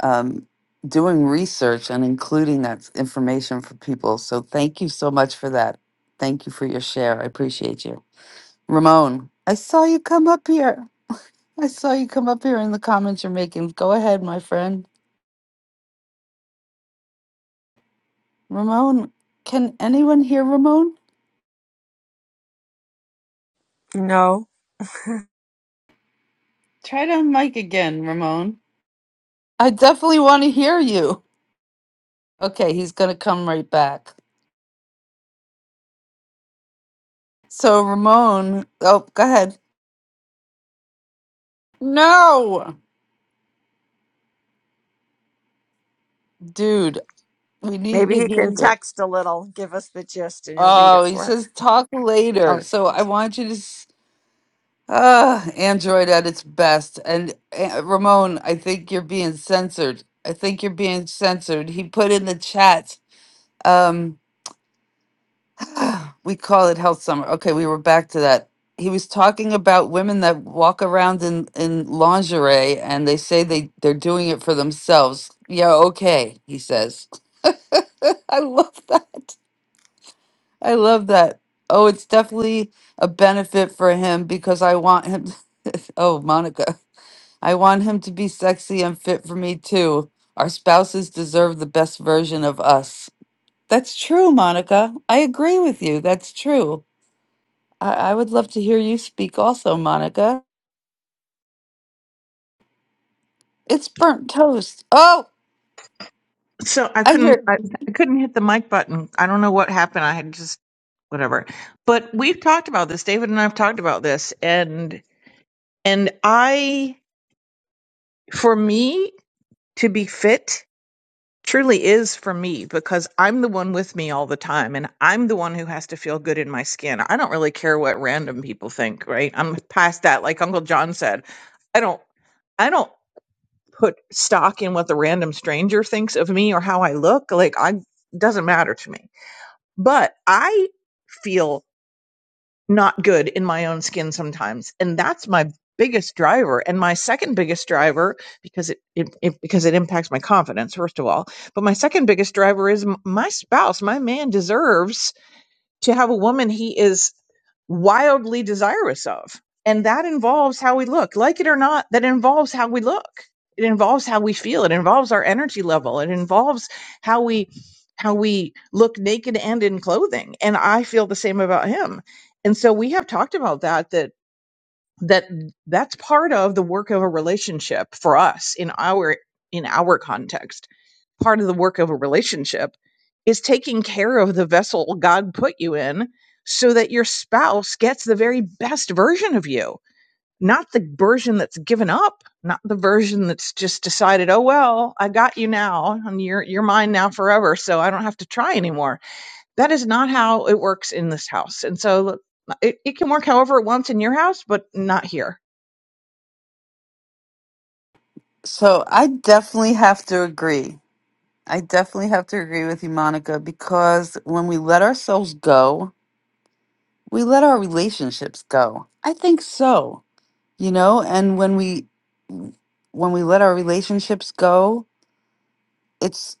um, doing research and including that information for people so thank you so much for that thank you for your share i appreciate you Ramon, I saw you come up here. I saw you come up here in the comments you're making. Go ahead, my friend. Ramon, can anyone hear Ramon? No. Try to mic again, Ramon. I definitely want to hear you. Okay, he's going to come right back. So, Ramon, oh, go ahead. No, dude, we need Maybe to he hear can you. text a little, give us the gist, and he'll read it Oh, he for us. says talk Oh, later. So, I want you to. Ah, Android at its best. And uh, Ramon, I think you're being censored. I think you're being censored. He put in the chat. Um, we call it health summer. Okay, we were back to that. He was talking about women that walk around in in lingerie and they say they they're doing it for themselves. Yeah, okay, he says. I love that. I love that. Oh, it's definitely a benefit for him because I want him. oh, Monica, I want him to be sexy and fit for me too. Our spouses deserve the best version of us. That's true, Monica. I agree with you. That's true. I, I would love to hear you speak also, Monica. It's burnt toast. Oh, So I I couldn't hear. I, I couldn't hit the mic button. I don't know what happened. I had just whatever. But we've talked about this. David and I've talked about this and and I for me to be fit truly is for me because I'm the one with me all the time and I'm the one who has to feel good in my skin. I don't really care what random people think, right? I'm past that like Uncle John said. I don't I don't put stock in what the random stranger thinks of me or how I look. Like I doesn't matter to me but I feel not good in my own skin sometimes. And that's my biggest driver. And my second biggest driver, because it, it, it because it impacts my confidence, first of all, but my second biggest driver is m- my spouse, my man deserves to have a woman he is wildly desirous of. And that involves how we look. Like it or not, that involves how we look. It involves how we feel. It involves our energy level. It involves how we how we look naked and in clothing. And I feel the same about him. And so we have talked about that that that that's part of the work of a relationship for us in our in our context part of the work of a relationship is taking care of the vessel god put you in so that your spouse gets the very best version of you not the version that's given up not the version that's just decided oh well i got you now and you're you're mine now forever so i don't have to try anymore that is not how it works in this house and so it, it can work however it wants in your house but not here So I definitely have to agree. I definitely have to agree with you, Monica, because when we let ourselves go, we let our relationships go i think so you know and when we when we let our relationships go it's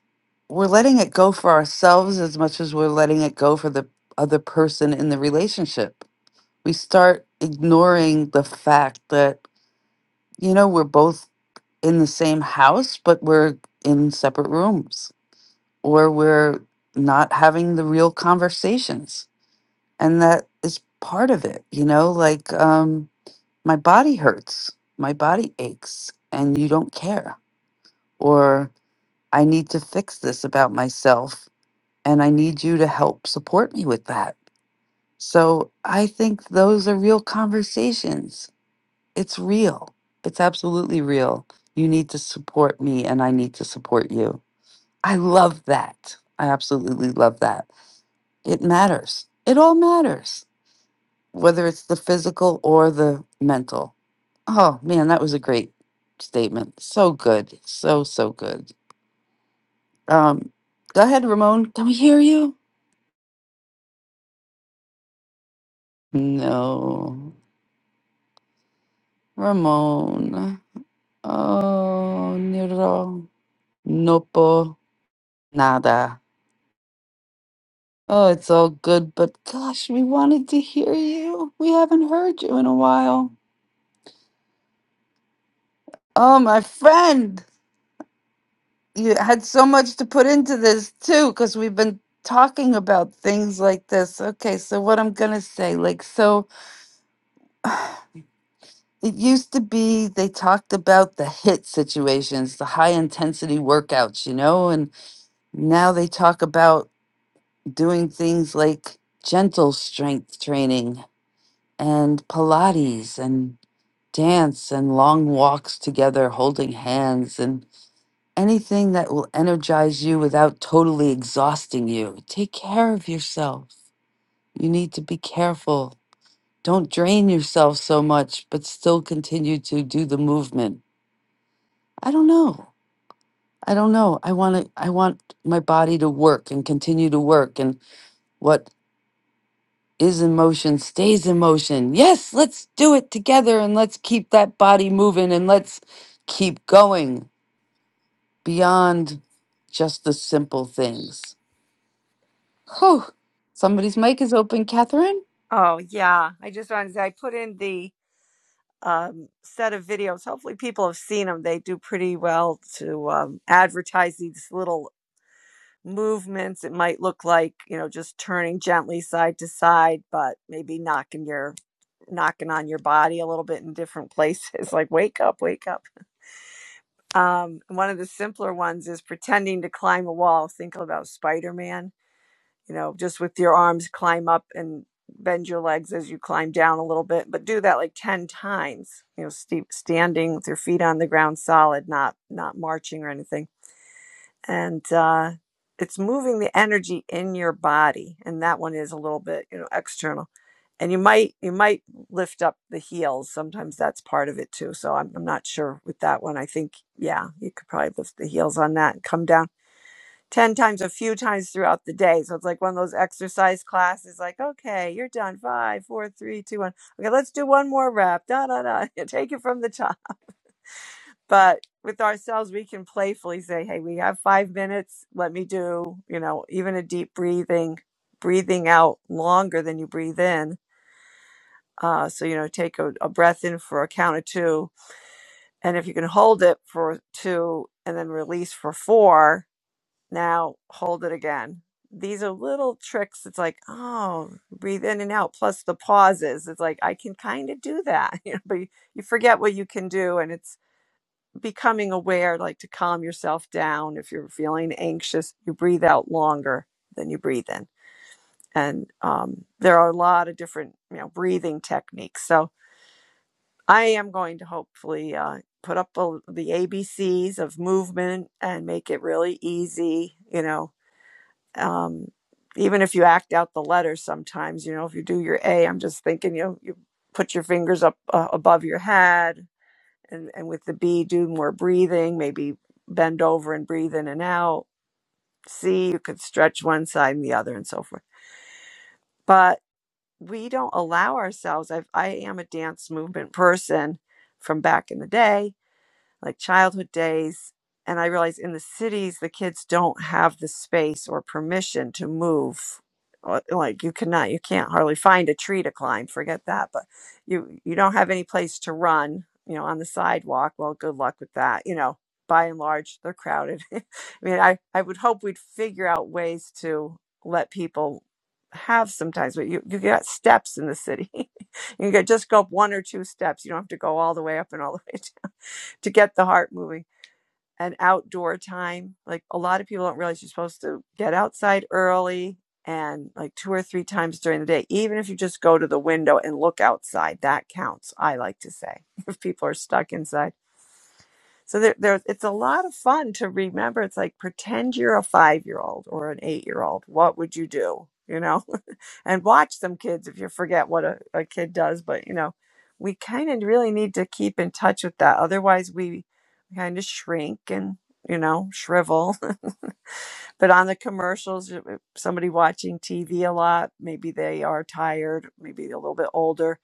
we're letting it go for ourselves as much as we're letting it go for the other person in the relationship we start ignoring the fact that you know we're both in the same house but we're in separate rooms or we're not having the real conversations and that is part of it you know like um, my body hurts, my body aches, and you don't care. Or I need to fix this about myself, and I need you to help support me with that. So I think those are real conversations. It's real, it's absolutely real. You need to support me, and I need to support you. I love that. I absolutely love that. It matters. It all matters. whether it's the physical or the mental. Oh man, that was a great statement. So good. So so good. Um go ahead, Ramon. Can we hear you? No. Ramon. Oh Nero. Nopo. Nada. Oh, it's all good, but gosh, we wanted to hear you. We haven't heard you in a while. Oh, my friend. you had so much to put into this too because we've been talking about things like this okay so what i'm gonna say like so it used to be they talked about the hit situations the high intensity workouts you know and now they talk about doing things like gentle strength training and pilates and dance and long walks together holding hands and anything that will energize you without totally exhausting you. Take care of yourself. You need to be careful. Don't drain yourself so much, but still continue to do the movement. I don't know. I don't know. I want to I want my body to work and continue to work and what is in motion stays in motion. Yes, let's do it together and let's keep that body moving and let's keep going beyond just the simple things Oh, somebody's mic is open, Catherine. oh yeah. I just wanted to say I put in the um, set of videos. Hopefully, people have seen them. They do pretty well to um, advertise these little movements. It might look like you know just turning gently side to side, but maybe knocking your knocking on your body a little bit in different places. like wake up, wake up. Um, one of the simpler ones is pretending to climb a wall. Think about Spider Man you know, just with your arms climb up and bend your legs as you climb down a little bit, but do that like 10 times, you know, st- standing with your feet on the ground solid, not not marching or anything. And uh it's moving the energy in your body and that one is a little bit, you know, external. And you might you might lift up the heels. Sometimes that's part of it too. So I'm I'm not sure with that one. I think yeah, you could probably lift the heels on that and come down 10 times a few times throughout the day. So it's like one of those exercise classes, like, okay, you're done. Five, four, three, two, one. Okay, let's do one more rep. Da, da, da. Take it from the top. But with ourselves, we can playfully say, hey, we have five minutes. Let me do, you know, even a deep breathing, breathing out longer than you breathe in. Uh, so, you know, take a, a breath in for a count of two. And if you can hold it for two and then release for four, Now hold it again. These are little tricks. It's like, oh, breathe in and out, plus the pauses. It's like, I can kind of do that, you know, but you, forget what you can do. And it's becoming aware, like to calm yourself down. If you're feeling anxious, you breathe out longer than you breathe in. And um, there are a lot of different, you know, breathing techniques. So I am going to hopefully uh, put up a, the ABCs of movement and make it really easy, you know, um, even if you act out the letters sometimes, you know, if you do your A, I'm just thinking, you know, you put your fingers up uh, above your head and, and with the B, do more breathing, maybe bend over and breathe in and out. C, you could stretch one side and the other and so forth. But we don't allow ourselves. I've, I am a dance movement person from back in the day like childhood days. And I realize in the cities, the kids don't have the space or permission to move. Uh, Like you cannot, you can't hardly find a tree to climb. Forget that. But you you don't have any place to run. You know, on the sidewalk. Well, good luck with that. You know, by and large, they're crowded. I mean, I I would hope we'd figure out ways to let people have sometimes, but you you got steps in the city. you can just go up one or two steps. You don't have to go all the way up and all the way down to get the heart moving and outdoor time. Like a lot of people don't realize you're supposed to get outside early and like two or three times during the day, even if you just go to the window and look outside, that counts, I like to say, if people are stuck inside. So there, there, it's a lot of fun to remember. It's like pretend you're a five year old or an eight year old. What would you do? You know? and watch some kids if you forget what a, a kid does. But you know, we kind of really need to keep in touch with that. Otherwise, we kind of shrink and you know shrivel. but on the commercials, somebody watching TV a lot, maybe they are tired, maybe a little bit older.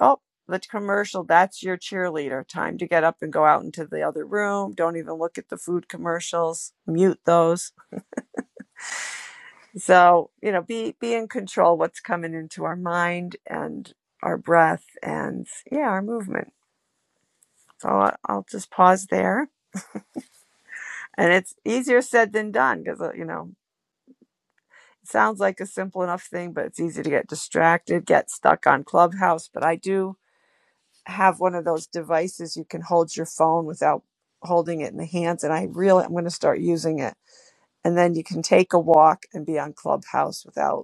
Oh. The commercial, that's your cheerleader. Time to get up and go out into the other room. Don't even look at the food commercials. Mute those. So, you know, be be in control what's coming into our mind and our breath and yeah, our movement. So I- will just pause there. And it's easier said than done because you know, it sounds like a simple enough thing, but it's easy to get distracted, get stuck on Clubhouse, but I do have one of those devices you can hold your phone without holding it in the hands and I really I'm going to start using it. And then you can take a walk and be on Clubhouse without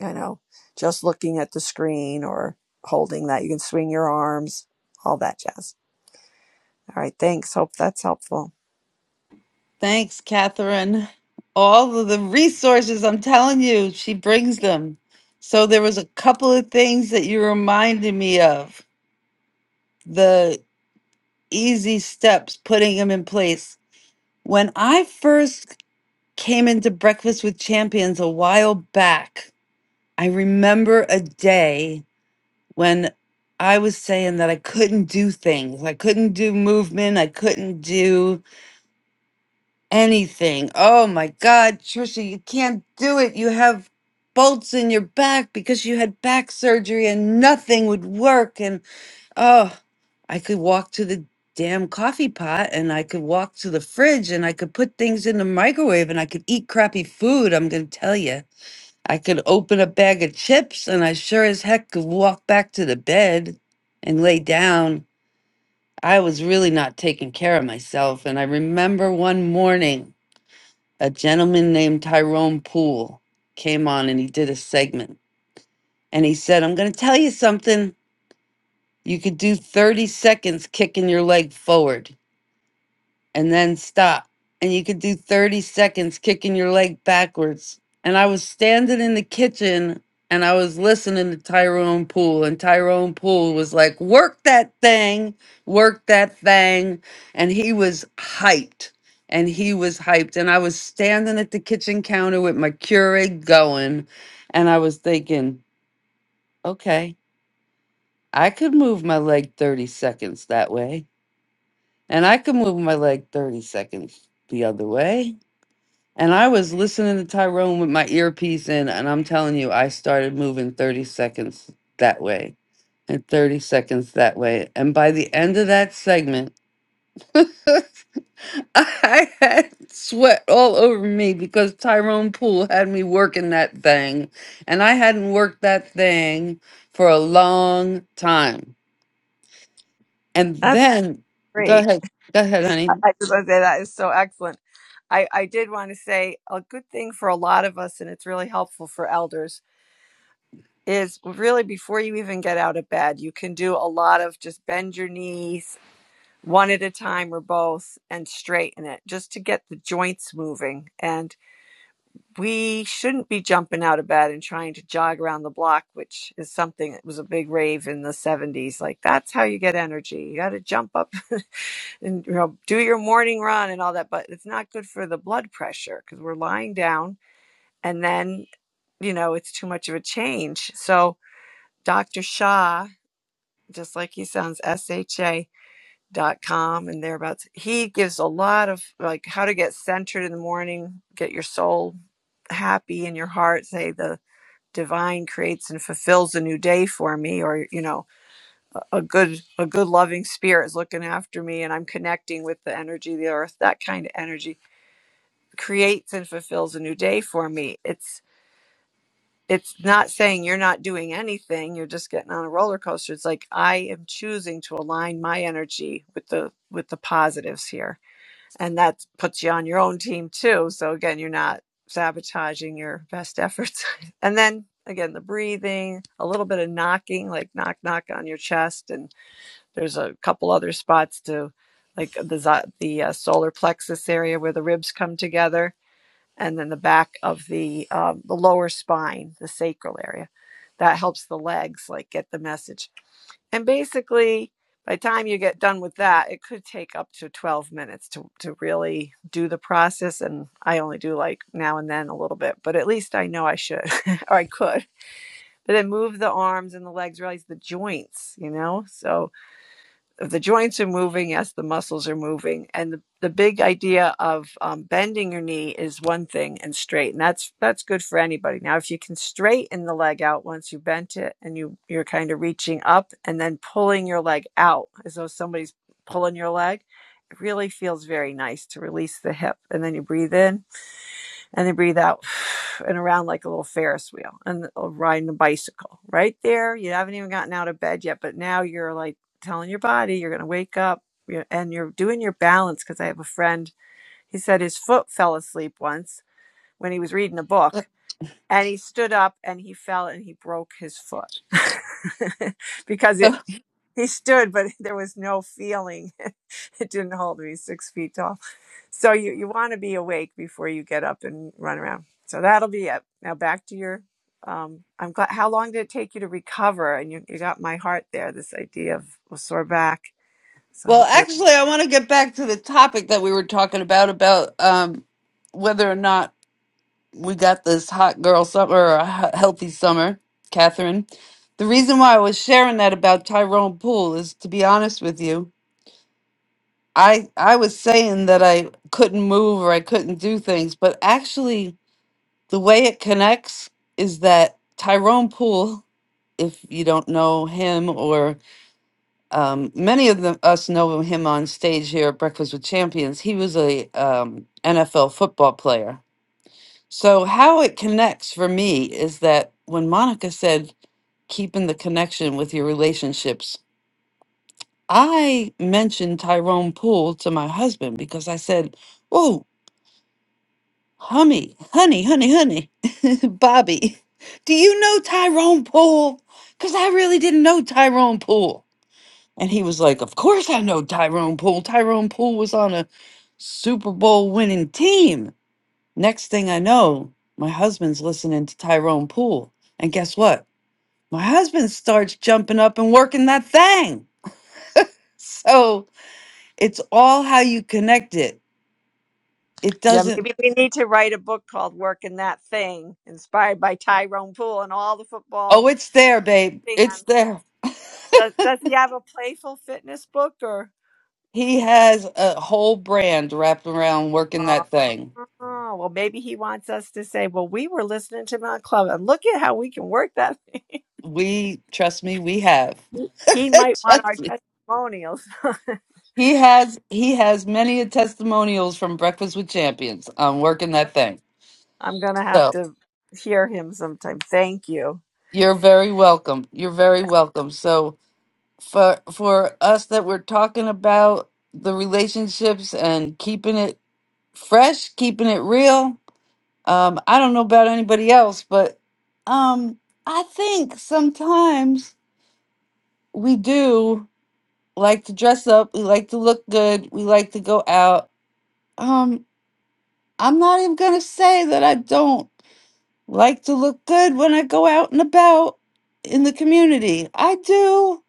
you know, just looking at the screen or holding that. You can swing your arms, all that jazz. All right, thanks. Hope that's helpful. Thanks, Catherine. All of the resources, I'm telling you, she brings them. So there was a couple of things that you reminded me of. The easy steps, putting them in place. When I first came into Breakfast with Champions a while back, I remember a day when I was saying that I couldn't do things. I couldn't do movement. I couldn't do anything. Oh my God, Trisha, you can't do it. You have bolts in your back because you had back surgery and nothing would work. And oh, I could walk to the damn coffee pot and I could walk to the fridge and I could put things in the microwave and I could eat crappy food. I'm going to tell you. I could open a bag of chips and I sure as heck could walk back to the bed and lay down. I was really not taking care of myself. And I remember one morning a gentleman named Tyrone Poole came on and he did a segment. And he said, I'm going to tell you something. You could do 30 seconds kicking your leg forward and then stop. And you could do 30 seconds kicking your leg backwards. And I was standing in the kitchen and I was listening to Tyrone Poole. And Tyrone Poole was like, work that thing, work that thing. And he was hyped. And he was hyped. And I was standing at the kitchen counter with my Keurig going. And I was thinking, okay, I could move my leg 30 seconds that way. And I could move my leg 30 seconds the other way And I was listening to Tyrone with my earpiece in, and I'm telling you, I started moving 30 seconds that way and 30 seconds that way. And by the end of that segment, I had sweat all over me because Tyrone Poole had me working that thing. And I hadn't worked that thing for a long time. And That's then, go great. ahead, go ahead, I honey. I just want to say that is so excellent. I, I did want to say a good thing for a lot of us, and it's really helpful for elders, is really before you even get out of bed, you can do a lot of just bend your knees one at a time or both and straighten it just to get the joints moving. And we shouldn't be jumping out of bed and trying to jog around the block, which is something that was a big rave in the 70s. Like that's how you get energy. You got to jump up and you know do your morning run and all that, but it's not good for the blood pressure because we're lying down and then, you know, it's too much of a change. So Dr. Shah, just like he sounds, S-H-A dot com and thereabouts. He gives a lot of like how to get centered in the morning, get your soul happy in your heart, say the divine creates and fulfills a new day for me or you know a good a good loving spirit is looking after me and i'm connecting with the energy of the earth that kind of energy creates and fulfills a new day for me it's it's not saying you're not doing anything you're just getting on a roller coaster it's like i am choosing to align my energy with the with the positives here and that puts you on your own team too so again you're not sabotaging your best efforts and then again the breathing a little bit of knocking like knock knock on your chest and there's a couple other spots to like the zo- the uh, solar plexus area where the ribs come together and then the back of the um, the lower spine the sacral area that helps the legs like get the message and basically, by the time you get done with that, it could take up to 12 minutes to, to really do the process. And I only do like now and then a little bit, but at least I know I should or I could. But then move the arms and the legs, realize the joints, you know? So the joints are moving, yes, the muscles are moving. And the, the big idea of um, bending your knee is one thing and straight. And that's that's good for anybody. Now, if you can straighten the leg out once you bent it and you, you're kind of reaching up and then pulling your leg out as though somebody's pulling your leg, it really feels very nice to release the hip. And then you breathe in and they breathe out and around like a little Ferris wheel and uh, riding a bicycle right there. You haven't even gotten out of bed yet, but now you're like telling your body you're going to wake up you're, and you're doing your balance. Because I have a friend, he said his foot fell asleep once when he was reading a book and he stood up and he fell and he broke his foot because it. He stood, but there was no feeling. It didn't hold him. He's six feet tall so you, you want to be awake before you get up and run around. So that'll be it. Now back to your um I'm glad how long did it take you to recover? And you, you got my heart there, this idea of a sore back. So I Well, hope you're actually, I want to get back to the topic that we were talking about about um, whether or not we got this hot girl summer or a he- healthy summer, Catherine. The reason why I was sharing that about Tyrone Poole is, to be honest with you, I I was saying that I couldn't move or I couldn't do things, but actually, the way it connects is that Tyrone Poole, if you don't know him um, many of the, us know him on stage here at Breakfast with Champions. He was a um, NFL football player. So how it connects for me is that when Monica said keeping the connection with your relationships, I mentioned Tyrone Poole to my husband because I said, "Oh, honey, honey, honey, honey, Bobby, do you know Tyrone Poole? Because I really didn't know Tyrone Poole." And he was like, Of course I know Tyrone Poole. Tyrone Poole was on a Super Bowl winning team. Next thing I know, my husband's listening to Tyrone Poole. And guess what? My husband starts jumping up and working that thing. So it's all how you connect it. It Yeah, doesn't, maybe we need to write a book called Working That Thing, inspired by Tyrone Poole and all the oh, football it's there, babe. It's fans. there. Does does he have a playful fitness book or He has a whole brand wrapped around working that thing. Oh, well, maybe he wants us to say, well, we were listening to him on Club, and look at how we can work that We, trust me, we have. He he might want our trust me. testimonials. He has he has many testimonials from Breakfast with Champions on working that thing. I'm going to have So to hear him sometime. Thank you. you're very welcome. You're very welcome. So for for us that we're talking about the relationships and keeping it fresh, keeping it real. Um, I don't know about anybody else, but um, I think sometimes we do like to dress up. We like to look good. We like to go out. Um, I'm not even gonna say that I don't. Like to look good when I go out and about in the community. I do.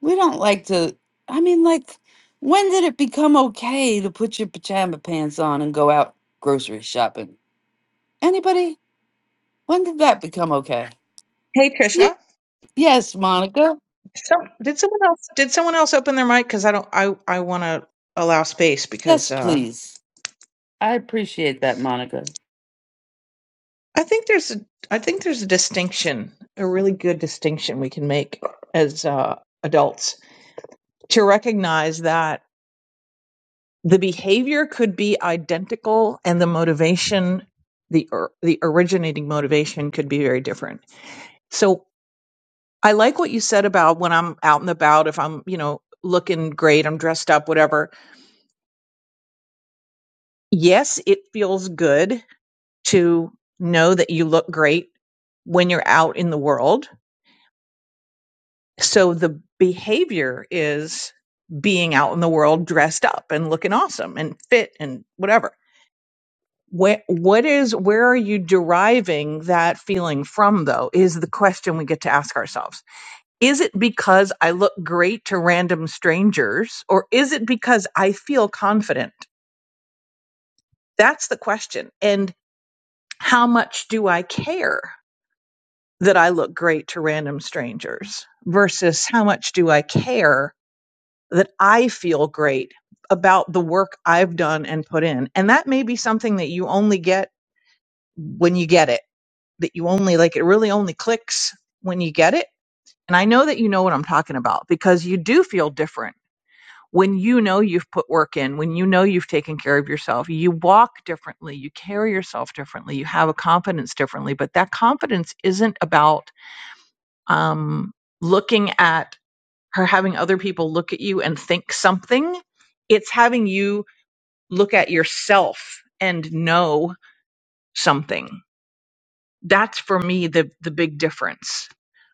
We don't like to. I mean, like, when did it become okay to put your pajama pants on and go out grocery shopping? Anybody? When did that become okay? Hey Trisha. Ye- yes, Monica. So did someone else did someone else open their mic? Because I don't I I want to allow space Yes, because uh, please. I appreciate that, Monica. I think there's a I think there's a distinction, a really good distinction we can make as uh, adults to recognize that the behavior could be identical and the motivation the or, the originating motivation could be very different. So I like what you said about when I'm out and about if I'm, you know, looking great, I'm dressed up, whatever. Yes, it feels good to know that you look great when you're out in the world. So the behavior is being out in the world dressed up and looking awesome and fit and whatever. What what is where are you deriving that feeling from though is the question we get to ask ourselves. Is it because I look great to random strangers or is it because I feel confident? That's the question. And how much do I care? that I look great to random strangers versus how much do I care that I feel great about the work I've done and put in. And that may be something that you only get when you get it, that you only like it really only clicks when you get it. And I know that you know what I'm talking about because you do feel different when you know you've put work in, when you know you've taken care of yourself. You walk differently, you carry yourself differently, you have a confidence differently, but that confidence isn't about um, looking at her having other people look at you and think something. It's having you look at yourself and know something. That's for me the the big difference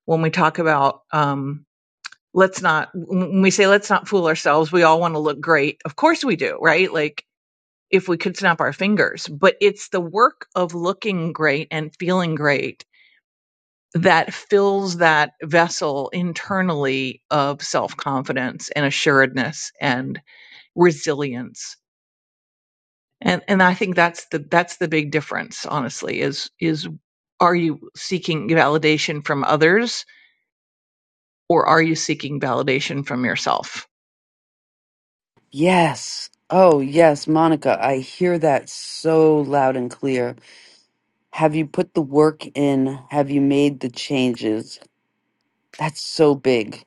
when we talk about um, let's not when we say let's not fool ourselves. We all want to look great, of course we do, right? Like if we could snap our fingers, but it's the work of looking great and feeling great that fills that vessel internally of self-confidence and assuredness and resilience and and i think that's the that's the big difference honestly is is are you seeking validation from others or are you seeking validation from yourself Yes. Oh, yes, Monica. I hear that so loud and clear. Have you put the work in? Have you made the changes? That's so big.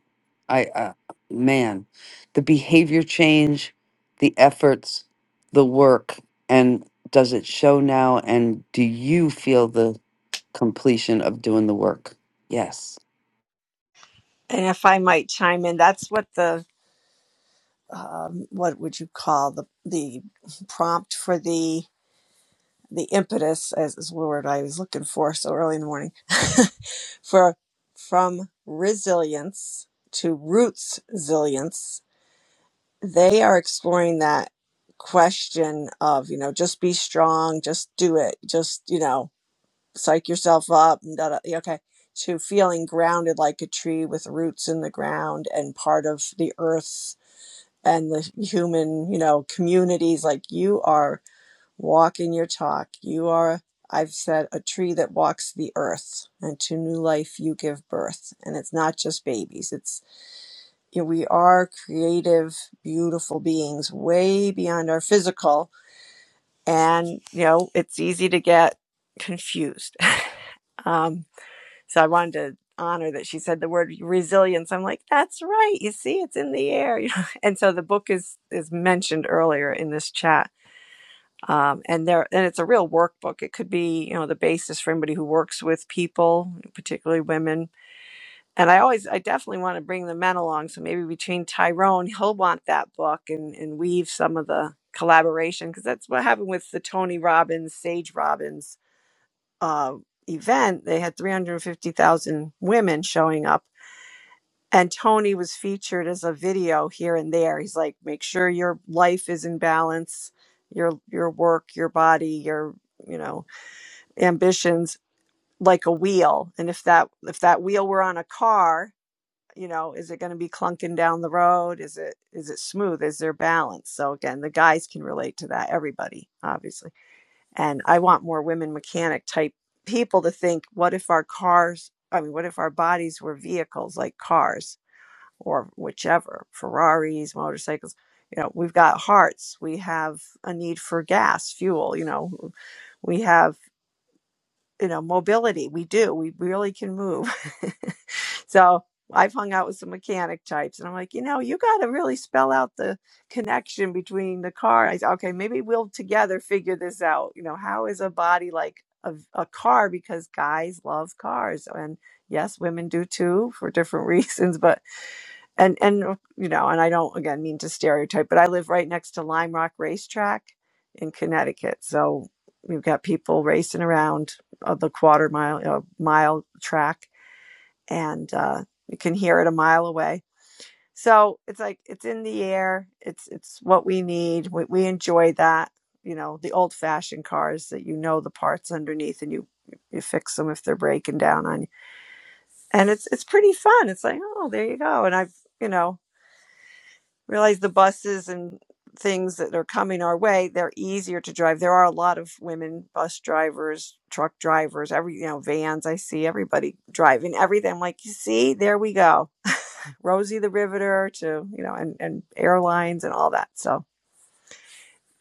I uh, man, the behavior change, the efforts, the work. And if I might chime in, that's what the um, what would you call the the prompt for the the impetus as is the word I was looking for so early in the morning for from resilience to roots resilience. They are exploring that question of you know just be strong, just do it, just you know psych yourself up and da, da, yeah, okay to feeling grounded like a tree with roots in the ground and part of the earth and the human you know communities like you are walking your talk you are i've said a tree that walks the earth and to new life you give birth and it's not just babies it's you know, we are creative beautiful beings way beyond our physical and you know it's easy to get confused Um, So I wanted to honor that she said the word resilience. I'm like, that's right. You see, it's in the air. and so the book is is mentioned earlier in this chat. Um, and there, and it's a real workbook. It could be, you know, the basis for anybody who works with people, particularly women. And I always, I definitely want to bring the men along. So maybe between Tyrone, he'll want that book and and weave some of the collaboration because that's what happened with the Tony Robbins, Sage Robbins uh, event, they had 350,000 women showing up. And Tony was featured as a video here and there. He's like, make sure your life is in balance, your your work, your body, your you know ambitions, like a wheel. And if that if that wheel were on a car, you know, is it going to be clunking down the road? Is it is it smooth? Is there balance? So again, the guys can relate to that. Everybody, obviously. And I want more women mechanic type people to think, what if our cars, I mean, what if our bodies were vehicles like cars or whichever, Ferraris, motorcycles? You know, we've got hearts, we have a need for gas, fuel, you know, we have, you know, mobility. We do, we really can move. So I've hung out with some mechanic types, and I'm like, you know, you got to really spell out the connection between the car. I said, okay, maybe we'll together figure this out. You know, how is a body like a, a car? Because guys love cars, and yes, women do too for different reasons. But and and you know, and I don't again mean to stereotype, but I live right next to Lime Rock Racetrack in Connecticut, so we've got people racing around uh, the quarter mile uh, mile track and uh, you can hear it a mile away. So it's like it's in the air. It's it's what we need. We, we enjoy that. You know, the old fashioned cars that you know the parts underneath and you you fix them if they're breaking down on you. And it's it's pretty fun. It's like oh there you go. And I've you know realized the buses and things that are coming our way they're easier to drive there are a lot of women bus drivers truck drivers every you know vans i see everybody driving everything I'm like you see there we go Rosie the Riveter to you know and and airlines and all that. So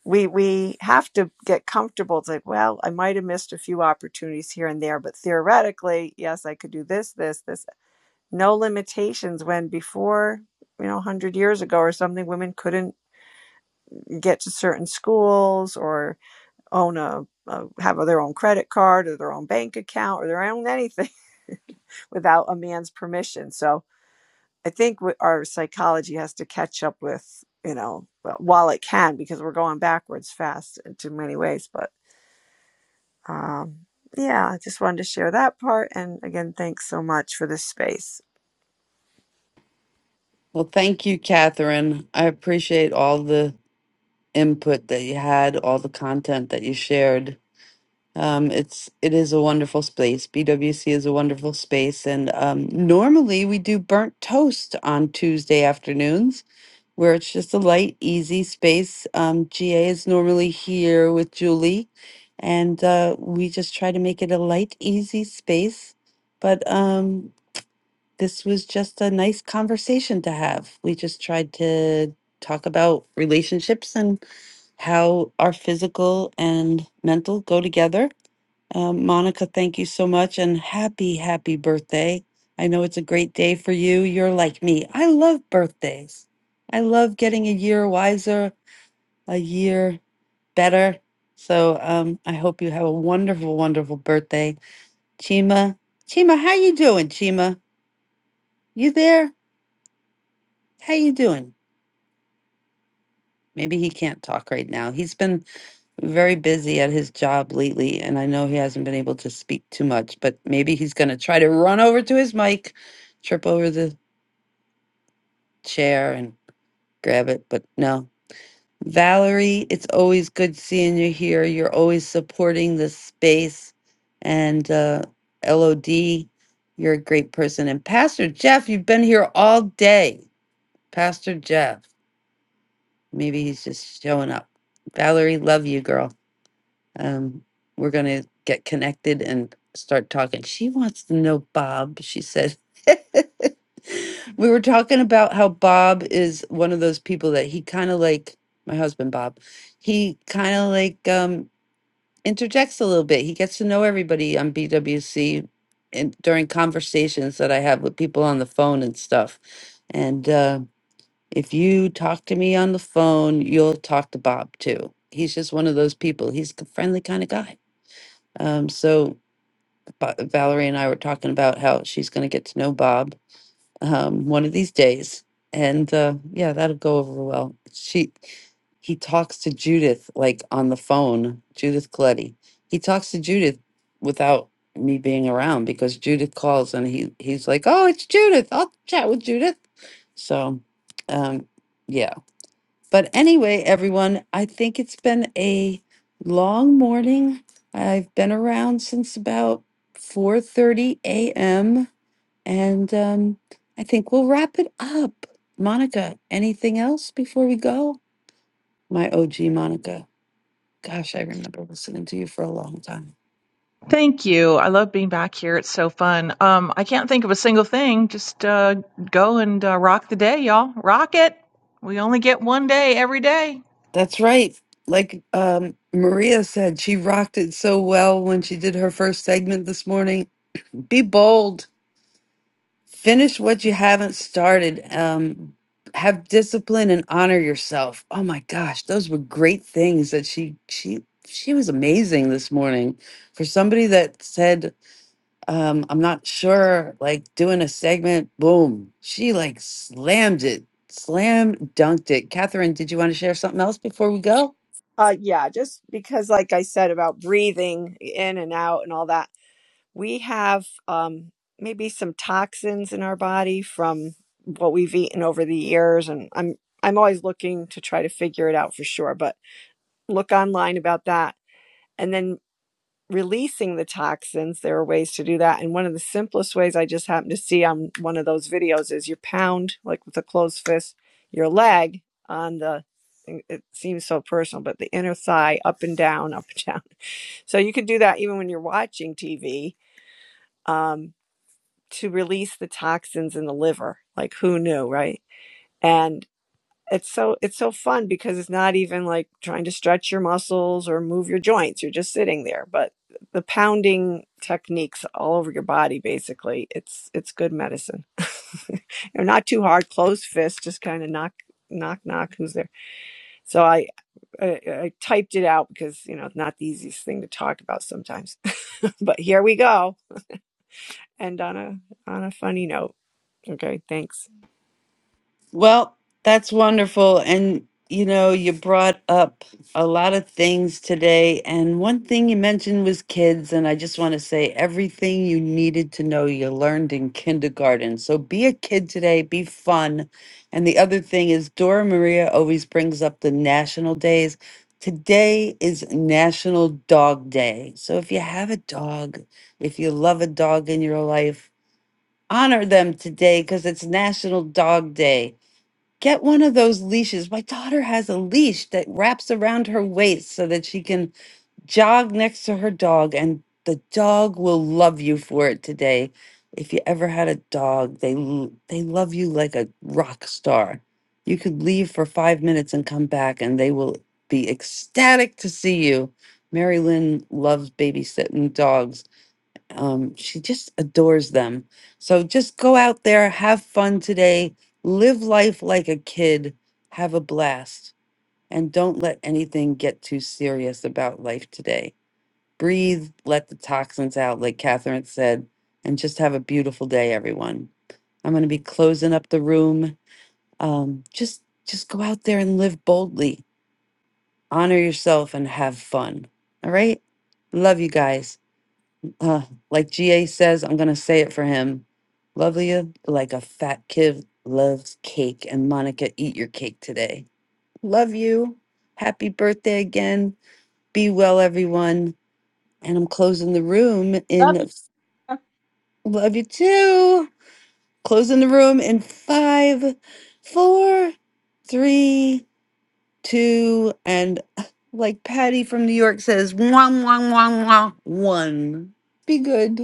we we have to get comfortable. It's like, well, I might have missed a few opportunities here and there, but theoretically, yes, I could do this, this, this. No limitations when before you know 100 years ago or something women couldn't get to certain schools or own a, a have their own credit card or their own bank account or their own anything without a man's permission so I think our psychology has to catch up with, you know, well, while it can, because we're going backwards fast in too many ways. But um, yeah, I just wanted to share that part. And again, thanks so much for this space. Well, thank you, Catherine. I appreciate all the input that you had, all the content that you shared. Um, it's it is a wonderful space. BWC is a wonderful space, and um, normally we do burnt toast on Tuesday afternoons where it's just a light, easy space. Um, GA is normally here with Julie, and uh, we just try to make it a light, easy space. But um, this was just a nice conversation to have. We just tried to talk about relationships and how our physical and mental go together um, Monica, thank you so much and happy, happy birthday. I know it's a great day for you. You're like me. I love birthdays. I love getting a year wiser, a year better. So um, I hope you have a wonderful, wonderful birthday. Chima, Chima, how you doing, Chima? You there? How you doing? Maybe he can't talk right now. He's been very busy at his job lately, and I know he hasn't been able to speak too much, but maybe he's going to try to run over to his mic, trip over the chair, and grab it. But no. Valerie, it's always good seeing you here. You're always supporting this space. And uh, LOD, you're a great person. And Pastor Jeff, you've been here all day. Pastor Jeff, maybe he's just showing up. Valerie, love you, girl. Um, we're going to get connected and start talking. She wants to know Bob, she said. we were talking about how Bob is one of those people that he kind of like my husband Bob. He kind of like um interjects a little bit. He gets to know everybody on BWC and during conversations that I have with people on the phone and stuff. And uh if you talk to me on the phone, you'll talk to Bob too. He's just one of those people. He's a friendly kind of guy. Um, so Ba- Valerie and I were talking about how she's going to get to know Bob um, one of these days, and uh, yeah, that'll go over well. She, he talks to Judith like on the phone. Judith Coletti. He talks to Judith without me being around because Judith calls and he he's like, "Oh, it's Judith. I'll chat with Judith." So, um, yeah but anyway, everyone, I think it's been a long morning. I've been around since about 4:30 a.m. and um, I think we'll wrap it up. Monica, anything else before we go? My OG Monica. Gosh, I remember listening to you for a long time. thank you i love being back here it's so fun um i can't think of a single thing just uh go and uh, rock the day y'all rock it we only get one day every day That's right. Like um, Maria said, she rocked it so well when she did her first segment this morning. Be bold Finish what you haven't started. Um, have discipline and honor yourself. Oh my gosh, those were great things that she she she was amazing this morning for somebody that said um, I'm not sure, like doing a segment. Boom, she like slammed it, slam dunked it. Catherine, did you want to share something else before we go? Uh, yeah, just because, like I said about breathing in and out and all that, we have um, maybe some toxins in our body from what we've eaten over the years. And I'm I'm always looking to try to figure it out for sure, but look online about that. And then releasing the toxins, there are ways to do that. And one of the simplest ways I just happened to see on one of those videos is you pound, like with a closed fist, your leg on the, it seems so personal, but the inner thigh up and down, up and down. So you can do that even when you're watching TV um, to release the toxins in the liver. Like who knew, right? And it's so it's so fun because it's not even like trying to stretch your muscles or move your joints you're just sitting there but the pounding techniques all over your body basically it's it's good medicine they're not too hard closed fists just kind of knock knock knock who's there so I, I i typed it out because you know it's not the easiest thing to talk about sometimes but here we go and on a on a funny note okay thanks Well, that's wonderful. And, you know, you brought up a lot of things today. And one thing you mentioned was kids. And I just want to say everything you needed to know, you learned in kindergarten. So be a kid today, be fun. And the other thing is, Dora Maria always brings up the national days. Today is National Dog Day. So if you have a dog, if you love a dog in your life, honor them today because it's National Dog Day Get one of those leashes. My daughter has a leash that wraps around her waist so that she can jog next to her dog, and the dog will love you for it today. If you ever had a dog, they l- they love you like a rock star. You could leave for five minutes and come back, and they will be ecstatic to see you. Mary Lynn loves babysitting dogs um, she just adores them. So just go out there, have fun today, live life like a kid, have a blast, and don't let anything get too serious about life today. Breathe, let the toxins out, like Catherine said, and just have a beautiful day, everyone. I'm going to be closing up the room. Um, just just go out there and live boldly. Honor yourself and have fun. All right? Love you guys uh, like GA says, I'm going to say it for him. Love you like a fat kid loves cake. And Monica, eat your cake today. Love you. Happy birthday again. Be well, everyone. And I'm closing the room in love you too. Closing the room in five, four, three, two, and like Patty from New York says, one, one, one, one, one. Be good.